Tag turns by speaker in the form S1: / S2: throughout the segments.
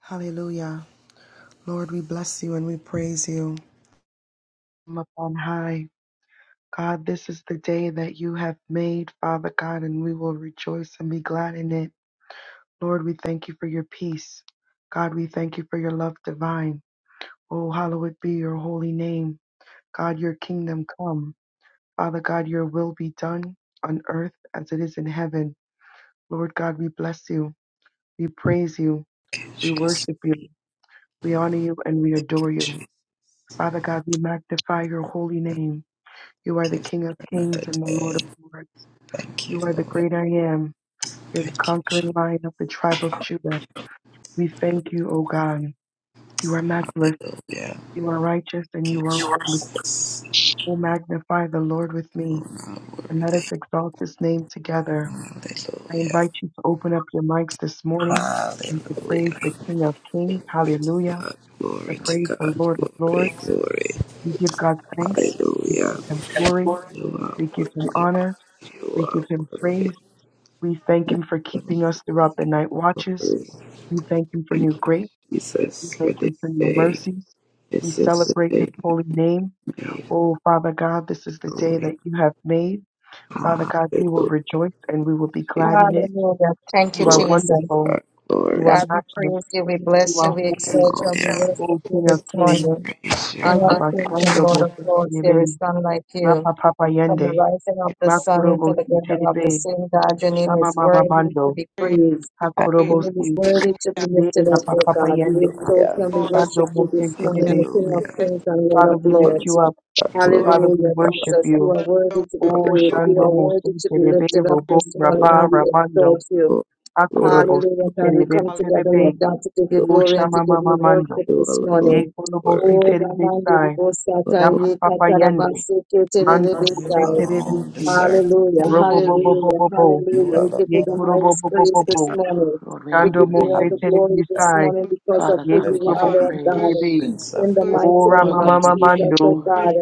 S1: Hallelujah. Lord, we bless you and we praise you from up on high. God, this is the day that you have made, Father God, and we will rejoice and be glad in it. Lord, we thank you for your peace. God, we thank you for your love divine. Oh, hallowed be your holy name. God, your kingdom come. Father God, your will be done on earth as it is in heaven. Lord God, we bless you. We praise you.
S2: you,
S1: We
S2: Jesus,
S1: worship you. We honor you and we adore
S2: Thank
S1: you.
S2: you
S1: Father God, we magnify your holy name. You are
S2: for
S1: the King of kings
S2: another
S1: and the Lord
S2: day.
S1: of lords.
S2: Thank you,
S1: You are the
S2: Lord.
S1: great I am. You're the
S2: Thank you,
S1: conquering lion of the tribe of Judah. We thank you, O God. You are matchless,
S2: Hallelujah.
S1: you are righteous, and
S2: Thank
S1: you
S2: You
S1: are
S2: You are
S1: holy. Oh, magnify the Lord with me,
S2: not
S1: and let us
S2: worthy.
S1: exalt his name together. I
S2: Hallelujah.
S1: invite you to open up your mics this morning
S2: Hallelujah.
S1: and to praise
S2: Glory
S1: the King of kings.
S2: to
S1: Hallelujah.
S2: God.
S1: To
S2: Glory to
S1: praise the
S2: God.
S1: Lord of
S2: Glory,
S1: lords.
S2: glory.
S1: We give God thanks. We
S2: Hallelujah.
S1: give him glory.
S2: You are,
S1: We give him honor.
S2: you
S1: We give
S2: are
S1: him
S2: worthy.
S1: praise. We thank him for keeping us throughout the night watches.
S2: Glory.
S1: We thank him for
S2: Thank
S1: new
S2: you,
S1: grace. We
S2: Jesus, for
S1: thank him
S2: this
S1: for new
S2: day.
S1: mercy. We
S2: This is the
S1: celebrate his
S2: day you
S1: holy name.
S2: made.
S1: Oh, Father God, this is the day
S2: Glory.
S1: that you have made. Father God, we will
S2: Hallelujah,
S1: rejoice and we will be glad
S2: Jesus.
S1: in it.
S3: Hallelujah. Thank you,
S1: You are
S2: Glory
S3: Jesus.
S2: to
S1: wonderful.
S2: God.
S1: You
S2: Glory
S1: are
S3: God,
S2: to God.
S3: we
S1: matchless.
S3: praise you, we
S1: You
S3: bless you,
S1: are
S3: we
S1: holy.
S3: exalt you, and we
S2: Hallelujah.
S3: worship
S1: O
S3: you
S1: King
S3: this
S1: of Kings.
S3: morning.
S2: Praise you.
S1: I
S3: King of kings and
S1: bashando
S3: Lord of lords, there is
S1: mosetelebe.
S3: none like you.
S1: Rapa papa
S3: From the
S1: yende.
S3: rising of the sun to
S1: Makorobo
S3: the
S1: si
S3: going of the
S1: Terebe,
S3: same God, your name
S1: Shama
S3: is
S1: mama
S3: worthy to
S1: mando.
S3: be
S4: Glory,
S3: praised. Your
S1: Hakorobo
S3: name is
S1: si.
S3: worthy to be
S1: Yeah,
S3: lifted up,
S1: papa
S3: O God.
S1: yende.
S3: We exalt you
S2: Hallelujah.
S3: and we
S4: Lord,
S1: Shando
S3: worship
S1: mo
S3: you this morning,
S4: yes,
S3: O King
S1: terebesi.
S3: of
S2: Hallelujah.
S3: kings and Lord
S1: Father,
S3: of
S1: we lift
S2: Glory,
S3: lords.
S1: you up.
S2: God,
S4: Lord,
S1: Father,
S2: glory.
S1: we
S3: Hallelujah,
S1: worship
S3: Jesus. You
S1: you.
S3: are worthy
S4: your
S3: to be
S1: Oh,
S3: praised.
S4: will
S3: You
S2: Hallelujah.
S3: are
S1: Shando Mose
S3: worthy to be
S1: Terebe,
S3: lifted up
S1: Robo,
S3: this
S2: Glory,
S3: morning,
S1: Rabba,
S3: and we
S1: Ramando,
S3: exalt you.
S2: glory,
S4: and
S2: glory.
S1: Akorobo,
S3: Hallelujah,
S1: Si
S3: God. We
S1: Terebe,
S3: come
S4: knowledge,
S3: together, Lord
S1: Bebebe,
S3: God, to give you
S2: glory.
S1: Oh,
S3: glory and to
S1: Shama
S3: give
S1: Mama
S3: you
S1: Mando,
S3: worship
S2: You
S3: this
S2: alone are
S1: Ye
S3: morning.
S1: Korobo, Si
S2: worthy.
S3: Oh,
S1: Terebe,
S3: Ramandi,
S1: Sai,
S2: You
S1: Ya
S3: Ribosatai,
S1: Papa Yende,
S3: Katarabasi,
S1: Mando
S2: alone you
S1: Mose
S3: Keterebesai.
S1: terebesi.
S2: alone
S1: Si,
S2: deserve. it.
S3: Hallelujah,
S1: Robo, Bo, Bo,
S5: Hallelujah.
S1: Bo,
S3: hallelujah,
S1: Bo, Bo,
S2: You
S3: hallelujah. We
S2: alone
S3: give you
S1: Ye
S3: the
S1: Korobo,
S3: highest
S1: Bo, Bo,
S3: praise
S1: Bo,
S3: this
S1: Bo,
S3: morning.
S5: Lord, we
S3: We
S5: honor
S1: Shando
S3: give
S5: your
S3: you
S2: have
S3: all
S1: Mose
S3: the
S5: name.
S3: glory
S1: Terebe,
S3: this
S2: done
S1: Sai,
S3: morning because
S2: what
S3: of
S5: Father
S1: Ye
S3: who
S5: God, we
S2: the
S3: you
S5: give
S3: are,
S5: you
S1: Korobo,
S4: Lord,
S2: the
S3: Lord
S1: Si
S4: good,
S3: God.
S1: Terebe,
S5: praise.
S2: Prince of
S3: In the
S4: good,
S3: mighty
S1: Ora
S3: name
S5: Lord
S3: of
S1: mama
S5: God, we give you
S3: Jesus, oh
S1: mamando.
S4: good,
S3: God.
S5: glory.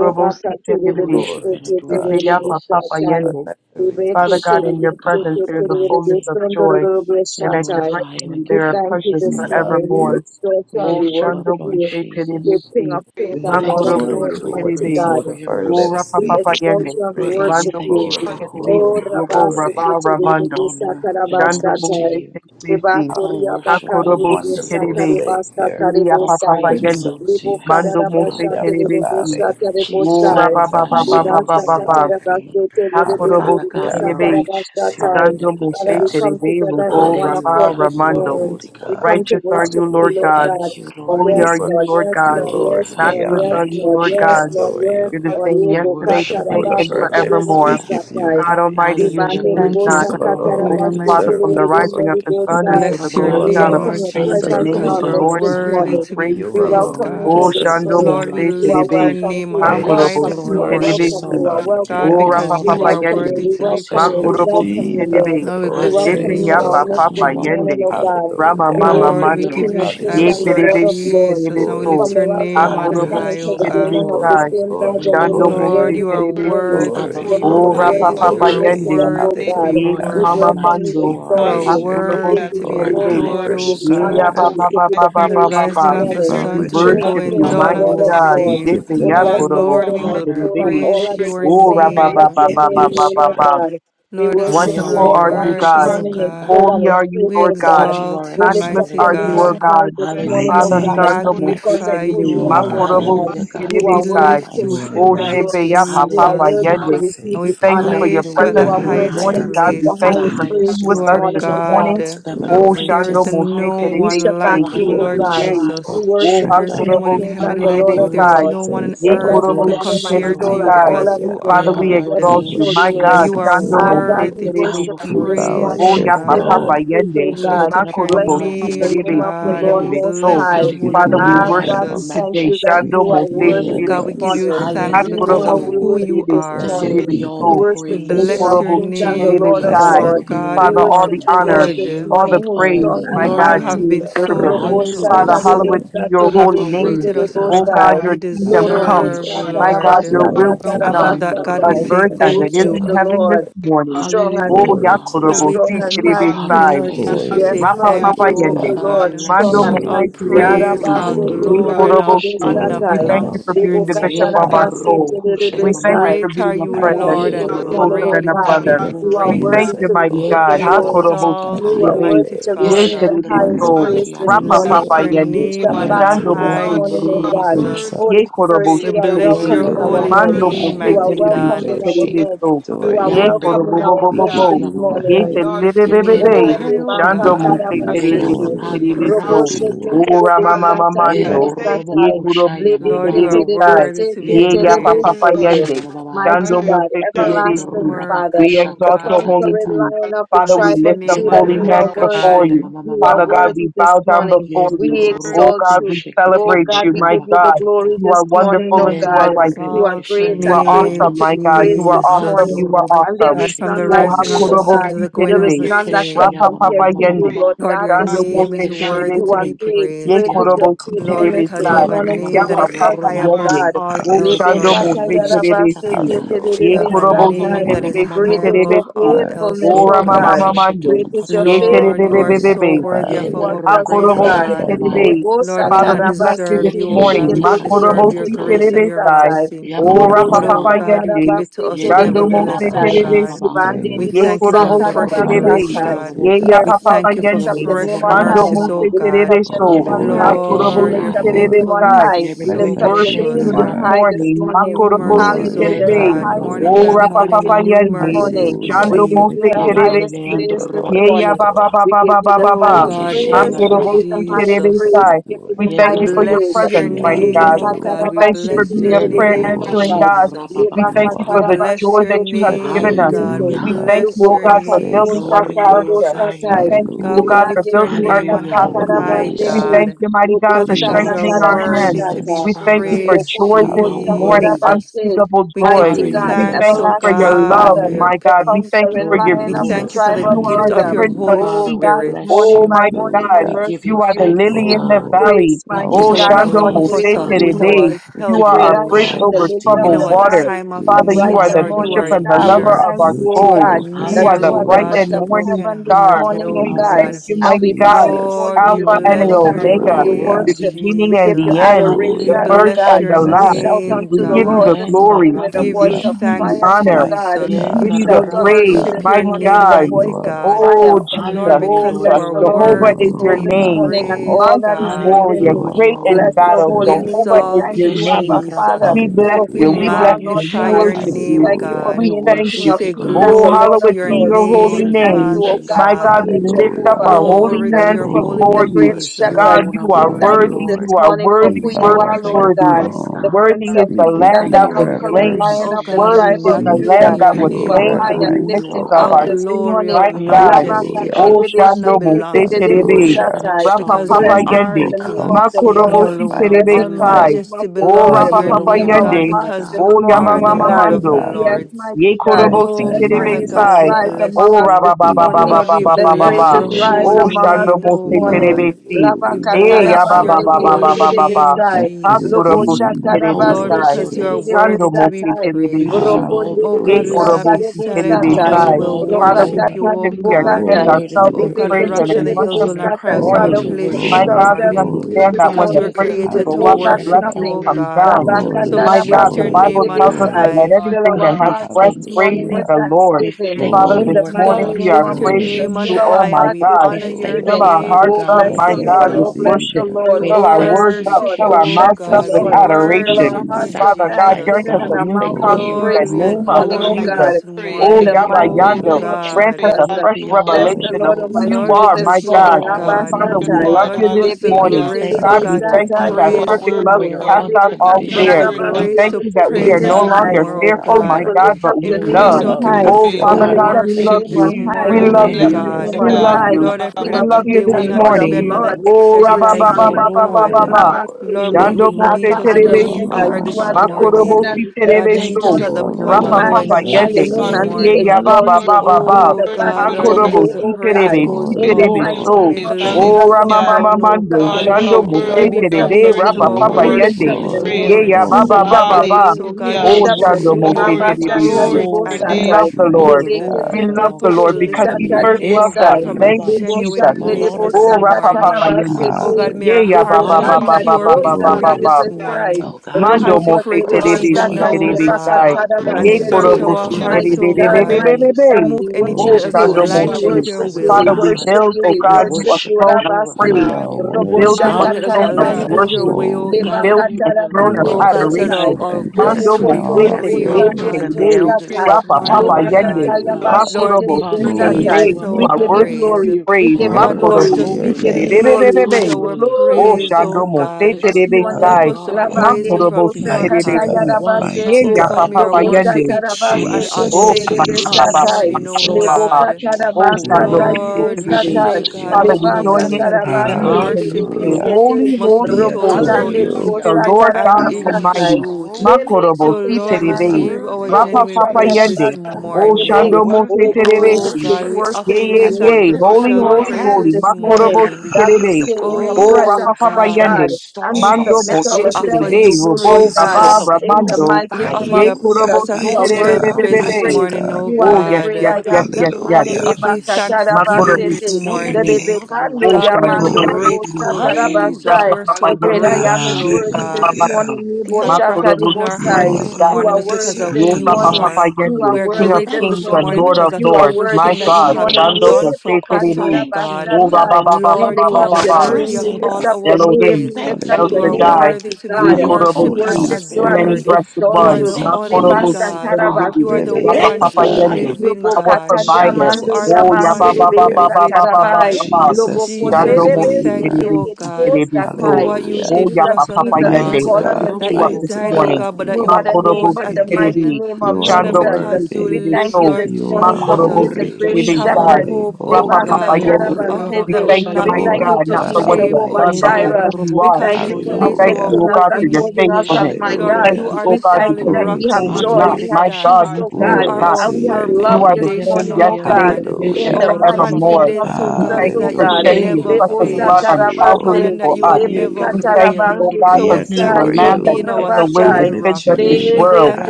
S2: God.
S1: si
S5: We
S1: terebe.
S5: worship
S2: Glory
S3: tiriribisu,
S5: and
S2: to
S5: adore you,
S1: Yepe
S2: God. Glory
S3: tiriribisu,
S1: yapa
S2: to
S1: papa
S5: Jesus.
S3: chai.
S2: God.
S1: yende.
S2: Let the
S5: You're
S1: Father
S3: Rebeke
S2: redeemed
S1: God,
S2: of
S1: in your
S2: the
S5: sovereign
S2: Lord
S5: God.
S1: presence
S3: tiriribisu,
S1: there
S5: You're
S1: is
S2: say
S1: a
S2: so.
S1: fullness
S5: mighty.
S1: of
S3: tiriribisu,
S2: We
S1: joy,
S5: We
S2: worship
S1: and
S3: ndororobisha,
S1: at your
S3: chai.
S1: right
S5: glorify you
S2: you,
S1: hand
S5: and
S3: We
S5: give
S1: there are
S5: you
S3: thank you
S1: pleasures
S5: praise,
S2: Lord.
S3: this
S2: We
S5: God.
S2: honor
S3: morning. We
S2: you.
S1: forevermore.
S3: exalt you
S5: We
S3: and we
S1: O
S5: lift you up,
S3: worship
S1: shando
S5: Lord
S3: you.
S1: muse terebe
S3: Great
S5: Jesus.
S3: King
S1: si.
S3: of
S4: free,
S3: Kings
S2: We
S5: We
S3: and
S4: Lord,
S3: Lord
S5: thank
S3: of
S5: you,
S2: adore
S1: Makorobo
S5: Lord,
S3: Lords,
S1: si
S5: for
S2: you.
S5: your
S2: With
S3: mighty
S2: the
S5: grace
S4: Lord,
S1: terebe.
S5: and
S3: God.
S2: fruit
S5: for
S2: of
S5: your
S2: our
S1: Ora
S5: mercy.
S2: lips,
S3: We
S2: we
S1: papa papa
S2: give
S3: exalt
S1: yende.
S2: you
S3: you and we
S5: Lord God,
S2: praise.
S5: we
S3: worship
S1: Mando
S3: you.
S5: thank you
S1: muse
S5: for
S4: Lord,
S2: Glory,
S5: who
S1: terebe
S5: you
S3: O
S1: si
S2: glory,
S5: are.
S1: robo
S3: rabasa
S2: glory.
S1: raba
S3: kutere
S5: All
S3: de
S1: ramando.
S3: besa
S2: Hallelujah.
S5: honor
S1: Shando
S3: karabasta
S5: belongs to
S3: tay.
S1: muse
S5: you.
S1: terebe
S3: Reba
S1: si.
S5: All
S3: koria
S5: worship
S2: Hallelujah.
S3: bakani de
S1: Hakorobo
S5: belongs
S1: si
S5: to
S3: besa
S5: you,
S2: Wonderful
S1: terebe.
S5: God.
S3: karabasta
S2: Savior,
S3: tare
S5: All
S1: Yapa papa
S3: bosai.
S5: praise
S2: Prince of
S1: yende.
S5: belongs to
S3: Libo
S5: you,
S2: Peace,
S1: Mando
S5: Heavenly
S1: mose
S2: Lily
S3: karabasta
S5: Father.
S2: of
S3: tere
S2: the
S3: de
S1: terebe si.
S3: besa
S2: Valley,
S3: tare
S5: Jesus,
S1: O
S3: bosai.
S5: lover
S1: rabba,
S2: Bright
S5: of
S1: ba,
S2: and
S5: my
S1: ba, ba, ba,
S5: soul,
S2: Morning
S1: ba,
S3: Rebasta
S5: you
S1: ba,
S5: are
S1: ba.
S2: Star.
S5: worthy.
S3: katarabasta tere de bende
S1: Hakorobo
S5: Father
S3: de
S1: si
S5: God,
S2: Hallelujah.
S5: you
S3: besa
S5: are
S1: terebe.
S3: karabasta
S5: righteous, you are
S3: tay.
S1: Shando
S3: Father,
S1: mose
S3: we
S2: Hallelujah.
S5: omnipotent.
S3: come
S1: terebe
S3: together in
S1: robo
S2: Glory
S3: one
S2: to
S1: rabba
S3: accord
S2: God.
S5: Hallelujah,
S3: this
S5: you are
S1: ramando.
S2: Glory
S3: morning.
S2: to
S5: holy
S3: We
S2: God.
S5: God.
S3: come to
S1: Righteous are you,
S3: worship you,
S5: We
S1: Lord
S3: Lord
S2: Hallelujah.
S1: God.
S3: God.
S5: thank you, Lord.
S1: Holy
S2: We
S1: are
S3: Yes,
S1: you,
S3: Lord,
S2: worship
S1: Lord
S3: yes,
S5: We
S2: you,
S1: God.
S3: Lord, yes,
S2: Lord.
S5: glorify
S2: We
S3: Lord,
S5: your
S1: Matchless
S2: honor
S1: are
S3: yes,
S5: name,
S1: you,
S5: King
S3: Lord,
S2: you.
S1: Lord
S2: We
S3: yes,
S1: God.
S3: Lord,
S5: Jesus.
S2: adore
S3: yes,
S1: You're
S2: you.
S1: the
S3: Lord,
S1: same
S5: We
S3: Yebo
S2: With
S1: yesterday,
S2: the
S5: worship
S1: today,
S5: and
S2: fruit of
S1: and
S3: Katarabasta
S2: our
S5: exalt you,
S3: tere de
S2: lips, we
S1: forevermore.
S5: Father.
S2: give
S3: besa
S2: you
S6: Lord.
S1: God Almighty,
S3: we
S2: praise.
S1: you
S6: We
S3: bind
S5: Hallelujah,
S3: the
S1: change
S5: great
S6: thank you, O
S5: is
S1: not.
S3: Ribosa
S2: You
S5: the
S6: God, for
S5: Lord
S6: who
S5: and
S6: you
S2: alone
S6: are
S1: Holy
S5: greatly
S3: Katarabashi
S5: to
S6: mighty.
S5: be
S1: Father,
S2: deserve
S1: from
S2: the
S1: the
S5: praised.
S1: rising of the
S2: glory.
S6: We
S1: sun
S3: Ribosai.
S1: until
S5: From
S1: the
S6: bless
S5: the
S6: your
S2: You
S1: going
S3: We
S5: rising
S1: down
S6: name,
S5: of
S1: of
S5: the
S3: welcome
S1: the
S6: Lord
S3: your
S2: alone
S5: sun
S1: same,
S5: until
S1: the
S6: Jesus,
S5: the
S2: deserve
S3: presence in
S1: name of
S2: the
S3: our
S6: because
S5: going
S6: you
S1: the
S5: down
S6: are
S5: of
S3: midst
S5: the
S1: Lord
S2: honor.
S3: this
S1: is
S5: same
S1: to
S6: worthy
S1: be
S5: God,
S3: morning.
S6: to be
S1: praised
S2: You
S3: We
S5: you are
S6: praised,
S3: welcome
S2: alone
S3: you,
S6: God.
S1: O
S5: worthy.
S3: Holy
S2: deserve
S5: There
S2: the
S1: Shando
S5: is
S3: Spirit.
S5: none
S6: Lord, we
S1: Mose
S5: like
S3: You
S2: praise.
S3: are
S5: you.
S6: lift your
S1: Terebe,
S3: welcome.
S6: name
S3: You
S6: on
S3: are
S6: high
S5: Bless
S2: Praise
S1: Hakorobo
S5: the
S3: welcome.
S2: and
S6: this
S5: Lord,
S1: Si
S3: You
S5: O
S3: are
S5: my
S1: Terebe
S2: worship
S3: welcome.
S6: morning,
S2: and
S3: You
S1: Si,
S5: soul
S3: are
S2: honor be
S6: God,
S1: O
S3: welcome.
S5: and
S2: unto
S1: Rapa
S6: because
S5: all
S3: We
S5: that
S6: you
S1: Papa
S5: is
S6: are
S2: you.
S3: welcome
S5: within
S3: you.
S1: Yende,
S6: worthy
S5: me.
S3: We
S6: to be
S5: Bless
S3: welcome
S5: his
S2: Let
S3: you.
S2: the
S3: We
S5: holy
S6: praised.
S1: Makorobo Si
S3: welcome
S5: name.
S3: you,
S2: redeemed of
S3: Lord.
S1: Terebe,
S2: the
S6: Lord, we
S3: We
S2: Lord
S6: bless your
S2: say
S3: welcome
S1: Shepe
S5: Hallelujah,
S3: you
S6: name
S3: in our
S5: Lord
S1: Yapa
S6: just
S2: so.
S3: midst
S6: this
S5: God,
S3: this
S1: Papa
S5: you are
S6: morning.
S3: morning,
S1: Yende,
S3: O
S5: worthy.
S3: God.
S1: Rama
S3: We
S2: Hallelujah.
S1: Mama
S6: Lord,
S3: worship
S6: we
S5: Hallelujah,
S3: the
S1: Mando,
S6: give
S3: King
S5: Lord
S6: you
S3: of Kings
S1: Ye
S6: thanks,
S5: Jesus,
S3: and the
S5: you
S6: Lord
S5: are
S2: Hallelujah.
S3: Lord
S1: Terebe
S3: of
S1: Si
S5: awesome.
S3: Lords.
S6: Jesus,
S1: Terebe
S6: and we
S2: Glory
S3: From
S1: So,
S2: to
S6: lift
S3: the
S6: your
S2: God.
S3: rising
S6: name
S3: of
S6: on
S3: the
S1: Hakorobo
S2: Glory
S3: sun
S5: Hallelujah,
S2: to
S6: high,
S1: Si
S3: until
S6: O
S5: King
S3: the
S2: God.
S5: of
S3: going
S1: Terebe
S6: God.
S3: on of the
S5: glory,
S2: Glory,
S1: Sai,
S3: same God,
S5: we
S2: glory,
S3: your name
S1: Shando
S3: is
S5: welcome
S2: glory.
S6: Lord,
S1: Mose
S3: worthy
S6: you
S5: you.
S4: your
S3: to
S6: are
S3: be
S4: word,
S1: Terebe
S3: praised.
S1: Si,
S6: worthy to
S5: Abba,
S2: Glory,
S3: Your
S4: Lord,
S6: be
S3: name
S1: O
S3: is
S5: Father,
S4: thy
S5: you
S2: glory,
S1: Rapa
S5: are
S3: worthy
S4: God,
S6: praised.
S3: to
S6: You
S3: be
S1: Papa
S6: are
S4: this
S2: glory.
S3: lifted
S5: righteous.
S3: up,
S1: Yende,
S3: O
S6: worthy
S4: name,
S6: to
S3: God.
S6: be
S1: Ye
S5: Lord
S2: Hallelujah.
S3: We
S5: God
S1: Mama
S3: bless
S6: worshipped.
S3: and
S5: Almighty,
S3: we
S2: We
S5: you
S1: Mando,
S5: are
S6: You
S5: our
S3: exalt
S6: are
S4: hallelujah,
S2: praise
S3: you.
S2: your
S5: King.
S3: We
S1: Hakorobo
S3: give
S6: worthy
S4: Thank
S2: name,
S1: Si
S3: you
S6: to
S3: the
S6: be
S5: You are
S2: Lord.
S5: the
S4: you,
S1: Terebe,
S2: We
S3: glory, we
S5: high
S4: Lord,
S6: adored,
S3: give you
S6: O
S2: worship
S3: the
S5: priest.
S1: Ye
S5: You
S2: and
S5: are
S3: honor,
S6: God.
S1: Yapa
S3: and
S4: oh,
S3: we
S2: adore
S3: give
S5: worthy
S1: Papa
S3: you
S4: bless
S3: the
S2: you.
S1: Papa
S6: From
S4: your
S6: the
S1: Papa
S3: praise
S4: name,
S5: of
S3: this
S6: rising
S1: Papa,
S6: of
S2: We
S4: bless
S6: the
S5: praise,
S3: morning.
S4: your
S2: bow
S6: sun
S1: we
S6: to
S2: at
S5: worthy
S6: the
S2: your
S3: King
S4: name,
S3: of
S1: worship
S6: going
S3: kings
S1: you,
S5: of
S6: down
S2: throne.
S3: and
S6: of
S3: Lord
S1: mighty
S6: the
S3: of
S4: hallelujah,
S5: glory,
S1: God.
S2: We
S3: lords.
S6: same,
S2: give
S1: Shepe
S2: you
S5: worthy
S3: Oh,
S1: ya
S4: Lord,
S3: bless the
S5: of
S1: korobo
S3: Lord,
S6: Lord,
S4: your
S3: O
S6: we
S2: reverence.
S3: my
S1: si
S4: word,
S6: will
S5: honor,
S3: soul, and
S1: terebe.
S5: Lord
S4: your
S3: all
S6: praise
S3: that
S4: word,
S3: is
S6: your
S1: Oh,
S5: Jesus.
S3: within me.
S1: rabba,
S4: free,
S3: Bless
S1: ba,
S6: name.
S1: ba,
S3: your
S5: And
S2: Give
S5: we
S1: ba,
S3: holy
S1: ba,
S2: you
S1: ba,
S5: bless
S3: name,
S5: you,
S1: ba,
S3: O
S4: Lord,
S5: God.
S2: reverence.
S1: ba.
S3: God. We
S6: Lord,
S4: she
S3: worship
S5: We
S6: because you
S3: you,
S5: honor
S6: are
S1: Wonderful
S3: Lord
S5: your
S1: are
S3: God,
S1: you,
S3: this
S6: worthy,
S1: God.
S5: righteous
S4: has
S6: O
S3: morning in
S5: name,
S6: God.
S4: the
S3: spirit and
S1: Holy
S5: God.
S3: in
S4: Lord,
S1: are you,
S3: truth,
S6: We
S3: O
S1: Lord God.
S5: Lord,
S3: God.
S5: you are
S6: exalt you,
S3: We lift
S1: Matchless
S3: up
S6: mighty
S3: your
S1: are you,
S3: name
S5: excellent.
S4: the
S2: Hallelujah.
S1: Lord
S4: Lord,
S3: on
S6: God.
S3: high
S1: God.
S3: this
S4: bless
S3: morning,
S6: We
S5: Hallelujah,
S3: O
S1: Father,
S5: God.
S2: Mighty,
S3: God,
S5: There's
S1: Son, the
S5: none
S4: your
S1: most
S5: like
S3: because
S4: name, hallelujah, Lord,
S3: of
S4: praise,
S5: you.
S6: magnify
S3: who
S6: you,
S1: terebe,
S3: you
S2: you
S6: O
S3: are,
S2: are
S3: Lord
S1: makorobo
S6: God.
S3: God.
S5: Hallelujah,
S1: si
S2: holy.
S4: hallelujah,
S5: God.
S3: You
S5: There
S1: terebe
S6: We
S3: are
S5: is
S3: worthy
S4: praise, hallelujah,
S5: none
S1: sai.
S6: lift
S3: to
S5: like
S6: you
S2: You are
S5: you.
S3: receive
S1: O
S3: the
S6: high,
S1: shepe
S3: glory.
S1: ya
S2: righteous.
S3: You
S1: papa
S3: are
S6: Jesus.
S3: worthy
S2: You are
S3: to
S4: hallelujah,
S5: Hallelujah.
S1: yende.
S3: receive
S6: and
S1: We
S6: we
S3: the
S1: thank
S2: faithful.
S1: you
S3: honor
S1: for your
S6: place you
S3: and
S6: at
S3: you
S5: Hallelujah.
S6: the
S1: presence
S3: are
S5: You
S1: this
S5: are
S2: Glory
S3: worthy
S2: to
S6: highest
S3: to
S2: the
S1: morning,
S5: higher
S1: God.
S3: receive
S2: King
S1: We
S3: the
S6: place.
S2: of
S5: than
S1: thank
S5: the
S1: you
S3: highest
S1: for
S2: Kings.
S3: praise
S1: being
S5: highest. You
S1: with
S3: this
S6: You
S5: are
S1: us
S6: are
S3: morning,
S1: this
S3: O
S5: greater
S2: Glory
S3: God.
S1: morning.
S2: to
S6: God.
S5: than
S2: the
S5: the
S1: O
S2: Lord.
S6: There
S1: shando
S6: is
S5: greatest,
S1: mose
S6: no
S5: conquering
S3: We
S1: terebe
S3: shall
S6: one
S1: se,
S3: back
S6: like
S3: you,
S6: you,
S1: ye,
S5: lion
S3: O
S5: of
S6: Lord
S5: the
S1: ye,
S3: God.
S2: Hallelujah.
S1: ye.
S5: tribe
S3: We
S6: Jesus.
S5: of
S1: O
S3: worship
S6: There
S2: Let
S3: the
S2: the
S6: is
S5: Judah.
S3: King
S6: no
S3: of
S6: one
S1: hakorobo
S6: in
S3: Kings
S2: redeemed
S1: si
S5: You
S3: and
S6: heaven
S3: the
S5: are
S2: of
S3: Lord
S6: like
S1: terebe
S6: you.
S3: of
S2: the
S6: There is
S2: Lord
S1: sai.
S6: no
S5: worthy.
S3: Lords.
S6: one
S2: say
S6: on
S3: Oh,
S1: Ye
S5: We
S2: so.
S6: earth
S3: bless
S6: who
S3: the
S1: korobo
S6: could
S3: Lord, O
S1: si
S5: bless
S3: my
S5: you,
S6: compare
S1: terebe
S6: to
S3: soul,
S5: Lord.
S6: you
S3: and
S1: sai.
S3: all
S6: because
S3: that is
S6: you
S2: Hallelujah.
S6: are
S5: We
S1: Father,
S3: within
S1: we
S3: me.
S5: honor your
S3: Bless
S6: God
S2: We
S3: his
S1: exalt
S5: name,
S1: you.
S3: holy
S1: My
S2: worship
S6: and
S3: name.
S1: God,
S2: and
S6: you are
S5: Jesus.
S1: Shando
S2: adore
S3: Ah,
S1: Mose
S2: you.
S3: God,
S5: We
S3: we
S6: worthy to
S5: bow
S6: be
S3: worship you
S2: We
S1: Terebesi,
S5: before you
S3: this
S5: in
S2: bow
S6: praised,
S3: morning
S2: at
S1: O
S6: oh
S3: in
S5: worship,
S2: your
S5: O
S1: Yapa
S3: spirit
S6: God.
S3: and
S5: God,
S3: in
S2: throne.
S1: Papa
S3: truth, O
S6: We
S1: Yende,
S5: as we
S6: lift
S3: God.
S5: open
S6: up
S5: up
S6: your
S5: our
S1: Makorobo
S3: Blessed
S1: Si
S5: mouths
S3: be
S5: and
S3: the
S6: name,
S5: give
S3: name
S5: you
S1: Terebe,
S3: of
S1: Si
S3: the
S6: God, and
S3: Lord
S4: your
S6: we
S1: Terebe
S5: praise,
S3: Most
S4: word,
S1: So.
S6: bless
S3: High.
S6: your
S5: as
S2: We
S5: we
S2: give
S6: holy
S1: Father,
S2: you
S1: we
S6: name,
S4: your
S3: Ah,
S5: glorify
S1: worship
S4: word,
S3: God,
S5: your
S3: we
S1: you
S2: reverence.
S6: Jesus.
S3: thank
S1: today.
S3: you that
S2: We
S5: majestic
S1: Shando
S3: you
S2: give
S3: are
S1: Mose
S2: you
S3: worthy
S5: name.
S6: God,
S3: this
S6: we give
S1: Terebesi,
S2: reverence.
S6: you
S3: morning.
S2: We
S6: thanks
S3: You
S2: honor
S6: because
S5: Hallelujah,
S3: are
S1: Makorobo
S6: of
S2: you.
S1: Si
S6: who
S5: Lord.
S3: worthy
S6: you
S1: Terebe,
S3: this
S1: Si
S5: To
S6: are.
S5: you
S2: Blessed
S3: morning.
S4: Hallelujah.
S1: Terebe
S5: be
S2: be the
S5: all the
S3: We
S1: So.
S2: name
S6: We
S3: worship
S2: of
S3: the
S2: the
S1: Ye
S3: King
S5: praise,
S3: of
S6: bless
S2: Lord.
S6: your
S1: Korobo
S3: Kings
S1: Si
S5: to
S3: and the
S6: name
S5: you
S1: Terebe
S3: Lord
S5: be
S3: of
S6: because you
S1: Sai.
S5: all
S6: are
S2: Blessed
S3: Lords.
S5: the
S2: be
S6: God
S3: We
S2: the
S6: and
S1: Father,
S5: glory,
S6: you
S1: all
S6: are
S3: worship
S1: the
S2: name
S3: the
S2: of the
S1: honor,
S3: Lord
S5: to
S3: this
S2: Lord.
S6: good.
S5: you
S1: all
S3: morning,
S1: the
S5: be
S3: who's
S5: all
S1: praise,
S2: Let
S3: strong
S5: the
S2: the
S1: my
S3: and
S6: Lord, you
S1: God,
S6: have
S5: honor.
S2: redeemed
S3: mighty.
S6: been
S1: you
S2: of the
S1: deserve
S6: so
S1: it.
S6: good
S2: Lord
S6: to
S2: say
S1: Father,
S3: Roboshata
S6: us.
S5: Hallelujah.
S1: hallowed
S2: so.
S3: rebesta
S1: be
S6: You
S1: your
S6: have
S5: You
S1: holy
S3: terebeke
S5: are
S1: name.
S6: treated
S5: worthy,
S6: us
S2: Hallelujah.
S1: O
S6: better
S5: God.
S1: God,
S6: than
S3: tereboshai.
S1: your
S6: we
S5: We
S1: kingdom
S5: honor you,
S1: come.
S6: deserve,
S2: Hallelujah.
S3: Loroboshata
S1: My God,
S5: Jesus.
S6: Lord.
S1: your
S3: rabasta
S1: will
S2: Glory
S1: be
S2: to the
S6: And for
S1: done
S2: King
S5: And
S6: that,
S3: katarabasta
S2: of
S6: God, we
S1: on
S3: tai.
S6: say
S2: Kings
S1: earth
S2: and
S3: We
S1: as
S2: the
S1: it
S6: thank
S1: is
S3: worship
S6: you.
S2: Lord
S1: in
S3: the
S2: of
S1: heaven this
S3: Lord,
S2: Lords.
S1: morning.
S3: strong
S1: O
S3: and
S5: Hallelujah,
S2: Glory to
S5: God.
S6: For
S3: who's
S2: your
S1: Yakorobo,
S3: strong
S6: waking
S2: name.
S6: us
S3: and
S6: up this
S5: God,
S3: mighty.
S5: we
S6: morning,
S1: see
S6: Lord Jesus,
S5: thank
S6: we
S5: you.
S3: Yes,
S6: say
S2: Glory.
S1: Rapa
S3: Lord, we
S6: thank
S1: Papa
S6: you, oh
S3: worship the
S2: Hallelujah.
S1: Yende,
S5: Father, we
S3: Lord,
S6: God.
S3: strong
S1: Mando
S5: bless
S3: and
S6: All
S1: Mose
S2: Glory,
S5: you.
S3: mighty.
S1: Terebe
S2: glory,
S6: praise and
S1: Si,
S6: all
S3: Arabase
S2: glory.
S1: Ye
S6: glory and
S1: Korobo
S6: all
S5: Androbakisha
S1: Si.
S6: honor
S2: Lord
S1: We
S5: patata.
S3: keterebestatai.
S2: God
S1: thank you
S6: belongs
S1: for
S6: to your
S1: being the
S2: Almighty,
S1: bishop
S6: name.
S1: of
S2: have
S1: our
S3: Lebokatarabase
S2: your
S1: soul.
S2: way,
S5: Yendrobokusha
S1: We
S2: Lord.
S1: thank you
S5: yamamama.
S3: terebestai.
S1: for
S6: Great are
S1: being a
S6: you,
S3: We
S1: friend
S2: Have
S3: thank
S1: that's
S5: Ye
S3: you
S6: Lord,
S2: your
S3: this
S6: and
S1: sticking
S2: way.
S3: morning,
S1: closer
S3: O
S1: than
S6: greatly
S1: a
S6: to
S3: God.
S5: yamabababakusho
S6: be
S1: brother.
S2: King of
S3: You
S5: yababu.
S3: are
S1: We
S2: kings
S1: thank
S3: worthy
S6: praised.
S1: you,
S3: to
S2: and
S1: mighty
S2: Lord
S3: receive
S2: of
S3: the
S1: God.
S6: We
S1: Ha
S3: glory,
S2: lords,
S1: Korobo Si
S3: and
S2: have
S6: exalt
S3: you
S6: you,
S3: are
S5: Yendrapakatatai.
S2: your
S1: Terebe,
S3: worthy
S6: mighty
S3: to
S2: way.
S1: Ye
S3: receive the
S6: Father.
S1: Terebe
S3: highest
S1: So,
S2: Wonderful
S3: praise this
S6: We
S1: Rapa
S3: morning.
S6: lift
S1: Papa
S5: Yeshendrapakiandrobu.
S6: your
S2: counselor,
S3: We
S1: Yende,
S3: shall
S6: name on
S3: back
S2: mighty
S1: Chando
S3: you this
S6: high,
S2: God,
S1: Mose
S3: morning, O
S1: Terebe
S3: God.
S1: Si,
S2: Prince
S6: Jesus.
S2: of
S3: Holy
S1: Ye
S5: Yemamamamamandrobakashatata.
S3: Spirit,
S1: Korobo
S2: peace,
S6: We
S3: you
S1: Si
S3: are
S6: bless
S3: welcome
S6: your
S1: Terebe,
S3: in
S2: Lily
S3: our
S6: holy
S2: of the
S3: midst.
S1: Mando
S6: name,
S1: Mose
S3: You
S2: valley,
S3: are
S6: mighty
S2: we
S1: Terebe
S3: welcomed
S1: Si
S6: God.
S3: in our
S2: worship
S5: Yendrapakashiandrikitete.
S1: Terebe
S2: and
S3: midst.
S1: So,
S2: adore
S3: You are
S1: Ye
S2: you.
S3: welcome in
S1: Korobo Bo
S3: our
S1: Bo
S2: We
S1: Bo
S3: midst
S2: give
S1: Bo,
S3: this
S2: you
S5: Yandrabakashiyamama.
S2: the
S1: Ye
S3: morning.
S2: highest
S6: We
S1: Terebe Be
S6: lift your
S1: Be Be
S6: name
S2: praise.
S6: on
S1: Be.
S3: Oh,
S6: high, O
S5: Yekendroboku.
S2: We
S1: Shando
S2: give
S6: God, and we
S1: Mose
S2: you
S1: Terebe
S6: bless
S3: Rebakatarabaseke.
S6: you,
S1: Si
S2: glory. We
S1: Terebe
S2: give
S1: So
S6: Jesus.
S2: you
S3: Robosheke
S5: Yekapapandropakatatai.
S2: honor.
S1: Ora Mama
S4: Hallelujah.
S3: terebesata
S2: Let
S1: Mamando
S4: Thank
S1: Ye
S3: ribosatai.
S1: Kurobu
S5: Yendrobokushaya
S1: Si
S6: Lord,
S3: Lebeke
S6: you are
S5: mamamaya.
S1: Terebe Sai
S6: worthy to be
S3: terebeseke
S1: Ye Yapa
S4: you,
S6: praised.
S1: Papa
S4: Lord.
S3: terebesoto.
S5: Yendrobokushaya
S1: Yende
S5: bababaya.
S1: Shando
S3: Mighty God,
S1: Mose
S4: Hallelujah.
S1: Terebe
S6: You are
S3: everlasting
S1: Si
S3: Father,
S6: worthy,
S1: We
S6: O
S5: Yendrobakashata
S3: the
S1: exalt
S6: God.
S1: your
S4: Hallelujah.
S1: holy
S3: conquering
S5: tatatata.
S1: name.
S3: lion of
S6: So
S3: the
S6: we
S1: Father, we
S6: lift
S3: tribe
S6: your
S3: of
S1: lift up
S6: name on
S3: Judah,
S1: holy
S3: you
S6: high,
S3: are
S1: hands
S4: Our
S3: worthy.
S1: before
S5: Yendrobakashaya
S1: you.
S6: God.
S3: You are
S1: Father God,
S5: mamamamamaya.
S3: worthy
S1: we bow
S3: this
S1: down
S3: morning.
S1: before you.
S3: We
S4: word
S1: Oh
S3: exalt
S1: God,
S3: you.
S1: we
S5: Yendrobokushe
S3: Oh
S1: celebrate
S3: God,
S1: you,
S3: we
S1: my
S3: give you the
S1: God.
S5: ketendrobakatata.
S3: glory
S1: You are
S3: this morning,
S1: wonderful
S3: oh
S1: and
S6: God,
S1: you
S6: we
S1: are
S3: God.
S1: righteous.
S3: You are
S6: exalt your
S3: great
S1: You
S5: Yendribikesheya
S1: are
S3: and
S4: and
S3: greatly
S6: name,
S1: awesome,
S5: mamamama.
S3: to
S1: my
S3: be
S1: God. You
S3: praised
S1: are
S3: this
S1: awesome.
S6: Jesus.
S3: morning.
S1: You are
S3: And there
S1: awesome.
S6: God,
S3: is
S5: Handrobokushe
S6: from
S3: none
S6: the
S1: Oh,
S3: like
S6: rising
S3: you,
S6: of
S3: O
S6: the
S5: ketendroba.
S6: sun
S3: God.
S6: to the going
S3: There
S6: down
S1: how
S3: is
S6: of the
S4: praise.
S3: none that can
S5: Yekesheya
S6: same.
S1: Rapa
S3: compare
S1: Papa
S3: to you,
S1: Yende,
S4: praise.
S3: Lord
S5: mamamamamama.
S6: Lord,
S3: God,
S6: your
S4: Hallelujah.
S3: this
S1: Dando
S6: name is
S1: Mose
S3: morning.
S4: Thank
S6: worthy
S3: You
S6: to
S3: are
S6: be
S1: Terebesi,
S3: great.
S1: Ye
S6: praised.
S3: Great is your
S5: Yekeshendreketitiando.
S1: Korobosi
S4: you,
S6: Lord,
S4: Lord.
S2: glory,
S3: faithfulness this
S6: because you
S5: Yeya
S6: have
S1: Terebesai,
S6: a
S2: glory,
S3: morning
S6: name that
S1: Yapa
S3: towards
S6: is
S2: glory.
S3: us,
S1: Papa
S6: high
S3: my
S5: mamamamamandroba.
S4: Lord,
S6: above
S4: I
S1: Yende,
S3: God.
S6: all
S1: O
S6: else,
S3: Lebo
S1: Shando
S6: Lord
S2: Hallelujah.
S5: Yekeshen
S3: kata
S1: Mose
S3: yarabase
S6: Jesus.
S1: Terebesi,
S3: kete
S5: rikitatatai.
S6: You
S1: Ye
S3: derebe
S6: have
S2: Hallelujah.
S6: a
S1: Korobosi
S3: satai.
S6: name that is
S2: Wonderful
S1: Terebesi
S6: high
S3: Great is
S5: Yamamamamamanduraba.
S3: your
S6: above
S1: Terebesu,
S6: all
S2: Lord,
S6: else,
S1: O
S3: faithfulness,
S6: oh
S3: O
S1: Ramama
S3: God.
S2: Prince of
S6: God.
S1: Ramamamamando,
S3: Great is
S2: Peace,
S3: your
S1: Ye
S6: Lord, you
S5: Yendrikeshetatatashiando.
S6: are
S3: faithfulness
S2: Lily of
S3: this
S6: so
S1: Terebebebebe,
S2: the
S3: morning
S6: worthy of
S2: Valley,
S6: our
S3: towards us, O
S6: praise,
S2: bright
S3: God.
S1: Akorobosi
S6: God.
S2: and
S5: Yendrabakashayababai.
S1: terebe.
S2: morning
S3: Lebo
S6: Lord, we do
S1: Father,
S6: not
S2: star,
S1: we bless you
S3: satarabase
S6: deserve
S1: this
S6: you, O
S3: kete
S2: we
S6: God.
S1: morning.
S6: We do
S3: derebe
S6: not
S2: worship
S3: se
S2: and
S6: deserve your
S3: kete
S1: Makorobosi
S2: adore
S6: grace
S5: Yekeshetatatatai.
S3: derebe
S6: and
S1: terebe
S6: your
S2: you.
S1: sai.
S3: satai.
S6: mercy.
S2: We
S1: Ora
S3: Lobo
S6: But,
S2: honor
S6: O
S1: papa
S5: Yamamamamama.
S2: you.
S6: God, you give
S1: yende.
S6: it
S3: shakatarabase
S6: to
S2: We
S6: us
S2: give
S3: terebe
S1: Shando
S2: you
S1: mose
S6: nevertheless,
S2: the
S3: sandai.
S6: O
S1: terebe
S2: highest
S6: God.
S5: Yendrabakashayababa.
S1: si.
S6: We
S1: Ye
S2: praise.
S6: thank you for
S1: korobosi
S6: fresh
S2: Mighty
S6: grace,
S1: terebe.
S3: Yibanderibosatarabasata.
S2: is
S6: God.
S2: your
S5: Yandrubakushoyobabo.
S1: Ye ya
S6: We
S2: God.
S3: Yes, Lord,
S1: papa
S6: thank
S3: we
S6: you for
S3: lift
S2: Mighty
S3: up
S1: yende.
S3: your
S2: is
S3: name
S6: fresh
S2: our
S3: on
S1: Mando
S3: high.
S2: God.
S6: mercies, O
S5: Yemamamamamamama.
S1: mose
S3: We lift up
S1: terebe
S6: God.
S3: your
S2: Oh,
S3: name
S1: so.
S3: on
S2: glory,
S3: high. We
S6: Lord,
S2: glory,
S3: lift
S1: Hakorobosi
S6: your
S3: up
S5: Yebebebekeshayai.
S3: your
S2: glory.
S1: terebe
S3: name on
S1: sai.
S6: faithfulness is
S3: high. We
S1: We
S3: lift
S6: so
S3: up
S2: Blessed
S6: good
S3: your
S6: to
S1: worship
S6: us.
S3: name
S1: you this
S3: on
S6: Your
S2: Redeemer.
S3: high this
S1: morning.
S5: Yebebebekeshendrabakatata.
S3: morning.
S6: new
S1: Makorobosi
S6: mercies, O
S2: Glory.
S3: Hallelujah. It's the
S1: terebe.
S6: God.
S3: highest
S6: Morning by
S3: praise
S1: Ora
S2: Hallelujah.
S3: we can give
S1: papa
S6: morning,
S5: Yendrabakashatatata.
S3: you
S6: new
S3: this
S1: yende.
S6: mercies
S3: morning.
S6: we
S2: Hallelujah
S3: We
S1: Shando
S3: give
S2: to
S6: see.
S2: the
S3: you
S1: mose
S3: the
S2: King of
S1: terebe
S3: highest
S2: Kings
S1: si.
S2: and the
S3: praise this
S2: Lord
S1: Ye
S2: of
S1: ya
S3: morning.
S1: ba
S5: Yemememeyandorabakashatata.
S1: ba
S2: Lords.
S1: ba
S3: We
S1: ba
S3: give
S1: ba
S3: you
S1: ba
S3: the
S1: ba ba.
S6: Oh
S3: highest
S6: God,
S3: praise.
S6: thank
S3: We
S2: Hallelujah.
S6: you,
S3: give
S2: We
S3: you the highest
S5: Yekeshendarabakatatai.
S2: worship
S6: Jesus.
S3: praise.
S2: and
S1: Akorobo-siterebe-sai.
S3: We give
S2: adore
S3: you
S1: We
S3: the
S2: you.
S6: We
S1: thank you
S3: highest
S1: for your
S3: praise.
S6: bless your
S1: presence,
S2: We
S1: mighty
S2: honor
S3: Lebo
S6: name,
S1: God.
S5: Yendarabakushototototo.
S6: oh
S2: you.
S6: God.
S1: We
S6: We
S3: kataraba
S1: thank you for
S2: We
S6: bless
S1: being
S2: give
S3: shekere
S6: your
S1: a
S3: de de,
S2: you
S1: prayer
S6: name,
S1: answering
S3: de,
S2: glory.
S1: God.
S2: We
S6: Jesus.
S2: give
S1: We
S2: you
S1: thank you
S6: We
S1: for the
S2: honor.
S5: Yendarekeshendarababakatai.
S6: bless
S1: joy
S6: your
S1: that you have
S2: Let the
S1: given
S6: name,
S1: us.
S6: God. We
S2: redeemed
S5: Hallelujah.
S1: We
S2: of
S1: thank
S2: the
S1: you,
S6: bless
S1: O
S6: your
S1: God,
S2: Lord
S1: for
S2: say
S6: name,
S1: building our
S5: Lord, we
S2: so.
S1: character.
S5: glorify
S6: Jesus.
S1: We thank
S5: you.
S1: you,
S6: God,
S1: O
S6: we
S1: God,
S2: Hallelujah.
S1: for
S6: lift your
S1: building our
S6: name on
S5: Hallelujah. Lord, we
S1: capacity.
S6: high,
S1: We
S5: bless
S2: Hallelujah.
S1: thank
S6: God.
S5: you.
S1: you, mighty God, for
S6: Father God,
S5: Lord,
S6: you are
S5: you
S1: strengthening
S2: Jesus,
S1: our
S5: are
S6: worthy
S1: hands.
S6: to
S5: excellent,
S6: be
S1: We
S2: Jesus,
S1: thank you
S5: Father.
S1: for
S2: Jesus.
S6: praised,
S1: joy
S5: You
S1: this
S5: are
S2: Hallelujah.
S1: morning,
S5: worthy.
S6: Jesus.
S1: unspeakable
S6: We give
S1: joy.
S3: Mighty
S6: you
S3: God and
S1: We
S5: Hallelujah.
S6: thanks,
S1: thank
S2: Jesus,
S6: oh
S1: you
S5: God,
S1: for
S2: my
S5: you
S3: everlasting
S1: your
S5: are
S6: God,
S1: love,
S3: Father,
S6: for your
S1: my
S2: Savior.
S5: holy.
S3: the
S1: God. We
S6: peace.
S1: thank you
S3: conquering
S1: for
S5: Lord, we
S1: your
S3: lion
S6: We
S3: of
S1: peace.
S3: the
S6: thank you for
S2: Jesus,
S3: tribe
S5: glorify
S6: the
S2: my
S3: of
S1: You
S5: you.
S6: gift
S1: are the
S6: of
S3: Judah.
S6: your
S1: Prince of
S6: Holy
S2: Redeemer.
S3: Oh
S5: Father,
S1: Peace.
S5: we
S3: God,
S6: Spirit.
S5: bless
S3: morning by
S5: you.
S1: Almighty
S3: morning, your
S1: God,
S5: We
S2: Hallelujah.
S5: give you
S3: mercies
S1: you are
S3: you
S1: the
S5: thanks,
S1: lily
S3: receive.
S1: in the
S5: God.
S2: Oh,
S1: valley.
S3: Grace,
S5: We
S2: how
S6: who
S3: mighty
S6: is
S5: give
S1: Oh,
S5: you
S6: our
S3: God,
S1: Shando
S3: upon
S2: wonderful
S1: Mose
S5: praise,
S3: grace
S2: is
S6: comforter,
S2: your
S3: this
S6: who is
S5: Father.
S2: name.
S6: our
S1: Terebe,
S3: morning
S5: We
S1: you
S3: the
S5: give
S6: help,
S1: are
S5: you
S3: great
S1: our
S6: oh
S3: I
S1: bridge
S2: Oh,
S5: worship,
S3: am,
S6: God.
S3: the
S1: over
S3: lily
S5: mighty
S3: of
S6: In
S1: troubled
S3: the
S6: our
S5: God.
S2: Jesus,
S1: water.
S3: valley,
S6: time of
S3: the
S1: Father,
S5: We
S1: you
S3: bright
S6: need,
S1: are
S2: Jesus,
S3: and
S1: the
S5: honor
S6: Lord,
S5: your
S6: you
S3: morning
S1: bishop
S6: are
S1: and
S5: name,
S1: the
S3: star.
S2: you
S3: We
S1: lover
S2: are
S6: there.
S1: of
S3: thank
S1: our
S3: you,
S5: Jesus.
S3: O
S6: You are
S1: soul.
S2: beautiful
S3: God,
S2: for
S1: You
S3: that
S1: are
S6: near,
S3: you
S1: the
S6: oh
S3: are the
S1: bright
S6: God,
S5: Hallelujah.
S3: breath
S6: to
S1: and
S6: the
S3: of
S2: situations.
S1: morning
S3: heaven this
S5: You
S1: star.
S6: brokenhearted,
S3: morning,
S5: alone
S3: O
S6: oh
S1: We
S5: are
S3: God.
S1: thank
S6: God.
S1: you,
S2: Jesus,
S5: worthy.
S3: And
S1: mighty
S3: we bow
S1: God,
S3: before
S2: Jesus,
S6: Lord,
S3: you
S6: we
S3: this
S5: You
S1: Alpha and the
S3: morning
S6: bless
S5: alone,
S3: and
S6: your
S3: we
S5: Lord,
S3: give
S5: are
S1: Omega,
S3: you
S1: the
S6: name,
S2: hallelujah,
S3: worship.
S5: worthy.
S1: beginning
S3: We
S1: and
S3: give you
S1: the
S6: Jesus.
S1: end,
S6: We
S1: the
S3: adoration,
S2: hallelujah.
S3: O
S5: Hallelujah,
S1: first
S6: bless
S3: God.
S1: and
S6: your
S1: the
S3: We
S1: last.
S5: Jesus.
S2: Blessed
S3: shout
S6: name,
S1: We
S3: unto the
S1: give you
S3: Lord
S1: the
S2: Redeemer,
S6: God.
S3: this
S5: Yenda
S3: morning
S6: We
S1: glory.
S3: with a
S6: give
S2: Prince
S1: We
S3: voice
S6: you
S2: of
S3: of
S5: rabakasha.
S1: give you
S6: thanks,
S1: the
S3: triumph,
S2: Peace,
S3: O
S1: honor.
S3: God.
S2: mighty
S1: We
S6: Jesus.
S1: give
S2: God,
S3: We
S5: Yenda
S1: you
S6: We
S1: the
S3: shout unto
S2: mighty
S3: you
S1: praise,
S3: this
S6: worship
S2: God,
S6: your
S1: mighty
S3: morning
S6: name,
S3: with a
S1: God.
S5: rabakosototototo.
S2: you
S6: mighty
S3: voice of
S2: alone
S6: God.
S1: Oh,
S3: triumph.
S2: are
S6: Lord,
S1: Jesus,
S5: Hallelujah,
S2: worthy,
S3: Oh,
S6: because
S5: Lord,
S6: you
S5: you're
S3: bless
S1: Jesus,
S6: are
S3: the Lord, O
S5: worthy.
S2: you
S1: Jehovah
S3: my
S6: worthy
S1: is
S6: to
S3: soul,
S1: your
S6: be
S2: alone
S3: this
S2: are
S1: name.
S3: morning and
S2: holy,
S6: praised,
S3: all that
S1: Mighty
S3: is
S6: God.
S5: Hallelujah,
S2: you
S1: warrior,
S3: within me.
S5: Lord, you
S1: great
S5: are
S1: in
S3: Bless
S2: alone
S5: worthy.
S3: your
S1: battle,
S2: deserve
S6: We
S3: holy
S2: the
S3: name.
S1: Jehovah
S3: We
S1: is
S6: exalt
S3: thank
S2: glory.
S1: your
S6: you,
S3: you, Abba
S1: name.
S3: Father,
S5: Yeshendarababa.
S4: love your
S6: Jesus.
S1: We bless
S3: for
S4: name.
S3: who
S6: We
S1: you,
S5: We
S3: you
S1: we
S2: Hallelujah,
S5: honor
S1: bless
S3: are,
S5: you,
S3: Lord
S1: you, we
S6: magnify
S4: Praise,
S3: God.
S4: praise, praise,
S6: your
S4: praise,
S1: worship
S3: We
S5: Jesus.
S1: you,
S6: name,
S3: thank you for
S2: hallelujah.
S6: God.
S5: We
S1: we
S3: being the
S1: thank
S6: We
S3: King
S1: you.
S3: of
S5: worship you,
S6: say
S3: Kings and
S5: God.
S3: the
S1: Oh,
S2: Jesus,
S6: glory
S3: Lord
S6: to
S3: of
S1: hallowed
S6: your
S1: be
S3: Lords.
S1: your
S5: We
S2: Jesus,
S1: holy
S3: We
S6: name,
S5: honor your
S3: thank you,
S5: name,
S1: name.
S6: Father
S3: O
S2: Jesus.
S3: God,
S1: My
S3: for
S5: Jesus.
S1: God,
S6: God.
S1: we
S3: being
S1: lift up
S5: You
S2: Hallelujah.
S3: Jehovah.
S1: our
S5: alone
S3: We
S5: are
S1: holy
S6: Glory to
S3: thank you
S1: hands
S6: your
S3: for
S5: worthy.
S2: Oh,
S6: holy
S3: being the
S1: before
S2: we
S6: name,
S1: you.
S3: great
S2: worship
S5: You
S6: Jesus.
S3: shepherd.
S1: God,
S2: and
S5: alone are
S1: you
S3: We
S1: are
S2: adore
S3: thank
S5: worthy,
S3: you
S1: worthy,
S2: you.
S3: this
S5: Lord.
S1: you are
S3: morning for
S2: We
S1: worthy,
S3: who
S5: We
S3: you
S5: thank
S2: bow
S5: you
S3: are,
S1: worthy,
S5: for
S2: at
S3: Lord
S5: your
S2: your
S1: worthy.
S3: God,
S4: praise,
S5: grace,
S3: the
S2: throne.
S5: God.
S3: Prince
S1: Worthy
S3: of
S1: is
S2: We
S1: the
S3: Peace
S5: We
S2: give
S1: lamb
S3: and the
S5: thank
S1: that
S2: you
S5: you
S1: was
S5: for your
S3: conquering
S1: slain.
S3: lion
S2: reverence.
S5: mercy,
S6: Oh
S3: of the
S6: God,
S1: Worthy
S6: we
S3: tribe
S1: is
S3: of
S5: Jesus.
S1: the
S2: We
S6: magnify
S3: Judah.
S1: Lamb
S2: give
S5: We
S6: your
S1: that was
S5: thank
S3: You
S5: you,
S2: you
S3: are
S6: name,
S1: slain
S5: Lord,
S1: for
S3: high
S1: the
S5: for
S6: God.
S3: and
S5: who
S2: reverence,
S5: you
S3: lifted
S1: remission
S2: oh
S5: are.
S1: of
S3: up
S6: All
S4: praise,
S1: our
S2: God.
S3: this
S1: sins,
S6: glory,
S3: morning.
S6: all
S1: mighty
S5: We honor
S1: God.
S5: your
S6: majesty,
S5: name,
S6: all
S2: Hallelujah.
S1: O
S5: Jesus.
S6: honor
S1: Shando Mose
S6: belongs to
S5: We
S1: Terebe,
S6: you
S5: worship and
S2: Hallelujah.
S3: Labakatedebeseke
S1: Rapa
S5: extol you,
S6: because
S1: Papa
S6: you
S5: my
S3: Blessed be
S6: are
S5: God.
S6: the
S1: Yende,
S2: Wonderful
S3: the
S6: King
S3: name of
S6: of
S3: the
S1: Makorobo
S2: counselor,
S5: You
S3: Lord.
S6: Kings.
S1: Si
S5: alone are
S2: mighty
S1: Terebe
S6: All
S3: Blessed be the
S5: worthy.
S2: God,
S1: Sai,
S3: name
S6: majesty
S3: of the
S1: O
S6: belongs
S3: Lord.
S6: to
S1: Rapa
S2: Prince
S5: You
S6: your
S2: of
S1: Papa
S5: alone
S3: Fill
S6: name,
S5: are
S3: our
S6: God,
S1: Yende,
S2: Peace,
S5: holy,
S3: hearts
S6: because
S3: this
S1: O
S5: God.
S6: you
S3: morning,
S6: are
S3: O
S6: the
S2: Lily
S1: Yamamama
S2: of
S6: Lord
S3: God.
S2: the
S6: of
S1: Mando,
S3: Yes,
S2: Valley,
S6: Lords.
S3: mighty
S1: Ye
S3: God.
S1: korobo
S2: bright
S1: si
S6: Oh,
S3: Let
S2: and
S1: terebe
S6: Father
S2: morning
S3: praises
S6: God, we
S1: sai.
S3: rise
S2: star.
S6: bless
S3: among
S1: O
S3: us
S1: raba
S3: this
S6: you.
S1: ba
S2: We
S1: ba ba
S3: morning.
S1: ba
S6: Lord,
S1: ba
S6: we
S1: ba
S2: worship
S3: Let
S1: ba
S5: We
S1: ba
S2: and
S6: bless
S5: honor
S1: ba.
S3: praises
S5: you,
S6: your
S2: adore
S3: rise
S1: O
S6: holy
S2: you.
S5: Jesus.
S3: among us
S1: shando
S6: name,
S3: this
S1: mo
S6: oh
S1: se
S2: We
S3: morning.
S1: terebe
S2: honor
S6: God.
S1: si.
S2: you.
S6: We
S2: We
S1: E
S2: bow
S1: ya
S2: at
S6: bless
S1: ba
S2: your
S5: Lord,
S1: ba
S6: your
S5: we
S1: ba ba
S2: throne.
S1: ba
S6: holy
S1: ba
S5: worship
S1: ba ba.
S5: you.
S6: name,
S3: Labakatarabasiketelebesai.
S2: Let the
S1: Ha
S6: Jesus.
S1: korobo si
S2: redeemed of the
S1: terebe
S6: Lord,
S5: Holy
S2: Lord
S5: is
S1: sai.
S5: your
S6: because you
S2: say
S6: are
S5: name.
S2: so.
S6: worthy
S1: Shando
S6: to
S1: mo
S6: be
S1: se
S3: Loboshatarabasiketelebesai.
S1: terebe
S5: You
S6: praised.
S5: deserve
S1: si.
S5: all the
S6: Oh
S1: Ye
S6: God, we will
S2: Hallelujah.
S6: not
S5: praise.
S1: korobo
S6: be
S1: si
S6: silent.
S1: terebe
S6: Oh
S5: You
S3: Vrokondelebesatarebosatai.
S6: God, we
S5: deserve
S1: sai.
S6: will
S5: all the
S1: Father, we
S6: worship
S2: Hallelujah.
S6: you,
S5: glory.
S1: push
S6: oh
S1: and we
S6: God.
S1: extend
S3: Brokatataribokandai.
S2: Glory
S5: Father, it
S2: to
S5: is
S1: ourselves
S5: a
S6: Oh
S1: in
S2: your
S6: God, the
S1: praise and
S5: privilege
S6: rocks
S2: name.
S6: and
S5: and
S1: in
S6: the
S5: an
S6: hills
S1: worship
S6: will not
S1: this
S5: honor
S6: cry out in our
S1: morning.
S3: Father,
S5: to
S2: Glory,
S3: we
S6: place
S3: submit
S6: this
S1: My
S5: worship
S2: glory,
S1: God,
S5: you.
S1: we
S3: ourselves
S6: morning
S3: to you
S1: understand
S2: glory.
S3: this
S1: that
S5: Father,
S1: when
S6: because you
S1: the
S5: it
S6: were
S3: morning
S5: is a
S3: and
S4: praise.
S3: we
S1: praises
S6: created to
S1: go up,
S3: withhold
S5: privilege
S1: the
S3: back
S5: and an
S2: Hallelujah.
S6: worship you,
S1: blessings
S3: nothing.
S6: oh
S5: honor
S1: come
S6: God.
S1: down.
S5: to
S6: So we
S2: Glory,
S1: My
S5: bless your
S1: God,
S6: lift
S1: the
S6: your
S2: glory,
S5: holy
S1: Bible
S6: name on
S1: tells us
S5: name.
S1: that
S3: Rabakatarabasai.
S6: high.
S1: let
S2: glory.
S4: Hallelujah. Praise God.
S3: Fill
S1: everything
S3: our
S1: that
S5: God,
S1: has
S5: we
S3: hearts
S1: breath
S3: this
S5: thank
S1: praise
S3: morning
S1: thee,
S5: you.
S3: with
S2: Hallelujah.
S1: the Lord.
S5: We
S3: thanksgiving.
S5: thank
S1: Father,
S5: you,
S3: In
S1: this
S2: Glory
S3: the
S2: to
S5: Lord
S6: God,
S3: mighty
S1: morning
S2: God.
S6: we
S4: Hallelujah.
S5: God,
S1: we
S5: for
S3: name
S1: are
S3: of
S6: lift your
S2: Glory
S1: praising
S3: Jesus,
S6: name on
S3: fill
S1: you,
S2: to
S5: relationship.
S1: oh
S3: our
S6: high
S2: God.
S1: my
S6: and
S3: hearts
S6: we
S3: with
S1: God.
S5: We
S6: honor your
S5: thank
S1: Fill
S2: Hallelujah.
S5: you,
S3: thanksgiving.
S1: our
S6: name,
S5: Father
S1: hearts
S3: Oh,
S1: up,
S5: God,
S3: bless
S5: for
S1: my
S3: the
S2: Blessed
S5: your
S3: Lord.
S1: God, with
S3: Oh,
S5: love.
S6: Jesus.
S3: bless the
S1: worship.
S2: Redeemer.
S6: We
S3: Lord.
S5: We
S1: Fill
S3: Oh,
S1: our
S4: God,
S3: bless the
S5: thank
S1: words
S5: you,
S1: up.
S6: worship
S3: Lord.
S1: Fill
S5: King
S6: you,
S3: Oh,
S1: our
S6: oh
S3: bless
S1: mouths
S3: the
S5: Jesus,
S1: up
S6: God.
S5: for
S1: with
S6: We
S2: Blessed
S5: the
S3: Lord.
S4: praise
S5: ultimate
S3: Fill
S1: adoration.
S3: our
S6: worship you,
S2: Redeemer.
S3: hearts with
S1: Father
S4: God. God, God,
S1: God,
S5: sacrifice,
S1: grant
S6: Jesus.
S3: thanksgiving
S1: us
S3: and
S5: God.
S1: a
S2: Oh,
S3: our
S5: We
S1: new
S3: mouths
S5: thank
S3: with
S1: tongue
S5: you.
S2: glory,
S1: in the
S6: Lord,
S3: praise
S6: we
S3: this
S1: name
S2: glory,
S1: of
S3: morning,
S6: adore
S4: God.
S3: oh
S4: I
S6: you
S1: Jesus.
S3: God.
S5: Hallelujah.
S2: glory.
S6: this
S5: We
S4: praise,
S3: In
S4: I
S1: Oh,
S3: the
S6: morning,
S5: thank you,
S1: Yaba
S3: mighty
S5: Lord
S4: praise,
S6: oh
S1: Yando,
S4: I
S3: name
S5: God,
S3: of
S5: that
S2: Hallelujah.
S5: you
S1: grant
S4: praise.
S1: us
S6: God.
S1: a
S3: Jesus.
S5: looked
S1: fresh
S5: beyond
S4: Hallelujah.
S3: Bless
S5: our
S3: the
S1: revelation of
S3: Lord of
S1: who
S5: faults
S3: my
S5: and
S1: you
S2: Hallelujah.
S6: Lord,
S5: you
S4: Thank
S3: soul
S1: are,
S3: this
S1: my
S6: because you
S5: saw
S1: God.
S6: are
S3: morning.
S4: you,
S5: our
S3: Abba
S6: God.
S1: Father,
S4: good
S1: we
S5: needs,
S3: Satai.
S2: Hallelujah.
S4: Lord.
S1: love
S6: Lord,
S1: you
S5: God.
S6: give
S1: this
S6: us the
S5: We
S1: morning.
S4: Hallelujah.
S2: Mighty
S3: Lebekete
S6: grace, oh
S3: lebe
S1: God,
S5: thank
S2: God,
S5: you,
S1: we
S6: God, to
S1: thank
S5: Lord
S3: satai
S1: you
S4: God,
S2: mighty
S1: that
S4: you
S5: God,
S4: are
S3: yebo
S6: praise
S2: God.
S1: perfect
S6: you
S4: worthy.
S1: love
S5: for
S3: kondo.
S4: You
S5: your
S4: are
S1: casts
S6: more.
S3: Lebo
S1: out
S4: worthy. You
S1: all
S6: Give
S3: kata
S4: are
S6: us
S1: fear.
S6: the
S5: unconditional
S4: worthy
S3: raraba
S4: of
S1: We
S2: Hallelujah.
S5: love.
S6: grace
S4: our
S1: thank
S6: to
S1: you
S3: sekete
S1: that
S4: praise,
S1: we
S5: We
S1: are
S3: lebe
S6: praise
S1: no
S6: you
S4: God.
S2: Worthy
S5: thank you,
S3: sai.
S1: longer
S2: is
S6: more,
S2: the
S6: oh
S5: Lord,
S3: For
S1: fearful,
S5: for
S3: we
S2: Lamb.
S1: my
S5: your
S6: God.
S3: will
S1: God,
S3: lift up
S1: but
S4: You
S1: we
S3: your name
S5: unfailing
S4: praise,
S6: Increase
S1: love.
S3: on
S6: our
S5: love.
S4: you
S2: Worthy
S3: high.
S2: is
S1: Oh,
S6: capacity
S4: praise,
S2: the
S3: We
S6: for
S1: Father
S5: God,
S3: lift
S1: God,
S5: we
S2: Lamb.
S3: up
S1: we
S3: your
S4: praise.
S1: love
S6: worship
S3: name
S5: thank
S1: you.
S6: this
S3: on
S5: you.
S3: high.
S1: We
S3: We
S4: Oh,
S6: morning,
S1: love
S3: lift
S6: oh
S5: Eh,
S4: Bless
S3: up
S5: ya,
S1: you.
S2: Worthy
S3: your
S5: ba, ba,
S2: is
S3: name
S4: him,
S5: ba,
S6: God.
S1: We
S2: the
S3: on
S4: God.
S1: love
S5: ba.
S3: high.
S1: you.
S4: We
S6: Lord,
S2: Lamb.
S6: I
S4: worship
S6: pray
S3: King
S5: Lord,
S1: We
S3: of
S6: that
S1: love
S5: we
S1: you
S6: today
S3: kings
S1: this
S6: would
S4: you, we
S3: and
S6: not
S3: Lord
S5: thank
S6: just
S3: of
S6: be
S1: morning.
S6: another
S2: Hallelujah.
S5: you.
S3: lords.
S1: Oh,
S5: We
S3: There
S1: Rabba
S3: is
S1: ba
S6: exercise,
S5: thank
S2: You
S3: none
S1: ba
S5: you,
S6: oh
S1: ba
S3: like
S1: ba
S3: you,
S1: ba
S3: O
S2: alone
S1: ba
S5: Lord.
S6: God.
S2: are
S1: ba.
S4: worship
S3: Blabba
S5: We
S6: Lord, but
S2: worthy.
S5: love
S6: you
S5: you,
S1: Shando
S6: would
S5: Lord
S1: Mose
S6: meet
S3: Alpha
S5: God,
S6: us
S3: and
S2: You
S6: where
S5: because
S6: we
S5: you
S1: Terebesi.
S3: Omega.
S6: are
S2: alone
S3: You
S5: first
S6: this
S3: are
S2: are
S3: the
S5: loved us.
S3: beginning
S1: Makorobo
S6: morning.
S2: holy.
S3: and
S1: si
S3: the
S5: We
S3: end
S6: God,
S3: this
S6: meet
S5: thank
S6: us
S5: you
S2: You
S1: Terebeso.
S6: at
S3: morning.
S6: the
S5: for your
S6: point
S3: We
S1: Rapa
S6: of
S5: love,
S2: alone
S6: our
S1: Papa
S5: King
S2: deserve
S6: needs
S3: magnify your
S2: the
S1: Yende.
S6: this
S3: name
S5: Jesus.
S3: and we
S2: glory.
S1: Ye ya
S6: morning.
S1: ba
S3: exalt
S1: ba ba
S3: you.
S5: Hallelujah.
S1: ba
S3: We
S1: ba.
S6: Oh
S3: shall
S5: We
S3: back
S6: God,
S4: you,
S3: you
S6: Lord Jesus,
S4: Lord.
S5: thank
S2: Hallelujah.
S5: you,
S1: Hakorobo
S6: as
S3: today,
S6: the
S5: God.
S1: si
S3: oh
S4: We
S3: God.
S6: praise
S1: Terebe si
S6: goes
S5: We
S4: praise
S3: In
S2: Glory,
S3: the
S6: up,
S4: you,
S3: mighty
S5: glorify
S2: glory,
S1: Terebeso.
S4: praise.
S6: may
S3: name
S5: you,
S3: of
S6: blessings
S1: Oh,
S3: Jesus,
S2: glory.
S3: oh
S1: Rama
S6: come
S5: Jesus.
S4: Hallelujah.
S3: God,
S1: Mama
S6: down,
S3: we
S6: oh
S3: lift up
S5: We
S1: Mando.
S3: your
S4: Lord,
S6: God.
S4: you are
S5: worship
S1: Shando
S3: name.
S5: and
S3: We
S4: worthy,
S2: Hallelujah.
S6: Lord,
S1: Mose
S6: be
S5: adore
S3: lift
S4: you
S5: you,
S3: up
S4: are
S5: my
S1: Terebe.
S3: your
S4: worthy,
S6: pleased
S4: you
S6: with
S1: Rapa
S3: name.
S6: our
S5: King,
S4: are
S1: Papa
S3: We
S2: Glory,
S4: worthy to
S3: lift
S1: Yende.
S3: up
S6: worship
S5: my
S3: your
S6: this
S2: glory,
S4: praise.
S5: Lord,
S3: name.
S1: Ye
S5: my
S1: ya
S3: We
S1: ba
S6: morning.
S1: ba
S3: lift
S2: glory.
S1: ba
S3: up
S1: ba
S5: Savior,
S3: your
S6: Help
S1: ba.
S6: us, oh
S3: name. We
S6: God, to
S4: Hallelujah.
S3: lift
S1: Oh,
S3: up your
S5: Jesus,
S1: Shando
S6: worship
S3: name.
S2: Hallelujah.
S6: you
S5: lover
S1: Mose
S6: in
S5: of
S4: Glory,
S3: Abba
S5: my
S3: Shatari
S2: Mighty
S1: Terebesi.
S4: glory to
S6: spirit
S4: your
S6: and
S5: soul.
S1: We
S6: in
S2: God,
S4: name.
S3: Bosatai.
S1: love the
S5: All
S1: Lord.
S2: mighty
S6: truth.
S3: Lebeke
S5: glory
S2: God.
S1: We
S3: Tete
S1: love
S6: Help
S1: the
S6: us
S5: belongs
S6: to
S5: to
S1: Lord
S6: lift
S1: because
S5: you.
S4: God,
S6: up
S1: he
S6: your
S3: Satari
S1: first
S6: name,
S2: Jesus,
S6: oh
S1: loved
S6: God,
S1: us.
S3: Bosai.
S6: from a
S1: Thank
S5: Ekandraba.
S1: you,
S3: Lebo
S2: Jesus,
S1: Jesus.
S6: genuine
S3: Shande
S5: All
S6: place
S5: honor
S3: Lebo
S6: this
S2: Jesus.
S1: Oh,
S5: belongs
S1: Rapa
S5: to you,
S4: you
S3: Sakatana
S1: Papa
S4: are
S6: morning.
S4: worthy,
S1: Yende.
S6: Oh
S5: Jesus.
S3: Basete.
S6: God, may
S1: Yeah,
S6: our
S1: ya ba
S3: Lebo
S6: hearts
S1: ba
S2: Hallelujah.
S6: be
S1: ba ba
S3: Kanda
S5: Hallelujah,
S1: ba
S6: pure
S1: ba
S3: Lebo
S5: Lord.
S1: ba ba
S6: before
S1: ba
S6: you
S2: Glory
S3: Satari
S1: ba.
S6: this
S2: to the
S4: hallelujah.
S2: King
S3: Besai.
S6: morning.
S5: Oh
S2: of
S5: God,
S2: Kings
S5: as we
S1: Mando
S3: Robo
S2: and the
S1: mo
S3: Kote
S1: se
S6: Consecrate
S2: Lord of
S3: Lebo
S6: us
S5: press
S4: God, you
S1: terebe
S5: into
S6: even
S1: si
S6: now,
S5: your
S4: are
S2: Lords.
S3: Satari
S6: oh
S1: terebe
S4: worthy,
S5: presence,
S4: you
S6: God,
S1: sai.
S4: are
S5: God,
S3: Bakatana
S6: and
S1: Ye
S4: worthy,
S5: we
S2: Glory,
S6: search
S3: Basete.
S4: hallelujah.
S1: korobo
S6: our
S5: lift
S1: si
S5: you up
S6: hearts,
S2: glory,
S5: and
S3: Mighty
S1: terebe
S6: oh
S1: be
S5: give you
S3: God,
S1: be be
S4: Thank
S6: God.
S1: be
S2: glory.
S1: be
S3: mighty
S5: praise.
S3: God,
S1: be.
S3: we
S6: Remove anything
S1: Oh,
S6: that
S3: worship
S5: As
S2: Oh,
S5: we
S6: does
S3: you.
S6: not
S1: Sando
S5: press
S1: mo
S4: you,
S6: line
S3: We
S1: se.
S5: into
S6: up
S5: your
S6: with your
S3: worship
S2: Jesus,
S3: you.
S5: presence,
S6: will.
S3: We
S1: Father, we
S5: God,
S2: Jesus,
S3: worship
S1: build,
S3: you.
S1: oh
S3: We
S5: we
S1: God,
S2: Jesus.
S1: you
S3: worship
S1: a
S5: worship
S3: you.
S5: and
S1: throne of praise.
S3: Rabase,
S5: glorify
S2: You
S4: God.
S2: are
S5: you.
S1: We
S3: Robo
S1: build
S6: Remove
S1: you a
S2: worthy.
S6: anything that does
S1: throne
S6: not
S1: of
S4: Hallelujah.
S6: line
S2: You
S5: Hallelujah,
S6: up with
S2: are
S5: God.
S3: Shakatarabase,
S6: your
S1: worship.
S6: way, oh
S2: holy.
S1: We build
S6: God.
S1: you a
S5: Hallelujah,
S3: Lebakatara
S1: throne
S5: Lord
S2: You
S1: of
S6: Oh
S3: Manderi
S2: are
S6: God, so that
S5: Jesus.
S6: our,
S3: Besai,
S1: adoration.
S2: faithful
S6: our
S2: and
S5: As the,
S6: worship
S1: Mando
S2: just
S6: will
S1: mo
S2: in
S5: tw-
S6: be
S3: Lebokoto
S2: all
S1: se
S2: of
S5: as
S3: Robo
S5: the
S6: free,
S2: your
S1: terebe
S6: oh
S5: angels
S3: Sanderi
S6: God,
S5: and
S2: ways.
S6: to
S5: the
S1: terebe.
S6: reach you
S5: elders
S3: Bosatai,
S6: this
S1: Rapa
S6: morning,
S5: bow
S1: papa
S6: oh
S5: before
S1: yende.
S5: you,
S6: God.
S3: Lebakataya
S5: God,
S2: Hallelujah.
S6: Lord,
S1: Makorobo
S3: Basheteri
S6: be
S5: Father,
S1: si
S5: we
S2: Glory
S5: lift
S6: pleased
S3: Besatai.
S2: to
S1: terebe.
S5: you
S6: with
S5: up
S1: You
S3: We
S6: our
S5: and
S2: your
S1: are
S3: give
S5: bow
S3: you
S1: worthy
S2: name.
S1: to
S5: before
S6: praise.
S1: be
S3: glory.
S5: you
S3: We
S1: praised.
S3: give
S5: and
S3: you
S5: we
S6: God,
S2: Glory
S5: cry,
S6: Lord,
S2: to
S3: glory.
S1: Makorobo
S6: just
S2: your
S3: We
S6: be
S1: si
S3: give
S5: Holy,
S3: you
S1: terebe
S2: name.
S1: be be
S3: glory.
S6: pleased
S1: be
S3: We
S6: with
S1: be.
S3: give you
S6: our
S5: Holy,
S3: glory.
S1: O
S3: We
S6: praise,
S3: give
S5: holy
S2: Yeah.
S3: you
S6: oh
S1: Shando Mo
S3: worship
S1: Se
S6: God.
S5: is
S3: this
S5: the
S1: Terebe
S3: morning.
S5: Lord
S6: Help
S1: Sai,
S6: us to
S5: God
S2: Hallelujah.
S6: praise you
S3: Rabanderi
S1: Makorobo
S6: from
S1: Si
S5: Almighty,
S6: pure
S2: Mighty
S1: Terebe
S3: Bosakataya
S5: who
S1: Si,
S2: God,
S6: hearts.
S5: was
S2: mighty
S1: Ye
S3: Rabasete.
S6: Oh
S1: Ya
S6: God,
S1: papa
S2: God.
S6: may
S5: and
S1: Pa
S6: our
S1: Pa
S6: worship
S1: Yende,
S5: is
S6: be true
S5: and
S6: and
S5: is
S1: O
S5: still
S2: Jesus,
S5: to
S1: papa
S6: authentic this
S1: papa. Pa
S5: come.
S2: Jesus,
S3: Lobosatarabasekenderebesatai.
S6: morning, oh
S5: Lord
S2: Jesus.
S6: God.
S5: God, you are
S1: O Shando
S5: holy.
S1: Mo Se
S2: Glory.
S6: Lord, you
S1: Terebe.
S3: Lebokataramasataibosatai.
S6: say,
S5: Jesus, you
S6: God
S2: Hallelujah.
S5: are
S1: Father, we join
S6: Jesus,
S1: in
S5: holy.
S1: with
S6: that
S1: the
S6: they that
S1: angels and we
S6: worship
S1: say,
S6: you
S2: Hallelujah.
S3: Lebasatarabaseterebesete.
S1: Holy,
S6: must
S5: Androbokusho.
S6: do
S1: Holy,
S2: We
S6: to,
S1: Holy
S2: adore
S6: so in
S1: is
S2: you.
S1: the
S5: Hallelujah.
S6: spirit
S1: Lord
S6: and
S1: God
S2: We
S6: in
S5: Lord, you
S3: Roboshanderibosatarabasai.
S1: Almighty.
S5: are
S2: worship.
S6: truth.
S5: holy.
S1: Makorobo
S6: So,
S1: Si
S6: Lord,
S5: You
S2: We
S5: are
S3: Lebeketoriamande.
S1: Terebe,
S6: receive
S2: honor you.
S6: our
S5: worthy of
S1: Rapa
S2: We
S6: genuine
S1: Papa
S6: praise
S2: Bless
S5: praise.
S6: this
S2: your
S1: Yende,
S2: holy
S1: O
S5: You
S3: Loboshatarabasatarebe.
S2: name.
S5: are
S1: Shando
S6: morning.
S1: Mo Se
S3: Oh,
S5: worthy
S3: we
S5: of
S1: Terebe
S3: worship
S6: Oh
S1: Si,
S3: you, we
S6: God,
S5: worship
S6: we
S3: worship
S6: offer
S1: Yay,
S6: you
S3: you,
S1: yay,
S3: we
S5: as we
S1: yay.
S3: worship
S5: lift
S3: you, we
S5: up
S1: Holy,
S6: sacrificial
S5: our
S1: holy,
S3: worship
S6: praise
S3: you
S1: holy.
S5: hands
S6: this
S3: this morning.
S5: and
S1: Makorobosi
S6: morning.
S5: we
S2: Hallelujah.
S3: That
S5: give
S3: we
S5: you
S1: terebe.
S3: stay in your
S1: O
S5: praise,
S6: Oh
S1: rapa
S3: presence,
S1: papa
S3: my
S5: as we
S3: God,
S1: yende.
S6: God,
S3: and
S5: extol
S3: we
S5: your
S1: Mando
S3: submit
S2: Jesus,
S1: mote
S6: we
S5: matchless
S6: offer
S3: ourselves to
S1: terebe.
S6: you
S5: name.
S2: Jesus,
S3: you, Lord
S1: Robo
S6: praises
S3: God.
S1: baba
S6: and
S5: Father,
S2: Jesus.
S5: we
S3: In the
S1: ramando.
S3: mighty
S6: we
S5: glorify
S3: name
S6: offer you
S1: Ye
S3: of
S6: a
S5: you.
S2: Hallelujah.
S3: Jesus,
S1: korobosi
S3: you are
S5: Lord,
S2: Mighty
S5: we
S1: terebe.
S6: sacrificial
S3: worthy
S1: be,
S2: God,
S3: to
S5: love
S1: be, be,
S6: praise
S3: be
S5: and
S6: this
S1: be.
S2: mighty
S3: praised.
S6: morning,
S5: adore
S2: God.
S6: oh
S3: You are
S5: you,
S1: Oh,
S3: the
S1: yes,
S3: great
S1: yes,
S6: God.
S3: I
S5: for there's
S1: yes,
S3: am this
S5: none
S1: yes,
S5: like
S1: yes.
S3: morning.
S6: We
S5: you,
S2: Hallelujah.
S6: offer you
S5: King Jesus.
S6: thanksgiving
S2: Glory
S6: this
S1: Makorobosi
S4: God,
S3: Ebakatarabasete,
S2: to
S5: No
S2: your
S5: one
S3: the
S5: can
S1: terebe.
S6: morning.
S5: love
S2: name.
S5: you
S3: Rebekando,
S5: like
S1: O
S3: the
S6: God, we
S5: you
S6: are
S1: shando
S3: Amando,
S1: mote
S5: do.
S3: the
S2: Glory,
S6: grateful,
S1: terebe.
S2: glory.
S6: Jesus.
S3: Bosatarabasai.
S1: Rapa
S6: We
S5: Hallelujah.
S6: are
S1: papa
S6: so
S3: The great
S5: We
S1: yende.
S3: I am is
S6: grateful,
S1: Ye
S5: worship
S6: oh
S5: you,
S3: worthy this
S5: Lord.
S6: God.
S2: Hallelujah.
S1: yamamando.
S3: morning.
S6: We have
S5: Eh, yeah,
S6: gratitude in
S5: Baba.
S6: our
S1: Makorobosi
S2: You
S3: Eboshataribosai.
S6: hearts
S5: We
S6: this
S1: terebe.
S3: You
S6: morning
S3: are
S5: adore
S2: alone
S6: just
S5: you,
S6: because
S3: worthy
S5: King
S6: of
S2: deserve
S3: this
S6: who
S2: the
S1: Rupa
S6: you
S3: morning.
S5: Jesus.
S6: are.
S2: glory.
S3: You are
S6: We
S1: Papapayende,
S6: are
S5: We
S1: King of
S3: worthy this
S6: grateful
S1: Kings
S5: thank
S6: this
S5: you,
S1: and
S6: morning
S3: morning.
S1: Lord
S6: because
S1: of
S5: Lord,
S6: of
S3: You are
S1: Lords,
S5: for
S3: worthy
S1: my
S6: everything that
S3: this
S6: you
S1: God,
S6: have
S5: hearing
S3: morning.
S1: Shando
S6: done
S5: us.
S6: for
S1: Mosete
S5: We
S6: us, oh
S1: Rebe,
S5: thank you,
S6: God.
S1: Ura
S3: Ebokatarabasatai.
S5: Lord,
S1: Baba Baba
S3: We
S6: Lord, you
S3: lift
S5: for
S1: Baba
S3: up
S6: are
S5: your
S3: your
S1: Baba
S6: worthy
S3: name.
S6: of
S3: We lift
S2: Hallelujah.
S6: all
S3: up
S5: presence.
S3: your
S6: our
S5: We
S3: name.
S1: Elohim,
S3: We
S6: praise.
S3: lift
S5: thank
S3: up
S5: you,
S1: El
S6: You
S3: your
S6: are
S3: name,
S2: Hallelujah.
S1: Shaddai,
S5: Lord,
S6: worthy
S3: mighty
S6: to be
S5: for
S3: God.
S5: your
S3: We
S2: Wonderful
S6: worshiped
S5: Holy
S6: and
S1: Yekorobosi,
S3: worship you
S1: the
S5: Spirit.
S3: and
S1: many
S2: counselor,
S3: we
S6: adored.
S1: breasted
S3: exalt
S6: You
S5: We
S6: are
S1: one,
S3: you.
S6: the
S2: Prince of
S5: thank you,
S6: only
S3: Lebasa
S2: Peace,
S1: Makorobosi
S5: mighty
S6: God.
S5: God.
S1: Terebeli,
S6: You are
S3: tarabasete
S6: the
S2: Lily
S1: Rapa
S2: of
S6: one
S2: the
S1: Papa
S6: true
S3: rebeso.
S1: Yende,
S2: Valley,
S5: Ekishaya
S6: living
S3: Lobo
S5: mama.
S1: our
S6: God.
S3: kataria
S1: provider,
S6: You
S5: Yen
S6: are
S2: Jesus,
S3: mandoria
S6: the
S1: Oh
S2: my
S6: one
S1: Yaba Baba
S6: true
S5: rokushoto.
S2: Savior,
S3: mangerebesa
S1: Baba Baba
S6: living
S1: Baba
S3: tarabai.
S6: God.
S5: Yen
S1: Baba,
S3: Lobo
S2: Jesus,
S3: kote
S2: my
S6: Jesus,
S1: Shando
S6: we
S5: raketata.
S1: Mosi
S3: rebese
S6: thank
S2: Redeemer.
S6: you, oh
S1: Terebesi
S3: keteribo
S6: God, for
S1: Terebeso,
S3: satai.
S6: what you
S2: Hallelujah.
S1: Oh
S6: did for
S1: Yapa
S3: Jesus,
S6: us on the
S1: Papa
S3: Jesus, we
S1: Yende,
S2: Mighty
S6: cross
S1: we
S3: call on your
S1: lift
S2: God,
S6: that
S3: name
S1: you
S6: you
S1: up
S3: this
S1: this
S2: mighty
S6: died, oh
S3: morning.
S1: morning,
S2: God,
S6: God, but
S2: you
S6: that
S3: No
S6: you
S2: are
S3: other name
S6: rose
S3: but
S1: Makorobosi
S3: the
S2: worthy.
S3: mighty
S6: again.
S1: Terebeli,
S3: name of
S2: You
S6: Lord,
S2: are
S6: and
S1: Shando
S3: Jesus.
S1: Mosi
S6: because you
S2: worthy.
S3: We
S6: live,
S3: thank you
S1: Terebeso,
S3: this
S6: Lord
S2: You
S3: morning
S2: are
S3: for being
S6: Jesus,
S3: the
S1: Makorobosi
S2: holy,
S3: great
S6: we have a
S5: Handrekeshatata.
S1: Terebesai,
S3: shepherd.
S2: holy,
S6: hope, oh
S1: Rapa
S2: holy,
S3: Lebasa
S1: Papa
S6: God,
S5: Yen
S1: Yende,
S6: a
S2: holy.
S6: hope
S1: we
S6: that
S3: tarabasete.
S6: will
S1: thank you,
S3: We
S6: not
S5: robakashaya
S6: be
S1: mighty
S3: thank you
S2: Lord
S6: put
S1: God,
S6: to
S3: for
S1: not
S2: God
S1: for
S3: being
S1: what you
S6: shame,
S1: have
S3: Jehovah
S6: oh
S1: done, but
S5: Yendo
S2: Almighty.
S1: for
S3: Jireh.
S6: God,
S1: who you
S3: We
S1: are.
S6: because
S3: thank
S6: we
S3: you
S5: robokusho
S3: for
S1: We
S6: place
S1: thank
S5: yomomomo.
S6: our
S1: you,
S3: uplifting
S1: O
S2: Hallelujah.
S3: us
S1: God,
S6: hope
S1: for
S3: and
S6: in
S1: your
S3: holding us
S6: you.
S3: up,
S1: faithfulness.
S5: Yeshenda
S3: my
S1: We
S6: Lord,
S3: God.
S1: thank
S6: you
S1: you,
S2: Hallelujah.
S6: are the
S1: O
S3: We
S1: God,
S5: reketata.
S3: thank
S6: solid
S3: you
S1: because
S3: that
S1: you
S2: Glory
S3: we
S6: rock
S3: have
S2: to
S6: on
S1: change
S2: your
S6: which
S3: joy,
S6: we
S1: not.
S3: we have
S2: name.
S1: My
S6: stand.
S1: God,
S3: peace,
S1: you
S3: oh
S6: You
S1: change
S3: God,
S6: are
S2: Glory
S1: not.
S5: Andrekeshekatatatata.
S6: our
S2: to
S3: and we have
S2: your
S6: firm
S1: You
S3: love
S5: Father,
S1: are
S2: name.
S5: you
S3: this
S1: the
S5: never
S6: foundation,
S1: same
S3: morning,
S6: oh
S3: oh
S5: fail.
S1: yesterday,
S3: God.
S6: God.
S1: today,
S3: In
S1: and
S3: the
S2: Hallelujah.
S6: Our
S5: Yeshenda
S3: mighty
S1: forevermore.
S3: name of
S6: confidence, oh
S5: rabakatatata.
S1: We
S6: God,
S3: Jesus,
S1: thank
S6: is
S1: you
S3: oh
S6: that
S1: for
S6: you
S3: God.
S1: shedding
S2: Hallelujah.
S1: your
S5: Eya
S6: never
S2: We
S5: baba
S3: Lebo
S1: precious
S5: baba baba
S1: blood
S6: fail,
S2: praise
S1: on
S2: you,
S5: kusho
S6: oh God,
S2: Lord.
S1: Calvary
S5: toto.
S3: satarabase,
S6: and that
S1: for
S6: you
S2: We
S6: will
S1: us.
S2: honor
S3: lebo
S5: Yeto
S6: never
S2: you.
S1: We thank
S6: fail.
S1: you, O
S5: rekiyendo
S3: katarabande,
S1: God,
S6: So
S2: We
S1: for
S5: raba.
S3: lebo
S6: we
S1: being the
S3: sha-
S6: thank you
S2: adore
S6: for
S3: ye
S1: Lamb
S5: Father,
S1: that
S5: you
S6: being
S2: you.
S1: takes
S6: our
S5: never
S1: away
S2: We
S6: solid
S1: the
S3: korabashai,
S5: fail.
S1: sins
S2: lift your
S6: rock.
S1: of this
S2: name
S6: We
S2: on
S5: Yeshenda
S3: lebe
S1: world.
S6: thank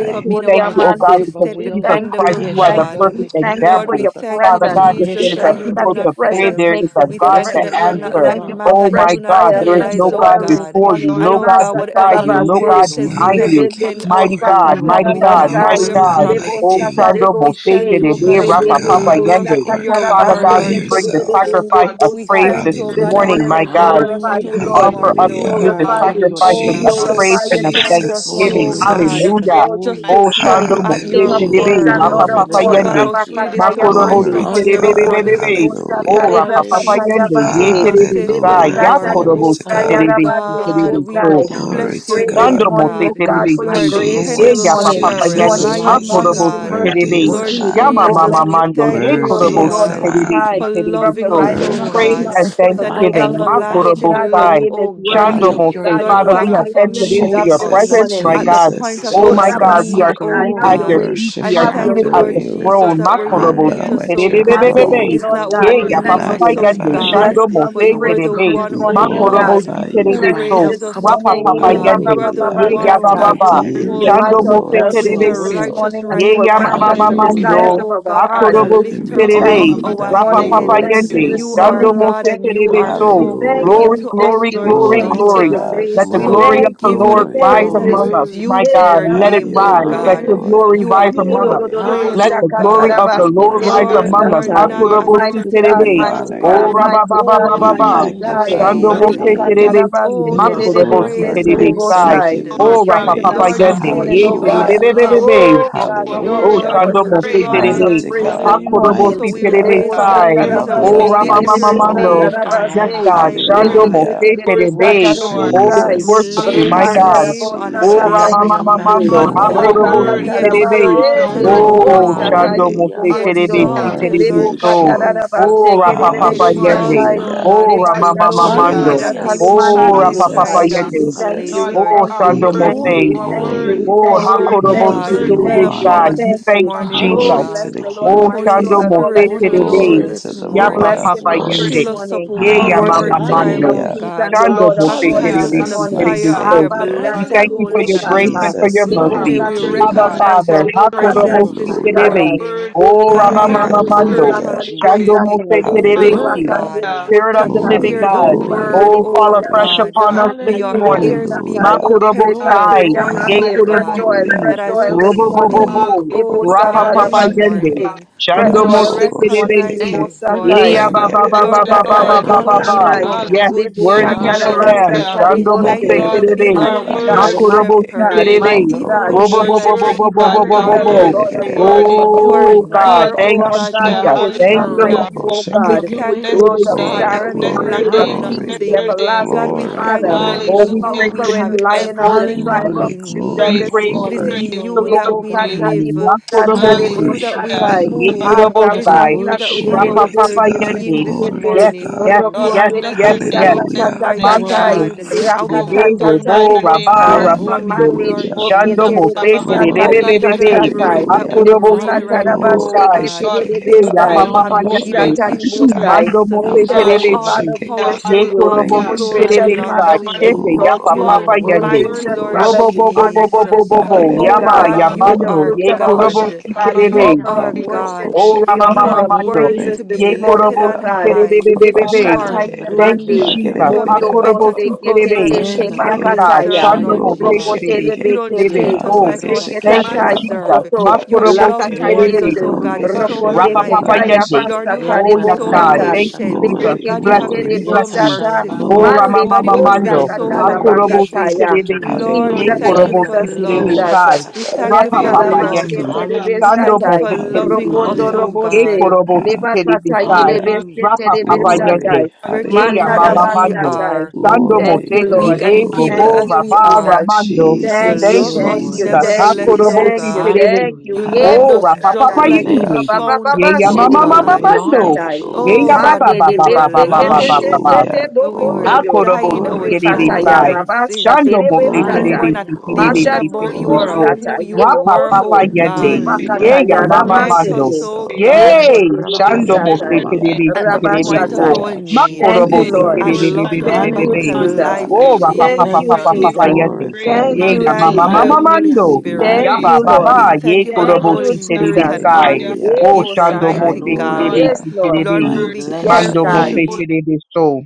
S6: you for
S1: We
S6: being our
S1: thank
S5: And
S1: you, O
S5: you
S1: God,
S3: toriamande.
S5: never
S1: because
S6: consistent,
S3: We
S5: will.
S1: Jesus
S3: thank you,
S6: dependable
S1: Christ,
S3: we
S1: you are the
S3: thank
S5: Yeshenda
S3: you,
S6: God.
S3: we
S1: perfect
S3: thank
S2: Hallelujah.
S3: you
S6: Lord,
S3: for
S1: example.
S6: we
S3: your
S5: reketatatata.
S6: thank you,
S1: Father
S3: presence.
S1: God, if
S2: Glory
S3: We
S6: Jesus,
S1: there
S2: to
S1: is a
S6: that
S5: Yeshenda
S3: thank you
S6: you
S2: God.
S3: that
S6: do
S1: people
S3: your
S6: not
S1: to pray,
S5: robokusho.
S3: presence
S6: fail.
S1: there is
S3: makes a
S1: a
S6: We
S2: Glory
S1: God
S6: thank
S2: to
S6: you
S1: to
S5: Yete
S3: difference.
S6: that
S2: God.
S6: you are
S3: We
S6: not
S1: answer.
S6: like
S3: thank you
S5: shayamama.
S3: for
S6: man,
S1: Oh
S6: that you
S1: my
S3: fresh
S6: do not
S1: God,
S3: fire,
S6: tell
S1: there is
S3: fresh
S6: lies,
S1: no
S6: oh
S1: God
S3: oil this
S6: God.
S1: before you,
S3: morning.
S6: And
S1: no
S6: oh
S5: Yeberbokushoto.
S3: Leba
S1: God
S6: God, whatever
S1: beside you,
S6: your
S1: no
S3: satalabase,
S2: There
S5: Hallelujah,
S6: word
S1: God
S2: is
S6: says,
S5: Lord.
S6: we
S2: none
S1: behind
S6: can
S1: you.
S2: like
S3: rebende
S2: you,
S6: depend
S3: ribo
S6: on
S1: Mighty
S2: Lord.
S6: you.
S1: God,
S5: You
S1: mighty
S6: We
S1: God,
S5: alone
S6: thank
S5: are
S2: There
S6: you for
S1: mighty
S3: sakatarabasai,
S2: is
S6: your
S1: God.
S2: none
S5: worthy.
S3: lebo
S2: like
S1: Oh,
S6: promises.
S2: you.
S1: Shando
S6: We
S1: Mose
S3: sataribose,
S6: thank you, oh
S2: You
S6: God,
S1: Terebe,
S6: that
S5: Jesus,
S6: we
S2: are
S5: you're
S1: Rapa
S6: can
S3: rebende
S1: Papa
S2: God
S3: ribo
S5: worthy.
S2: and you
S6: trust
S1: Yende.
S6: in
S2: are
S6: your
S2: God
S1: Father
S2: all
S6: word,
S3: sakatarabase,
S2: by
S1: God, we
S6: Lord
S5: Hallelujah.
S1: bring the
S2: yourself.
S6: Jesus.
S3: keterebende
S1: sacrifice of
S3: ribo
S6: We
S1: praise
S6: thank
S1: this
S6: you, oh
S3: This
S6: God, that
S1: morning,
S6: we
S3: morning
S2: Hallelujah.
S1: my
S3: we
S6: can
S1: God.
S3: glorify
S6: trust you
S5: Hallelujah.
S3: you,
S1: We
S6: this
S3: Lord.
S1: offer
S6: morning,
S3: We
S1: up
S6: oh
S1: to
S2: Hallelujah.
S1: you
S5: Oh,
S1: the
S6: God.
S5: we
S3: glorify
S4: Hallelujah.
S5: honor
S3: you.
S5: your
S3: We
S1: sacrifices
S5: name,
S6: Oh,
S1: of
S4: Hallelujah.
S6: so
S1: praise
S3: glorify
S5: Jesus.
S2: Jesus,
S1: and
S3: your
S6: sweet
S1: of
S6: to
S3: name this
S5: Oh,
S6: trust
S2: Jesus,
S6: you,
S5: Lord,
S3: morning.
S1: thanksgiving.
S6: oh
S5: we
S3: We
S4: We
S2: Jesus.
S5: worship
S6: God,
S5: and
S1: Hallelujah.
S4: agree
S3: exalt
S5: adore
S3: you
S6: just
S4: tonight.
S6: to
S5: you.
S1: Oh,
S3: this
S6: take
S1: Shando
S6: you
S3: morning.
S5: We
S6: at
S1: Mose
S3: King
S6: your
S5: lift
S3: of
S5: you up,
S2: Hallelujah.
S3: kings
S1: Terebe,
S3: and
S6: word.
S5: Father,
S1: Rapa
S3: Lord of
S5: for
S2: Glory
S1: Papa
S5: there's
S2: to
S6: Oh
S5: none
S3: lords,
S4: Hallelujah.
S6: God,
S1: Yende.
S2: God.
S6: how
S5: like
S6: sweet it
S5: you.
S6: is to
S4: Lord,
S1: Makorobo
S6: rest
S4: you are
S1: Si
S3: Abakatayamande,
S2: Glory
S6: upon
S2: to
S6: your
S1: Terebe, Be,
S2: God.
S1: Be, Be,
S3: Robonde
S5: Hallelujah.
S1: Be.
S3: ribo
S6: promises.
S1: Oh,
S2: Hallelujah.
S6: Oh,
S3: satareba
S6: how
S1: Rapa Papa
S6: sweet it is to
S5: Hallelujah.
S1: Yende,
S6: say,
S1: Ye
S3: katayabase,
S6: Thus
S1: Terebe
S3: we
S5: From
S6: saith
S5: the
S6: the
S3: pray
S1: Sai,
S2: Hallelujah.
S5: rising of
S6: Lord.
S5: the
S2: Glory
S1: Yakorobo
S2: to
S1: Si
S5: sun
S2: God.
S6: Oh
S1: Terebe, Si
S5: unto
S6: God,
S5: the
S1: Terebe
S6: we
S1: So.
S5: going down of the
S2: Glory
S6: bless
S2: to
S6: your
S3: this
S5: same,
S2: God.
S1: Shando
S6: name,
S3: morning,
S1: Mose
S3: oh
S6: God.
S5: who
S3: God,
S5: is
S1: Terebesi,
S3: for
S6: You
S3: your
S6: are
S5: like
S6: a
S1: Ye
S5: the
S3: grace this
S5: Lord?
S6: dependable
S2: Jesus,
S1: Yapa
S6: God. You
S3: morning.
S6: are a
S1: Papa
S5: There is
S1: Yende,
S5: none
S2: Jesus,
S3: Morning by
S5: like
S6: reliable
S5: you.
S3: morning,
S1: Makorobo
S2: Jesus.
S3: your
S1: Si
S6: God.
S3: mercies
S5: We
S2: Worthy
S3: we
S1: Terebe,
S2: is the
S6: Lord
S3: see.
S5: worship the
S2: Lamb.
S1: Yama
S3: Oh,
S6: Jesus,
S1: Mama
S5: Lord,
S6: we
S3: blessed be
S1: Mando,
S3: the
S6: thank
S1: Ye
S6: you,
S3: name of
S6: oh
S2: Worthy
S3: the
S1: Korobo
S5: strong
S2: is
S3: Lord
S1: Si
S2: the
S5: and
S6: God,
S3: Most
S1: Terebe,
S2: Lamb.
S3: High.
S1: Si
S6: for
S5: mighty.
S1: Terebe
S3: From the
S6: loving
S5: The
S1: So,
S6: us,
S3: rising
S6: oh
S3: of the
S5: Lord,
S1: praise
S2: Worthy
S3: sun
S6: God,
S1: and
S2: is the
S3: until
S6: with
S3: the
S6: an
S2: Lamb.
S3: going
S5: mighty
S3: on
S1: thanksgiving,
S3: of
S5: in
S3: the same,
S1: Makorobo
S3: God,
S5: battle.
S2: Hallelujah.
S6: everlasting
S3: your
S1: Sai,
S6: love,
S3: name is
S6: oh God.
S5: Lift
S1: Shando
S3: worthy.
S5: up your
S1: Mose,
S3: God,
S6: Lord,
S3: you
S2: Hallelujah.
S1: Father,
S3: are
S5: heads,
S1: we
S6: thank
S4: wonderful.
S6: you
S1: have
S3: high
S6: for
S3: and
S1: entered into
S3: lifted
S5: O
S3: up
S4: Hallelujah.
S6: meeting
S1: your
S4: Lord,
S5: ye
S3: this
S6: us uh,
S2: Jesus,
S1: presence,
S3: morning.
S5: gates,
S1: my
S6: at
S4: we thank
S6: the
S1: God.
S6: point
S4: you,
S5: so
S2: Jesus,
S5: the
S6: of
S1: Oh
S3: Oh,
S6: our
S1: my God,
S5: King
S3: Rabba
S2: Jesus.
S1: we
S6: need,
S5: of
S1: are
S6: oh
S3: Shatta,
S1: seated
S3: have
S2: We
S1: at
S5: glory
S3: your
S1: your
S6: God.
S3: way.
S1: feet.
S2: worship
S1: We
S6: And
S1: are
S3: Have
S2: and
S5: shall
S3: your
S6: thank
S1: seated
S6: you,
S2: adore
S1: at
S3: way.
S5: come
S6: Lord
S1: the
S5: in.
S2: you.
S6: Jesus,
S4: Lord,
S1: throne.
S6: that where
S4: God,
S6: you
S2: We
S1: Makorobo
S4: we
S6: meet
S4: are
S1: Si
S2: bow
S6: us,
S2: at
S6: oh
S2: your
S5: Hallelujah.
S3: Have
S6: God,
S4: grateful,
S3: your way,
S1: Terebe,
S2: throne.
S6: is
S5: I
S3: Lord
S5: will
S6: not where
S3: God.
S5: lift
S6: you
S1: Ye
S4: Lord. Lord,
S5: up
S3: We
S2: We
S1: Yapa
S5: mine
S6: leave
S3: thank
S5: eyes
S1: Papa
S6: us,
S3: you.
S5: to
S6: oh
S5: the
S1: Yende,
S2: magnify
S3: We
S2: your
S5: hills,
S6: God,
S3: bless
S1: Shando
S3: you and
S2: name.
S3: we
S6: but
S1: Mose
S5: from
S6: you
S4: we
S6: are
S5: whence
S3: praise
S6: the
S3: you this
S1: Terebe,
S4: praise
S6: one,
S5: cometh
S2: We
S5: my
S6: oh
S3: morning, oh
S5: help.
S3: God.
S1: Makorobo
S6: God,
S1: Si
S2: glorify
S3: We
S2: your
S6: who
S5: For
S1: Terebe
S5: my
S3: thank
S4: you,
S3: you
S4: Lord.
S1: So,
S6: raises
S5: help
S2: name.
S3: this
S6: us
S5: cometh
S6: up,
S1: Rapa
S5: from
S3: morning.
S5: the
S6: oh
S4: We
S1: Papa
S3: eh,
S5: Lord,
S3: ba,
S6: God.
S3: ba,
S1: Yende,
S6: You are
S3: ba,
S6: the
S3: ba,
S2: Hallelujah.
S5: the
S3: ba,
S1: Ye
S6: one,
S1: ya
S3: cha,
S2: Let
S6: oh
S1: ba
S5: maker
S2: the
S5: of
S4: worship you.
S1: ba
S6: God, who
S1: ba.
S5: heaven and
S4: Worship
S3: We
S2: redeemed
S5: earth.
S6: upholds
S2: of
S1: shando
S2: the
S3: delight
S6: us
S1: mo se
S2: Lord
S5: Lord,
S3: ourselves
S5: you
S6: with
S3: in
S5: are
S2: say
S3: you
S6: your
S4: you.
S3: this
S1: terebesi.
S2: so.
S5: worthy.
S6: righteous
S3: morning and
S6: right
S3: you
S1: Ye
S3: will
S1: ya
S3: grant
S6: hand.
S1: mama
S3: us the desires
S6: You,
S5: Hallelujah.
S1: mamando.
S2: Hallelujah.
S3: of
S6: oh
S3: our
S6: God,
S4: Hallelujah.
S6: are
S3: hearts.
S6: the
S1: Hakorobo
S2: Let the
S1: si
S6: lifter
S3: We
S4: Ba, ba,
S5: Hallelujah.
S6: up
S4: ba,
S3: thank
S6: of
S4: ba,
S1: terebe.
S3: you
S4: ba.
S2: redeemed
S3: this
S6: our
S2: of
S1: Rapa
S5: You're
S2: the
S4: We
S3: morning. We
S1: papa
S6: head.
S2: Lord
S3: thank
S4: give
S5: worthy,
S3: you
S4: you,
S1: yende.
S2: say
S3: this
S6: You
S5: Lord.
S6: are
S1: Chando
S2: so.
S3: morning. We
S1: mo
S6: God
S1: se
S3: thank
S6: and you
S3: you.
S1: terebe
S6: are
S1: so.
S3: We
S6: so
S3: thank
S5: Hallelujah.
S3: you.
S6: good
S1: Glory,
S2: Hallelujah.
S3: We
S6: to
S3: thank
S6: us,
S1: glory,
S3: you.
S5: You
S3: We
S6: Lord
S5: are
S1: glory,
S3: thank
S2: Glory
S3: you
S5: God
S2: to
S5: all
S3: for
S1: glory.
S3: your
S6: Jesus.
S5: by
S2: God.
S1: Let
S3: grace.
S1: the
S3: We
S6: So
S5: yourself.
S1: glory
S2: Glory,
S6: we
S1: of
S3: thank
S1: the
S3: you.
S6: give you
S3: We
S6: the
S1: Lord
S2: glory,
S5: You
S4: Lord,
S1: rise
S3: thank
S5: are
S6: praise that is
S3: you.
S1: among us.
S2: glory.
S6: due
S1: My
S6: to
S5: worthy.
S3: Eh,
S1: God,
S6: your
S4: we
S1: let
S2: Have
S1: it
S6: name,
S2: your
S6: O
S3: rabanderi
S1: rise.
S4: praise
S2: way,
S1: Let your
S6: God.
S3: bosa,
S2: Lord.
S1: glory
S5: Hallelujah.
S6: You
S4: you.
S2: Have
S6: are
S1: rise
S2: your
S1: among us.
S6: owed
S2: way.
S6: praise,
S1: Let
S4: Hallelujah.
S6: O
S1: the
S5: Hallelujah.
S1: glory
S2: God,
S6: God.
S1: of the
S2: we
S4: Hallelujah.
S1: Lord rise
S2: worship
S4: Lord,
S6: Lord,
S2: and
S6: you
S1: among us.
S6: are
S3: Nidodododoboshakatarabasketerebesata.
S2: adore
S5: Hallelujah.
S6: not
S4: we
S6: a
S2: you.
S1: Hakorobo
S6: debtor
S1: si
S4: worship
S3: Mighty
S6: to any
S3: God,
S2: We
S1: terebe.
S6: man,
S3: mighty
S6: but
S2: honor
S6: God,
S3: God,
S1: Oh,
S6: we
S2: you.
S1: raba
S3: mighty
S1: ba ba
S3: God,
S6: owe
S1: ba ba
S2: We
S5: Lord
S1: ba.
S6: you
S3: mighty God.
S5: Jesus, you
S2: magnify
S5: are
S1: Shando
S2: your
S6: praise.
S1: mo se
S5: welcome.
S4: Hallelujah.
S2: name.
S6: We
S1: terebe si.
S6: owe
S5: You
S2: With the
S5: are
S6: you
S2: fruit
S1: Makorobo
S2: of
S5: welcome,
S1: si
S2: our
S5: oh
S6: praise,
S5: God.
S6: O
S5: We
S2: lips,
S1: terebe
S2: we
S5: thank
S3: Lebokatarabasteterebeseterebosai.
S2: give
S6: God.
S5: you.
S2: you
S1: Oh, Rapa
S3: Strengthen
S1: Papa
S3: us
S2: praise.
S6: Lord, you
S4: hallelujah.
S3: this
S5: Come,
S1: Yende,
S6: say
S5: Lord
S3: morning,
S6: if
S1: Ye
S3: oh
S6: you be
S4: Lord,
S3: God.
S5: Jesus.
S2: Hallelujah.
S4: you are
S5: Come.
S6: lifted
S1: Terebebebebe,
S3: Oh
S4: worthy.
S6: up,
S3: God,
S4: You
S3: we
S4: are
S5: Eh,
S1: Oh,
S4: worthy.
S3: offer up
S6: Lord,
S2: Hallelujah.
S3: a
S6: you
S1: Chando
S6: will
S1: Mose
S4: Praise.
S6: draw
S3: sacrifice
S6: men
S3: of
S1: Terebe,
S2: Mighty
S6: unto
S4: Hallelujah.
S3: praise this
S2: God,
S6: you.
S1: Hakorobo
S3: morning.
S5: Hallelujah.
S6: So
S1: Si
S2: mighty
S6: we
S1: Terebe
S2: God,
S6: raise up
S4: God.
S6: the
S1: Sai,
S4: Bless
S6: praise and
S2: lover
S6: we
S4: your
S5: Hallelujah.
S1: Oh,
S4: name.
S2: of
S1: Rapa
S2: my
S6: lift
S4: Bless
S1: Mama
S6: your
S5: Oh, we
S1: Mando,
S2: soul.
S6: name
S5: lift our
S6: on
S1: yes,
S4: your
S5: hands
S3: Lebosatarabastekererebesatarabaste.
S5: to
S1: God,
S5: you,
S6: high,
S4: word.
S5: Lord.
S1: Chando
S6: God.
S2: Hallelujah.
S1: Mose
S5: We
S4: Glorify you,
S1: Terebe,
S5: worship and
S4: Lord.
S1: Oh,
S5: adore
S1: we
S3: Rebeketerebesatarebosai.
S5: you,
S6: We
S2: Jesus,
S5: King
S1: worship you,
S4: Hallelujah.
S6: lift
S1: my
S6: your
S1: God.
S5: Jesus.
S2: Jesus,
S6: name on
S1: Oh,
S5: We
S2: Jesus.
S6: high,
S5: honor
S1: Rapa
S5: your
S1: Mama
S3: Brevandaraboshakatayebese.
S5: matchless
S1: Mando,
S4: Lord,
S2: You
S4: you
S2: are
S5: name,
S6: Jesus.
S4: are
S5: my
S1: Hakorobo
S4: word.
S5: Lord.
S1: Si
S6: Be
S4: You
S2: worthy.
S4: word.
S1: Terebe,
S3: Rebakatarabase,
S4: your
S6: exalted,
S2: You
S4: word.
S6: O
S2: are
S3: Neribo,
S1: Oh,
S5: Hallelujah,
S6: God.
S3: Shatai,
S1: Chando
S2: holy.
S5: hallelujah.
S6: Be
S1: Mose Terebe,
S3: Bokondo,
S2: You
S1: Si
S4: Hallelujah.
S2: are
S6: exalted,
S1: Terebe
S5: Blessed
S3: Lebo
S6: Lord
S4: Thank
S1: So,
S2: faithful.
S5: assurance,
S1: Oh,
S3: Katarabase,
S6: Jesus.
S1: Rapa
S6: Be
S3: Kerebe
S1: Papa
S4: you, Lord.
S5: Jesus
S1: Yende,
S5: is
S6: exalted,
S3: Satai,
S6: O
S5: mine.
S2: Hallelujah.
S6: God.
S1: Oh,
S6: Be
S3: Leba
S4: Bless
S1: Rama Mama
S3: Shatirebo
S4: God.
S6: glorified
S1: Mando,
S6: and be
S5: Hallelujah.
S2: Jesus,
S3: Sataleman,
S1: Oh,
S5: Oh,
S3: Neribo
S5: what
S1: Rapa
S5: a
S1: Papa
S3: Sai.
S6: magnified in
S2: Jesus,
S4: Hallelujah.
S6: this
S3: We
S5: fortress,
S1: Yende,
S3: thank you,
S6: place,
S2: Jesus.
S4: Lord,
S3: we
S5: hallelujah,
S6: Lord
S1: Oh,
S3: thank
S4: you are
S3: you,
S2: We
S3: we
S5: of
S1: Sando
S4: word.
S2: give
S3: thank you,
S2: you
S1: Mose.
S5: glory
S3: we
S4: You
S6: Jesus.
S3: thank you,
S5: divine,
S4: word.
S3: we
S2: glory.
S4: your
S1: Oh,
S3: thank you,
S6: Oh
S3: we
S4: word.
S2: We
S5: heir
S1: Hakorobo
S3: thank
S5: of
S2: give
S3: you,
S6: God,
S3: we
S4: Word.
S2: you
S6: dwell
S3: thank you,
S5: salvation,
S3: we
S6: among
S2: honor.
S1: Sikerebesai.
S6: us
S1: We
S3: thank
S6: this
S1: thank
S3: you.
S1: you,
S6: morning, oh
S3: Oh,
S1: Jesus.
S2: Glory
S5: purchase of
S2: to
S3: bless
S6: God.
S2: the
S3: the
S5: God,
S3: Lord,
S2: King
S3: O
S1: O
S3: my
S2: of
S6: Holy
S3: soul,
S1: Shando
S3: and
S2: Kings.
S3: all
S6: Spirit,
S3: that
S1: Mose
S3: is
S5: born of his
S3: within
S6: flow
S1: Terebe,
S2: Glory
S3: me.
S5: spirit,
S6: this
S2: to the
S3: We
S1: Ya
S2: Lord
S4: God,
S3: bless
S1: Papa
S6: morning.
S2: of
S3: your name
S5: washed
S3: this
S5: in
S1: Yende,
S6: Fill
S4: praise.
S2: Lords.
S6: us
S5: his
S6: up
S3: morning.
S5: blood.
S1: Ye
S3: We
S6: one
S4: Praise.
S1: ya
S6: more
S1: mama
S3: worship the King
S6: time,
S3: of
S1: Mando,
S6: oh
S2: Hallelujah.
S3: Kings
S5: Hallelujah,
S3: and
S6: God.
S3: the
S4: Hallelujah.
S1: Shando
S3: Lord of
S1: Mose
S3: Lords
S6: Baptize
S3: this
S6: us
S1: Terebe,
S6: in the
S1: Si
S2: Jesus,
S3: morning.
S2: my
S5: hallelujah,
S6: fire
S1: Terebe
S4: Hallelujah.
S6: of your
S1: So.
S3: Abba
S2: Savior.
S1: We
S6: blessed
S4: Hallelujah.
S1: thank you
S5: hallelujah,
S6: Holy
S1: for
S3: Shatalebo
S1: your
S4: You
S5: Lord.
S1: grace
S3: Satai.
S1: and
S6: Spirit.
S1: for your
S2: Jesus,
S5: We
S2: my
S5: honor
S6: May
S1: mercy.
S5: you,
S6: we
S3: Lebosata
S4: word,
S1: Abba
S4: God.
S2: Redeemer.
S5: Jesus.
S6: recognize
S3: lebosata
S4: You
S1: Father,
S6: your
S5: We
S4: word.
S3: lebekana
S1: Hakorobo
S6: presence
S1: Si
S6: this
S5: glorify you,
S4: your
S2: Hallelujah.
S5: God.
S3: lebosanda
S1: Terebe,
S6: morning.
S4: word.
S1: O
S6: God,
S5: We
S4: Praise. You
S1: Rama
S6: may
S3: lebekete
S6: our
S1: Mama
S5: magnify your
S4: word.
S1: Mando,
S3: lebosata
S5: name,
S6: spiritual
S2: Hallelujah.
S4: Praise.
S6: eyes
S1: Shando
S5: Jesus.
S6: be
S3: lebosata
S1: Mose
S6: open,
S1: Terebe
S6: oh
S1: Si,
S5: Worthy
S3: lebakana
S2: Hallelujah.
S5: is the
S6: God,
S4: Hallelujah.
S5: Lamb.
S1: Spirit
S6: to
S1: of the
S3: lebosata
S1: Living
S2: Glory,
S6: hear the
S1: God,
S5: Holy is
S3: lebande
S2: glory,
S5: the
S6: word,
S1: O
S5: Lord.
S1: fall
S6: oh
S3: lebosata
S1: afresh
S2: glory.
S6: God.
S1: upon
S4: Lord.
S1: us
S3: lebosata
S1: this
S6: May our
S1: morning.
S5: Hallelujah.
S6: ears be
S3: lebekata
S2: Hallelujah.
S6: open
S1: Makurobo
S6: to your
S3: lekato
S5: Glory,
S1: Sai,
S5: glory,
S6: voice,
S1: Ye
S6: oh
S3: jamande
S4: Hallelujah.
S5: glory.
S3: fresh
S1: Kurobo
S6: God,
S3: oil
S2: Hallelujah.
S1: Si,
S6: that
S3: fresh
S6: as
S3: oil
S6: you
S3: this
S5: Worthy
S1: Robo
S5: is the
S1: Bobo
S3: morning
S6: speak,
S5: Lamb.
S1: Bo,
S6: oh
S1: Rapa
S3: lebosata
S6: God, this
S1: Papa
S5: Hallelujah.
S1: Yende,
S2: Shakeke,
S3: labasete
S6: morning,
S5: We
S6: we
S3: fresh
S1: Shando
S6: would
S3: oil
S5: bless you.
S3: this
S2: Ramblogo
S3: morning
S6: recognize
S4: Thank
S1: Mosekerebesi.
S6: your
S2: Shakeke,
S5: We
S3: lebosata
S6: voice.
S5: bless
S1: Yeah,
S5: you,
S1: ba
S4: you.
S1: ba
S5: God.
S1: ba
S4: Thank
S1: ba
S6: Lord,
S4: you,
S1: ba
S6: we
S3: lebosata
S1: ba ba
S2: Rangedede,
S4: Lord.
S6: thank you
S1: ba
S6: for
S1: ba
S2: Brake
S1: ba.
S6: being
S3: lebosanda
S6: our
S2: Shakeke,
S1: Yes,
S5: Hallelujah.
S6: good
S4: Hallelujah.
S1: worthy
S2: Rogo
S3: lebokata
S1: is
S5: We
S1: the
S6: shepherd.
S1: Lamb.
S2: Shakeke,
S4: Hallelujah.
S3: labasata
S5: glorify
S6: We
S5: you,
S1: Shando
S5: God.
S6: thank
S3: lebose
S6: you
S4: Lord,
S6: for
S4: you
S6: being
S1: Mosekerebe.
S2: Ragedede,
S6: our
S4: are
S3: Mighty
S2: Brake
S3: God,
S6: good
S4: worthy.
S5: Hallelujah.
S1: Makorobo
S3: mighty
S2: Shakeke,
S3: God,
S6: shepherd.
S4: Praise.
S5: Esh and
S1: Sikerebe.
S3: mighty
S5: the
S6: Even
S3: God,
S2: Ramblogo
S3: we
S6: when
S4: You
S1: Robo
S6: we,
S4: are
S1: bo
S6: like
S3: worship
S1: bo bo
S3: the
S4: worthy,
S2: Shakeke,
S1: bo
S3: King
S6: sheep,
S1: bo
S3: of
S4: God.
S1: bo
S6: have
S4: You
S1: bo
S3: Kings
S4: are
S1: bo
S6: gone
S3: and the
S4: worthy.
S1: bo.
S4: You
S5: Hallelujah.
S3: Lord of
S4: are
S2: Ragedede,
S6: astray,
S3: Lords,
S5: Do
S4: worthy.
S5: a
S6: you
S5: new
S3: who
S6: are
S3: is
S1: Oh
S5: thing, God.
S3: like
S1: God,
S6: there,
S3: unto
S4: Hallelujah.
S1: thank
S6: oh
S3: our
S1: you,
S6: God, to
S3: God.
S2: Bakashke,
S5: Have
S1: Jesus.
S3: There
S5: your
S3: is
S6: course
S5: way,
S1: Thank
S5: God.
S3: none
S1: you,
S3: like
S4: Hallelujah.
S1: Lord.
S6: correct.
S3: you,
S2: Ramblogo
S3: O
S1: Shando
S6: We
S3: God.
S5: Have your
S2: Shakeke.
S5: way,
S6: thank
S4: Bless
S6: you,
S5: Holy
S6: oh
S3: Rose of
S4: your
S1: Mosekerebesi.
S4: name.
S6: God,
S5: Spirit.
S2: Glory,
S6: that
S3: Sharon,
S6: we
S3: the
S4: Bless your
S3: Prince
S2: glory,
S6: lack
S3: of
S1: Makorobo
S4: name.
S3: Peace,
S4: Bless
S2: glory,
S3: the
S5: Hallelujah.
S4: your
S6: nothing.
S4: name.
S1: Sikerebesi.
S6: God,
S3: everlasting
S6: we
S5: Have
S2: glory,
S5: your
S6: thank
S3: Father,
S5: way,
S6: you that
S5: Holy
S6: in
S1: Oh,
S3: the
S1: we
S5: Spirit.
S6: you
S4: Hallelujah,
S1: praise
S6: we
S1: the
S2: glory,
S1: name
S6: have
S3: conquering
S1: of
S4: Jesus.
S1: the
S3: Lion of
S1: Lord
S3: the
S1: this
S6: everything that
S3: tribe
S5: Hallelujah.
S3: of
S2: glory,
S1: morning.
S2: glory,
S6: we
S3: Judah
S1: We
S6: need.
S4: Praise,
S2: glory,
S3: this
S5: Holy
S1: praise
S6: It
S1: the
S6: is
S3: morning.
S6: in
S5: Spirit,
S2: glory.
S1: name
S5: you
S4: praise,
S1: of
S5: are
S1: the
S6: you
S1: Lord
S6: that
S3: Lebo
S5: welcome,
S6: we
S1: this
S5: God.
S4: praise.
S3: kata
S1: morning.
S6: live.
S3: debo
S6: In
S5: Have
S6: you,
S3: sata
S1: Makorobo
S5: your
S4: Hallelujah.
S6: it's
S1: Si.
S3: debo
S5: way,
S6: you that we
S3: satai.
S5: Jesus,
S6: move. It
S5: as
S6: is
S5: we
S3: Araba
S6: in
S1: Yekurobosai,
S6: you that
S3: sate
S6: we
S5: worship
S3: de
S6: have
S5: you,
S3: de de
S6: our
S1: Rapa
S5: Lord.
S3: be
S6: very
S1: Papa
S3: se te
S6: being
S3: te
S1: Yende,
S3: te
S6: this
S5: We
S3: te.
S1: yes,
S6: morning.
S5: adore
S1: yes,
S5: you,
S6: We
S4: Lord,
S5: my
S6: are
S1: yes,
S3: Rokonde
S5: God.
S4: bless
S3: debo
S1: yes,
S6: nothing
S4: your name.
S1: yes,
S4: We
S3: sata
S6: without
S3: ta
S6: you,
S4: bless
S3: ta
S4: your
S3: ta
S4: name,
S6: mighty
S5: You are
S1: Mando
S4: God.
S3: tai.
S6: God,
S5: worthy,
S1: Mose
S6: and
S5: mighty
S6: we
S4: Oh, we
S6: can
S1: Terebe,
S5: God.
S6: do
S4: glorify
S1: Robo,
S6: nothing
S4: your name.
S1: Raba,
S5: You
S3: Rakatatataribotai,
S4: We
S5: are
S4: praise,
S6: apart from
S5: holy,
S6: you,
S1: Ramando,
S5: Lord
S6: Lord
S1: Shando
S5: Jesus.
S4: ba ba
S1: Mose
S6: Jesus.
S4: ba
S1: Terebe,
S6: Oh
S3: Mandiriboketerebesatai,
S4: shake,
S6: God, the
S4: eh, eh,
S6: very
S5: Hallelujah.
S1: Bebe,
S4: eh, eh,
S3: Kashatai,
S6: breath
S4: eh,
S6: that
S4: eh, eh.
S6: we
S1: Makurobo
S4: Oh,
S6: breathe right now,
S1: Terebe
S5: Hallelujah.
S6: oh
S1: Sai,
S6: God,
S4: God,
S6: is
S4: you
S1: Ye
S3: Lebokatarabasheketerebesai,
S5: We
S6: because
S1: Yapa
S4: praise,
S6: you
S5: honor
S1: Papa
S5: you,
S6: have
S4: you
S1: Yende,
S6: given
S4: praise,
S5: Jesus.
S6: it
S4: you
S6: to
S3: Mosataribosai,
S4: praise.
S1: Mando
S6: us.
S5: We
S3: most
S1: Mose
S6: You are
S5: exalt
S3: heavenly
S5: your
S1: Terebe
S4: Hallelujah,
S6: all
S5: name.
S3: Father,
S1: Si,
S3: we worship
S6: powerful.
S3: you.
S6: All
S1: Yekurobo
S4: hallelujah.
S3: Most
S6: glory
S3: gracious
S1: Terebe
S3: Father,
S6: belongs
S1: Sai,
S5: Hallelujah.
S6: to
S3: we
S4: Lord,
S6: you.
S1: Chepe
S4: our
S3: exalt
S1: Yapa
S6: You
S3: you.
S5: You
S4: word,
S5: are
S1: Papa
S3: Most
S4: our
S5: worthy.
S1: Yende,
S4: word,
S6: almighty
S3: gracious
S6: Lord
S3: Father,
S1: Robo
S3: we
S1: Bobo
S3: honor
S1: Bobo
S3: you
S4: word,
S1: Bobo
S3: this
S6: Jesus.
S4: God.
S1: Bobo,
S3: morning,
S2: Glory,
S3: O
S6: Oh
S1: Yaba
S3: God.
S6: God,
S3: With
S6: you
S4: Hallelujah.
S3: the
S1: Yamando,
S6: are
S3: fruits of our
S1: Yekurobo
S3: lips,
S6: God.
S3: God, we
S4: Shabba-ba-ba,
S6: You
S1: Terebe,
S5: Hallelujah.
S3: offer up
S6: are
S4: shake,
S3: worship.
S6: God.
S1: Oh,
S3: We
S5: You
S6: You
S5: are
S3: offer
S6: are
S3: up
S1: Ramamamamando.
S6: worthy
S5: worthy.
S3: praises
S6: to
S3: this
S6: be
S1: Ye
S3: morning,
S6: lifted
S3: O
S1: korobo
S6: on
S1: si
S3: God.
S6: high.
S3: Lebo
S6: You
S4: oh,
S1: terebebebebebe.
S6: are
S4: oh, oh,
S1: Thank you,
S6: good.
S4: shake,
S1: Jesus.
S4: eh, eh,
S6: You have
S1: Ha
S5: Andrekeshatatata.
S3: Mondo
S6: been better
S1: korobo
S3: poste
S6: to
S1: si
S3: kete
S6: us
S3: te
S1: terebe.
S6: than
S3: te
S6: we
S5: Yen
S3: te
S1: Yes,
S6: even
S4: eh,
S1: God.
S4: eh,
S3: bakataya.
S6: deserve,
S1: Shando
S5: robokushaya
S6: Lord
S1: mo
S4: eh,
S1: se
S4: eh.
S5: mamama.
S6: Jesus.
S3: Rokote
S1: terebe.
S3: de
S6: You
S1: Si
S6: don't
S1: terebe
S3: bekete.
S5: Yen
S6: treat us
S1: so.
S6: like our
S1: Thank
S6: sins
S4: Mama,
S1: you,
S3: Seketata
S4: oh,
S6: deserve.
S1: Jesus.
S5: rabakashatatata.
S4: oh,
S3: yikoto.
S4: oh,
S1: Ma
S6: Your
S4: shake,
S1: korobo
S4: eh,
S6: love
S1: si
S4: eh,
S3: Lakata
S4: eh, eh.
S6: towards
S5: Yen
S1: terebe.
S6: us, oh
S3: yende.
S6: God, is
S4: God,
S6: so
S5: robokushoyo
S4: worship,
S3: Rokonde
S1: Rapa
S5: momo.
S1: Papa
S6: kind.
S4: God,
S3: ketaya
S1: Yende.
S6: Lord,
S3: basta
S6: you have
S5: Yen
S1: Oh,
S6: been
S3: tarebo
S1: yes,
S6: so
S1: God.
S3: sata.
S1: Thank you,
S6: patient.
S4: praise,
S1: Jesus.
S5: rabakashatatai.
S2: glory,
S1: We
S6: God, you
S3: Lebekete
S1: bless
S6: have
S1: you.
S6: been
S1: We
S2: glory,
S3: terebo
S1: bless
S6: so
S1: you.
S3: sata.
S5: Yetashaya
S4: God.
S1: Oh,
S6: merciful.
S5: mamama.
S1: Rama
S2: glory,
S3: Mande
S4: Oh,
S3: di
S6: God, you
S1: Mama
S4: praise
S6: have
S3: bosta
S6: been
S4: God,
S2: glory,
S1: Mando.
S5: Yen
S6: so
S3: katala
S2: glory.
S1: Hakorobo
S5: robokusho
S6: forgiving.
S3: bakataya.
S1: Siterebe.
S5: tototo.
S6: Lord,
S4: God,
S6: we
S1: Ye
S3: Jesus,
S2: Hallelujah.
S6: thank you
S5: Yen
S1: Korobo
S6: for
S3: Jesus,
S4: praise,
S1: Siterebe
S6: love.
S2: Glory
S3: Jesus.
S1: Sai.
S5: rekeshatata.
S6: We
S2: to God.
S6: thank you
S1: Rapa
S4: praise.
S6: for
S1: Papa
S2: Glory to
S3: Restaramasete
S6: love.
S1: Yende.
S2: God.
S3: terebe
S4: Hallelujah.
S6: We
S5: Hallelujah.
S1: Sando
S6: thank you
S3: satai.
S6: for
S1: Mose
S6: loving
S1: Terebe Si.
S3: Rokondo
S6: us, oh
S2: Hallelujah.
S1: Ye
S5: Hallelujah.
S3: robose.
S6: God.
S1: Korobo Siterebe
S3: Lebakata
S4: Lord,
S1: Sai.
S2: Hallelujah.
S4: hallelujah.
S3: yirebeste
S5: Hallelujah.
S1: Rapa
S3: terebe
S1: Papa
S3: satai.
S1: Yende.
S2: Glory.
S4: God's
S6: Wretched
S1: Ye
S5: We
S1: ya
S3: Manda
S6: man
S4: word,
S3: da
S1: Mama
S6: as
S2: Hallelujah.
S5: thank you,
S6: we
S1: Mando.
S5: Lord.
S3: bastatai.
S6: are,
S1: Sando
S3: Thank you,
S2: Glory.
S1: Mose
S5: We
S3: Lord.
S6: weak and
S1: Terebe.
S5: thank you,
S6: feeble
S3: Thank
S2: Hallelujah.
S1: Robo
S6: as
S3: you,
S6: we
S5: Lord.
S1: Raba
S3: Jesus.
S6: are,
S1: Ramando.
S5: We
S6: you
S3: Thank
S5: thank
S3: you,
S1: Thank
S2: Jesus,
S5: you,
S6: love
S1: you,
S3: thank
S6: us
S3: you,
S5: Lord.
S1: Jesus.
S2: Jesus,
S3: thank you,
S6: nevertheless, oh
S1: Hakorobo
S3: thank
S2: Jesus.
S3: you,
S6: God.
S3: thank
S1: Siterebe.
S3: you.
S6: You
S5: Hallelujah.
S3: Ye
S6: loved
S1: Oh,
S6: us
S1: Rapa Papa
S6: just
S3: bostata.
S5: We
S6: like you
S3: Ba
S2: Hallelujah.
S1: Yende.
S5: thank
S3: ba
S5: you.
S3: ba ba
S6: found
S1: Ye
S3: ba
S6: us,
S1: ya
S6: oh
S1: mama
S3: shede de
S1: mama
S3: de
S6: God.
S5: We
S2: Glory.
S5: honor
S1: mando.
S5: you,
S3: bestatai.
S1: Ye
S6: Oh
S1: ya
S5: Jesus.
S1: ba
S2: Hallelujah.
S6: God,
S1: ba
S3: Mande
S6: when
S1: ba
S3: de
S6: we
S1: ba ba
S6: were
S1: ba
S5: We
S3: beste
S1: ba
S3: ke,
S1: ba
S3: te
S1: ba
S3: te
S5: worship
S1: ba
S5: you,
S6: lost,
S3: te
S1: ba.
S3: te
S2: Hallelujah.
S5: King.
S3: do
S6: when we were
S3: koto
S2: Glory,
S3: yo.
S5: We
S1: Akorobo
S6: dying
S1: si
S6: our
S2: glory,
S5: glorify
S1: terebe
S3: Ripata
S5: your
S3: Ripataya
S6: trespasses
S1: sai.
S2: glory,
S6: and
S5: name.
S3: rabasta
S6: sins,
S1: Shando
S3: tere
S1: mo se
S6: when we
S3: bestata.
S6: were
S4: Lord,
S1: terebe
S2: glory,
S6: not
S5: Hallelujah.
S1: si terebe
S6: thinking
S3: Masha
S2: glory,
S1: si
S3: tu
S6: about
S3: di
S4: Lord,
S6: you
S1: terebe
S6: or or
S2: glory.
S1: so.
S3: bostata.
S6: who you
S3: Ye
S5: Hallelujah.
S1: Rapa
S6: were,
S2: Let
S3: bokondo.
S1: papa
S6: oh
S2: the
S3: Le
S1: yende.
S6: God,
S5: Worthy,
S2: redeemed
S4: praise,
S1: Ye
S2: of
S3: bakata
S5: worthy,
S2: the
S1: ya
S3: ya
S6: you
S1: mama
S2: Lord
S4: praise,
S5: worthy.
S6: met
S2: say
S1: mando.
S6: us,
S3: ramasteke.
S6: oh
S2: so.
S4: praise.
S3: Ye
S5: And
S6: God,
S1: Yay!
S3: konde de
S4: Oh,
S1: Shando
S4: bless
S1: mo
S5: Rabakashaya
S1: se
S4: your
S3: bestatai.
S5: Mama.
S4: name.
S2: Hallelujah.
S1: terebe
S6: at
S1: si
S6: the
S5: Oh,
S1: terebe
S5: we
S6: point
S1: so.
S6: of
S3: Rabashatai.
S4: Oh,
S6: our
S5: thank
S2: Hallelujah.
S5: you,
S4: your
S6: need
S3: Thank
S2: We
S3: you,
S1: Makorobo
S4: name.
S1: si
S5: Jesus.
S3: Lord.
S1: terebe
S6: and
S1: be
S2: worship
S4: Glorify
S6: loved
S1: be
S4: you.
S1: be
S2: you,
S6: us
S1: be
S3: Thank
S1: be
S6: back
S3: you,
S1: be.
S2: Lord.
S6: to
S5: Hallelujah.
S2: We
S3: Jesus.
S6: life,
S2: honor
S1: Oh,
S4: Hallelujah.
S5: We
S1: rapa
S2: you.
S3: Thank
S1: papa
S3: you,
S4: Your
S5: thank
S1: papa
S5: you,
S2: We
S4: name
S1: papa
S6: Jesus.
S3: Jesus.
S5: Lord.
S1: yende.
S4: praise.
S2: glorify
S3: Thank
S6: We
S1: Ye
S2: your
S3: you,
S4: Hallelujah.
S1: ya
S6: thank
S1: mama
S6: you for
S2: name.
S3: Jesus.
S1: mama
S6: your
S4: Praise,
S6: Holy
S5: Hallelujah.
S2: We
S1: mando.
S6: Spirit.
S1: Ya
S3: Thank
S4: praise.
S1: ba
S3: you,
S1: ba
S2: magnify
S3: Lord.
S6: We
S2: your
S1: ba.
S6: thank
S1: Ye
S6: you for
S2: name.
S4: Hallelujah.
S6: the
S3: Thank
S1: korobo
S6: Holy
S3: you,
S1: si
S5: Hallelujah.
S6: Spirit
S1: terebe
S3: Jesus.
S6: and all
S1: sai.
S4: Hallelujah.
S6: his
S2: Hallelujah.
S5: We
S1: Oh,
S3: Yebo
S6: gifts,
S1: shando
S5: thank
S1: mo
S5: you,
S6: mighty
S3: Satai.
S1: se
S4: God,
S5: Lord.
S6: God.
S1: terebe
S3: Yes,
S2: Hallelujah.
S1: si
S4: you are
S3: Lord.
S6: Lord, we
S1: terebe.
S6: will
S5: We
S4: word.
S6: be
S2: Mighty
S5: bless
S3: Yes,
S2: God,
S5: you,
S1: Mando
S6: careful
S1: mo
S3: God.
S6: to
S1: se
S2: mighty.
S4: Holy
S5: Jesus.
S1: terebe so.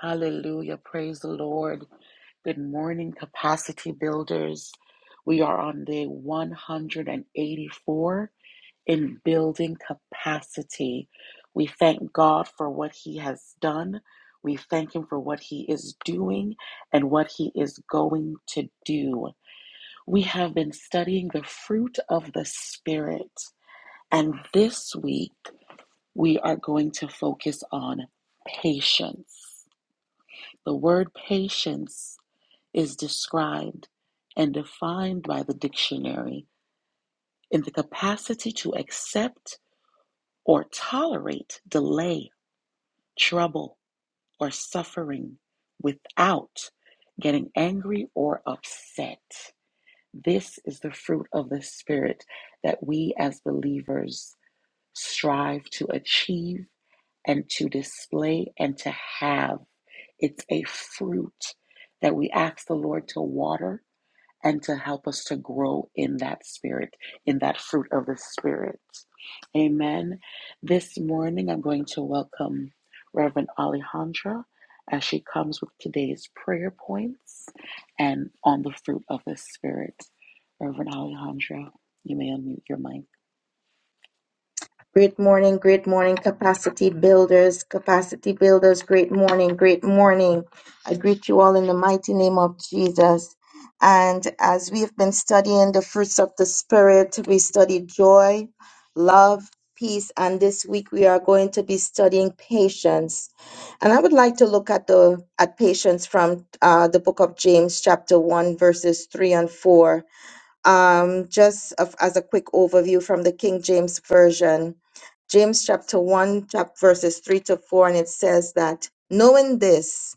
S5: Hallelujah. Praise the Lord. Good morning, capacity builders. We are on day 184 in building capacity. We thank God for what He has done. We thank Him for what He is doing and what He is going to do. We have been studying the fruit of the Spirit. And this week, we are going to focus on patience. The word patience is described and defined by the dictionary in the capacity to accept or tolerate delay, trouble, or suffering without getting angry or upset. This is the fruit of the Spirit that we as believers strive to achieve and to display and to have. It's a fruit that we ask the Lord to water and to help us to grow in that spirit, in that fruit of the spirit. Amen. This morning, I'm going to welcome Reverend Alejandra as she comes with today's prayer points and on the fruit of the spirit. Reverend Alejandra, you may unmute your mic.
S3: Great morning, great morning, capacity builders, capacity builders, great morning, great morning. I greet you all in the mighty name of Jesus. And as we have been studying the fruits of the Spirit, we studied joy, love, peace, and this week we are going to be studying patience. And I would like to look at the at patience from uh, the book of James, chapter one, verses three and four. Um, just of, as a quick overview from the King James Version, James chapter 1, chap- verses 3 to 4, and it says that, knowing this,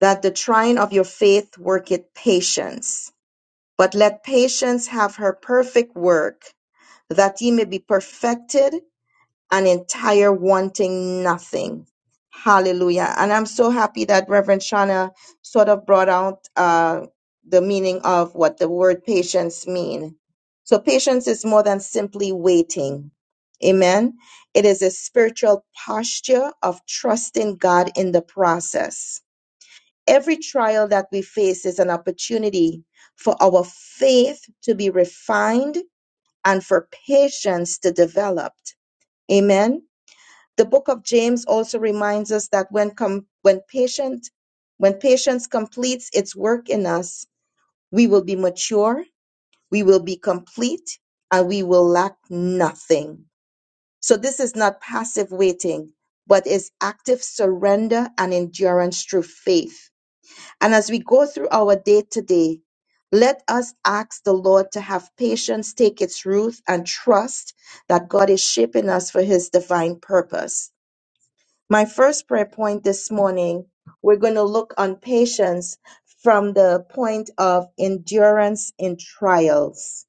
S3: that the trying of your faith worketh patience, but let patience have her perfect work, that ye may be perfected an entire wanting nothing. Hallelujah. And I'm so happy that Reverend Shana sort of brought out uh, the meaning of what the word patience mean. So patience is more than simply waiting. Amen. It is a spiritual posture of trusting God in the process. Every trial that we face is an opportunity for our faith to be refined and for patience to develop. Amen. The book of James also reminds us that when com- when patient when patience completes its work in us, we will be mature, we will be complete, and we will lack nothing. So this is not passive waiting, but is active surrender and endurance through faith. And as we go through our day to day, let us ask the Lord to have patience take its root and trust that God is shaping us for his divine purpose. My first prayer point this morning, we're going to look on patience from the point of endurance in trials.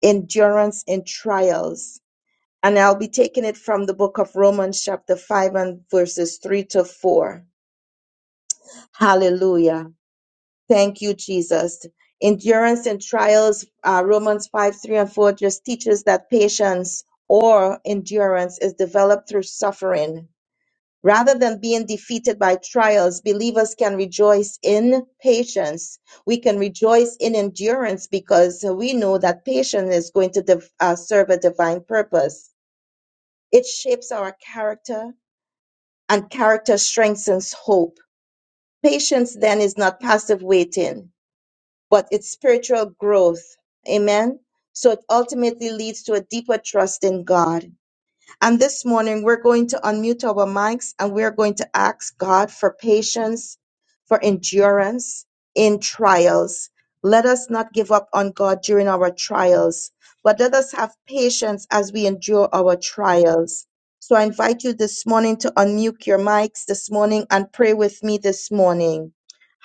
S3: Endurance in trials. And I'll be taking it from the book of Romans, chapter 5, and verses 3 to 4. Hallelujah. Thank you, Jesus. Endurance in trials, uh, Romans 5, 3, and 4 just teaches that patience or endurance is developed through suffering Rather than being defeated by trials, believers can rejoice in patience. We can rejoice in endurance because we know that patience is going to div- uh, serve a divine purpose. It shapes our character, and character strengthens hope. Patience then is not passive waiting, but it's spiritual growth. Amen. So it ultimately leads to a deeper trust in God. And this morning, we're going to unmute our mics and we're going to ask God for patience, for endurance in trials. Let us not give up on God during our trials, but let us have patience as we endure our trials. So I invite you this morning to unmute your mics this morning and pray with me this morning.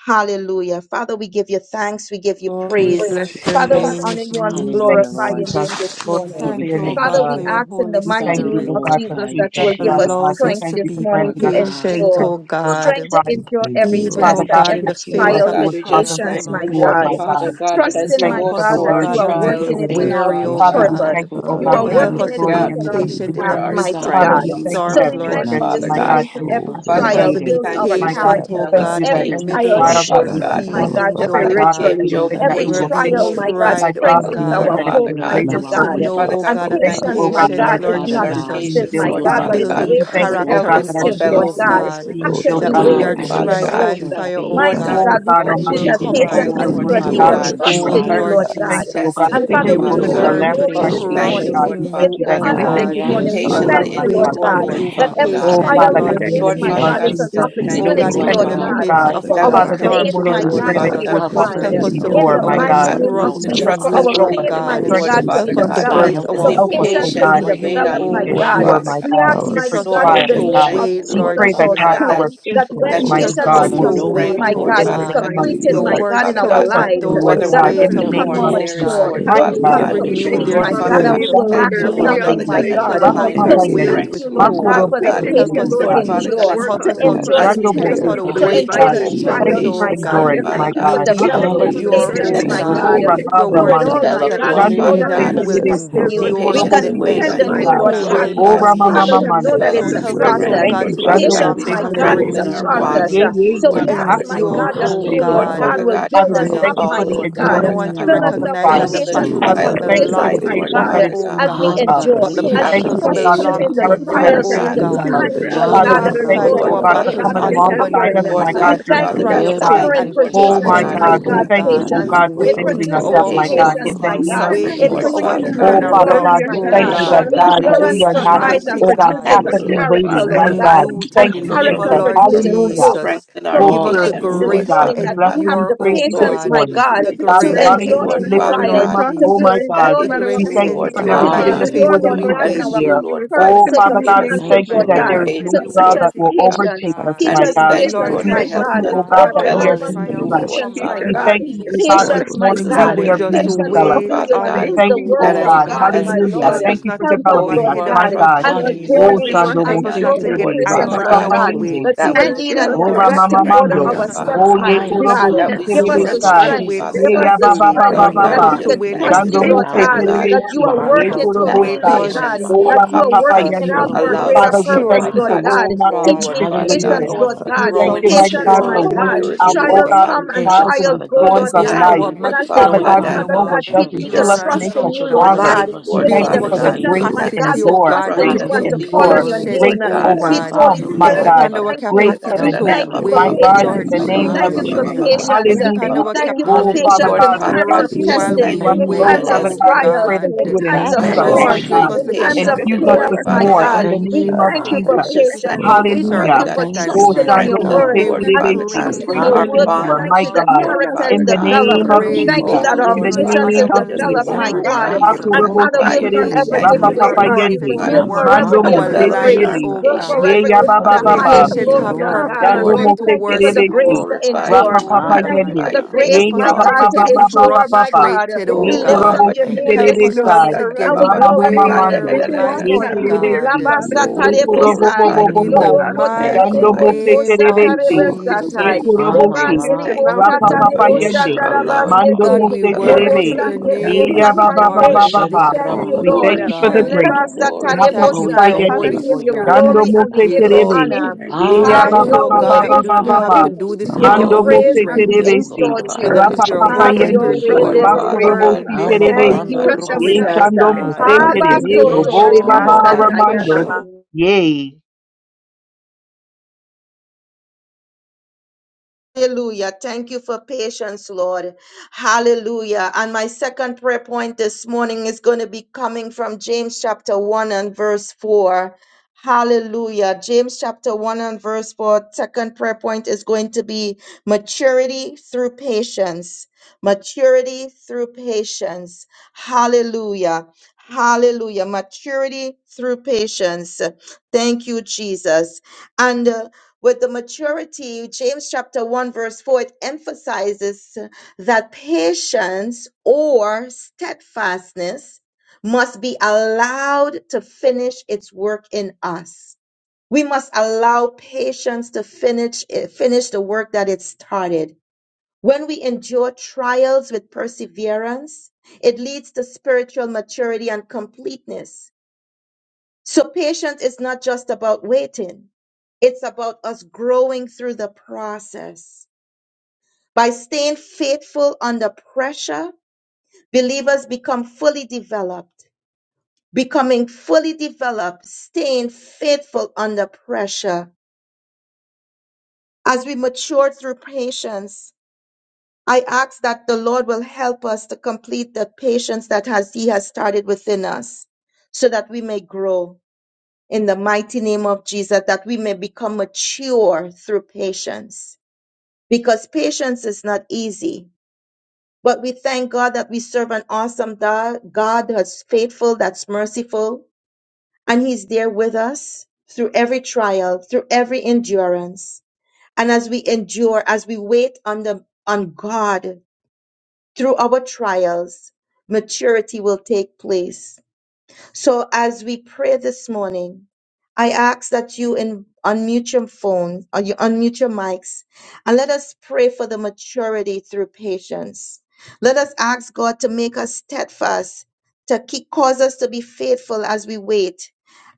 S3: Hallelujah. Father, we give you thanks. We give you
S6: Oh, we
S2: Thank
S3: praise.
S2: you,
S6: bless your
S3: Father,
S2: Jesus.
S3: we
S6: name,
S3: honor you and we
S1: Thank
S5: Hallelujah,
S1: you,
S3: glorify
S6: Jesus.
S3: your
S5: Lord.
S1: Jesus.
S3: name this
S6: We
S1: Glory
S3: morning.
S1: be
S5: Lord,
S1: to
S5: we
S6: thank
S1: your
S6: you, oh
S1: name,
S5: thank
S3: Father,
S6: God,
S1: God.
S6: for
S3: we
S6: your
S5: you.
S3: ask in
S6: Holy
S3: the
S1: We
S5: Father,
S3: mighty
S1: thank
S5: we
S1: you,
S3: name
S6: Spirit
S1: oh
S3: of
S1: God, for
S5: glorify
S3: Jesus
S5: you,
S3: that you
S1: patience,
S6: that
S3: will give
S1: Father
S3: us
S1: God.
S5: Jesus.
S6: allows
S1: We
S6: us
S3: strength
S1: thank
S6: to
S1: you
S3: this
S1: for
S6: be
S2: Thank you,
S3: morning
S5: Lord
S1: granting
S3: to
S1: us
S5: God,
S6: patient,
S2: Lord.
S3: endure,
S1: patience
S6: oh
S1: during our
S3: strength
S6: God,
S3: to
S2: We
S1: trials.
S3: endure
S2: thank
S3: every
S2: you,
S6: even,
S2: oh
S5: Lord,
S3: test
S1: Father
S6: oh
S2: God.
S5: we
S3: and
S1: God,
S6: God, in
S2: Thank
S3: every
S1: I
S6: the
S5: thank
S1: pray
S5: you.
S2: you.
S6: face
S1: that
S7: Lord
S3: trial
S6: of
S1: you
S3: with
S7: God,
S1: would
S7: we
S1: cause us
S7: just
S6: trials,
S1: to
S7: thank
S3: patience, my
S7: the
S6: Lord
S5: We
S1: endure,
S7: Lord
S3: God.
S1: my
S5: thank
S7: Father
S6: Jesus.
S1: God.
S5: you for
S7: God, that
S5: your
S1: We
S7: as
S3: Trusting,
S7: we
S1: thank
S3: my
S6: Help
S1: you
S7: go
S1: for
S6: us,
S1: the
S3: God,
S5: gifts.
S7: through
S6: oh
S3: that
S7: our
S1: word
S3: you
S6: God,
S1: that
S3: are
S6: not
S1: you
S6: to
S1: have
S2: Help
S5: We
S2: us
S6: get
S3: working
S7: trials,
S1: given
S3: it
S2: to
S1: us.
S3: in
S7: Lord
S2: be
S5: thank
S3: our
S5: you,
S6: weary,
S7: Father
S6: oh
S1: Father,
S5: Father
S7: God,
S2: patient,
S1: we
S5: God,
S3: purpose.
S1: thank
S6: God,
S2: oh
S5: for
S1: you, oh
S5: who
S7: we
S3: You
S2: God,
S1: God,
S3: are
S5: you
S7: do
S6: but
S1: for
S2: in
S1: the
S6: help
S7: not
S2: our
S3: working
S6: us
S5: are.
S3: it
S6: to
S1: maturity
S6: be
S3: out
S7: forget
S1: and
S3: on
S1: the
S3: our
S2: waiting.
S6: patient in
S2: Help
S6: the
S7: where
S3: behalf,
S1: completion.
S7: our
S2: us
S6: midst
S2: to
S3: mighty
S6: of
S5: God,
S7: strength
S1: Father,
S6: our
S2: be
S3: God.
S1: we
S5: you
S1: thank
S7: comes
S1: you
S3: So
S6: storms,
S7: from,
S1: that
S3: we
S6: Lord
S3: thank
S7: Lord
S3: you
S5: alone
S1: patience,
S2: not to
S3: this
S7: Father
S1: my
S5: can
S7: God.
S1: God,
S2: lose
S3: morning
S6: Jesus.
S3: for
S1: is
S5: help
S3: every
S2: hope
S1: active
S2: in
S7: Father
S6: Help
S5: us
S7: God,
S6: us
S2: our
S3: trial
S6: to
S1: waiting.
S6: be
S3: builds
S7: thank
S3: our
S7: you,
S1: My
S2: waiting,
S7: Lord, for
S6: patient,
S1: God, we
S2: Father
S6: oh
S3: character.
S7: giving
S1: thank
S2: God.
S6: God,
S7: us
S1: you
S6: in
S5: to
S6: the
S1: that
S3: Every
S5: build
S1: every
S7: patience,
S3: trial
S6: middle
S2: But
S6: of
S7: Lord
S2: oh
S1: trial that
S6: our
S7: Father
S5: patience,
S3: shapes
S2: God,
S1: we've
S3: us,
S5: Lord
S7: God.
S3: my
S1: gone
S5: God.
S3: God,
S2: develop
S1: through,
S6: seasons,
S2: us,
S7: Just
S1: my
S6: oh
S7: like
S2: oh
S7: you
S1: God, that
S7: gave
S6: God,
S5: We
S3: spiritually.
S2: God,
S5: know
S7: Job
S1: everything
S5: that
S1: that
S2: develop
S3: Every
S5: it's
S6: when
S1: we
S2: the
S6: we're
S5: not
S1: will
S7: patience to
S6: being
S1: face,
S3: trial,
S7: go
S3: my
S2: patience
S5: easy,
S8: Father,
S7: through
S2: in
S3: God,
S8: we
S7: his
S1: my
S6: tried,
S8: thank
S2: us,
S6: oh
S1: God,
S7: trials,
S1: we
S3: strengthens
S2: Father
S1: know
S5: but
S7: Lord
S8: you.
S3: our
S6: God.
S2: God,
S1: that
S5: God,
S1: it's
S8: We
S5: we
S7: Father
S3: hope,
S1: for a
S5: know
S7: God.
S5: that
S6: Help
S1: greater
S5: you
S3: mighty
S2: not
S6: us
S5: are
S2: to
S8: thank
S6: to
S3: God.
S1: purpose.
S5: with
S2: give
S6: know,
S7: Father
S2: up,
S6: oh
S7: God,
S3: And
S5: us.
S6: God,
S1: We
S7: we
S2: oh
S6: that the
S1: thank
S7: thank
S2: God,
S1: you,
S7: you,
S3: patience,
S1: oh
S3: my
S7: Lord
S1: God,
S5: We
S1: that
S6: patience,
S3: God,
S1: our
S5: know,
S7: Father
S3: is
S6: Lord
S7: God,
S5: Father
S7: that
S3: not
S1: patience
S7: our
S1: is
S2: to
S5: God,
S6: Jesus,
S1: being
S3: passive,
S2: give
S7: patience,
S5: that
S3: my
S1: built
S2: up,
S7: Lord
S5: you'll
S6: is
S3: God,
S1: up.
S2: oh
S3: but
S7: Father
S5: never
S3: it's
S2: God.
S7: God,
S6: building
S5: leave
S1: We thank
S5: us
S3: waiting
S7: would
S1: you,
S2: Develop
S3: and
S5: nor
S1: oh
S6: character
S7: help
S1: God,
S6: in
S7: us
S1: that
S2: the
S1: our
S3: active,
S5: forsake
S6: us,
S3: Lord
S7: develop
S2: patience
S6: oh
S5: us.
S2: in
S1: capacity
S3: God,
S1: is
S2: us to
S7: spiritual
S6: God.
S1: being
S2: go
S5: So,
S1: built
S3: actively
S6: That
S7: maturity,
S1: up
S6: when we
S5: God,
S1: in
S6: are
S7: Lord
S3: waiting
S1: the
S2: through,
S3: for
S5: as we
S7: Father
S2: Lord
S3: your
S1: name of
S6: tried
S2: God.
S7: God.
S5: seek
S6: by
S3: growth.
S5: your
S1: Jesus.
S6: fire, oh
S7: Lord
S3: Mighty
S7: God,
S5: face
S2: Develop
S6: God,
S1: Oh
S2: the
S3: God, we
S1: God
S7: go
S3: thank
S6: we
S3: you
S6: will
S1: Almighty,
S2: patience
S3: that
S5: to
S1: we
S2: in
S6: come
S1: thank
S9: In
S2: us
S1: you
S6: out
S3: patience
S2: to
S7: trials,
S1: for the
S3: leads
S9: the
S6: as
S5: endure
S8: you.
S7: Lord
S3: to
S1: word
S3: a
S1: of
S9: name of
S7: Father
S1: God
S3: deeper
S6: pure
S1: this
S7: God.
S9: Jesus,
S2: endure,
S5: in
S9: we
S3: trust
S2: Father
S1: morning.
S9: thank
S6: gold,
S3: in
S7: Our
S3: you,
S6: Lord
S9: you.
S3: Lord
S2: God,
S7: faith
S5: trials,
S1: We thank
S7: is
S3: God.
S1: you,
S8: Hallelujah,
S1: oh
S6: Jesus.
S1: God,
S7: tested,
S5: Father
S3: And
S2: to
S8: mighty
S9: We
S1: because
S7: Lord
S8: God.
S6: May
S3: Father,
S5: God,
S9: thank
S1: your
S9: you
S6: we
S3: we
S7: Father
S9: for
S5: we
S1: word
S9: the
S1: is
S3: give
S9: peace
S3: you
S7: God.
S5: seek
S1: our
S2: endure
S9: of
S8: Hallelujah,
S6: learn
S5: your
S9: the
S1: lamp
S6: to
S1: to
S3: glory
S7: But
S8: we
S1: our
S7: we
S9: Spirit,
S3: this
S5: face,
S2: without
S5: Lord
S1: feet,
S7: thank
S1: my
S7: you,
S9: Father.
S8: thank you,
S6: trust
S3: morning.
S8: God.
S1: God.
S2: getting
S5: Jesus.
S7: Lord
S6: in
S1: We
S3: We
S7: Father
S1: thank
S3: give
S6: you,
S1: you
S3: you
S7: God,
S1: that
S6: O
S7: that
S1: your
S9: We
S3: honor
S1: word
S5: And
S3: this
S2: mad,
S9: thank
S1: is
S5: we
S9: you
S1: a
S6: God.
S9: for
S7: we
S9: all
S1: lamp
S9: the
S3: morning.
S5: ask
S1: to
S3: We
S6: May
S5: you,
S9: fruits
S1: our
S8: Hallelujah,
S9: of
S6: we
S8: we
S9: the
S2: endure
S1: light,
S7: patiently
S3: thank
S5: Lord,
S1: my
S3: you,
S8: thank
S9: Spirit
S8: you
S3: Lord
S9: that
S6: wait
S1: God.
S2: without
S8: for
S7: endure,
S6: on
S9: forgive
S3: God,
S5: to
S9: us,
S7: Lord
S2: getting
S8: peace.
S6: you
S3: that
S5: help
S7: Father
S9: Father.
S3: every
S5: us
S7: God.
S5: to
S1: Oh
S8: Hallelujah, we thank
S2: Angry,
S6: patiently,
S3: trial
S5: build
S1: Father
S3: we
S9: Lord,
S6: Lord
S5: up
S9: I
S1: God, in
S9: ask
S5: in
S8: you
S1: the
S3: face,
S7: Lord
S8: for
S3: my
S1: name
S9: you,
S7: Father
S1: of
S8: peace.
S2: Help
S3: God,
S7: God,
S3: is
S2: us
S5: patience,
S3: an
S6: Jesus.
S7: we
S2: to
S7: just
S1: Jesus,
S9: increase
S8: We
S9: our
S6: Oh
S7: thank
S8: thank
S7: you,
S8: you
S5: knowing,
S6: God,
S1: we
S8: for
S3: opportunity,
S7: Lord
S9: patience,
S6: even
S1: thank
S5: Father
S3: Lord
S6: in
S2: endure,
S6: the
S1: you,
S9: Father.
S5: God,
S1: oh
S7: Father,
S8: patience,
S5: that
S3: God,
S5: the
S6: midst
S1: God.
S8: mighty
S6: of
S2: Father
S3: for
S8: God.
S6: our
S5: testing
S7: that
S3: our
S5: of
S7: we
S1: Father,
S2: God,
S5: our
S1: this
S9: Help
S5: faith,
S9: us
S3: faith,
S6: storms,
S9: with
S7: continue,
S1: morning
S3: my
S6: Lord
S5: Father,
S1: we
S7: Lord
S3: God,
S9: patience,
S1: pray
S3: to
S1: that
S7: Father
S3: be
S2: without
S1: you
S9: Father.
S7: God.
S6: Jesus,
S1: would
S5: comes
S9: Help
S7: We
S1: cause
S9: us
S1: us
S9: to
S3: refined
S5: from
S1: to
S6: help us
S2: cursing.
S5: you
S6: to
S7: continue,
S9: understand
S2: Oh,
S9: that
S3: in
S6: put
S1: endure,
S7: Lord
S3: the
S2: Father
S9: patience
S1: my
S6: our
S5: to
S9: is
S7: Father
S9: not
S1: God
S7: God,
S3: mighty
S9: the
S5: bring
S2: God,
S3: name of
S9: greedy,
S5: out
S7: to
S6: trust
S9: but
S1: teach
S5: in
S6: in
S9: it's
S1: us,
S3: Jesus,
S2: develop
S7: trust
S3: for
S9: a
S5: us,
S2: that
S6: you,
S7: and
S3: our
S1: show
S6: O
S9: posture
S1: us,
S7: believe
S5: Father,
S8: Hallelujah,
S3: faith,
S5: the
S7: in
S8: we
S9: towards
S7: you,
S6: God.
S3: mighty
S9: you.
S5: best.
S9: It's
S8: can
S7: Lord
S3: God,
S9: a
S1: strengthen
S3: to
S1: us,
S2: patience
S3: be
S6: Help
S7: Father
S8: trust
S2: in
S6: us
S9: respect
S8: you.
S6: to
S7: God,
S2: us,
S5: God,
S3: developed
S1: undergird
S6: place
S1: us,
S9: towards
S2: Father
S5: help
S9: you.
S7: as
S1: and
S3: for
S6: our
S8: From
S7: we
S2: God,
S5: us.
S1: help
S8: the
S2: that
S1: us,
S8: way
S1: oh
S3: patience
S6: hope
S8: we
S2: can
S3: to
S5: I
S3: be
S6: in
S1: God,
S8: can
S7: patiently
S5: pray in your
S7: wait
S6: you,
S8: trust
S1: as
S7: on
S3: developed,
S5: name,
S7: you,
S8: you,
S1: we
S3: my
S6: O
S5: Lord
S7: Lord
S3: God.
S1: endure,
S6: God.
S7: Father
S8: hallelujah,
S2: perfect
S1: my
S5: Jesus,
S3: We
S7: God.
S8: in the
S1: God,
S3: ask,
S1: the
S8: midst
S6: Teach
S1: different
S2: us,
S3: mighty
S8: of
S6: us
S5: to
S3: God,
S8: our
S7: Lord,
S5: be
S6: how
S7: we
S3: in
S1: trials,
S3: the
S6: to
S7: just
S8: storm,
S2: perfect
S3: name
S1: God.
S8: God,
S2: us,
S7: thank
S3: of
S8: I
S5: patient,
S8: want
S6: wait,
S7: you,
S1: We
S2: oh
S7: Lord
S8: you
S6: Lord
S8: in
S3: Jesus,
S1: pray
S2: God.
S1: that,
S8: it.
S7: Father
S3: Lord
S1: God,
S7: God,
S9: Help
S3: God,
S7: that
S1: our
S9: us
S8: We
S6: Jesus.
S9: dear
S8: can
S3: that
S1: patience,
S8: trust
S9: Father.
S3: when
S8: you
S7: that you
S2: Oh,
S6: Teach
S7: will
S1: mighty
S8: in
S6: us
S8: the
S9: Help
S7: give
S3: patience
S9: us
S6: how
S1: God,
S3: is
S7: us
S8: midst
S5: Father,
S9: to
S1: will
S6: to
S8: of
S1: be
S9: wait
S2: Jesus,
S8: our
S5: knowing,
S3: complete,
S9: while
S7: strength,
S6: wait,
S9: you,
S3: my
S8: storm.
S1: increased
S5: Father
S6: oh
S7: Lord
S9: while
S8: We
S3: God,
S9: you
S1: in
S7: Father
S2: Jesus,
S1: the
S3: it's
S5: God,
S8: will
S7: God,
S6: God.
S1: name
S9: refine
S8: pray
S7: that
S1: of
S9: us,
S8: you
S7: we
S3: completed,
S8: Lord,
S6: Your
S8: it
S3: my
S1: Jesus.
S2: Jesus,
S9: Lord.
S8: is
S7: need,
S3: God,
S8: you,
S6: words
S3: in
S7: Father
S8: Lord.
S9: Help
S6: tell
S3: our
S1: Help
S9: us,
S7: God,
S6: us
S1: us,
S9: help
S6: that
S9: us
S1: dear
S3: lives,
S7: to
S9: to
S6: those
S2: help
S6: who
S1: Lord
S8: No
S9: wait
S7: weather
S2: us
S3: that
S9: while
S8: good
S1: God,
S9: you
S2: to
S7: whatever
S8: will
S3: we'll
S6: wait
S1: in
S9: turn
S8: be
S1: the
S9: us
S5: there'll
S9: to
S8: big,
S5: be
S2: be
S3: become
S6: upon
S1: name
S3: more
S8: big,
S6: you,
S7: storms
S1: of
S9: mold,
S6: O
S7: there
S8: big, Lord,
S7: is,
S9: Father.
S1: Jesus.
S8: you
S3: mature,
S5: tests,
S6: God,
S7: Lord
S10: Thankful,
S8: will
S3: we'll
S1: Mighty
S7: Father
S8: see
S2: patiently
S6: will
S8: you,
S1: God,
S9: Hallelujah.
S3: become
S7: God.
S5: there'll
S8: Lord.
S5: be
S9: We
S6: renew
S1: we
S9: thank
S3: complete,
S2: waiting
S9: you,
S6: their
S1: give
S7: Lord
S3: my
S1: you
S9: Father,
S2: on
S7: Father
S3: God,
S8: Rabba,
S9: for
S5: trials,
S1: glory.
S3: and
S8: Rabba,
S7: God,
S2: you,
S3: we
S6: strength.
S9: being the
S3: will
S8: see,
S2: Father
S1: Shanda
S3: lack
S7: thank
S8: King,
S6: So,
S7: you,
S9: Potter.
S5: but
S2: God.
S8: Lord,
S7: Lord
S9: We
S8: you
S5: Lord,
S9: are
S6: Father,
S5: you
S9: the
S3: nothing,
S7: Father
S8: will
S5: will
S3: my
S7: God,
S5: be
S1: Musikiridi,
S8: see
S9: clay,
S7: that
S8: you,
S6: teach
S5: there.
S3: God.
S7: we
S8: Lord,
S6: us
S9: Father.
S8: you
S2: be
S1: Papa
S6: how
S9: We
S7: find
S6: to
S8: will
S3: So
S7: our
S1: Papa
S9: thank
S3: we
S8: see
S9: you.
S8: you,
S6: wait
S1: Yende,
S3: thank
S7: strength,
S6: with
S3: you,
S2: engaged
S8: Lord.
S3: Lord
S7: Lord
S2: in
S3: God,
S2: your
S7: Father
S1: Makoro
S6: hope.
S3: for
S9: We
S3: the
S7: God.
S2: word,
S9: thank
S8: Rabba,
S6: Help
S9: you,
S8: Rabba,
S1: Musikiridi,
S3: patience
S6: us
S3: to
S9: Lord,
S6: to
S7: Lord
S1: God.
S9: for
S8: see,
S6: te-
S7: Father
S9: doing
S8: King,
S9: the
S7: God,
S8: Lord,
S2: engage,
S1: We
S3: endure,
S7: as
S9: work
S7: we,
S8: you
S1: give
S6: help
S1: you
S3: to
S9: on
S6: us
S2: Father
S8: will
S9: us,
S6: how
S7: we
S2: God,
S1: glory.
S8: see
S6: to
S8: you,
S3: endure
S9: Father.
S2: in
S7: as
S3: the
S8: Lord.
S9: We
S1: Shanda
S7: we
S6: teach
S3: test.
S6: us
S9: thank
S8: Rabba,
S6: how
S9: you
S2: prayer
S6: to
S9: for
S8: Rabba,
S9: the
S3: To
S8: you
S6: wait
S5: God, we
S7: wait
S6: with
S8: see,
S3: endure
S7: in
S2: as
S1: Musikiridi,
S3: the
S8: King,
S9: refinement,
S5: thank
S7: hope
S2: we
S5: you.
S8: Lord.
S7: and
S9: Father.
S6: patience,
S1: Thank
S3: trials,
S1: you
S2: wait
S1: for
S3: my
S6: O
S8: Rabba,
S7: patience,
S8: Rabba,
S3: God.
S7: Lord
S2: upon
S3: We
S6: God.
S9: Yeah.
S1: endurance,
S8: see,
S7: Father
S1: my
S3: thank
S2: you,
S3: you
S7: God.
S3: for
S6: May
S1: God.
S8: King,
S6: we
S9: We
S8: Lord,
S2: as
S9: thank
S8: you
S9: you
S1: Hakorobo
S7: Lord,
S3: developing
S9: for
S7: we
S2: we
S8: will
S9: the
S1: si
S7: just
S6: endure,
S5: Hallelujah.
S8: see you,
S6: O
S9: furnace,
S3: patience,
S8: Lord.
S1: terebe,
S3: my
S2: patiently
S9: Father.
S3: God.
S6: God.
S1: robo
S9: We
S2: wait,
S9: thank
S1: raba
S6: Your
S9: you.
S2: oh
S3: Through
S9: We
S4: God,
S3: it
S6: words
S2: God.
S9: thank
S3: all,
S1: ramando.
S6: tell us
S3: my
S7: develop,
S6: that
S9: you.
S3: God,
S6: it
S7: Lord
S3: we
S6: is
S1: Shando
S3: know
S7: Father
S6: they
S1: mo
S8: Hallelujah,
S3: that
S9: Lord,
S6: that
S3: we
S9: I
S1: se
S7: God.
S6: who
S5: Hallelujah.
S9: ask
S4: God,
S3: can
S6: will
S8: Father.
S1: terebe
S9: you,
S2: Jesus,
S3: trust
S1: si,
S3: in
S9: dear
S2: help
S3: you
S7: We
S1: ye
S9: Lord,
S2: us
S9: to
S6: endure
S3: we
S9: just
S6: to
S2: not
S1: korobo
S3: can
S7: patiently
S2: to
S6: the
S1: si
S9: continue
S8: Hallelujah,
S9: to
S7: wait
S2: lose
S3: depend
S7: on
S6: end,
S1: terebe
S3: on
S7: you,
S8: develop
S9: refine
S3: you,
S9: us,
S1: sai.
S3: Lord
S7: Lord
S6: who
S2: focus,
S8: patience
S7: Father
S3: God,
S9: Lord.
S2: oh
S6: will
S8: in
S2: God,
S1: O
S6: be
S7: God.
S8: us,
S3: because
S1: rama
S5: Hallelujah,
S4: God,
S9: As
S8: Lord,
S3: Father,
S1: mama
S9: we
S6: saved.
S8: this
S9: have
S3: we
S7: We
S8: day.
S3: know
S1: mando.
S2: as
S3: that
S9: patience,
S6: So
S4: word. God,
S7: develop
S3: it's
S9: as
S2: we
S3: a
S9: we
S5: Jesus.
S6: help
S9: learn to
S6: us,
S2: wait
S6: O
S9: have
S7: strength,
S3: process.
S2: on
S1: Thank
S6: God,
S7: Lord
S1: you,
S6: to
S9: patience,
S6: be
S7: Father
S2: you.
S9: we
S1: Shando
S8: Hallelujah,
S9: ask
S7: God.
S1: Mose
S3: Patience,
S6: long
S7: We
S9: you
S3: my
S9: for
S8: mighty
S9: this
S3: God,
S8: God.
S6: suffering
S2: Oh
S3: it's
S7: strengthen
S3: a
S9: patience.
S1: Terebesi.
S6: this
S7: our
S5: Hallelujah!
S7: bond
S3: process.
S6: morning
S7: with
S1: Yay,
S3: Uh,
S2: Jesus,
S7: you,
S1: yay,
S3: So
S6: to
S4: God,
S1: yay.
S7: Lord
S3: we
S8: Yalabashi,
S3: ask,
S7: Father
S2: Jesus,
S8: Kiri,
S7: God.
S3: my
S1: Hakoro Mose
S2: help
S3: God,
S6: endure,
S3: that
S2: us,
S6: oh
S2: oh
S3: you,
S8: Yorudoshi,
S3: Lord
S7: Lord
S2: God.
S6: God,
S1: Terebeso.
S3: God,
S7: Father
S5: Hallelujah!
S3: will
S6: during
S7: God,
S1: Father,
S3: build
S1: we
S7: during
S3: us
S2: Help
S7: it
S3: up,
S1: thank
S8: Develop
S1: you
S2: us,
S6: trials,
S8: your
S1: for
S7: all,
S1: the
S2: oh
S3: mighty
S7: Lord
S6: to
S3: God.
S8: patience
S3: Uh,
S1: endurance
S7: Father
S2: God,
S6: know
S8: with
S6: and
S1: each
S6: to
S8: us,
S7: God,
S3: Fill
S1: uh,
S3: us
S2: to
S5: Mmm.
S1: for
S8: mighty
S3: up
S6: recognize
S3: with
S6: that
S1: trials.
S6: the
S7: during
S2: trust
S8: God.
S5: Thank
S7: the
S5: you,
S3: patience
S2: you
S6: battle
S1: Father,
S3: upon
S1: we
S5: Lord.
S6: doesn't
S7: trials
S2: while
S1: thank
S7: of
S2: we're
S1: you for
S3: patience,
S6: belong
S1: the
S7: life,
S6: to
S3: my
S8: Hallelujah,
S7: Lord
S1: patience
S6: us,
S3: God,
S1: that
S2: waiting.
S3: uh,
S8: mighty
S1: is
S7: Father
S8: God.
S6: oh
S3: as
S7: God,
S1: being
S8: And
S3: we
S1: built
S8: you
S6: God,
S2: Help
S8: have
S1: up.
S5: Yonder
S3: endure,
S6: but
S8: given
S6: the
S2: us,
S7: we
S8: us
S9: Lord,
S1: We
S2: oh
S3: as
S7: have
S8: mercy.
S3: we
S1: thank
S7: the
S9: keep
S2: God
S1: you,
S6: battles
S1: O
S5: Rikeshata
S3: trust
S1: God,
S9: us
S1: for
S3: you
S7: patience,
S1: the
S6: belong
S3: in
S9: keep
S5: tata.
S3: the
S6: to
S9: us
S7: Lord
S1: character
S9: within
S8: Thank
S1: that
S6: you,
S9: our
S8: you
S1: is
S3: trials
S7: Father
S3: and
S2: Trust
S6: oh
S8: for the
S1: being
S3: in
S9: grasp,
S7: God,
S3: the
S2: you
S9: within
S6: God.
S1: developed.
S9: your
S2: through
S8: patience
S3: times,
S2: the
S7: to
S8: that
S3: Lord
S6: So
S9: grasp,
S8: you
S7: look
S6: may
S8: are
S1: Father,
S5: Yonder
S3: God,
S7: to
S6: we
S3: that
S1: we
S2: trials,
S9: Father.
S3: we
S7: you,
S1: thank
S2: O
S8: developing
S5: Baba
S9: Lord,
S1: you,
S3: go
S6: fight
S8: in
S9: I
S7: Lord
S1: O
S5: Baba
S8: us.
S9: ask
S6: our
S2: God,
S3: through,
S1: God,
S9: you,
S3: Lord
S1: for
S9: Lord,
S7: Father
S9: to
S2: while
S6: battles
S3: God,
S9: keep
S1: coming
S2: we
S3: the
S5: Kushoto
S7: God.
S2: are
S6: on
S9: your
S5: to.
S8: Hallelujah.
S6: our
S9: hands on
S1: alongside
S2: waiting
S3: suffering.
S1: us,
S9: us,
S2: on
S3: Uh,
S7: Lord
S1: my
S6: knees,
S2: you
S3: We
S1: God,
S9: Father.
S7: God,
S2: to
S1: during
S3: thank you
S7: Father
S1: every
S3: that
S7: God,
S2: deliver us,
S5: Yonder
S6: prayerfully
S7: thank
S1: trial.
S3: suffering
S7: you,
S6: and
S8: Kiri,
S7: Lord
S1: Oh,
S8: Kiri,
S7: Father
S5: Rikeshata
S3: produces,
S1: my
S2: while
S7: God.
S2: we
S3: my
S2: are
S6: patiently,
S1: God,
S8: Yorudoshi,
S1: we
S5: tata.
S6: oh
S3: God,
S1: thank
S8: Yoruba.
S2: waiting
S1: you,
S6: God,
S2: on
S1: O
S3: patience.
S1: God,
S2: you
S1: for
S2: for
S3: It
S2: our
S6: waiting
S1: building
S6: for
S1: us
S8: Kiri.
S1: up,
S3: produces
S6: our
S5: Mama
S1: my God,
S5: Mama
S2: breakthrough.
S7: Patience is
S3: patience,
S6: hope,
S1: in the
S3: my
S7: long
S9: You
S1: name
S5: Ndrubu
S3: God.
S1: of
S9: said
S7: suffering,
S9: that
S2: Help
S6: waiting
S3: It
S1: Jesus.
S9: no
S5: Kushoto
S7: Lord
S2: us
S6: for
S9: one
S2: to
S5: to
S6: our
S9: can
S8: Kiri,
S7: Father
S3: produces
S5: to.
S9: deliver
S1: Oh,
S7: God.
S8: Kiri,
S9: us
S2: endure,
S1: Father
S9: out of
S3: endurance,
S1: God,
S6: turnaround,
S9: your
S3: my
S1: we
S8: Yorudoshi,
S2: Father
S6: oh
S1: thank
S9: hand,
S2: God,
S3: God.
S1: you
S8: Yoruba.
S5: Isham
S1: that
S9: Father.
S6: God,
S7: Lord God,
S1: God,
S7: we
S1: that
S5: Ndraba
S9: We
S1: we
S3: Endurance
S7: just
S1: are
S9: ask
S5: Kasha
S6: waiting,
S1: not,
S9: so
S3: provides
S9: be
S6: mighty
S3: and
S2: Jesus,
S5: tata.
S1: oh
S8: Kiri,
S1: God,
S6: God
S3: produces
S7: thank
S3: a
S7: you,
S2: Jesus,
S1: passively
S9: supported,
S8: Yorudoshi,
S7: Lord
S3: character,
S7: Jesus.
S1: waiting.
S9: Father.
S3: Lord
S1: My
S6: for
S7: for
S2: Jesus.
S3: God.
S1: God,
S8: Hallelujah.
S5: Mmm.
S1: we
S6: you to
S1: thank
S7: for,
S3: And
S1: you,
S7: for,
S5: Thank you,
S7: for,
S6: deliver,
S3: character
S7: for,
S1: Jesus.
S5: Lord.
S6: Lord
S2: Oh,
S7: for,
S3: produces
S7: for, for
S1: Hallelujah.
S3: hope.
S6: Jesus.
S7: strengthening our
S3: So
S4: God,
S1: Oh,
S3: we
S2: push
S6: Give us
S5: Lord,
S8: Thank
S5: we
S1: Spirit
S6: the
S3: thank
S1: of
S2: me,
S3: you
S1: the
S7: patience,
S3: this
S1: living
S7: Lord
S6: grace
S5: glorify
S1: God,
S3: morning
S6: to
S1: we
S5: you.
S7: Father
S3: that we
S1: bless
S7: God.
S1: and
S3: have
S1: we
S6: endure,
S3: the
S2: oh,
S1: praise
S6: oh
S1: you this
S7: Lord
S3: patience,
S2: take
S3: my
S6: God,
S1: morning.
S7: Jesus,
S3: God,
S2: it,
S6: the
S7: we
S9: Be
S1: God,
S3: to
S7: just
S1: we
S6: grace
S8: you
S1: honor
S7: thank
S6: to
S9: courageous,
S7: you,
S1: you
S3: endure
S1: and
S2: and
S1: we
S7: Lord
S9: Father.
S3: in
S2: get
S1: lift
S9: Help
S2: it,
S9: us
S6: endure,
S2: and
S8: for
S9: to
S7: Father
S1: your
S8: your
S9: be
S3: trials,
S1: name
S6: Lord
S7: God,
S1: up.
S9: strong
S8: mercy.
S3: to
S2: rock
S9: and
S1: Oh,
S3: do,
S2: it,
S1: my
S6: Jesus,
S9: courageous
S7: that
S1: God,
S3: endure
S9: no
S2: shake
S6: the
S7: it
S2: it,
S3: in
S9: matter
S7: is
S9: what
S1: we
S6: grace
S7: you,
S9: we
S6: to
S1: thank you
S3: testings,
S9: see
S7: Lord
S1: for
S2: rock
S6: endure
S9: dear
S1: never
S3: to
S2: it,
S7: Father
S6: by
S2: and
S1: giving
S2: it,
S7: God.
S9: Father.
S1: us
S2: and
S9: Thank
S1: more
S3: endure,
S9: you,
S3: Lord
S1: than
S6: faithfully
S1: we
S9: Lord,
S3: God,
S9: to
S5: Hallelujah!
S7: That
S3: in
S1: can
S7: is
S3: our
S7: you,
S6: waiting,
S1: bear.
S9: continue
S7: Lord
S9: with
S6: the
S9: us.
S2: wash
S3: current
S7: Father
S1: Oh,
S7: God.
S6: grace
S1: Father
S6: to
S7: who
S9: Continue
S7: gave
S1: God,
S7: us
S9: being
S1: we
S6: endure
S3: circumstances,
S1: thank
S5: Thank
S7: the
S5: you,
S1: you
S3: Lord
S6: by
S9: patient
S7: fruit
S2: it,
S1: that
S7: of
S9: with
S3: God.
S1: there
S2: um,
S5: Lord.
S9: us,
S1: is no
S3: So
S6: patiently
S2: push
S7: patience,
S9: Father.
S3: teach
S1: trial
S7: Lord
S2: it,
S3: us
S1: that
S6: waiting,
S7: Father
S1: will
S7: God.
S6: oh
S3: patience.
S1: overtake
S2: rock
S1: us,
S6: God.
S2: it,
S3: Teach
S7: And
S1: my
S2: and
S7: we
S3: us
S2: it,
S1: God.
S7: thank
S9: You've
S7: you,
S2: and
S6: Lord,
S9: been
S2: rock
S3: patience,
S7: Lord,
S1: We
S7: for
S2: it,
S3: my
S6: help
S2: shake
S1: thank
S9: gracious,
S6: us,
S2: it,
S7: helping
S1: you,
S3: God.
S7: us
S9: dear
S1: oh
S6: God,
S7: to
S1: God,
S6: that
S9: Father.
S1: that
S6: when
S1: we
S6: the
S7: develop
S1: are
S3: Overwhelm
S9: Lord,
S8: Hallelujah.
S7: this
S3: us
S1: being
S3: with
S9: teach
S2: and
S7: fruit,
S6: trials
S5: Hallelujah!
S9: us,
S2: get,
S7: Lord
S1: stretched.
S2: shake
S3: patience,
S6: come,
S2: it,
S9: teach
S3: my
S7: Father
S6: Lord
S2: and
S9: us,
S1: We
S2: it,
S3: God.
S7: God.
S1: thank
S8: We
S1: you,
S9: teach
S8: will
S9: us,
S1: oh
S8: not
S1: God,
S7: Lord
S1: this
S6: Jesus,
S9: Father.
S8: lack
S3: Patience,
S2: oh,
S3: my
S8: your
S2: shake
S1: morning
S7: Jesus,
S6: we
S1: that
S3: God
S8: mercy.
S7: we
S2: it,
S1: we
S6: would
S7: just
S1: are
S6: just
S7: thank
S1: being
S5: Hallelujah!
S7: you,
S3: patience to
S1: developed.
S7: Lord
S2: rock
S9: Help
S3: do
S6: wait
S8: Yes,
S9: us,
S7: Father
S3: your
S6: on
S9: Father.
S1: We
S7: God,
S8: yes,
S3: things,
S1: thank
S3: the
S8: yes, yes,
S9: Increase
S1: you,
S6: you,
S8: yes,
S9: the
S7: that
S3: works
S1: oh
S8: yes,
S7: as
S3: of
S6: oh
S5: Oh,
S1: God.
S5: we
S8: yes,
S9: patience
S3: God,
S8: Lord.
S7: as
S3: my
S6: God.
S9: within us,
S7: we
S5: thank
S1: Hallelujah.
S3: Lord.
S7: as
S2: it,
S6: Help
S9: Father.
S1: Thank
S6: us
S7: we
S1: you
S5: you.
S8: Hallelujah.
S6: not
S1: for
S6: to
S3: Help us,
S6: go
S7: go
S1: developing
S3: Lord
S7: through
S1: us,
S2: and
S8: I
S2: get
S6: ahead
S7: our
S6: of
S1: my
S3: God,
S8: will
S6: you,
S7: trials
S8: let
S1: God.
S9: I
S8: the
S3: as
S7: and
S9: know
S10: uh,
S3: we
S9: as
S7: we
S3: grow
S7: wait
S2: back,
S8: patient
S1: Oh,
S5: Hallelujah,
S9: humans
S6: Jesus.
S3: in
S9: we
S8: and
S5: God.
S9: want
S1: Shando
S3: as
S6: Help
S7: patiently
S1: Mose
S9: things
S3: we
S6: us
S5: Thank
S8: the
S7: on
S9: just
S3: grow
S6: not
S5: you.
S6: to
S7: you,
S3: in
S6: get
S7: Lord
S1: Terebe,
S9: yesterday,
S3: patience,
S4: God,
S7: Father
S1: Rapa
S6: angry
S2: um,
S3: Lord
S6: in
S7: God
S8: Hallelujah.
S1: Papa
S9: Father.
S6: our
S5: Thank
S3: God,
S5: you,
S1: Yende,
S3: that
S5: Lord.
S3: you
S7: that we
S3: will
S6: waiting.
S10: Thank
S9: Ask
S8: Abba,
S3: lead
S9: you,
S8: back
S3: and
S9: Lord,
S6: Help
S7: develop
S9: to
S1: O
S8: to
S6: us
S8: you,
S7: our
S6: not
S3: direct
S6: to
S3: and
S9: continue
S6: get
S7: strength,
S9: to
S3: order
S5: Lead
S1: Ramamamando.
S7: Lord
S3: our
S5: us,
S6: anxious
S7: Father
S6: in
S3: steps,
S5: God.
S8: We
S1: O
S6: our
S7: God,
S1: ye
S5: Guide
S9: It
S8: can
S3: mighty
S9: Just
S8: let
S5: us,
S8: it
S3: God.
S1: kurobo
S9: feed
S6: waiting,
S7: that
S1: si
S9: us,
S8: to
S7: we
S5: Father.
S3: Give
S8: you,
S6: but
S5: Help
S9: feed
S3: us
S8: Lord.
S1: terebe
S3: the
S9: us,
S5: us,
S6: help
S8: You're
S5: Lord
S6: us
S7: strengthen,
S8: the
S1: sai.
S6: to
S7: Lord
S9: Father,
S3: strength.
S9: the
S6: wait
S7: Father
S3: Give
S5: Jesus.
S1: Ye
S3: us
S9: spiritual
S7: God.
S1: ya ba
S3: the
S9: gifts,
S1: ba
S6: hopefully.
S9: Father,
S3: strength
S7: Lord
S9: that
S5: Knowing,
S9: we
S3: that
S7: God,
S6: Help
S5: God,
S9: will
S7: we
S6: us
S3: we
S5: that
S6: to
S7: just
S5: we
S3: can
S5: can
S6: wait
S5: do
S3: trust
S7: thank you,
S8: Lord.
S3: you,
S5: nothing
S1: Shando
S7: Lord
S1: mo
S3: Lord
S8: You're
S5: without
S1: se
S9: increase
S8: the
S7: Father
S8: Lord.
S3: God,
S5: you.
S9: where we
S7: God,
S6: expectantly.
S1: terebe
S3: that
S9: lack,
S3: you
S1: si.
S5: You
S3: are
S5: are
S8: Hallelujah.
S5: our
S9: Father.
S6: Help
S1: Ye
S6: us
S3: working
S5: help.
S6: to
S3: for
S5: You
S7: that
S1: kurobo
S5: are
S7: the
S3: me,
S5: our
S6: wait,
S3: Lord
S6: Lord
S5: strength,
S3: God,
S7: patience,
S5: Father
S1: O
S8: Yea,
S7: Lord
S3: that you
S5: God.
S1: rapa
S7: Father
S8: the
S3: are
S1: papa
S7: God,
S3: working it
S6: Jesus,
S5: You
S3: out
S1: yende.
S5: alone
S3: for a
S5: can
S6: with
S8: testing
S7: allows
S5: help
S8: of
S3: greater
S1: Father,
S7: us,
S8: our
S5: us,
S1: we
S5: oh
S7: Lord
S3: purpose,
S1: thank
S7: Father
S1: you
S8: faith,
S5: God.
S3: Lord
S6: maturity,
S1: for
S7: God, to
S3: God.
S6: oh
S1: working out
S7: grow,
S3: Teach
S8: hallelujah.
S1: every
S6: God.
S7: Lord
S3: me
S7: Father
S8: The
S6: Build
S7: God,
S3: patience,
S1: situation.
S6: our
S3: Lord
S5: Hallelujah.
S8: testing
S7: to
S8: of
S1: We
S3: God.
S8: our
S7: grow
S1: thank
S6: spiritual
S1: you,
S7: into
S8: faith
S1: mighty
S5: Patience,
S3: Patience,
S1: God,
S8: leads to
S3: my
S7: spiritual
S1: for
S5: Father
S6: maturity,
S9: Oh,
S5: God,
S3: God.
S6: Lord
S9: thank
S8: deep
S1: working
S5: to
S9: you,
S7: purity,
S1: out,
S9: Lord.
S7: Lord
S1: oh
S5: endure.
S9: I
S3: Trials
S1: God,
S6: Jesus
S7: Father
S1: the
S3: come
S9: thank
S8: patience.
S3: and
S7: God.
S9: you.
S1: trials
S5: Patience,
S1: and
S3: trials
S1: the
S5: Father
S3: go,
S7: We
S9: I
S5: God, to
S1: storms
S3: Lord
S7: just
S1: of
S5: go
S6: build
S8: Rababasi, in
S3: God.
S7: thank
S1: life.
S6: our
S7: you,
S8: the
S5: through.
S3: And
S7: Lord
S3: as
S9: Thank
S8: name
S9: you
S7: Father
S3: they
S8: of
S1: Father
S5: Knowing,
S3: come,
S7: God,
S6: maturity
S1: God,
S6: and
S8: Jesus.
S7: that
S5: Father
S1: we
S9: so
S3: Father
S1: know
S5: God,
S6: our
S3: God,
S1: what
S5: that you are
S3: keep
S7: we
S1: doesn't
S3: me to
S1: kill
S5: there,
S1: us
S7: just
S8: Ramadan thinking the
S3: trust
S6: endurance,
S2: Patience,
S1: makes
S8: Lord
S6: oh
S1: us
S3: in
S5: that
S8: is
S3: you,
S5: you'll
S3: Lord
S5: never
S6: God.
S1: stronger.
S3: God.
S7: like,
S5: leave
S8: siyendo.
S5: us,
S1: We
S5: you'll
S2: we
S7: Lord
S3: Give me
S1: thank
S6: Build
S5: never
S1: you
S3: the
S6: our
S7: Father
S2: wait
S1: for the
S2: on
S7: God,
S5: forsake
S8: Thank
S3: patience,
S1: grace
S3: my
S1: to
S5: us.
S7: that
S2: you,
S3: God,
S6: capacity,
S7: as we
S3: to
S6: oh
S1: endure,
S3: trust
S6: God,
S7: trust
S3: in
S6: to
S5: God,
S1: grace
S3: you
S5: we
S7: and
S1: to
S3: and
S6: be
S9: much.
S2: Lord
S5: give
S3: to
S5: you
S7: believe
S3: call
S7: in
S3: on
S1: endure,
S3: your
S7: you,
S5: glory.
S2: Jesus,
S6: patient,
S3: name.
S1: grace
S7: Lord
S1: to
S6: oh
S7: God,
S9: Oh,
S3: Sweet
S2: Jesus,
S6: God.
S3: Holy
S1: overcome,
S5: Father, we
S10: you,
S1: my
S10: yeah,
S3: Spirit,
S7: Lord
S5: honor
S2: Jesus,
S3: we
S1: God
S6: Expand our
S5: you.
S7: Father
S3: thank you.
S1: grace
S7: God,
S1: for
S4: God,
S6: capacity
S1: the
S3: We
S5: Help
S6: to
S2: not
S5: us,
S1: next.
S3: thank you
S2: get
S3: for
S5: Lord.
S1: My
S6: wait,
S1: God,
S2: weary
S1: in
S6: Lord
S3: patience.
S1: the
S2: and
S4: God,
S9: Lord,
S2: well
S3: We
S1: name
S9: thank
S3: thank
S1: of
S9: you,
S3: you
S9: Lord.
S3: for
S2: doing,
S9: I
S6: Jesus.
S1: Jesus.
S5: Hallelujah.
S9: thank you.
S3: patience.
S2: Father.
S9: I
S6: Expand
S1: Hallelujah.
S3: We
S9: thank
S6: our
S3: thank
S9: you.
S3: you for
S1: Oh,
S6: capacity
S1: Father
S6: to
S2: Let
S3: patience
S5: Hallelujah,
S2: us
S3: in
S1: God,
S9: We
S2: be
S1: where
S5: God.
S3: times
S1: our
S9: thank
S3: of
S7: we
S9: you,
S6: trust
S1: grace
S7: just
S9: Lord.
S1: may
S5: We
S6: while
S2: patient,
S9: We
S1: be
S3: testing,
S6: we
S7: thank you,
S9: thank
S3: in
S1: running
S9: you,
S5: thank
S7: Lord,
S5: you,
S9: Lord.
S1: low,
S6: wait,
S7: that
S3: times
S9: Your
S3: of
S1: Father
S7: as
S5: Lord.
S6: oh
S1: God,
S7: we
S9: patience
S1: we
S9: this
S1: pray
S3: trials,
S1: that you
S3: in
S5: We
S6: God.
S9: morning,
S1: would
S3: times
S9: Father.
S3: of
S5: thank
S1: infuse
S7: uh,
S8: you.
S5: you,
S9: And
S1: us,
S8: Jesus.
S9: I
S5: Lord
S7: as
S9: thank
S2: patient
S1: my
S7: we
S6: Lord,
S3: storms,
S2: at
S9: you,
S2: the
S6: give
S7: wait
S8: Thank
S1: God.
S9: Lord,
S6: us
S3: in
S9: for
S6: the
S8: you,
S5: Jesus.
S8: Lord.
S9: Jesus,
S3: times of
S8: You're
S9: for
S2: perfect
S7: patiently,
S6: capacity
S1: Infuse
S8: all
S1: us
S9: your
S2: work
S6: to
S7: Lord
S3: chaos,
S1: with
S9: work.
S2: in
S3: my
S4: God,
S7: Father
S5: We
S2: us,
S1: more
S8: siyendo.
S6: endure
S7: God,
S1: in
S3: God.
S1: the
S6: even
S5: thank
S3: We
S1: name
S6: in
S5: you,
S6: the
S1: of
S2: God.
S3: thank you
S6: face
S9: We
S3: for
S8: Ramadan
S7: we
S9: thank
S1: Jesus.
S6: of
S5: Father.
S9: you, Lord,
S7: just
S8: thinking
S7: thank
S3: patience.
S8: the
S2: Oh
S7: you,
S6: difficult
S7: Lord
S3: We
S9: for your work,
S8: Lord
S2: God,
S8: is
S5: We
S3: thank
S9: Father.
S7: Father
S1: Hallelujah.
S3: you
S7: God,
S3: for
S7: that
S8: siyendo.
S7: we
S5: thank you,
S1: Oh,
S3: trusting
S2: patient,
S6: circumstances.
S3: on
S5: mighty
S1: Shando
S3: your
S9: Keep
S1: Mose
S9: your
S7: strengthen,
S3: word.
S5: God.
S6: May
S9: hand
S7: Lord
S6: we
S9: on
S2: perfect
S3: As
S9: us,
S3: we
S7: Father God,
S8: Hallelujah,
S1: Terebesi,
S3: trust
S2: work.
S9: Father.
S3: in
S6: praise
S1: grace
S2: in
S6: you,
S2: us.
S3: your
S7: our
S1: to
S6: O
S3: word,
S8: Jesus.
S3: we
S9: Hallelujah.
S6: God,
S7: bond
S1: endure,
S6: at
S5: Hallelujah.
S3: thank
S1: my
S3: you
S7: with
S6: all
S3: that
S7: you,
S9: No
S1: God,
S7: Lord
S9: one
S6: times.
S9: else
S3: character is
S7: Father
S1: in
S9: can
S8: Lord,
S1: the
S8: it
S9: teach,
S6: May
S7: God.
S8: is
S6: your
S3: developed.
S9: no
S1: name
S9: one
S8: the
S9: else
S1: of
S3: We
S2: Jesus,
S6: praise
S9: do
S8: moment
S3: thank
S6: be
S9: what
S3: you
S8: you
S1: Jesus,
S3: that
S7: Oh
S9: you
S8: call
S3: our
S1: in
S5: Androbokoshoto.
S9: do,
S8: it
S7: Lord
S1: the
S8: a
S6: continually
S2: Jesus,
S8: little
S7: Father
S3: patience
S9: Father.
S6: on
S1: name
S3: is
S7: God, we
S6: our
S1: of
S7: just
S9: Hallelujah.
S3: developed,
S9: So
S6: lips,
S1: Jesus.
S9: we
S3: my
S6: Lord
S9: wait
S3: God.
S7: glorify
S9: on
S7: you
S9: you,
S7: and
S6: Jesus.
S3: And
S9: Father.
S8: You
S3: Father,
S7: magnify
S1: Hakorobosi
S6: May
S8: call
S3: we'll
S7: you,
S8: me
S7: and we
S8: a
S1: Terebe,
S3: forever
S9: Hallelujah.
S8: little
S6: patience
S7: thank
S5: Yamamamandrobokoshototo.
S3: give
S9: We
S1: Rapa
S3: you
S6: have
S7: you,
S3: the
S2: Jesus,
S9: wait
S6: her
S7: Lord
S1: Papa
S9: on
S7: Father
S3: glory.
S9: you,
S1: Yende,
S6: perfect
S7: God,
S9: Lord.
S3: We'll
S2: Jesus,
S6: work
S2: Jesus,
S3: forever
S6: in
S1: Mando
S7: for
S9: Help
S3: give
S6: our
S9: us
S3: you
S9: to
S3: the
S1: Mose
S2: Jesus.
S9: wait
S7: developing
S6: lives,
S7: our
S9: on
S3: praise.
S1: Terebe,
S9: you,
S5: Yamamamandrikishatata.
S6: O
S3: We'll
S9: Father.
S8: Hallelujah,
S9: You
S7: patience,
S1: Ye
S9: should
S3: forever
S6: God.
S8: Jesus.
S1: ya
S9: know
S7: Lord
S3: give
S9: as
S1: ba
S3: you
S9: you
S1: ba
S6: Let
S7: Father
S3: the
S5: We
S1: ba
S9: wait.
S7: God.
S1: ba.
S3: highest
S5: thank
S2: Patience
S6: patience
S5: you,
S3: glory,
S6: have
S2: have
S9: Hallelujah.
S3: Lord
S6: her
S2: its
S5: Lord.
S9: Upon
S3: God.
S9: the
S7: Lord
S1: Dando
S9: Lord.
S3: We
S8: Hallelujah,
S1: mo
S6: perfect
S9: will-
S2: perfect
S1: se
S3: thank you for
S6: work
S7: Jesus,
S2: work.
S8: Jesus.
S3: the
S6: in
S7: we
S3: grace
S2: Not
S1: terebesi.
S6: our
S3: to
S7: glorify
S6: hearts,
S7: you,
S1: Rapa
S3: endure.
S7: we
S6: O
S3: We
S1: papa
S3: thank you
S9: Hallelujah.
S6: God.
S3: for
S1: yende.
S7: magnify
S3: the
S9: We
S7: you,
S5: Hallelujah.
S7: we
S9: thank
S1: Ye
S3: grace,
S6: Help
S8: Hallelujah.
S9: you.
S6: us
S3: my
S1: ya
S9: We
S1: ba
S7: exalt
S6: not
S3: God,
S6: to
S9: thank
S1: ba
S3: to
S1: ba
S6: get
S9: you.
S7: you,
S9: We
S1: ba
S7: Lord.
S9: thank
S1: ba
S9: you.
S1: ba
S3: endure,
S1: ba
S3: my
S1: ba.
S3: God.
S6: frustrated,
S9: They
S3: We
S6: O
S1: Ye
S9: shall
S7: Oh, la
S9: mount
S3: lift
S5: Oh,
S7: ba
S9: up
S5: we
S3: up
S6: God.
S7: ba
S1: kurobo
S9: with
S3: your
S1: si
S8: Hallelujah.
S7: da
S9: wings
S7: da
S5: thank
S3: name
S5: you,
S9: as
S7: da da,
S6: Help
S3: this
S5: Lord.
S6: us
S9: eagles. They
S6: not
S3: morning
S1: terebesai.
S6: to
S7: masta
S9: shall
S7: da da
S9: run
S3: and
S6: get
S7: ba
S9: and
S3: we
S7: ba ba,
S9: not
S1: Rama
S8: Rababa,
S1: mama
S7: da
S9: faint.
S8: thank
S3: glorify
S7: da
S3: your
S8: you,
S7: da
S9: They
S1: mando.
S6: weary,
S7: da
S8: Lord,
S3: name
S9: shall
S2: get
S7: da da
S8: Lord,
S3: this
S5: Purify
S9: walk
S7: da
S2: it
S9: and
S5: us,
S1: Ye
S8: Lord,
S6: mighty
S7: da.
S9: not
S3: morning.
S9: be
S5: God.
S8: Lord.
S9: weary,
S6: God.
S1: terebesi.
S9: Father.
S2: and
S8: Let
S2: get
S7: Oh,
S10: Father,
S2: it
S8: me
S1: Ye
S7: we
S2: and it.
S9: Hallelujah.
S8: endure
S1: kurobo
S8: the
S1: bo
S3: Labasatarebosai.
S7: glorify
S1: bo
S8: moment
S9: Jesus,
S8: you
S1: bo
S7: you,
S8: call
S6: In
S1: bo.
S9: Lord,
S7: Lord.
S6: the
S8: it
S7: We
S8: a
S5: Mm,
S9: out
S5: we
S9: of
S8: little
S2: But
S5: thank you,
S6: mighty
S9: wait.
S1: Dando
S7: magnify
S8: spirit.
S7: you.
S5: Lord.
S1: mose se
S6: name
S7: Thank
S6: of
S9: We
S7: you,
S1: terebesi.
S9: thank
S7: Lord.
S8: Hallelujah,
S9: you,
S10: for
S8: let
S9: we
S8: me
S1: Ye
S3: Lobokoterebenderibosatarebesatai.
S9: thank
S6: Jesus.
S9: you, we
S5: Ah,
S1: kurobo
S8: endure
S7: We
S9: thank
S5: mama,
S8: the
S1: si.
S7: just
S9: you,
S3: Lebandere
S5: mama.
S8: moment
S7: thank
S8: you
S7: you,
S9: Jamaica,
S8: call
S1: Rapa
S7: Lord
S3: bokata
S9: for
S8: it
S2: number
S7: God,
S1: papa
S8: a
S2: of
S9: being with
S8: little
S1: yende.
S7: for
S9: you,
S3: rebosata
S9: for
S2: shake
S8: spirit.
S5: Yeshandra
S7: allowing us
S9: being
S2: it.
S5: baba
S9: with
S1: Mando
S5: baba
S9: you,
S6: God,
S1: mose
S3: rabasete.
S7: to
S6: we
S5: bako
S1: se
S7: develop
S2: Blah
S9: Father.
S7: our
S2: blah blah
S5: shoto
S1: terebe.
S6: worship
S5: to
S7: faith
S6: your
S5: to
S2: blah blah
S5: to.
S3: Lobosandere
S7: and
S9: Hallelujah.
S1: Ye
S9: We
S6: name
S7: Lord
S1: ya
S6: this
S9: need
S3: bokata
S1: ba
S7: Father.
S1: ba
S9: you,
S8: Hallelujah.
S1: ba
S2: blah
S6: morning
S1: ba
S9: Lord.
S3: ye.
S1: ba
S6: for
S1: ba.
S6: this
S3: Thank
S8: as
S5: Yeshandra
S2: blah
S7: Oh,
S3: you,
S2: blah blah
S5: baba
S1: We
S6: fruit,
S2: blah
S9: We
S8: witness
S6: oh
S3: Lord.
S7: glory
S1: thank
S5: bako
S7: to
S9: need
S1: you
S8: through
S1: for
S7: your
S1: the
S9: you.
S5: shoto
S6: God.
S5: to
S1: grace.
S8: trials
S7: name,
S5: to.
S8: and
S6: We
S3: Lebasata
S7: glory
S9: Hallelujah.
S7: to
S1: Rapa
S7: your
S6: thank
S5: Oh,
S6: you
S8: tribulations.
S5: we
S6: for
S1: Papa
S3: rebosai.
S6: your
S5: thank you
S1: Yende,
S6: Holy
S3: We give
S5: for
S8: Hallelujah.
S3: you
S5: your
S9: Hallelujah.
S6: Spirit and
S1: Dando
S3: glory
S5: grace,
S6: his
S3: and we
S1: Mose
S3: give
S5: God.
S3: you
S6: gifts.
S7: glory
S8: Hallelujah,
S1: Terebe,
S7: to
S3: honor.
S7: your
S9: Increase,
S6: We
S7: name,
S2: blah
S1: Yeya
S9: Father.
S8: Jesus.
S3: Have
S6: thank you,
S2: blah
S1: Baba
S7: glory
S6: oh
S3: your
S7: to
S2: blah
S9: Increase,
S3: way
S6: God,
S1: Baba
S7: your
S2: shake
S6: that we
S3: this
S6: do
S1: Baba
S6: not
S9: increase,
S8: As
S2: it.
S5: Hallelujah.
S6: have
S8: we
S6: to
S1: Baba,
S3: morning.
S6: do
S9: increase,
S3: We
S6: this in
S8: pursue
S3: give
S2: Number
S3: you
S6: our
S2: of
S7: glory
S1: Mando
S9: increase,
S6: own
S8: walk
S3: praise
S7: to
S8: in
S1: Mose
S8: the
S3: and
S2: shake
S9: increase,
S7: your
S3: we
S6: strength,
S2: it.
S1: Terebe
S7: name,
S9: increase,
S1: Si,
S7: Lord
S3: exalt
S9: and
S8: relationship,
S5: Hallelujah.
S7: Father
S6: but
S2: I
S6: that
S3: you.
S9: trust,
S6: it
S7: God.
S2: get
S1: Rapa
S6: is your
S2: it.
S9: Father.
S5: We
S1: Papa
S9: Help
S3: Have
S6: Holy
S9: us
S8: as
S9: to
S3: your
S8: we
S6: Spirit
S1: Yende,
S5: thank
S6: who
S9: trust
S3: way
S6: will
S7: Lord
S9: while
S3: this
S5: you.
S9: we're
S8: pursue
S7: Father
S8: the
S9: waiting,
S1: Makorobo
S6: work
S7: God,
S3: morning.
S1: Si
S5: Ah,
S9: Father.
S7: Lord
S6: this
S8: everlasting
S5: mama,
S2: I
S3: Thank
S1: Terebe,
S7: Father
S6: thing
S5: mando
S8: kingdom
S7: God,
S3: you,
S6: in
S7: we
S9: Trust
S5: robo
S9: that
S6: us,
S9: we're
S7: just
S1: Ye
S5: ko
S9: not
S8: relationship,
S7: thank
S6: oh
S3: Jesus.
S7: you,
S1: Chando
S8: we
S5: shoto.
S9: forgotten.
S7: Lord
S1: Mose
S9: Trust
S6: God.
S7: Father,
S2: get
S9: that
S2: it.
S3: Haba
S9: things
S1: Terebe,
S9: are
S2: I get
S9: going
S3: soto
S9: as
S1: Robo
S8: will
S9: you
S8: be
S7: that
S5: Yeshandra
S9: want
S1: Raba
S9: them
S7: as
S5: baba
S9: to
S8: victorious
S3: rebasata
S6: Lord,
S9: go.
S7: you
S2: it.
S1: Ramando,
S8: in
S5: kasha.
S9: Trust
S7: go-
S3: yaraba.
S6: mature.
S9: us.
S8: the
S1: Yay.
S3: Hallelujah. Thank you for patience, Lord. Hallelujah. And my second prayer point this morning is going to be coming from James chapter 1 and verse 4. Hallelujah. James chapter 1 and verse 4. Second prayer point is going to be maturity through patience. Maturity through patience. Hallelujah. Hallelujah. Maturity through patience. Thank you, Jesus. And uh, with the maturity, James chapter 1, verse 4, it emphasizes that patience or steadfastness must be allowed to finish its work in us. We must allow patience to finish, eh, finish the work that it started. When we endure trials with perseverance, it leads to spiritual maturity and completeness so patience is not just about waiting. It's about us growing through the process. By staying faithful under pressure, believers become fully developed. Becoming fully developed, staying faithful under pressure. As we mature through patience, I ask that the Lord will help us to complete the patience that has, He has started within us so that we may grow in the mighty name of Jesus that we may become mature through patience. Because patience is not easy. But we thank God that we serve an awesome God, God that's faithful, that's merciful, and He's there with us through every trial, through every endurance. And as we endure, as we wait on the on God through our trials, maturity will take place so as we pray this morning, I ask that you in, unmute your phone or you unmute your mics and let us pray for the maturity through patience. Let us ask God to make us steadfast, to keep, cause us to be faithful as we wait.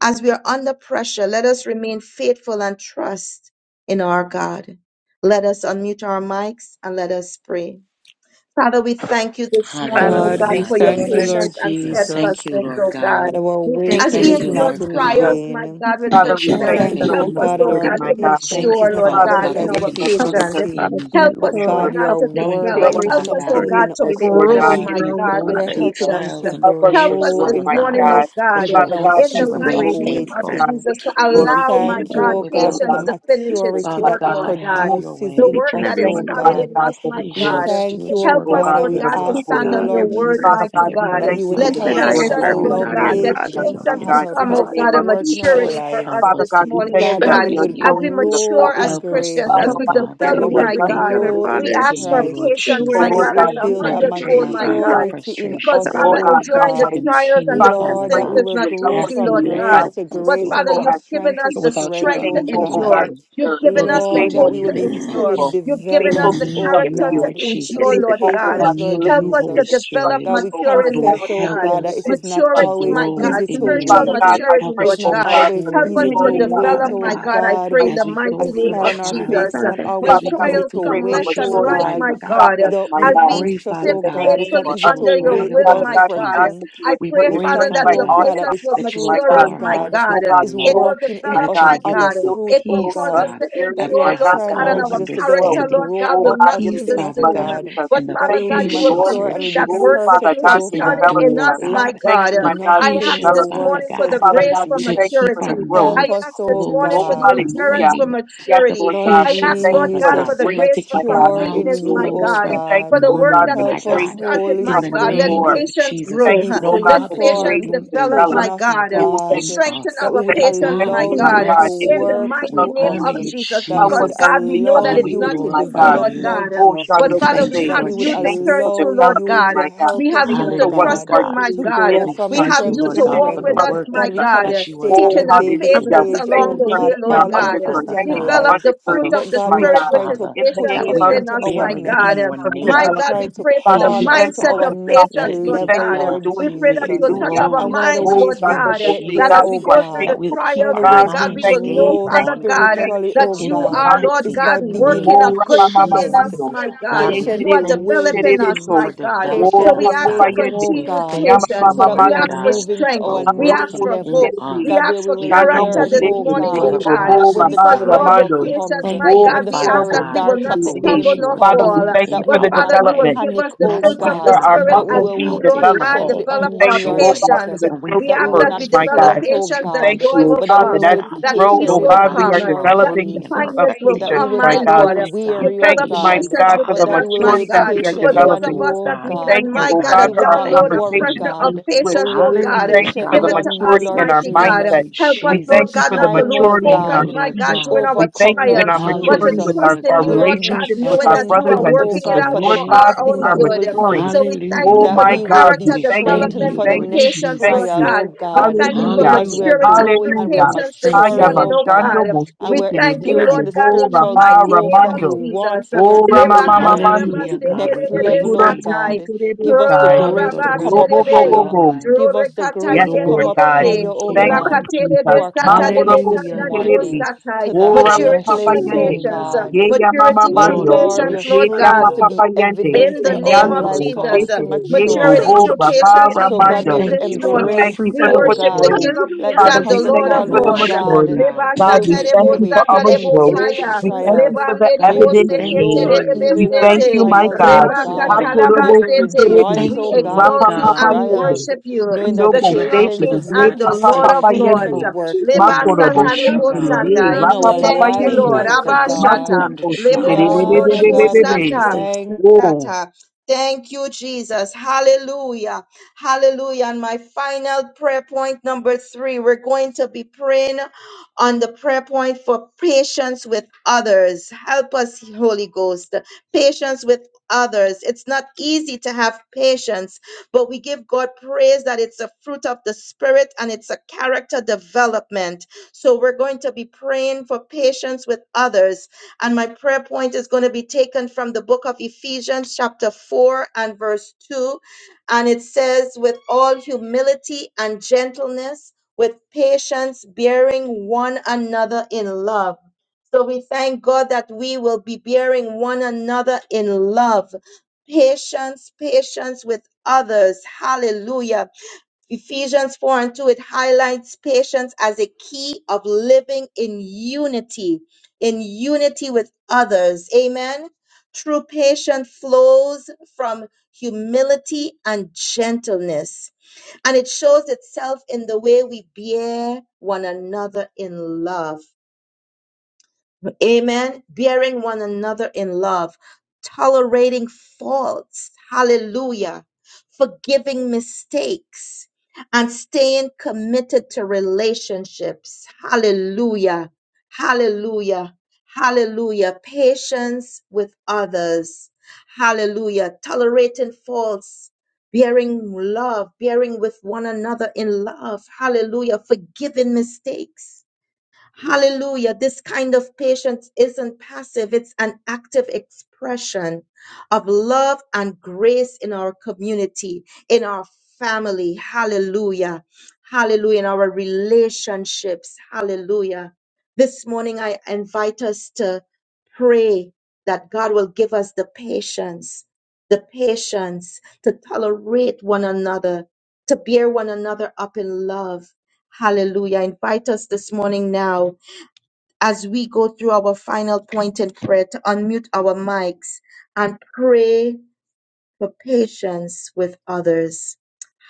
S3: As we are under pressure, let us remain faithful and trust in our God. Let us unmute our mics and let us pray. Father, we thank you this morning,
S9: Father,
S3: O
S9: we
S6: God,
S5: Hallelujah,
S3: God,
S2: Thank
S6: we
S9: thank
S5: God.
S3: for
S9: you,
S3: your
S6: thank
S5: Thank
S6: you,
S9: Lord.
S2: you,
S3: patience
S5: you.
S6: Lord
S3: and
S2: Jesus.
S6: Jesus,
S5: Thank you,
S3: steadfastness,
S5: Lord
S3: O God.
S6: that
S5: God.
S6: our
S9: We thank
S3: As
S6: waiting
S3: we
S9: you,
S5: Thank
S6: is
S5: you,
S9: Lord.
S1: Thank
S3: endure
S6: not
S1: you,
S5: Lord
S6: in
S1: Jesus.
S3: trials,
S5: God.
S3: my
S6: vain.
S9: We
S3: God, with
S9: thank
S1: Father,
S9: you,
S5: that
S1: we
S6: We
S5: you are
S9: Father,
S1: thank
S9: for
S3: perseverance,
S1: you
S6: thank
S9: the
S1: for
S6: you,
S1: the
S6: O
S3: help
S9: faithfulness
S3: us,
S6: God,
S5: faithful.
S6: that
S9: you
S3: oh
S1: maturity,
S6: our
S3: God,
S9: have
S1: my
S9: with
S3: to
S9: us,
S1: God.
S9: Lord.
S6: patience
S5: Thank you,
S6: is
S3: mature,
S6: not
S3: Lord
S6: an
S5: Father
S1: Father,
S3: God,
S1: in
S5: God, that
S1: the
S3: in
S6: exercise
S5: we
S6: in
S3: our
S5: can
S1: name of
S9: Help us,
S1: Jesus,
S3: patience.
S5: trust
S9: dear
S6: futility,
S1: help
S9: Father,
S5: in
S1: us
S9: to
S1: to be
S3: Help us,
S5: you,
S6: but
S3: Lord
S9: mature.
S6: God, you
S3: God,
S1: mature,
S6: are
S9: Help us
S3: to
S9: to
S5: knowing,
S9: see the
S3: develop.
S1: growing
S5: Father
S1: up
S6: working
S9: areas of
S3: Help
S5: God,
S3: us,
S1: as
S5: that
S3: oh
S6: something
S9: maturity,
S3: God,
S9: to
S6: in
S3: to
S9: see
S1: Christians,
S6: us,
S9: the
S6: O
S1: Lord
S9: areas that
S3: grow,
S1: God,
S5: as
S9: we've
S6: God.
S1: in
S3: my
S1: the
S5: we
S9: grown,
S3: God,
S1: name of
S6: You
S3: with
S5: go
S6: are
S9: Father.
S5: through
S6: helping
S1: Jesus.
S6: us
S3: patience.
S6: to
S5: trials and
S1: Help us
S3: Help
S1: to
S5: pressures,
S3: us
S6: grow
S3: this
S1: grow,
S5: Father
S6: in
S1: mighty
S5: God,
S3: morning, oh
S1: God.
S6: Christ,
S3: God,
S5: that you
S6: even
S3: uh,
S5: will
S6: in
S1: Father
S6: our
S5: help
S1: God,
S3: in
S5: us
S1: as
S3: the
S5: to
S9: Move
S6: seasons
S1: we
S9: the
S6: of
S5: remain
S3: mighty
S1: go
S9: waiting,
S3: name
S1: through,
S3: of
S1: Lord
S9: Father.
S5: faithful.
S1: God,
S6: waiting.
S1: in
S3: Jesus, to
S1: the
S6: We
S1: name
S5: Lord,
S1: of
S5: we
S3: allow, my
S5: can't
S1: Jesus,
S6: thank you,
S5: do it
S1: we
S3: God,
S9: Father,
S6: O
S1: pray,
S6: God,
S1: oh
S5: without
S6: for the
S3: patience
S1: God,
S5: you.
S1: that
S3: to
S1: the
S3: finish
S1: patience,
S3: its
S6: maturity
S1: my
S5: Father
S6: that
S3: work,
S6: it
S1: God, will
S3: Lord
S5: God,
S1: be
S3: God.
S5: have your
S1: developed.
S6: produces
S9: help
S3: The
S5: way.
S6: in
S9: each
S3: work
S9: and
S1: We
S6: us,
S3: that
S9: every
S3: it
S1: thank
S9: one
S6: O
S1: you,
S9: of us.
S3: started
S5: Let
S1: mighty
S3: in
S6: God.
S1: God,
S3: us,
S1: for the
S3: my
S6: We
S1: growth.
S3: God.
S5: patience
S1: We
S5: do
S6: thank you,
S5: its
S1: thank
S6: O
S1: you,
S3: Help
S5: work
S1: oh
S3: us,
S6: God,
S1: God,
S6: and
S3: Lord
S5: within
S1: for
S6: we
S1: the
S5: us,
S3: God, to
S9: Help
S5: Father
S6: ask
S9: each
S6: you,
S3: stand
S6: O
S9: and
S1: maturity.
S3: on
S5: God,
S9: every
S3: your
S6: Lord
S9: one of
S3: word,
S9: us.
S1: Father
S6: Jesus,
S3: mighty
S5: as
S1: God,
S5: it
S1: we
S3: God.
S6: that
S1: thank
S6: you
S5: burns
S1: you
S6: would
S1: for
S3: Let
S5: out,
S9: You
S1: the
S9: said
S5: my
S6: help
S1: good
S6: us
S1: work
S9: iron
S6: to
S5: God,
S1: that
S3: patience,
S1: you
S5: all
S9: sharpens
S1: are
S3: Lord
S6: allow
S5: the
S3: God,
S9: iron,
S1: doing
S3: let
S9: Father.
S1: within us,
S5: impurities
S6: patience
S2: Help
S1: my
S6: to
S3: patience
S5: within
S6: have
S2: us.
S1: God,
S5: us,
S6: her
S3: become,
S1: in the
S3: oh
S5: God.
S1: name
S3: God,
S6: perfect
S3: a
S1: of
S6: work in
S1: Jesus.
S6: our
S5: Lord,
S3: maturity for
S6: lives.
S3: us
S5: help
S1: Father
S3: this
S5: us to
S1: God,
S5: be
S1: we
S3: morning,
S1: thank
S3: oh
S6: God,
S1: you
S6: that
S5: mature
S1: that
S3: God
S6: we
S1: we are
S5: in
S6: would
S5: you.
S3: as we
S1: growing through the
S6: grow
S3: mature
S1: process.
S6: in
S3: as
S5: Help us,
S3: Christians,
S6: grace,
S1: God
S3: as
S9: help
S5: Father
S9: us
S3: we
S9: to
S1: Almighty,
S5: God,
S1: we
S9: share
S6: that
S5: to
S9: a
S6: we
S3: develop,
S1: know that
S9: word
S5: be
S6: would
S3: my
S9: with each
S1: nothing
S3: God.
S1: is
S9: other,
S5: faithful
S1: good
S6: grow
S1: for
S6: in
S3: We
S1: you
S9: Father.
S5: to
S3: ask
S1: can
S3: for
S5: you,
S1: save.
S5: Lord
S6: Christ,
S9: A
S3: patience,
S1: So,
S9: word of
S3: my
S6: that
S1: Lord
S6: it
S3: God,
S5: Jesus,
S3: as
S1: God,
S6: would
S3: a
S1: we
S9: encouragement
S6: build
S5: not
S6: a
S5: to
S1: thank
S9: every
S1: you.
S5: turn
S9: day,
S3: hundredfold,
S5: our
S3: my
S9: Father.
S5: backs in
S1: Hallelujah.
S3: God.
S6: maturity in
S5: frustration,
S3: Because,
S6: us,
S1: Oh,
S3: Father,
S5: God,
S9: Somewhat,
S6: oh
S1: God
S9: Father.
S5: but
S3: enduring
S5: to
S3: the
S6: God.
S1: Almighty.
S3: trials and
S5: continue,
S3: the
S1: Father, we
S5: Father
S6: Lord,
S1: pray
S3: testings
S6: that we
S1: that
S3: is
S5: God,
S6: will
S1: you
S3: not
S1: would help
S6: grow
S1: us,
S3: easy,
S5: asking
S6: from
S3: Lord
S5: you to
S1: Lord God,
S3: God.
S6: grace
S5: help
S6: to
S1: to be
S5: us,
S3: But,
S6: grace
S5: Lord
S3: Father,
S6: and
S1: faithful
S6: from
S5: God.
S1: as
S3: you've
S1: we
S3: given
S6: strength to
S3: us
S1: lead.
S5: For
S3: the
S5: without you,
S6: strength,
S9: Lord,
S3: strength
S5: God,
S3: to
S5: we
S6: oh
S9: we
S5: can
S1: Faithful,
S9: need
S5: do
S1: oh
S6: God.
S1: God,
S3: endure.
S9: you.
S5: nothing.
S1: to
S3: You've
S1: serve.
S3: given
S5: Lord, we
S3: us
S9: We
S3: the
S5: can't
S6: Lord,
S5: do
S6: that
S1: Faithful
S3: hope
S9: need
S6: we
S1: to
S6: will
S3: to
S1: be
S6: be
S5: anything
S9: you.
S5: without
S6: fully
S3: endure.
S5: you.
S1: truthful.
S3: You've given
S5: We
S3: us
S1: Faithful
S3: the
S6: developed,
S1: to
S9: Just
S5: need
S6: oh
S1: trust
S9: give us
S5: you,
S3: character
S9: the
S3: to
S1: you.
S5: Lord
S6: God,
S9: strength to get
S5: Jesus.
S3: endure,
S6: in
S9: through the
S3: Lord
S1: Faithful, oh
S3: God.
S9: trials.
S5: We
S1: God,
S6: patience,
S1: to
S5: need
S6: Lord
S3: Help
S5: you,
S1: listen
S3: us
S1: to your
S3: to
S5: Holy
S6: Jesus.
S3: develop
S6: God,
S5: Spirit.
S1: instructions,
S6: we
S1: oh God,
S3: maturely,
S5: Lord,
S1: as
S6: confess,
S3: Lord
S1: we
S6: oh
S5: help
S3: God
S1: wait
S6: God, that
S1: in
S6: it
S5: us
S1: the name
S9: Just
S6: is not
S5: to
S1: of
S3: maturity,
S6: always
S3: my
S1: Jesus.
S9: give us
S5: grow
S3: God,
S6: easy
S9: the
S6: to
S5: in
S3: spiritual
S1: Father
S5: you.
S6: wait.
S1: God,
S9: maturity.
S1: I
S3: maturity,
S5: Help
S6: It
S1: pray,
S5: us
S6: is
S3: Lord
S5: to
S1: oh
S6: not
S3: God.
S1: God,
S6: always
S1: for the
S3: Help
S5: mature
S3: us
S6: easy
S5: in
S3: to
S6: to
S9: Maturity
S1: maturity,
S5: you,
S9: in your
S1: God,
S6: wait,
S3: develop,
S5: Father
S6: oh
S9: Father.
S3: my
S5: God,
S3: God, I
S6: God,
S3: pray
S1: my
S3: in
S6: with
S3: the
S5: as
S1: God,
S5: we
S1: in
S6: a
S1: the
S3: mighty
S5: go
S1: name
S3: name
S5: through
S6: smile
S1: of
S3: of
S6: on our
S1: Jesus.
S6: face.
S3: Jesus.
S5: trials,
S6: It's not
S9: Father,
S3: When
S5: as
S6: always
S1: Father God,
S5: we go
S6: easy
S3: trials
S1: I
S6: to
S5: through the
S1: pray
S3: come
S1: for
S3: left
S6: wait,
S3: and
S5: pressures
S6: oh
S5: of
S1: maturity
S3: right,
S5: life,
S1: through
S3: my
S6: God,
S1: the
S5: God.
S3: God,
S1: process,
S6: without
S1: my
S5: We
S3: as
S6: being
S1: God.
S3: we
S5: pray,
S6: anxious,
S1: In
S5: Father
S3: sit
S6: oh
S1: the
S5: God,
S6: God.
S1: name of
S6: It's not
S3: faithfully
S10: what
S5: that
S6: easy
S5: you will
S6: to
S3: under
S10: you
S3: your
S10: have
S6: wait
S5: bridle
S3: will,
S6: without
S3: my
S5: our
S3: God,
S5: tongues.
S6: fretting.
S3: I
S5: We
S6: But
S3: pray,
S6: we
S5: pray,
S3: Father,
S6: thank
S3: that
S6: you,
S5: Father
S6: oh
S3: your
S5: God,
S6: God, that
S3: patience
S6: this
S3: will
S5: that you will
S6: fruit,
S3: mature
S5: fill
S1: God,
S3: us,
S6: oh
S5: our
S3: my
S6: God,
S5: hearts with
S3: God.
S1: oh God,
S5: your
S6: is
S3: It
S5: love
S3: will
S6: working in
S5: and
S1: my
S3: develop,
S5: that
S1: God,
S6: us
S5: you
S3: my
S5: would give
S6: other
S3: God.
S5: us a
S1: you
S3: It
S6: fruit,
S3: will
S6: oh
S1: expose
S5: peace,
S3: cause
S1: us
S6: God
S3: us
S5: God,
S3: to
S1: the areas,
S6: that
S5: that
S6: you are
S1: my
S3: endure,
S10: done
S3: Lord
S1: God,
S5: passes
S1: that
S6: trying,
S3: God, and
S6: Lord
S5: all
S1: we
S3: our
S1: need
S6: Jesus,
S1: to
S6: to get us
S1: grow.
S6: to
S3: character,
S5: understanding.
S3: Lord
S6: grow
S3: God,
S1: Oh
S5: The
S3: will
S6: up
S1: God,
S3: not
S6: as
S1: in
S3: be
S1: the
S5: peace,
S3: the
S6: children
S1: name
S5: Father
S6: of
S1: of
S3: same.
S5: God
S6: God,
S1: Jesus,
S3: But
S5: and
S1: we
S5: the
S6: that we
S3: Father
S1: thank
S6: will
S3: God,
S6: be
S1: you, dear
S3: you will
S1: Lord.
S5: patience,
S6: mature
S5: Lord
S6: and
S3: complete
S6: will be
S3: that
S1: Oh
S3: work
S5: Jesus,
S3: which
S1: Father
S3: you
S6: perfected,
S3: have
S1: God,
S5: to
S6: oh
S1: for
S3: started
S6: God,
S3: in
S1: developing
S5: endure,
S1: us.
S3: us, my
S1: We
S5: God.
S1: thank
S3: God.
S1: you, my
S6: lacking
S5: The
S1: God,
S3: I
S1: for
S6: nothing,
S3: ask
S6: your
S5: patience,
S3: this
S1: development.
S6: word
S5: Father
S3: morning for the
S6: says,
S5: God,
S1: Father
S6: Lord
S3: grace
S1: God,
S3: for
S1: we
S5: to
S1: thank
S6: Jesus.
S1: you
S5: keep
S1: for
S5: our
S1: the
S3: maturity.
S1: growth.
S3: I
S6: Help
S5: mouths
S6: us,
S3: ask this
S6: oh
S3: morning
S5: closed
S3: for
S1: Oh,
S5: in
S3: the
S6: God.
S1: hallelujah.
S3: endurance for
S5: complaining.
S1: Yes,
S5: The
S3: maturity.
S1: Lord
S6: Lord
S1: God,
S3: I
S1: we
S3: ask,
S5: patience,
S1: thank
S3: Lord
S1: you
S5: Father
S1: for
S3: God,
S1: the
S6: Jesus,
S3: for
S5: God,
S3: the
S6: to
S1: grace,
S5: to
S3: grace for
S1: my
S5: keep our
S1: God,
S6: mature
S1: to
S6: in
S5: mouths
S3: completeness,
S6: you,
S3: my
S1: endure.
S6: O
S5: closed
S3: God,
S1: We
S5: from
S1: thank
S3: for
S6: God.
S1: you,
S3: the
S1: oh
S3: work
S1: God,
S3: that
S5: murmuring,
S1: for the
S5: my
S3: which
S6: Help
S3: you have
S6: us,
S1: grace
S5: God.
S1: to
S3: started,
S6: Holy
S3: my
S5: In
S1: become
S5: the
S3: God. Let
S5: name
S6: Spirit,
S1: Lord.
S5: of
S3: patience
S1: We
S5: Jesus,
S6: to
S1: thank
S3: grow.
S6: be
S1: you,
S10: for
S1: oh
S10: us.
S5: knowing,
S6: fully
S1: God,
S3: Let
S5: God,
S1: for the
S5: that you are
S3: patience
S1: grace
S6: formed
S5: doing
S1: of the
S5: a
S3: develop,
S1: seller.
S6: children
S3: my
S5: work
S6: of
S3: God.
S1: Oh, thank
S5: within
S6: God,
S1: you,
S3: Strengthen
S5: us.
S6: that
S1: Jesus.
S6: we
S3: our
S6: would
S1: Thank you.
S3: patience,
S5: God,
S1: Thank
S3: my
S5: we
S6: allow
S1: you,
S9: in
S1: my
S9: the
S6: you
S3: God
S6: to
S1: God,
S5: bless
S1: in
S9: churches
S3: in
S1: the
S5: you.
S9: of
S3: the
S9: the
S6: work
S1: name
S3: mighty
S1: of
S5: We
S9: Baptist
S6: through
S3: name
S5: honor
S3: of
S6: us,
S1: Jesus.
S9: Church
S5: you,
S3: Jesus,
S6: that
S10: We
S1: Help
S6: we
S10: are
S1: us
S3: because
S6: would
S1: not
S5: Jesus.
S3: God,
S1: to
S3: we know
S1: become
S6: allow
S3: that
S5: God,
S3: it's
S5: we
S6: you
S3: not
S1: weary,
S6: to
S1: my
S3: easy,
S5: glorify
S1: God.
S6: develop,
S3: Lord
S5: you.
S10: so
S3: God.
S6: Lord
S1: Oh,
S10: proud of
S3: But
S5: We
S1: Shando
S6: Jesus,
S3: Father, we
S5: thank you,
S1: Jose.
S6: that
S3: have
S6: we
S5: Lord
S6: would
S3: you to
S1: Thank you
S3: turn
S1: for
S5: Jesus.
S6: allow
S3: to, Lord
S6: you
S1: development,
S3: God.
S6: to
S1: my God.
S3: We
S6: help
S3: have
S6: us,
S1: Thank
S3: you
S1: you
S6: O
S3: to
S1: for what
S9: in
S5: Hallelujah,
S3: trust
S1: you
S6: God,
S1: are
S3: in,
S5: God.
S3: my
S1: doing
S6: to
S3: God.
S1: within
S6: grow
S5: We
S1: us,
S6: from
S3: We
S1: my
S3: have
S5: thank you,
S1: God.
S6: strength to
S3: you
S5: Lord
S3: to
S1: In the
S5: God,
S9: Mississippi
S3: walk
S5: for
S1: name
S5: the
S9: for
S6: strength
S3: with
S1: of
S3: us,
S9: this
S5: work
S3: my
S6: God,
S1: Jesus.
S6: we
S9: reason.
S3: God,
S6: cannot
S5: that you are
S6: stay at
S1: Oh,
S6: the
S3: teaching
S5: doing
S3: us
S6: baby
S9: I
S5: within
S9: was
S1: hallelujah.
S3: patience
S5: us.
S1: We
S6: stage,
S1: thank
S6: oh
S3: along
S1: you
S3: the
S9: frustrated
S1: for
S3: way,
S6: God,
S5: We
S1: being
S9: that
S3: Lord
S1: our
S6: all
S5: thank
S9: we
S6: our
S5: you,
S3: God.
S9: not
S1: undergird.
S9: had
S5: Father
S9: a
S1: Thank you
S6: Christian
S1: for
S5: God,
S3: Develop
S6: lives.
S3: the
S5: for
S3: fruit
S5: the
S1: undergirding,
S3: of
S6: But
S1: us,
S3: the
S6: God,
S1: my
S6: you are
S5: fruit,
S3: Spirit,
S1: God.
S3: which
S6: trying
S3: is
S6: to
S5: Father,
S1: In the
S6: push
S3: patience
S5: that
S1: name
S6: us
S5: we
S1: of
S8: endurance
S5: are
S3: within
S6: into
S8: we
S3: us,
S6: our
S1: Jesus,
S3: my
S5: bearing
S1: we
S5: in
S3: God.
S1: thank
S8: do
S6: next.
S5: your
S1: you for
S8: have
S1: the
S6: You
S8: about
S3: My
S6: are
S5: name.
S3: God, we
S1: development.
S6: trying to
S3: pray for
S1: Father,
S3: the
S6: call
S1: we
S5: Patience,
S6: us
S1: thank
S6: to
S1: you
S3: mindset
S1: for
S6: our
S5: God,
S3: of
S1: the
S6: next
S5: let
S1: process.
S3: patience,
S5: it
S8: you.
S5: be
S1: We
S3: Lord
S1: thank
S6: level,
S1: you
S3: God.
S1: for
S6: Lord
S5: developed.
S3: We
S1: doing it.
S3: pray
S5: May
S3: that
S5: it
S8: Do
S3: you'll
S6: Jesus.
S10: you,
S3: touch
S1: Hallelujah.
S8: you
S5: grow
S3: our
S6: And
S8: really
S6: one of
S8: get
S6: the
S5: within
S3: minds,
S8: the
S5: us,
S1: Oh,
S3: Lord
S6: ways we
S1: God,
S5: Lord
S1: we
S3: God,
S1: will
S6: get
S8: get
S1: say,
S3: that
S6: there,
S8: to
S3: as
S1: God,
S3: we
S6: oh
S5: Jesus,
S1: you
S8: the
S1: are
S3: go through
S8: good
S3: the
S6: God,
S5: that we'll
S1: faithful.
S8: for
S6: one
S5: keep
S6: of
S8: them?
S3: trials,
S6: the
S5: our
S3: my
S1: God,
S6: ways
S1: we
S6: we
S3: God, we
S8: Come
S5: mind
S3: will
S1: thank
S8: to
S1: you.
S10: so
S3: know,
S8: the
S1: We
S5: stayed
S6: grow
S1: thank
S3: Father
S5: on
S1: you.
S8: system
S1: We
S3: God,
S5: you
S1: thank
S8: for
S6: spiritually,
S1: you.
S3: that
S6: oh
S8: our
S1: We
S5: in
S1: thank
S3: you
S5: the
S1: you.
S6: God,
S3: are, Lord
S6: is
S5: mighty
S1: Hallelujah.
S8: the
S3: God,
S6: by
S8: school
S6: being
S5: name
S3: working a
S1: Oh,
S5: of
S8: faithful
S3: good
S1: Rama
S3: thing
S1: Mama
S8: to
S3: in
S8: the
S6: patient,
S3: us,
S10: good,
S5: Jesus.
S1: Mando.
S3: my God.
S5: God,
S1: Ye
S5: we
S8: Father,
S3: You are
S6: patiently
S1: terebe,
S5: thank
S1: si
S3: developing
S5: you
S1: terebe
S3: us,
S6: waiting,
S8: the
S3: my
S1: so.
S5: for
S3: God.
S1: Oh,
S5: developing
S3: So
S6: patiently
S3: we
S8: kingdom
S5: us,
S1: Rapa
S8: of
S3: ask
S1: Papa
S3: for
S8: the
S5: God.
S6: waiting,
S1: Yende.
S6: oh
S5: We
S3: continued
S6: God
S1: Yama
S5: thank you,
S3: patience.
S6: so
S1: Mama
S6: that
S3: We
S5: Lord
S6: we
S8: Hallelujah,
S6: are
S1: Mando.
S3: ask for
S5: God,
S8: the
S6: moving to
S3: strength.
S5: for
S6: our
S8: sweet
S3: We
S6: next
S3: ask
S5: working
S1: Akorobo
S3: for
S1: si
S8: for
S5: in
S6: level,
S3: hope.
S8: our
S5: us.
S1: terebe.
S3: We
S6: God, where
S3: ask
S8: Christmas.
S6: we
S3: for
S5: We
S6: will
S1: Shando
S8: In
S1: mo
S3: character
S5: thank
S6: learn,
S8: the
S3: this
S5: you
S6: oh
S8: name
S3: morning,
S1: terebe.
S5: for
S8: of
S10: and
S3: oh
S5: the
S6: God,
S3: God,
S6: that
S1: Robo
S8: Jesus,
S6: when the
S5: process,
S1: raba
S3: because
S5: God.
S3: Lord,
S8: the
S3: with
S6: trial
S1: ramando.
S5: We
S8: Father who
S6: comes,
S3: patience, my
S5: thank
S8: thank
S1: Oh,
S5: you,
S6: when
S3: God,
S6: the
S8: you.
S3: we
S8: in
S5: Father
S3: ask
S6: fiery
S8: the
S3: that
S1: akorobo
S8: name
S3: we
S5: God,
S8: of
S1: si
S3: will
S6: darts of
S3: not
S6: the
S5: for
S1: terebe.
S5: what
S3: stumble
S6: enemy
S5: you
S10: so
S3: nor
S5: are
S1: Father,
S8: the name of
S6: comes,
S1: we
S3: fall.
S5: doing
S1: thank
S5: in
S1: you
S6: that we
S1: for
S3: But
S1: the
S6: would
S5: our
S3: Father,
S6: not
S3: you will
S5: life.
S1: development.
S3: give
S6: panic,
S3: us the
S1: We
S6: oh
S5: That's
S1: thank
S3: fruits
S1: you
S3: of
S5: why,
S1: for
S3: the
S6: God,
S8: We
S1: our
S5: Father
S3: Spirit
S6: but
S8: thank
S5: God,
S6: we
S8: you
S3: as
S5: we
S1: muscles
S6: will
S8: for the
S1: being
S3: we,
S6: wait
S5: count
S3: Lord
S5: it
S8: new
S1: developed.
S3: God,
S8: way
S6: patiently
S5: all
S1: We
S6: on
S3: develop
S8: for
S6: you,
S1: thank
S3: our
S1: you,
S6: Lord
S8: us.
S1: oh
S5: joy
S1: God, for
S3: patience.
S1: the
S6: Jesus.
S5: when we
S1: growth
S3: We
S6: That we
S3: ask
S6: will
S5: fall
S3: that
S8: Hallelujah,
S6: not
S3: we
S1: spurts,
S5: into
S1: my
S3: develop
S1: God.
S6: fret,
S8: Lord
S6: oh
S5: divers
S8: Jesus.
S3: patience,
S1: We
S3: that
S1: thank
S6: God,
S1: you,
S5: temptations
S3: joy
S1: oh
S3: will
S5: and
S6: but that
S1: God,
S6: we
S8: We
S3: come,
S1: that
S6: will
S5: troubles,
S1: as
S6: wait
S8: praise
S5: God,
S1: we
S8: you,
S3: that
S8: and
S1: grow,
S3: peace
S1: oh
S6: patiently
S5: knowing,
S3: will
S6: on
S1: God,
S5: God,
S1: we
S6: you,
S3: come,
S5: that
S1: are
S8: hallelujah,
S5: you are
S6: Lord
S1: developing the
S5: working and
S8: for
S1: fruit
S8: the
S6: Jesus.
S1: of
S3: kindness
S8: grace
S3: will
S8: to
S6: That
S5: perfecting
S6: we
S1: patience,
S3: come,
S6: will
S3: my
S1: my
S6: not
S8: endure
S1: God.
S5: within
S6: grow
S8: that
S3: Lord.
S5: us,
S8: has
S5: God,
S1: We
S6: weary, oh
S1: thank
S8: been
S3: Develop
S1: you,
S8: given
S5: patience,
S1: mighty
S6: God,
S3: patience
S1: God, for
S5: God,
S6: but
S1: the
S3: within
S6: that
S8: to
S6: we
S3: us,
S8: us.
S6: will
S5: the
S3: my
S1: maturity
S6: wait
S1: that
S5: fruit
S3: God.
S1: we are
S5: to
S3: For
S6: patiently
S8: Hallelujah,
S3: those
S6: on
S3: of
S1: developing.
S6: you,
S5: endure,
S3: us
S6: oh
S3: that
S5: God.
S1: We
S3: need,
S1: thank
S3: and
S6: God
S8: hallelujah.
S1: you,
S5: Oh
S3: my
S8: I
S1: oh
S5: God,
S3: God,
S6: that
S3: a
S8: feel
S6: we
S1: God,
S5: we
S1: for
S8: like
S6: would
S1: our
S6: not
S5: thank
S3: download of
S8: singing,
S6: worry,
S5: you.
S1: conversations
S3: pressure of
S1: being
S6: God,
S8: hallelujah.
S6: but we
S3: patience,
S1: switched.
S6: would
S3: oh
S6: wait
S1: We
S3: God.
S1: thank
S5: Hallelujah,
S1: you
S8: The
S1: for
S3: Give
S1: the
S6: patiently
S8: Lord,
S5: God.
S3: it
S6: on
S3: to
S8: we
S6: you,
S8: want
S3: us,
S1: maturity in
S5: We
S6: Lord
S1: our
S3: mighty
S8: you.
S5: thank
S3: God.
S1: mindset.
S5: you,
S6: Jesus.
S3: Help
S8: This
S3: us,
S6: And
S1: We
S3: Lord
S1: thank
S8: morning,
S1: you
S5: Jesus.
S6: each
S3: God,
S1: for
S8: Lord,
S1: the
S3: not
S8: we
S3: to
S6: time,
S3: lose
S5: We
S6: oh
S8: thank
S1: maturity in
S5: thank
S3: focus,
S1: our
S5: you,
S8: you.
S6: God,
S3: my
S5: Lord
S1: speech.
S3: God,
S6: we
S3: during
S5: God.
S8: Hallelujah.
S3: our
S1: We thank
S6: overcome,
S1: you in
S6: Lord
S1: our
S3: trials,
S8: Have
S3: but to
S1: maturity with
S8: mercy,
S6: Jesus.
S1: our,
S3: trust
S5: Hallelujah,
S3: in
S1: our
S3: you,
S6: We
S8: healing,
S6: are
S5: God.
S3: Lord
S8: Lord,
S6: being
S8: we
S3: God,
S1: relationships with
S5: Help
S3: knowing
S1: our
S5: us
S3: that
S8: thank
S5: to
S3: you
S1: brothers
S3: are
S6: strengthened,
S1: and
S6: oh
S3: working
S5: focus
S3: it
S5: on
S1: sisters.
S6: God,
S5: you,
S6: for
S3: out
S6: the
S1: Lord
S3: for
S1: God,
S6: next
S3: our
S5: Jesus.
S1: we
S6: thing
S3: own
S1: are
S6: that we will
S3: good.
S1: maturing.
S6: face.
S3: So we
S8: you.
S3: thank
S5: Hallelujah,
S1: Oh
S3: you
S8: down.
S3: for
S6: That
S3: the
S1: my
S6: we
S5: God.
S6: will
S1: God,
S6: be
S1: we
S3: character
S5: We
S1: thank you,
S5: thank
S8: Hallelujah.
S6: strengthened
S1: we
S3: development
S5: you,
S6: for the
S3: through
S1: thank
S5: Lord
S1: you,
S6: next
S1: we
S3: patience,
S1: thank
S3: Lord
S5: Jesus.
S6: trial,
S1: you.
S6: oh
S3: God. We
S6: God,
S3: thank you
S8: We
S3: for
S1: Hallelujah.
S6: because
S8: thank
S6: we
S8: you
S6: are
S5: Hallelujah,
S8: for the
S3: maturity
S5: God.
S3: through
S6: growing
S8: word
S6: and
S8: that
S6: we are
S8: you
S1: Hallelujah.
S5: We
S3: patience this
S8: have
S5: thank
S1: Haya
S8: spoken,
S6: maturing,
S3: morning,
S8: Lord,
S6: oh
S5: you.
S3: oh
S8: thank you,
S6: God,
S1: bashando
S3: God.
S8: God.
S6: and
S3: We
S1: mose
S6: we're
S8: And
S3: thank you,
S9: Good
S1: terebe
S9: night.
S6: experiencing
S3: Lord
S6: the
S3: God,
S1: rebo
S3: in the
S6: spiritual
S1: raba
S3: mighty
S6: growth
S3: name
S6: that
S3: of
S10: proud.
S6: you
S1: ramando.
S6: want
S3: Jesus.
S6: for your
S1: O
S9: So,
S1: rama mama
S6: children.
S1: mando.
S5: Hallelujah, God.
S9: yeah,
S6: Next
S5: We
S6: level,
S5: thank
S1: Yekura
S6: oh
S5: you.
S1: musi
S3: Lebakatarabashekerebesatai.
S6: God.
S1: terebe
S6: Give us the
S1: sai.
S6: grace to come up
S1: Robo bo bo
S3: Jorabasherebe.
S6: higher.
S1: bo.
S5: Handorabakashayabai.
S6: Give us the grace
S1: Yes,
S6: to
S5: Lord,
S6: come
S1: Lord
S5: we
S6: up
S1: God.
S6: higher,
S3: Jorekatayenokonde.
S5: thank
S6: oh
S1: Thank you,
S5: you.
S6: God. You
S1: Jesus.
S6: are calling us
S1: Makorobo
S6: this
S5: Hallelujah, Jesus.
S6: morning
S1: kiterebe.
S3: Rakaterebesatarebokandaribosatai.
S6: to the
S5: We
S1: Ora
S6: higher
S3: Maturity
S5: bless
S1: papa
S5: your
S3: through
S6: place, oh
S1: yende.
S5: name,
S3: patience.
S5: God.
S1: Ye
S6: God.
S1: ya mama
S3: Maturity
S6: But
S3: through
S5: Lord,
S1: mando.
S5: we
S6: Lord, your
S3: patience,
S5: worship
S1: Ye
S3: Lord
S6: fruit
S5: you,
S1: ya
S3: God.
S6: needs to
S5: God.
S1: papa
S6: be
S1: yende.
S5: We
S6: evident
S3: In
S6: in
S3: the
S5: thank
S6: our
S3: name
S5: you,
S3: of
S1: Yando
S5: Lord
S1: mo
S6: lives for
S1: se
S5: God,
S3: Jesus,
S6: us
S3: uh,
S6: to
S5: for
S1: terebe
S5: the
S9: So,
S6: mature.
S3: maturity
S1: bobo
S3: through
S5: fruit.
S1: raba
S3: patience, we
S6: So,
S5: We
S6: God,
S3: thank
S9: so
S6: may
S1: ramando.
S3: you
S6: we
S5: thank
S3: this
S5: you for
S1: We
S5: the
S3: morning.
S1: thank
S6: embrace,
S1: you
S5: fruit
S3: We
S1: for
S5: that
S1: the
S6: oh
S5: will
S3: worship the
S6: God,
S1: maturity.
S3: King
S5: grow,
S3: of
S6: like
S3: Kings
S9: Hallelujah.
S5: for
S6: the
S1: Father,
S5: the
S3: and the
S1: we
S6: Apostle
S5: fruit
S1: thank
S3: Lord of
S1: you
S5: that
S6: Paul,
S5: will
S1: for
S6: oh
S1: the
S3: Lords. Uh,
S9: Hallelujah.
S5: mature,
S6: God,
S1: maturity.
S5: God,
S3: Leba
S6: may
S1: God, we
S5: the
S6: we,
S3: satarebo
S1: thank
S5: fruit
S6: may
S5: of
S1: you for
S6: we
S1: our
S3: satarebo
S5: patience,
S1: growth.
S5: Lord
S9: Thank
S6: embrace
S3: kaya.
S1: We
S9: you
S5: Jesus.
S9: and
S1: thank you
S6: trials.
S3: Leba
S1: for the
S5: God,
S3: neribo
S6: May
S5: we
S6: we
S1: evident
S3: seke
S5: thank
S1: change.
S9: Lord,
S6: glory
S5: you.
S3: tererebe
S9: I'm
S6: even
S9: gonna
S1: We
S6: in our
S9: like
S1: thank you,
S3: sete.
S5: We
S1: my
S6: trials,
S9: Jesus,
S6: oh
S1: God.
S9: Father,
S5: thank
S3: Reba
S9: I'm
S5: you,
S6: God.
S9: like
S5: God.
S3: katalaba
S6: May
S1: Hakorobo
S6: we
S9: Jesus.
S3: sete.
S5: We
S6: rejoice,
S1: kiterebe.
S3: We
S5: thank
S6: oh
S5: you,
S6: God,
S5: Lord
S3: exalt
S6: even
S1: Rapa
S6: in
S3: you
S5: God.
S1: papa
S3: and we
S1: yende.
S6: trials,
S3: worship you,
S6: knowing
S1: Mando
S6: that
S3: the
S5: that you are
S3: King of
S1: Mose
S6: patience
S5: helping
S3: Kings
S6: is
S5: us,
S1: Terebe,
S3: and
S5: God,
S3: the
S5: to
S6: making,
S1: Papa
S5: stay
S3: Lord
S6: having
S3: of
S1: Papa
S6: its
S3: Lords.
S6: perfect
S1: Yende,
S3: Uh,
S5: faithful
S6: work
S9: Thank
S3: Leba
S9: you, Lord. Thank
S5: under
S9: you, Lord. We
S1: Makorobo Si
S9: love
S5: pressure,
S9: you,
S3: satarebo
S5: God,
S9: Lord. We
S1: Terebe,
S3: sandai.
S9: love
S6: in
S5: to
S9: you,
S1: Rapa
S6: our
S9: we
S5: stay
S9: love
S1: Papa
S3: Thank
S9: you,
S3: you,
S9: we
S6: lives,
S3: Lord.
S1: Yende,
S9: love
S5: faithful,
S9: you.
S6: mighty
S9: We
S5: God,
S9: thank you,
S6: God.
S3: Abashata.
S5: under
S1: Makorobo
S9: Jesus.
S1: Si
S9: We
S3: Lebo
S9: thank
S5: trials,
S1: Terebe,
S9: you,
S5: Lord
S1: Bebe,
S6: Father
S9: Lord.
S3: kondoribo
S9: We
S1: Bebe,
S6: God,
S5: Jesus,
S9: thank
S6: we
S1: Bebe.
S5: to
S3: sata.
S9: you.
S5: stay.
S6: thank
S1: Oh,
S3: Thank you, Jesus. Hallelujah. Hallelujah. And my final prayer point number three, we're going to be praying on the prayer point for patience with others. Help us, Holy Ghost. Patience with others. It's not easy to have patience, but we give God praise that it's a fruit of the Spirit and it's a character development. So we're going to be praying for patience with others and my prayer point is going to be taken from the book of Ephesians, chapter 4 and verse 2. And it says, with all humility and gentleness, with patience, bearing one another in love. So we thank God that we will be bearing one another in love. Patience, patience with others. Hallelujah Ephesians 4 and 2, it highlights patience as a key of living in unity, in unity with others. Amen. True patience flows from humility and gentleness, and it shows itself in the way we bear one another in love. Amen. Bearing one another in love, tolerating faults. Hallelujah. Forgiving mistakes and staying committed to relationships. Hallelujah. Hallelujah. Hallelujah. Patience with others. Hallelujah. Tolerating faults. Bearing love, bearing with one another in love. Hallelujah. Forgiving mistakes Hallelujah. This kind of patience isn't passive, it's an active expression of love and grace in our community, in our family. Hallelujah. Hallelujah. In our relationships. Hallelujah. This morning, I invite us to pray that God will give us the patience, the patience to tolerate one another, to bear one another up in love Hallelujah. Invite us this morning now as we go through our final point in prayer to unmute our mics and pray for patience with others.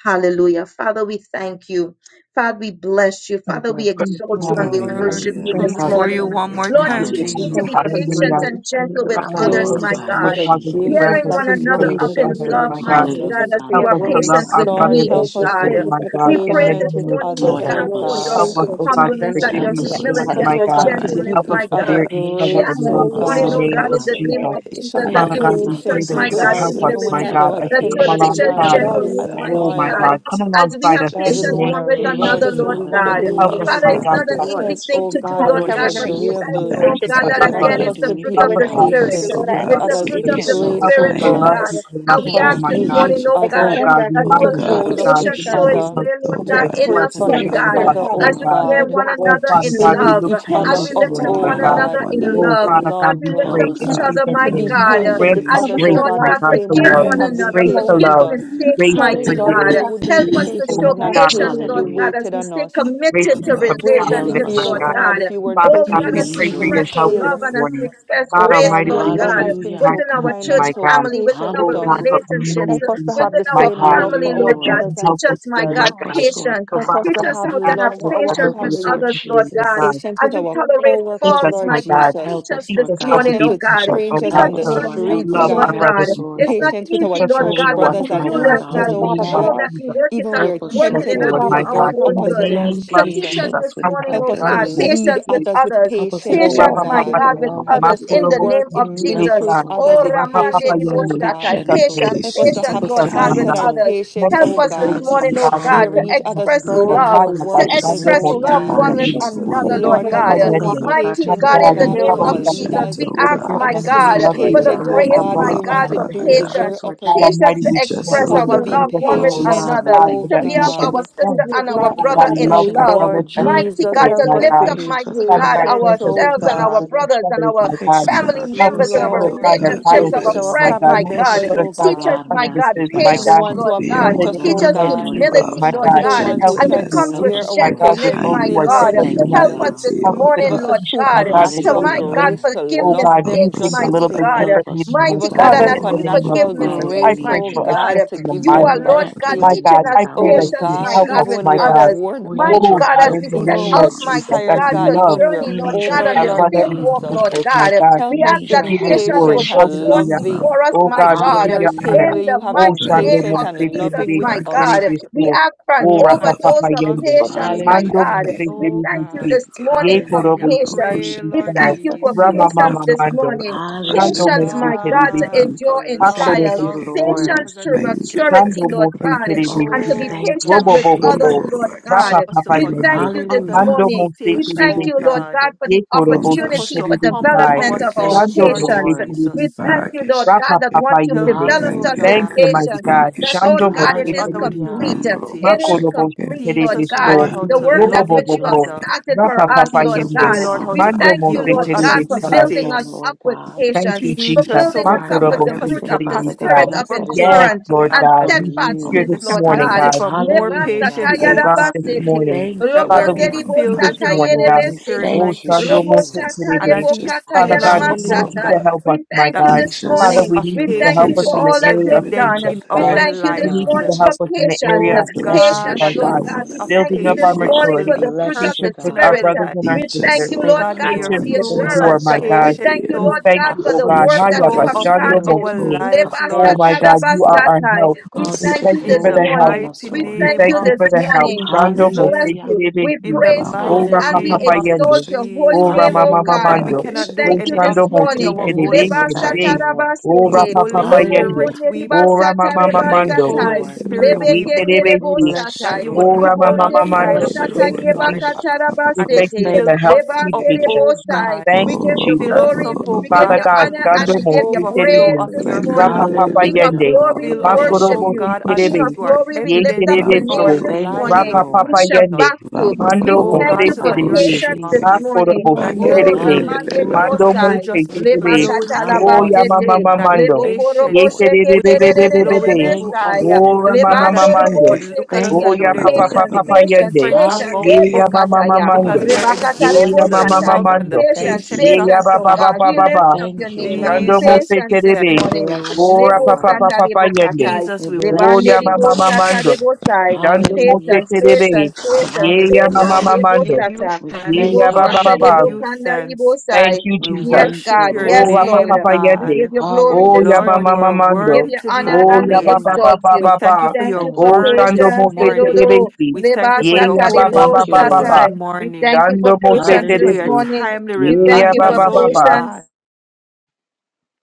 S3: Hallelujah. Father, we thank you. Father, we bless you.
S9: Oh,
S3: Father, we
S9: God, thank
S1: great
S3: exalt
S9: you.
S3: you
S1: God.
S3: and we
S1: Thank
S6: Lord.
S3: worship
S1: you,
S9: We
S6: We
S3: you
S2: Hallelujah.
S6: come
S9: thank
S3: this
S9: you,
S1: Jesus.
S9: we
S6: before you
S3: morning.
S9: thank
S6: one
S9: you,
S2: Hallelujah.
S6: more
S9: thank
S1: Thank
S3: Lord,
S2: Thank
S1: you,
S9: you,
S6: time,
S1: O
S3: teach
S2: you,
S9: Lord.
S5: Hallelujah,
S9: We
S3: me
S1: God.
S3: to
S2: Jesus.
S9: thank
S3: be
S9: you
S5: Lord.
S9: for the
S6: Jesus.
S9: glory
S3: patient
S9: that
S1: Hallelujah.
S9: you
S3: and
S9: show in
S3: gentle
S9: our
S3: with
S1: Father,
S9: lives,
S1: we
S3: others,
S2: God,
S1: pray
S6: Praise
S9: Father.
S3: my
S1: that
S6: you
S5: Glorify
S1: you
S2: help
S5: you,
S6: for
S3: God,
S1: would
S6: the
S2: us,
S1: cause us
S2: oh
S1: to
S9: We
S5: Jesus.
S2: God,
S6: gift
S9: thank
S1: grant
S3: bearing
S9: you
S1: us
S9: for
S2: to
S6: that
S3: one
S9: the
S6: is
S2: bear
S3: another
S1: patience
S9: glory
S2: one
S3: up
S1: with
S9: that
S3: in
S9: you
S6: patience,
S1: others,
S2: another
S9: show,
S3: love,
S6: Lord
S2: in
S1: my
S9: Father.
S2: love.
S1: God.
S3: mighty
S9: We
S3: God,
S5: Hallelujah,
S9: thank
S6: Jesus.
S9: you
S3: as
S5: God,
S9: for
S3: you
S1: Help
S5: we
S9: your
S3: are
S1: us to
S2: Help
S5: thank
S9: glory,
S1: love
S3: patient
S2: us to
S9: Father.
S1: our
S3: with
S5: you.
S2: be
S6: Lord,
S1: brothers
S3: me,
S6: help
S3: oh
S1: and
S2: patient
S6: us
S9: You
S6: to
S3: God.
S1: sisters,
S9: saved
S2: one
S6: be
S9: us
S1: my
S9: out
S2: with
S9: of
S1: God,
S9: some
S3: We
S1: in
S3: pray
S1: the
S2: another,
S3: this
S6: patient
S9: horrible
S1: name
S6: with
S1: of
S9: things,
S3: morning,
S2: to
S3: oh
S6: others,
S5: Lord,
S9: Father.
S1: Jesus.
S3: God,
S5: help
S6: O
S2: humble
S9: Lord,
S3: for
S9: we
S3: your
S1: Help
S9: thank
S1: us,
S9: you
S5: us.
S6: God.
S9: that
S2: ourselves,
S1: oh
S9: you've
S2: to
S1: God,
S9: not
S1: to
S2: be
S9: done
S3: humbleness
S9: it
S3: and
S1: forgive
S9: with us
S3: your
S5: Help
S9: yet,
S5: us,
S2: gentle,
S5: Lord
S1: mistakes,
S2: to
S6: Help
S3: humility
S6: us,
S3: and
S1: my
S2: be
S5: God,
S3: your
S6: O
S1: God.
S6: God, to
S9: Father.
S3: gentleness,
S2: kind,
S6: give
S1: Help us
S3: my
S2: oh
S6: each
S1: to
S5: to
S6: other
S5: have
S1: bear
S3: God.
S2: God.
S1: each
S3: We
S1: other
S6: grace,
S5: patience
S1: in
S3: ask
S5: with
S6: O
S3: this
S1: love
S2: Help
S9: Hallelujah.
S2: us,
S1: in
S9: Give
S3: morning,
S1: the
S9: us
S5: others,
S2: oh
S3: oh
S5: Lord
S1: name
S3: God,
S6: God.
S2: God,
S1: of
S3: in
S9: peace
S5: God.
S2: to
S3: the
S9: and
S2: be
S3: name
S1: Jesus.
S9: God,
S3: of
S9: the
S6: To
S3: Jesus,
S2: patient
S6: be
S9: Father,
S3: that
S1: Father
S2: with
S5: Help
S3: you
S2: our
S3: will
S1: God,
S5: us,
S9: please.
S1: we
S3: teach
S5: mighty
S1: pray
S2: brothers
S3: us,
S6: patient,
S1: that
S3: my
S6: O
S2: and
S1: you
S9: We
S5: God,
S1: would
S3: God,
S9: know
S6: God,
S9: that
S1: help us,
S6: even
S9: you
S2: sisters,
S5: to
S6: when
S1: my
S2: oh
S6: it's
S3: humility,
S5: have
S9: can,
S1: God,
S6: our
S2: God.
S1: as
S9: Father.
S3: that
S1: we
S9: We
S3: you
S1: come
S3: will
S9: know that
S6: tendency,
S3: teach
S5: patience,
S9: you
S3: us
S5: Lord
S2: to
S6: God,
S9: have
S6: to
S9: it
S1: alongside.
S9: all
S6: feel
S9: in
S2: love
S9: your
S5: Jesus.
S3: gentleness,
S2: them,
S9: hands,
S1: Oh,
S2: oh
S3: mighty
S9: Father.
S1: my
S6: annoyed.
S3: God,
S2: God,
S1: God, come
S2: to,
S3: as we
S1: alongside
S2: to
S3: have
S1: us
S6: God,
S1: in
S9: Please
S6: when
S1: the
S6: we
S3: patience
S2: just
S9: give us
S6: want to
S1: name
S3: one with
S1: of
S9: patience
S2: spear
S3: another,
S9: with
S6: rush,
S5: Patience,
S1: Jesus.
S2: them
S6: when
S9: these
S6: we
S3: Lord
S2: up
S5: Father
S6: want
S9: people
S6: to
S2: in
S5: God,
S3: God.
S5: on
S9: who
S5: the
S1: Help
S9: we
S6: be
S2: love,
S1: us,
S9: are
S3: Father,
S5: job.
S1: my
S3: it's
S9: used
S1: God,
S2: Father
S3: not
S1: to
S9: to,
S3: an
S1: have
S2: God,
S9: Lord.
S3: easy
S6: upset,
S2: as we
S3: thing
S6: oh
S3: to do,
S1: peace
S6: God,
S2: become
S3: Lord
S6: and
S9: Habits
S5: Lord,
S9: that we're
S3: God,
S5: help
S9: not
S3: but
S2: patient
S3: we
S1: us
S5: us.
S9: used
S2: with
S1: to have
S3: thank
S9: to,
S6: disagreeable.
S3: you, oh
S2: them,
S1: patience
S3: God,
S1: with
S9: attitudes
S3: that
S1: our
S9: we're
S2: Father
S5: Lord,
S6: God,
S5: we
S9: not
S3: again
S6: help
S2: God.
S9: used
S1: brothers.
S5: can't
S6: us
S3: it's
S5: do
S9: to,
S3: a
S6: to
S3: fruit
S6: be,
S5: anything
S9: people
S1: Help
S3: of
S9: we're
S6: be
S1: us
S3: the
S1: to
S9: not
S5: without
S1: have
S2: Help
S9: used
S5: you.
S3: Spirit.
S9: to.
S2: us,
S6: patient, to
S1: patience
S9: Lord,
S2: oh
S9: I
S6: give
S1: with
S9: ask
S6: each
S1: our
S3: It's
S9: you
S2: God,
S3: a
S9: to
S2: to
S6: other's
S5: We
S9: please
S3: fruit
S1: sisters.
S2: be
S3: of
S9: give
S5: can't
S9: us
S3: the
S5: love
S2: show
S6: grace,
S1: Help
S6: oh
S1: us
S3: Spirit,
S9: patience,
S1: to
S5: without
S3: oh
S5: you.
S6: God
S1: love
S9: Father.
S1: the
S3: God.
S2: kindness,
S5: We
S3: And
S6: to
S3: we
S5: can't
S1: unlovable,
S2: to
S3: ask
S5: have
S1: my
S2: be
S3: this
S6: forgive
S1: God.
S3: morning,
S5: patience
S6: each
S3: oh
S2: meek,
S5: without
S1: Oh
S3: God,
S6: other,
S9: Expand
S5: you.
S1: God,
S9: our
S3: that you
S2: oh
S6: to
S3: will
S1: remind
S9: patience,
S1: us,
S3: have
S5: Help
S9: Father.
S1: Lord
S6: hold
S2: God.
S6: up
S5: us,
S1: God,
S5: Lord
S9: Increase
S6: each
S1: in
S3: patience
S9: our
S3: show
S1: the
S3: its
S5: Jesus,
S2: Help
S1: name
S6: other,
S1: of
S3: way,
S9: patience,
S2: us,
S3: Lord
S2: oh
S1: Jesus,
S6: to
S9: Father.
S3: God,
S1: that
S2: God,
S3: in
S1: you
S6: pray
S1: are
S2: not
S3: us,
S2: to
S5: to
S6: for
S9: Yes,
S3: Lord
S2: get
S5: bear
S1: patient
S6: each
S5: one
S9: us
S1: with
S2: off
S3: God,
S9: dear
S2: the
S1: us,
S5: another
S6: other,
S5: with
S9: Father.
S1: my
S3: as
S6: oh
S3: we
S2: handle,
S5: love.
S1: God.
S3: hear
S6: God,
S3: one
S9: Hallelujah.
S1: Oh
S2: but
S3: another
S1: Father
S3: in
S2: just
S6: to
S2: to
S1: God, we
S2: be
S6: lift
S3: love
S1: look
S6: each
S1: to
S9: Yes,
S1: you
S5: Help
S3: as
S9: us
S6: other
S3: we
S1: this
S5: us,
S9: dear
S6: up,
S3: lift
S2: patient
S5: Lord
S3: up
S1: morning,
S6: oh
S1: my
S9: Father.
S3: one
S2: and
S5: God.
S1: God.
S2: love
S6: God,
S3: another in
S2: one
S6: in
S1: Oh
S3: love,
S2: another,
S1: Father
S3: as
S1: God,
S3: we
S1: we
S6: love,
S3: lift
S2: oh
S5: Help
S3: up
S1: pray
S5: us,
S3: each
S9: Yes,
S1: in
S9: us
S2: God,
S5: Lord.
S3: other,
S9: dear
S1: Jesus'
S2: in
S3: my
S6: to
S2: our
S9: Father,
S6: be
S1: name.
S3: God,
S9: Lord.
S3: uh,
S6: patient
S5: We
S1: Grant
S6: with
S1: us
S3: as
S5: need
S2: families,
S9: Help us
S3: we,
S2: in
S5: you,
S6: others, oh
S1: grace,
S9: to
S2: our
S3: Lord
S5: Lord.
S6: God,
S1: my
S9: love,
S6: the
S3: God,
S1: God,
S9: dear
S6: same
S1: to
S6: way
S3: forgive
S1: love.
S6: you
S9: Father.
S3: one
S6: have
S2: friends,
S6: been
S3: another,
S1: Grace
S2: or
S1: to
S6: patient
S3: forgive
S6: with
S1: love.
S6: us.
S3: mistakes,
S1: Grace to
S9: Slowly,
S3: mighty
S9: by
S6: Lord,
S9: the
S5: Hallelujah.
S1: forgive.
S3: God.
S6: where would
S9: practice
S6: we
S3: Help
S9: of
S1: Grace,
S3: us
S6: be if
S3: to
S1: oh
S9: patience,
S6: you
S3: show
S6: had
S1: my
S9: not of
S6: not
S1: God, to
S3: patience,
S1: be
S6: patiently
S3: Lord
S9: holy
S3: God,
S5: Hallelujah.
S1: kind.
S3: as
S6: waited
S3: we
S6: on
S3: stay
S9: You
S6: us?
S8: Building on each other and having the
S1: Grace
S3: committed
S1: to
S2: to
S3: to
S1: be
S2: love
S6: Where
S2: one
S6: would we
S5: Help
S1: compassionate,
S6: be,
S3: relationships,
S2: another,
S1: my
S5: us,
S6: oh
S3: Lord
S1: God
S2: Lord
S5: Lord.
S6: God, if
S3: God.
S6: you
S8: people
S6: weren't
S1: Father
S3: Oh
S6: patient
S5: We
S1: God,
S2: Help
S3: God,
S6: with
S3: as
S1: we
S6: us
S2: us,
S3: we
S5: need
S1: pray
S5: you,
S1: for
S6: even
S5: Lord
S1: your
S3: express
S2: Lord,
S3: your
S1: help this
S3: love
S5: Jesus.
S6: still?
S3: and as we
S1: morning.
S3: express
S1: God
S6: Oh
S3: grace,
S6: God,
S1: Almighty,
S8: and
S3: Lord
S6: your
S1: we know
S6: love
S3: God,
S1: that
S6: has
S1: it is
S6: been
S5: Hallelujah.
S1: not
S6: so
S3: within our
S1: easy,
S6: kind
S3: church
S6: and
S1: my
S6: so
S1: God.
S3: family, within
S6: patient with
S3: our
S1: Oh
S6: us.
S1: God, but we
S5: Handrubukushu.
S3: relationships,
S1: know,
S6: Help us to
S1: Jesus,
S6: have
S3: within
S6: the
S1: my
S3: our
S6: same
S1: God,
S6: love
S3: family,
S6: for
S5: Hallelujah,
S6: our
S3: Lord
S1: that you
S3: God.
S5: Lord.
S6: brothers
S1: can
S6: and
S3: Teach
S1: help
S3: us,
S1: us
S3: my
S1: through, my
S3: God,
S6: sisters.
S5: Help
S1: God.
S5: us, Lord
S3: patience.
S1: So
S6: Help
S5: God.
S6: us
S1: Father
S3: Teach
S6: to
S1: God,
S3: us
S6: have
S1: we
S3: how to
S1: ask,
S3: have
S6: love
S1: oh
S6: for our
S1: God, that
S3: patience
S5: Help
S1: you
S3: with
S1: would
S5: us,
S6: family,
S1: help
S5: Lord
S3: others,
S1: us there,
S3: Lord
S1: Lord
S3: God
S1: God.
S5: Jesus.
S6: patience
S3: as
S6: with
S3: we
S6: our
S3: tolerate
S6: co
S1: Teach
S6: workers,
S1: us,
S3: faults,
S6: Lord
S3: my
S1: my
S3: God.
S1: God.
S6: Jesus,
S3: Teach
S5: Help
S3: us
S5: us,
S1: Teach
S3: this
S5: Lord
S1: us how
S5: God.
S1: to
S3: morning,
S6: patience
S8: the
S3: oh
S1: be
S6: with
S3: God,
S1: patient, oh
S6: strangers
S1: God,
S3: because
S5: Help
S6: on the
S3: it's
S5: us,
S1: to
S3: not
S5: Lord. Help
S6: streets,
S3: easy,
S5: us,
S1: love
S3: Lord
S5: Lord.
S1: our
S6: God,
S5: Help
S3: God.
S1: brothers
S5: us,
S1: and
S5: Lord.
S3: It's not
S1: sisters.
S6: patience with
S1: Teach
S6: our
S3: easy,
S1: us
S3: Lord
S1: and
S5: Oh,
S6: church
S5: we
S3: God,
S1: show
S3: but
S1: us,
S5: need
S3: with
S6: brothers
S5: your
S6: and
S3: you,
S1: my
S5: help,
S1: God,
S3: Lord
S5: God.
S1: in
S3: God,
S6: sisters,
S9: are
S5: We
S1: the
S6: oh
S9: God
S3: we
S1: name
S5: need
S9: of
S1: of
S3: know
S5: you.
S6: God,
S9: love.
S3: that you
S1: Jesus.
S3: work it
S6: even
S3: out,
S5: Help
S6: we're
S1: Teach
S5: us,
S1: us,
S3: working
S5: Lord
S3: it
S6: tempted
S9: You are
S6: to
S1: Lord,
S3: out
S5: God,
S9: God
S6: do
S3: for
S9: of
S6: the
S1: my
S3: our
S9: love
S6: very
S1: God,
S9: and
S3: own
S1: in the
S6: opposite,
S5: to
S3: good.
S9: abundance.
S6: Lord
S1: name
S5: have
S3: So
S1: of
S3: teach
S6: Jesus.
S3: us
S1: Jesus.
S3: this
S5: patience with
S3: morning,
S6: Help
S3: oh
S6: us to
S3: God,
S5: others.
S6: lead
S3: patience with
S6: others with
S3: others.
S5: Help us to
S9: Simply
S8: having
S6: patience,
S1: Oh,
S5: bear
S6: oh
S9: that
S3: Patience,
S5: one
S1: Rapa
S8: the
S3: my
S5: another
S6: God.
S1: Papa
S5: with
S9: heaviness,
S3: God, with
S1: Yende,
S5: love.
S6: Help
S8: It
S3: others
S6: us to
S3: in
S8: treats
S3: the
S1: Makorobo
S3: name
S6: work
S8: my
S3: of
S6: in
S1: Ichiribe
S5: Help
S6: ministry
S8: people,
S3: Jesus.
S5: us,
S6: with
S1: San,
S5: oh
S8: Father
S3: Oh,
S6: others
S8: God,
S6: in
S5: God,
S1: Rapa
S8: as
S3: Raman
S8: my
S1: Papa
S6: patience, oh
S8: people,
S5: to
S1: Yende,
S5: be
S8: Father.
S3: Bosata.
S1: teach
S2: to
S6: God.
S1: us,
S2: be
S5: gentle.
S3: Patience,
S1: Lord,
S6: Help us
S8: So
S6: to
S2: patient
S3: patience,
S6: have
S1: teach
S5: Help
S2: and
S5: us
S8: I'm
S3: Lord
S1: us,
S5: to be
S3: God,
S1: my
S6: hearts
S3: with
S8: asking
S6: that
S2: kind,
S1: God.
S8: you to
S6: are
S5: humble.
S3: others.
S8: do it
S1: Help
S2: to
S6: patient,
S3: Help
S1: us
S8: in
S2: be
S6: oh
S1: to
S3: us
S8: me.
S3: this
S5: Help
S1: grace,
S6: God,
S5: us to
S8: Father,
S1: my
S8: in
S3: morning,
S2: kind,
S3: oh
S1: God,
S3: God,
S1: in
S3: to
S6: bearing
S1: the
S5: tolerate.
S6: each
S1: name of
S6: other's
S3: express
S8: the
S2: God,
S1: Jesus.
S5: God,
S6: burdens,
S3: love
S5: help
S6: your
S8: name
S5: us
S1: Haya
S5: to
S8: of
S3: to
S5: stay
S8: Jesus,
S6: word
S8: we
S2: just
S6: says,
S2: to
S1: Bashando
S5: committed
S3: express
S6: oh
S2: be
S5: to
S8: pray that
S3: love
S8: you
S5: you,
S6: God.
S9: Father,
S3: one
S5: Lord
S3: with
S9: help
S2: kind
S1: Mosekiribe,
S9: us
S2: to
S9: to be
S5: Jesus.
S2: one
S3: another,
S9: patient
S3: Lord
S1: Rapa
S6: Lord,
S9: with
S6: help
S2: another,
S1: Papa
S3: God.
S9: people
S6: us
S2: oh
S6: to
S9: who
S5: Help
S2: God,
S9: walk,
S6: be
S5: us,
S1: Yende.
S5: Lord God,
S3: Mighty
S5: to
S1: My
S6: patient,
S3: God,
S6: oh
S2: to
S3: in
S1: God,
S3: the
S5: forgive
S2: be
S1: you
S6: God,
S9: their
S3: name
S6: with
S1: tell us
S3: of
S9: walk,
S6: our
S1: that
S5: others,
S3: Jesus,
S2: patient,
S6: leaders.
S1: God, the
S3: we
S2: oh
S5: to
S9: their
S1: greatest
S3: ask,
S2: God,
S5: forgive
S9: talk,
S3: my
S6: Help
S1: command
S6: us
S1: is
S2: be
S6: to
S1: to
S3: God,
S6: be
S5: mistakes,
S1: love
S9: their
S5: Lord
S1: you
S3: for
S1: and
S3: the
S1: to
S9: breath,
S2: forbearing
S6: patient,
S5: God,
S6: oh
S1: love
S2: them
S1: our
S3: grace,
S2: in
S6: God, when
S3: my
S6: we
S1: brothers
S2: love,
S1: and
S3: God,
S6: want
S1: our
S6: to
S5: having
S3: for
S2: Father
S6: do the
S1: sisters.
S2: God.
S6: very
S5: patience,
S3: patience.
S5: Lord
S1: God
S6: opposite.
S5: Jesus.
S3: Patience
S1: Almighty,
S3: to
S1: we
S2: Teach
S1: pray that
S2: us,
S6: Help
S3: express
S1: you
S2: oh
S1: would
S6: us to
S9: their
S3: our
S6: be
S2: God,
S3: love
S1: infuse
S9: ways,
S1: us
S3: one
S1: with
S3: with
S2: teach
S1: the
S5: Oh
S9: Father.
S1: love
S2: us
S6: patient,
S2: how
S1: of
S5: God, we
S3: another,
S2: to
S1: God
S2: be
S6: oh
S5: thank
S1: so
S3: to
S1: that
S9: And
S5: you.
S3: be
S9: give
S1: we
S9: us a
S3: of
S1: can
S2: patient
S3: our
S6: God.
S3: sister
S1: then,
S9: distributed
S3: and our
S9: love,
S2: one
S1: oh
S2: with
S1: God,
S5: Lord,
S3: brother in
S9: Father,
S1: love
S5: patience
S1: our
S2: another,
S3: love.
S5: on the
S1: brothers
S6: Lord
S1: and our
S5: job,
S3: Mighty
S9: for
S6: Jesus,
S3: God,
S1: sisters,
S9: their
S3: to
S6: help
S1: my
S6: us
S3: lift
S6: to
S1: God.
S3: up,
S9: differences.
S6: be
S5: patience with
S3: mighty
S1: Father
S3: God,
S1: God,
S5: family,
S6: patient,
S1: grant us
S5: patience
S6: oh
S5: with
S3: ourselves and
S2: God.
S1: patience
S3: our
S5: friends,
S1: with
S6: God.
S1: each
S3: brothers and
S1: other,
S3: our
S1: my
S2: Let us
S1: God.
S5: patience with
S2: not
S3: family
S5: our
S1: Help us
S3: members
S2: lose
S1: to
S3: and
S1: put
S3: our
S2: it,
S5: children.
S2: oh
S6: Lord,
S1: aside our
S6: we
S2: God, but
S3: relationships,
S5: Help
S6: patient
S2: let
S3: our
S6: with
S5: us,
S1: biases,
S6: our
S2: us
S5: Lord.
S1: my
S3: friends,
S2: be
S1: God.
S6: family
S3: my
S1: Help us to
S3: God.
S6: members,
S1: put
S6: oh
S2: patient
S5: Oh
S1: aside
S3: Teach
S1: our
S3: us,
S6: God.
S5: God, we
S3: my
S5: ask
S3: God,
S5: you
S1: prejudices,
S5: for
S2: Let
S1: my
S6: The
S5: help.
S2: us
S3: patience,
S1: God.
S6: ones who
S3: Lord
S6: have
S2: forbear
S1: In
S3: God
S6: hurt
S1: the
S2: one
S6: us,
S5: Lord,
S3: Teach
S6: oh
S5: we
S1: name
S3: us
S1: of
S2: another
S5: can't do
S2: in
S6: God.
S1: Jesus,
S5: anything
S3: humility,
S1: my
S2: love
S5: without
S3: Lord
S6: Even
S1: God.
S2: and
S6: the
S5: you.
S3: God,
S6: ones who
S1: Help
S3: as
S1: us
S6: try
S3: it
S1: to
S6: to
S1: be
S3: comes
S2: gentleness,
S3: with
S5: Help
S6: wear
S1: patient,
S5: us,
S6: our
S1: my
S2: with
S1: God,
S5: Lord.
S3: gentleness,
S1: with
S6: patience
S1: those
S3: my
S1: who
S6: thin,
S1: are
S2: kindness
S5: We
S3: God.
S6: Lord
S2: and
S1: different than
S5: thank you,
S1: us.
S3: Help
S6: Jesus.
S3: us
S5: God.
S3: this
S2: humility,
S1: Help us
S2: O
S1: to
S6: Give
S1: be
S3: morning,
S6: us a
S2: God.
S3: Lord
S1: patient, my
S3: God,
S2: Help
S1: God,
S2: us,
S1: with
S3: to,
S2: O
S6: supernatural
S1: those
S5: Hallelujah,
S3: my
S1: who
S2: God.
S1: may,
S3: God,
S6: grace
S5: Lord.
S6: to
S3: forgive
S1: oh
S6: love
S1: God,
S6: them
S2: Help
S1: view
S3: mistakes,
S1: things
S2: us,
S6: just
S2: O
S1: a
S6: the
S1: little
S3: mighty
S2: God.
S1: bit
S3: God.
S6: same.
S5: Help
S1: differently
S5: us,
S1: than
S6: Give
S1: us.
S5: Lord
S3: Mighty
S2: Oh,
S6: us the
S3: God,
S5: God.
S3: and
S1: Father,
S3: as
S1: in the
S2: Lord,
S3: we
S1: name of
S2: Lord,
S3: forgive
S6: supernatural
S2: Lord, Lord,
S1: Jesus,
S5: Father, we
S1: I
S3: mistakes,
S6: grace,
S1: pray
S5: need
S6: oh
S3: mighty
S1: for a
S5: you.
S3: God,
S6: God,
S1: shift
S6: to
S1: in the
S6: give
S3: you
S5: Lord,
S3: are,
S6: them
S5: we
S1: mindset.
S3: Lord
S5: can't
S3: God,
S5: do
S6: mercy,
S1: My
S3: teaching
S5: anything
S1: God,
S3: us
S1: I
S5: without
S1: pray
S6: Oh
S2: be
S1: that
S5: you.
S1: you
S3: patience,
S1: would
S3: my
S6: God,
S1: help
S3: God,
S1: us,
S6: even
S2: patient,
S3: with
S6: when
S2: O
S6: we
S1: my
S6: are
S2: God.
S1: God.
S3: others.
S6: worn
S5: We
S1: Oh
S3: My
S6: out,
S5: need your
S3: God,
S1: God,
S3: as
S5: help,
S1: in
S3: we
S1: the
S2: Kind
S6: even
S5: Lord
S3: set
S6: when
S1: name
S2: and long
S1: of
S6: we're
S3: out,
S1: Jesus,
S3: mighty
S5: Jesus.
S1: as
S6: tired,
S1: we
S3: God,
S2: suffering
S3: to
S6: God, even
S1: love
S2: one
S6: when we're
S2: with
S3: journey,
S5: We
S3: Lord
S5: need your
S3: God,
S6: over
S2: another.
S3: on
S6: it,
S1: our
S3: this
S5: help,
S6: Lord
S1: brother
S3: faith
S1: and
S5: God.
S3: walk,
S1: our
S6: Jesus,
S2: Oh,
S3: Lord
S1: sisters, my
S3: God,
S1: God.
S5: We
S3: we
S6: help us
S3: ask
S5: need
S6: to
S1: We
S3: that
S5: your
S6: be
S1: give you
S5: help,
S3: patience
S5: Lord
S3: will
S1: glory.
S6: patient
S3: go
S6: and
S3: forth
S1: Hallelujah.
S5: Jesus.
S6: loving
S3: before us,
S2: Rambo,
S1: Oh
S3: my
S1: God, we
S6: the
S1: give
S3: God
S6: very
S1: you
S5: Hallelujah.
S2: Shekeke,
S6: same
S1: honor.
S3: in
S6: way
S3: the
S6: you have
S1: Oh
S6: been
S3: mighty
S1: Shando
S3: name
S6: patient
S1: Mose
S3: of
S6: and
S2: Rengerere,
S3: Jesus,
S6: loving
S1: Terebe
S6: with
S3: my
S1: Si
S6: us.
S3: God.
S1: Terebe
S2: Rakeshekeke,
S3: We
S1: So.
S3: ask for an
S9: We
S1: Oh
S9: have to be
S1: Rapa
S6: Mighty
S9: just
S6: name
S1: Papa
S3: overdose
S9: the
S3: of
S6: of
S1: Yende.
S9: people,
S3: patience,
S9: only the
S3: my
S9: Father.
S1: Mando
S3: God.
S5: Hallelujah.
S6: Jesus,
S1: Mose
S3: We
S6: oh
S3: thank
S1: Terebe
S3: you
S6: God,
S1: Si.
S3: this
S1: Ye
S3: morning for
S2: Rengerere,
S6: we
S1: Korobo
S5: Hallelujah.
S1: Si
S2: Robo
S3: patience.
S6: pray,
S1: Terebe
S3: We
S6: Lord
S1: Sai.
S9: Yes,
S3: thank
S2: Shekeke,
S3: you
S9: but
S3: for
S10: We don't
S1: Rama
S9: we
S6: Jesus,
S10: want
S3: patience
S1: Mama
S2: Rabba,
S3: this
S2: Baba,
S1: Mando.
S3: morning.
S1: Shando
S2: Baba,
S3: Patience,
S5: Hallelujah.
S1: Mose
S3: my God,
S1: Terebe
S3: to
S6: God,
S1: Si.
S6: for
S2: Lando
S3: endure in
S6: love,
S1: Hakorobo
S2: Shake
S5: Thank
S3: trials.
S5: you,
S6: love
S1: Si
S6: for our
S1: Terebe
S5: Lord.
S3: Patience
S6: brothers and
S3: through
S1: Si.
S2: Banged
S10: this
S6: sisters.
S3: maturity,
S1: Shando
S3: Lord
S1: Mose
S3: God,
S5: Oh,
S1: Terebe
S5: we
S3: and
S1: Si.
S3: to be
S2: Rakeshake
S6: Oh
S5: thank you,
S3: patient
S1: Robo
S3: with
S1: Bobo
S6: God.
S3: others,
S1: Bo.
S5: Jesus.
S3: Lord
S2: Rakeshake
S3: God.
S6: Help
S1: Rapa
S6: us to
S1: Papa
S3: We
S1: Yende.
S3: thank
S6: forgive
S3: you this
S6: others'
S5: Hallelujah.
S1: Mando
S3: morning.
S1: Mose
S3: We
S6: mistakes,
S3: thank
S6: O
S1: Terebe
S3: you,
S2: Shake
S1: Si.
S3: Lord God,
S6: God.
S3: for
S1: Ye
S3: the
S1: Korobo
S6: Help
S1: Si
S6: us
S2: Longose
S3: opportunity
S6: to
S3: for
S6: humble
S1: Terebesai,
S3: development of
S2: Nambreke
S3: our
S6: ourselves,
S5: Thank you,
S1: Shando
S6: Lord
S2: Shake
S3: patience.
S1: Mose
S5: Lord.
S3: We
S6: Jesus.
S3: thank
S1: Terebesi,
S3: you, Lord
S2: Bakeshake
S3: God,
S1: Rapa
S3: that
S1: Papa
S3: once you've
S6: Help
S1: Yende.
S6: us,
S3: developed
S6: O
S2: Blanged
S3: us in
S5: Hallelujah.
S1: Thank
S6: God,
S1: you, mighty
S3: patience,
S6: to,
S1: God.
S3: that, Lord
S2: Rakeshake
S6: to
S1: Shando
S3: God,
S6: love
S3: it
S6: each
S1: Mose
S3: is
S6: other with
S1: Terebesi,
S3: complete.
S5: Hallelujah.
S6: humility.
S2: Bambrogo
S3: It is
S2: Shake
S1: Makorobo Si
S3: complete,
S6: Teach
S3: Lord
S6: us,
S3: God.
S6: Lord,
S1: Terebeso,
S6: how
S3: The
S6: to
S5: Hallelujah,
S3: work
S5: God.
S1: Lobo
S3: that
S6: love
S1: bo
S3: which
S5: Thank
S1: bo.
S6: each
S3: you
S5: you,
S3: have
S1: bo.
S5: Lord.
S6: other.
S3: started for
S1: Rapa
S5: Work
S3: us,
S1: Papa
S5: within
S6: Teach
S3: Lord
S6: us,
S5: us,
S2: Help
S6: O
S5: Lord
S1: Yende,
S3: God.
S2: us,
S6: Lord,
S2: oh
S6: how
S5: God.
S3: We
S6: to
S2: God,
S1: Mando
S3: thank you,
S5: The
S6: forgive
S1: Mose
S2: help
S3: Lord
S6: each
S5: work that
S2: us,
S3: God,
S6: other's
S3: for
S5: needs
S2: oh
S5: to
S1: Terebesai.
S2: God,
S5: be
S3: building
S5: done,
S3: us
S6: mistakes.
S5: Lord
S3: up with
S5: God.
S2: to be
S1: Thank
S3: patience,
S1: you,
S3: for
S6: Teach
S2: patient
S1: Jesus.
S6: us,
S2: one
S3: building us
S6: O
S2: with
S3: up
S5: Driving
S3: with
S6: God.
S5: out
S3: the
S6: Give
S2: another.
S6: us
S1: Makorobosi
S6: the
S3: fruit
S5: everything,
S3: of the
S5: Father
S6: capacity
S5: God,
S6: for
S1: terebesai.
S3: spirit
S5: in
S3: of
S5: us
S6: more
S5: that is
S2: The
S1: Yes,
S6: patience,
S3: endurance
S5: not
S1: Lord
S6: God.
S3: and
S1: God,
S5: of
S1: we seek you
S3: steadfastness,
S6: The
S5: you.
S2: humble
S1: this
S3: Lord
S1: morning,
S2: spirit,
S3: God.
S6: capacity
S1: God.
S6: for more
S1: We
S5: Hallelujah,
S1: seek you,
S5: God.
S6: patience,
S1: O
S6: O
S2: kind
S1: God,
S6: God.
S1: this
S5: We
S2: spirit
S3: Lebasatayarabasete,
S1: morning.
S2: one with
S5: thank
S6: That
S5: you,
S6: we are
S1: Father,
S6: being
S1: we
S2: another,
S10: work
S5: Lord.
S2: oh
S1: seek you
S6: filled
S2: God.
S1: this
S6: with your
S1: morning,
S6: Holy
S1: God.
S5: We
S6: Spirit,
S2: Oh,
S3: robonderibosatayerebesete,
S1: Oh,
S5: thank you,
S6: mighty God
S1: Sando Mose
S2: Jesus,
S5: Jesus.
S6: And as
S1: Terebe.
S2: teach
S6: He
S2: us
S6: is
S10: for us to
S1: Father
S6: filling
S1: God,
S6: us
S1: we
S6: up,
S2: patience,
S6: oh
S2: oh
S1: need you
S6: God,
S1: to
S5: Hallelujah.
S3: roboshatarebokatayaramasatai.
S2: God.
S1: help us,
S3: We
S1: my
S3: thank
S6: that
S3: you
S6: the
S1: God.
S5: We
S3: this
S2: Teach
S1: Father,
S6: fruit
S2: us
S3: morning.
S1: we
S6: of
S5: thank
S1: need
S5: you,
S3: We
S1: you to
S3: thank
S1: help
S3: you
S6: patience
S1: us
S6: will
S5: Lord.
S3: for
S1: in
S6: be
S1: the
S3: all
S2: patience
S10: be
S3: that you
S1: area
S2: one
S1: of
S3: have
S2: with
S3: done.
S6: evident
S5: We
S6: in
S1: patience,
S2: another,
S3: We
S1: God.
S2: oh
S6: our
S3: thank
S5: thank
S3: you
S5: you,
S2: God.
S1: We
S3: this
S6: lives.
S1: need you
S3: morning
S1: to
S5: God.
S2: Teach
S3: for
S1: help
S2: us
S1: us
S10: good.
S1: in the
S3: patience.
S2: how
S1: area
S6: Oh
S5: We
S1: of
S2: to
S5: bless
S1: patience,
S5: you,
S6: God,
S3: Patience,
S1: my
S6: that the
S3: Lord
S2: forbear
S1: God.
S3: God.
S2: one
S6: fruit
S3: We
S6: of
S5: Jesus.
S3: thank
S2: another
S1: Building
S3: you
S1: up
S2: in
S1: our
S3: this
S6: patience
S2: love,
S3: morning
S6: will
S5: We
S1: maturity,
S3: for the
S6: be
S2: Father
S3: fruit
S2: God.
S3: of
S5: bless you,
S3: the
S1: patience
S6: perfect
S1: with
S6: in
S1: our
S5: God.
S3: Spirit.
S6: our
S1: brothers
S6: life.
S1: and our
S3: We
S2: Teach
S5: We
S3: thank
S2: us,
S1: sisters,
S3: you,
S2: oh
S3: Lord
S6: God,
S5: thank you,
S2: God.
S6: may
S3: God,
S6: your
S3: for
S1: patience
S3: the
S5: Lord.
S1: to
S2: Teach
S6: fruit
S2: us
S5: Help
S6: of
S2: how
S1: endure,
S3: endurance.
S5: us,
S1: my
S2: to
S5: Lord.
S1: God
S3: We
S6: patience,
S3: thank you,
S2: forbear
S1: we
S3: Lord
S6: oh
S1: thank
S3: God,
S6: God,
S5: The
S1: you,
S3: for
S1: O
S3: the
S1: God.
S2: each
S5: fruit
S3: work that
S5: of
S1: Haya
S3: you
S2: other
S5: the
S6: show
S3: have
S6: up
S2: in love,
S6: in
S1: bashando
S5: Spirit
S3: started.
S6: our
S2: oh
S1: mose.
S2: God.
S5: of
S6: lives,
S1: Oh
S6: Lord
S2: Help
S1: my God,
S2: us,
S1: you
S5: patience.
S1: are
S6: Jesus.
S2: Lord.
S1: our
S3: Lebasatarabasata.
S1: help.
S2: Help
S3: We
S5: Cause
S2: us.
S5: it
S1: We
S3: thank
S5: to
S1: thank
S3: you
S1: you
S6: In
S3: this
S1: for
S6: the
S5: grow
S1: the help.
S5: within
S3: morning.
S5: us,
S6: mighty
S3: We
S5: Lord.
S1: We
S3: thank
S6: name
S3: you
S1: thank you
S3: this
S6: of
S1: for the help.
S3: morning. We
S1: Shando mose
S3: bless
S6: Jesus.
S5: Hallelujah.
S3: you. We
S6: In
S1: terebeki.
S6: the
S3: praise you.
S1: Oh
S6: mighty
S3: And
S1: rapa
S3: we
S6: name
S1: papa
S5: Hallelujah.
S6: of
S3: exalt
S1: yende.
S3: your holy
S1: Oh
S3: name,
S6: Jesus.
S1: rama
S3: O
S1: mama
S5: Hallelujah,
S3: God.
S6: God, we
S1: mando.
S5: Lord.
S3: We
S6: cannot do
S1: Oh
S3: thank you
S6: any
S5: We
S3: this
S6: of
S1: shando
S6: this
S5: can't
S6: in
S5: do
S1: mose
S3: morning.
S6: our own
S5: anything
S1: terebe
S3: Lebasata
S5: without
S6: strength.
S5: you,
S1: terebe.
S5: Lord.
S1: Oh
S6: So,
S3: rabasete,
S1: rapa
S6: Holy
S1: papa yende.
S5: Hallelujah.
S6: Spirit,
S3: lobokonde
S6: we
S1: Oh
S3: ribasata
S1: rama
S6: pray.
S5: We
S1: mama
S5: thank
S1: mando.
S5: you,
S3: rebasatai,
S6: Holy
S5: Lord.
S6: Spirit, we
S1: Ye
S3: lebekende
S6: pray
S5: We
S1: terebeki.
S5: bless you,
S6: that
S3: rebosatai,
S6: you would
S1: Oh
S5: Lord.
S6: come
S1: rama
S3: libonde
S1: mama
S6: alongside
S1: mando.
S6: us
S5: Blessed
S3: ribosata
S6: this
S1: Thank
S5: Holy
S1: you,
S6: morning
S1: Jesus.
S3: yebakata
S5: Ghost.
S1: We
S6: and
S5: We
S1: thank you
S3: rabasete,
S1: for
S5: thank
S6: fill
S1: the help
S5: you.
S1: to
S6: us
S1: be
S3: lebande
S6: up,
S1: patient.
S6: oh
S3: rebosai.
S6: God.
S1: Thank
S3: We
S1: you,
S3: give you
S1: Jesus.
S6: Fill us
S3: glory,
S6: up, oh
S3: we give
S6: God,
S1: Father
S3: you
S1: God,
S6: until
S3: honor, and
S6: there's an
S1: Shando
S3: we give you
S1: Mosi
S6: overflow
S3: praise
S6: of
S1: Terebe,
S3: this
S6: your
S1: Rapa
S3: morning.
S6: fruit.
S1: Papa
S3: King of
S5: Hallelujah,
S1: Yende,
S5: Lord.
S3: glory,
S5: We
S3: we
S6: Fill us up,
S5: thank
S3: worship
S6: oh
S1: Makorobo
S3: you.
S5: you.
S1: Si
S6: God,
S3: King
S6: until
S3: of
S1: Terebe,
S6: you are
S3: glory, we
S1: Ye
S3: lift up
S6: evidenced in
S1: Terebe
S3: your
S1: So,
S5: We
S3: name
S6: our
S3: this
S5: thank
S6: lives,
S5: you,
S3: morning.
S6: Lord
S1: Rapa
S3: We
S1: Papa
S5: Lord.
S3: shall
S6: Jesus.
S1: Yende,
S3: back you.
S5: We
S3: We
S1: Mando
S6: Oh
S3: thank
S6: God,
S1: Mose
S3: you
S6: so
S3: for
S6: that
S5: glorify you,
S6: your
S1: Terebe,
S3: patience this
S6: joy,
S5: Jesus.
S3: morning.
S1: Akorobo
S6: that
S1: Si
S6: your
S3: Oh,
S1: Terebe,
S3: Ramande
S6: peace
S5: Hallelujah.
S1: Mando
S6: will
S1: Mose
S3: Rebosai.
S6: just be
S1: Terebe,
S6: flowing through
S1: O
S6: us,
S3: Lebakatalabasete,
S1: Yamamama
S5: Hallelujah.
S6: that
S5: We
S1: Mando,
S5: thank you,
S1: Ye
S6: patience
S5: Lord.
S1: Terebe
S6: would be
S1: Bebe Bebe
S5: We
S6: flowing
S1: Bebe,
S6: through
S5: thank you,
S3: lebokoroboseketererererebesaya,
S6: us.
S1: O
S5: Lord.
S6: God, that
S1: Ramamama
S6: people
S5: We
S1: Mando,
S6: would look at us
S3: lebandorobosekete.
S1: O
S6: and
S5: thank you,
S6: know there
S1: Yapa
S6: is
S1: Papa
S3: Patience,
S5: Lord.
S1: Papa
S6: something
S3: patience,
S1: Yende,
S6: different
S3: patience.
S6: about
S1: Ye
S6: us
S1: Yamamama
S3: ebokataya,
S5: Hallelujah.
S6: because
S1: Mando,
S6: we are
S1: Ye
S6: exhibiting the
S5: Hallelujah,
S1: Yamamama
S3: rebakatarebesatai.
S6: love
S5: Lord.
S6: and
S5: We
S6: the
S1: Mando,
S3: Patience,
S5: thank
S6: patience
S1: Ye
S6: of
S5: you.
S1: ya
S3: patience,
S1: ba
S3: oh
S1: ba
S6: God.
S1: ba
S3: God.
S1: ba
S3: We
S1: ba
S5: We
S1: ba.
S3: lift up your
S5: thank you,
S3: name.
S1: Shando
S5: Lord.
S1: mo
S6: Jesus,
S1: se
S6: we
S3: Patience this
S6: thank
S5: We
S1: terebe.
S3: morning.
S6: you.
S5: bless you,
S1: Ora pa pa pa
S5: Lord.
S9: Amen.
S1: pa pa yende.
S3: Lebosatarebekatai,
S6: Jesus,
S5: We
S6: we
S1: O
S5: bless
S1: ya
S5: you,
S1: ma ma ma
S5: Lord.
S1: mando.
S3: lebanderibosatarebotai.
S1: Shando mo se
S5: Hallelujah.
S3: Patience, patience,
S1: terebe. Ye
S3: patience,
S1: ya ma ma
S3: patience.
S5: Hallelujah.
S6: Lord,
S1: ma
S6: we give
S1: mando.
S6: you
S3: Lebosata,
S5: We
S1: Ye
S6: thanks.
S1: ya
S5: thank you,
S1: ba
S6: Lord,
S1: ba
S6: we
S1: ba ba.
S6: give you
S5: Jesus.
S6: thanks.
S3: lebosatarebokandai,
S1: Thank you,
S6: We
S5: We
S1: Jesus.
S3: Yes,
S5: thank you,
S6: worship
S3: God.
S6: your
S3: Yes,
S5: Lord.
S1: Ora pa
S3: Lord.
S1: pa
S6: name,
S1: pa
S3: We
S6: God.
S1: yende.
S3: give you glory
S1: O
S3: this
S1: ya
S6: Lord,
S1: ma
S5: Hallelujah.
S6: you
S1: ma ma
S3: morning.
S6: are
S3: We give
S1: mando.
S6: worthy
S3: you
S6: to be
S3: honor
S1: O
S3: and
S1: ya
S3: we
S1: ba
S6: praised.
S1: ba ba
S3: exalt
S5: Hallelujah.
S1: ba
S6: We
S1: ba
S3: you.
S1: ba.
S6: thank you for
S3: Thank
S6: your
S3: you
S5: Thank
S1: O
S3: for
S5: you,
S6: word
S5: Lord.
S1: shando
S6: this
S1: mo
S3: patience.
S1: se
S6: morning.
S1: terebe
S3: Edodo.
S1: si.
S6: We thank
S3: Leba
S6: you
S1: Ye
S6: for your
S1: ya
S3: sata,
S1: ba
S6: holy
S1: ba
S3: lebo
S1: ba
S5: Thank you,
S1: ba
S6: scriptures
S1: ba
S6: this
S1: ba.
S5: Lord.
S3: sata. We
S6: morning.
S3: thank you
S1: Shando
S3: for
S1: mo
S6: We
S1: se
S6: thank
S3: patience
S6: you for
S3: this
S6: your
S5: Hallelujah.
S1: terebe.
S3: morning.
S6: timely
S1: Ye
S3: We
S5: We
S3: thank
S1: ya
S3: you
S1: ba
S3: for
S6: reminders,
S1: ba
S5: thank
S1: ba
S6: oh
S1: ba.
S5: you.
S3: patience.
S6: God.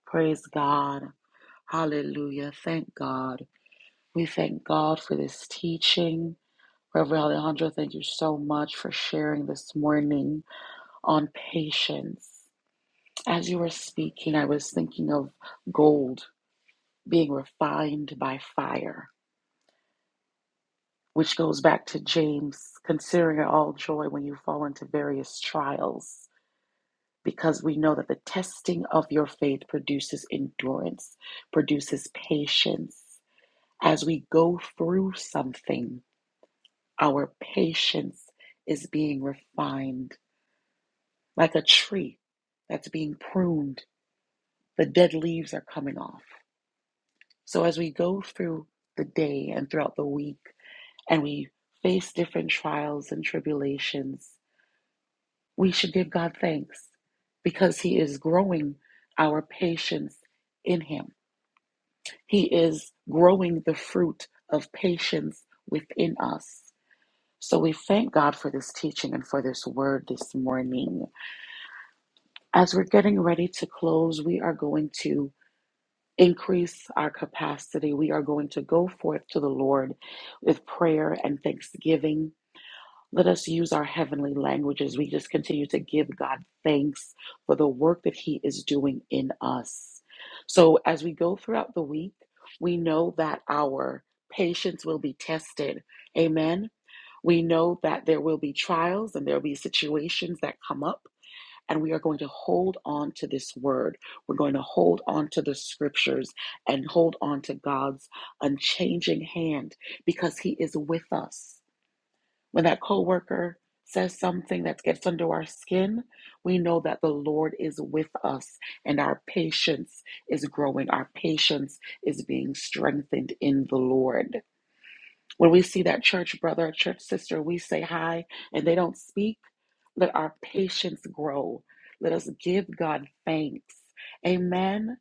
S5: Praise God. Hallelujah. Thank God. We thank God for this teaching. Reverend Alejandro, thank you so much for sharing this morning. on patience. As you were speaking, I was thinking of gold being refined by fire, which goes back to James considering it all joy when you fall into various trials, because we know that the testing of your faith produces endurance, produces patience. As we go through something, our patience is being refined like a tree that's being pruned. The dead leaves are coming off So as we go through the day and throughout the week and we face different trials and tribulations, we should give God thanks because He is growing our patience in Him. He is growing the fruit of patience within us. So we thank God for this teaching and for this word this morning. As we're getting ready to close, we are going to increase our capacity. We are going to go forth to the Lord with prayer and thanksgiving. Let us use our heavenly languages. We just continue to give God thanks for the work that He is doing in us. So, as we go throughout the week, we know that our patience will be tested. Amen. We know that there will be trials and there will be situations that come up and we are going to hold on to this word. We're going to hold on to the scriptures and hold on to God's unchanging hand because He is with us. When that coworker says something that gets under our skin, we know that the Lord is with us and our patience is growing. Our patience is being strengthened in the Lord. When we see that church brother or church sister, we say hi and they don't speak. Let our patience grow. Let us give God thanks. Amen.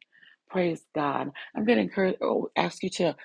S5: Praise God. I'm going to encourage, oh, ask you to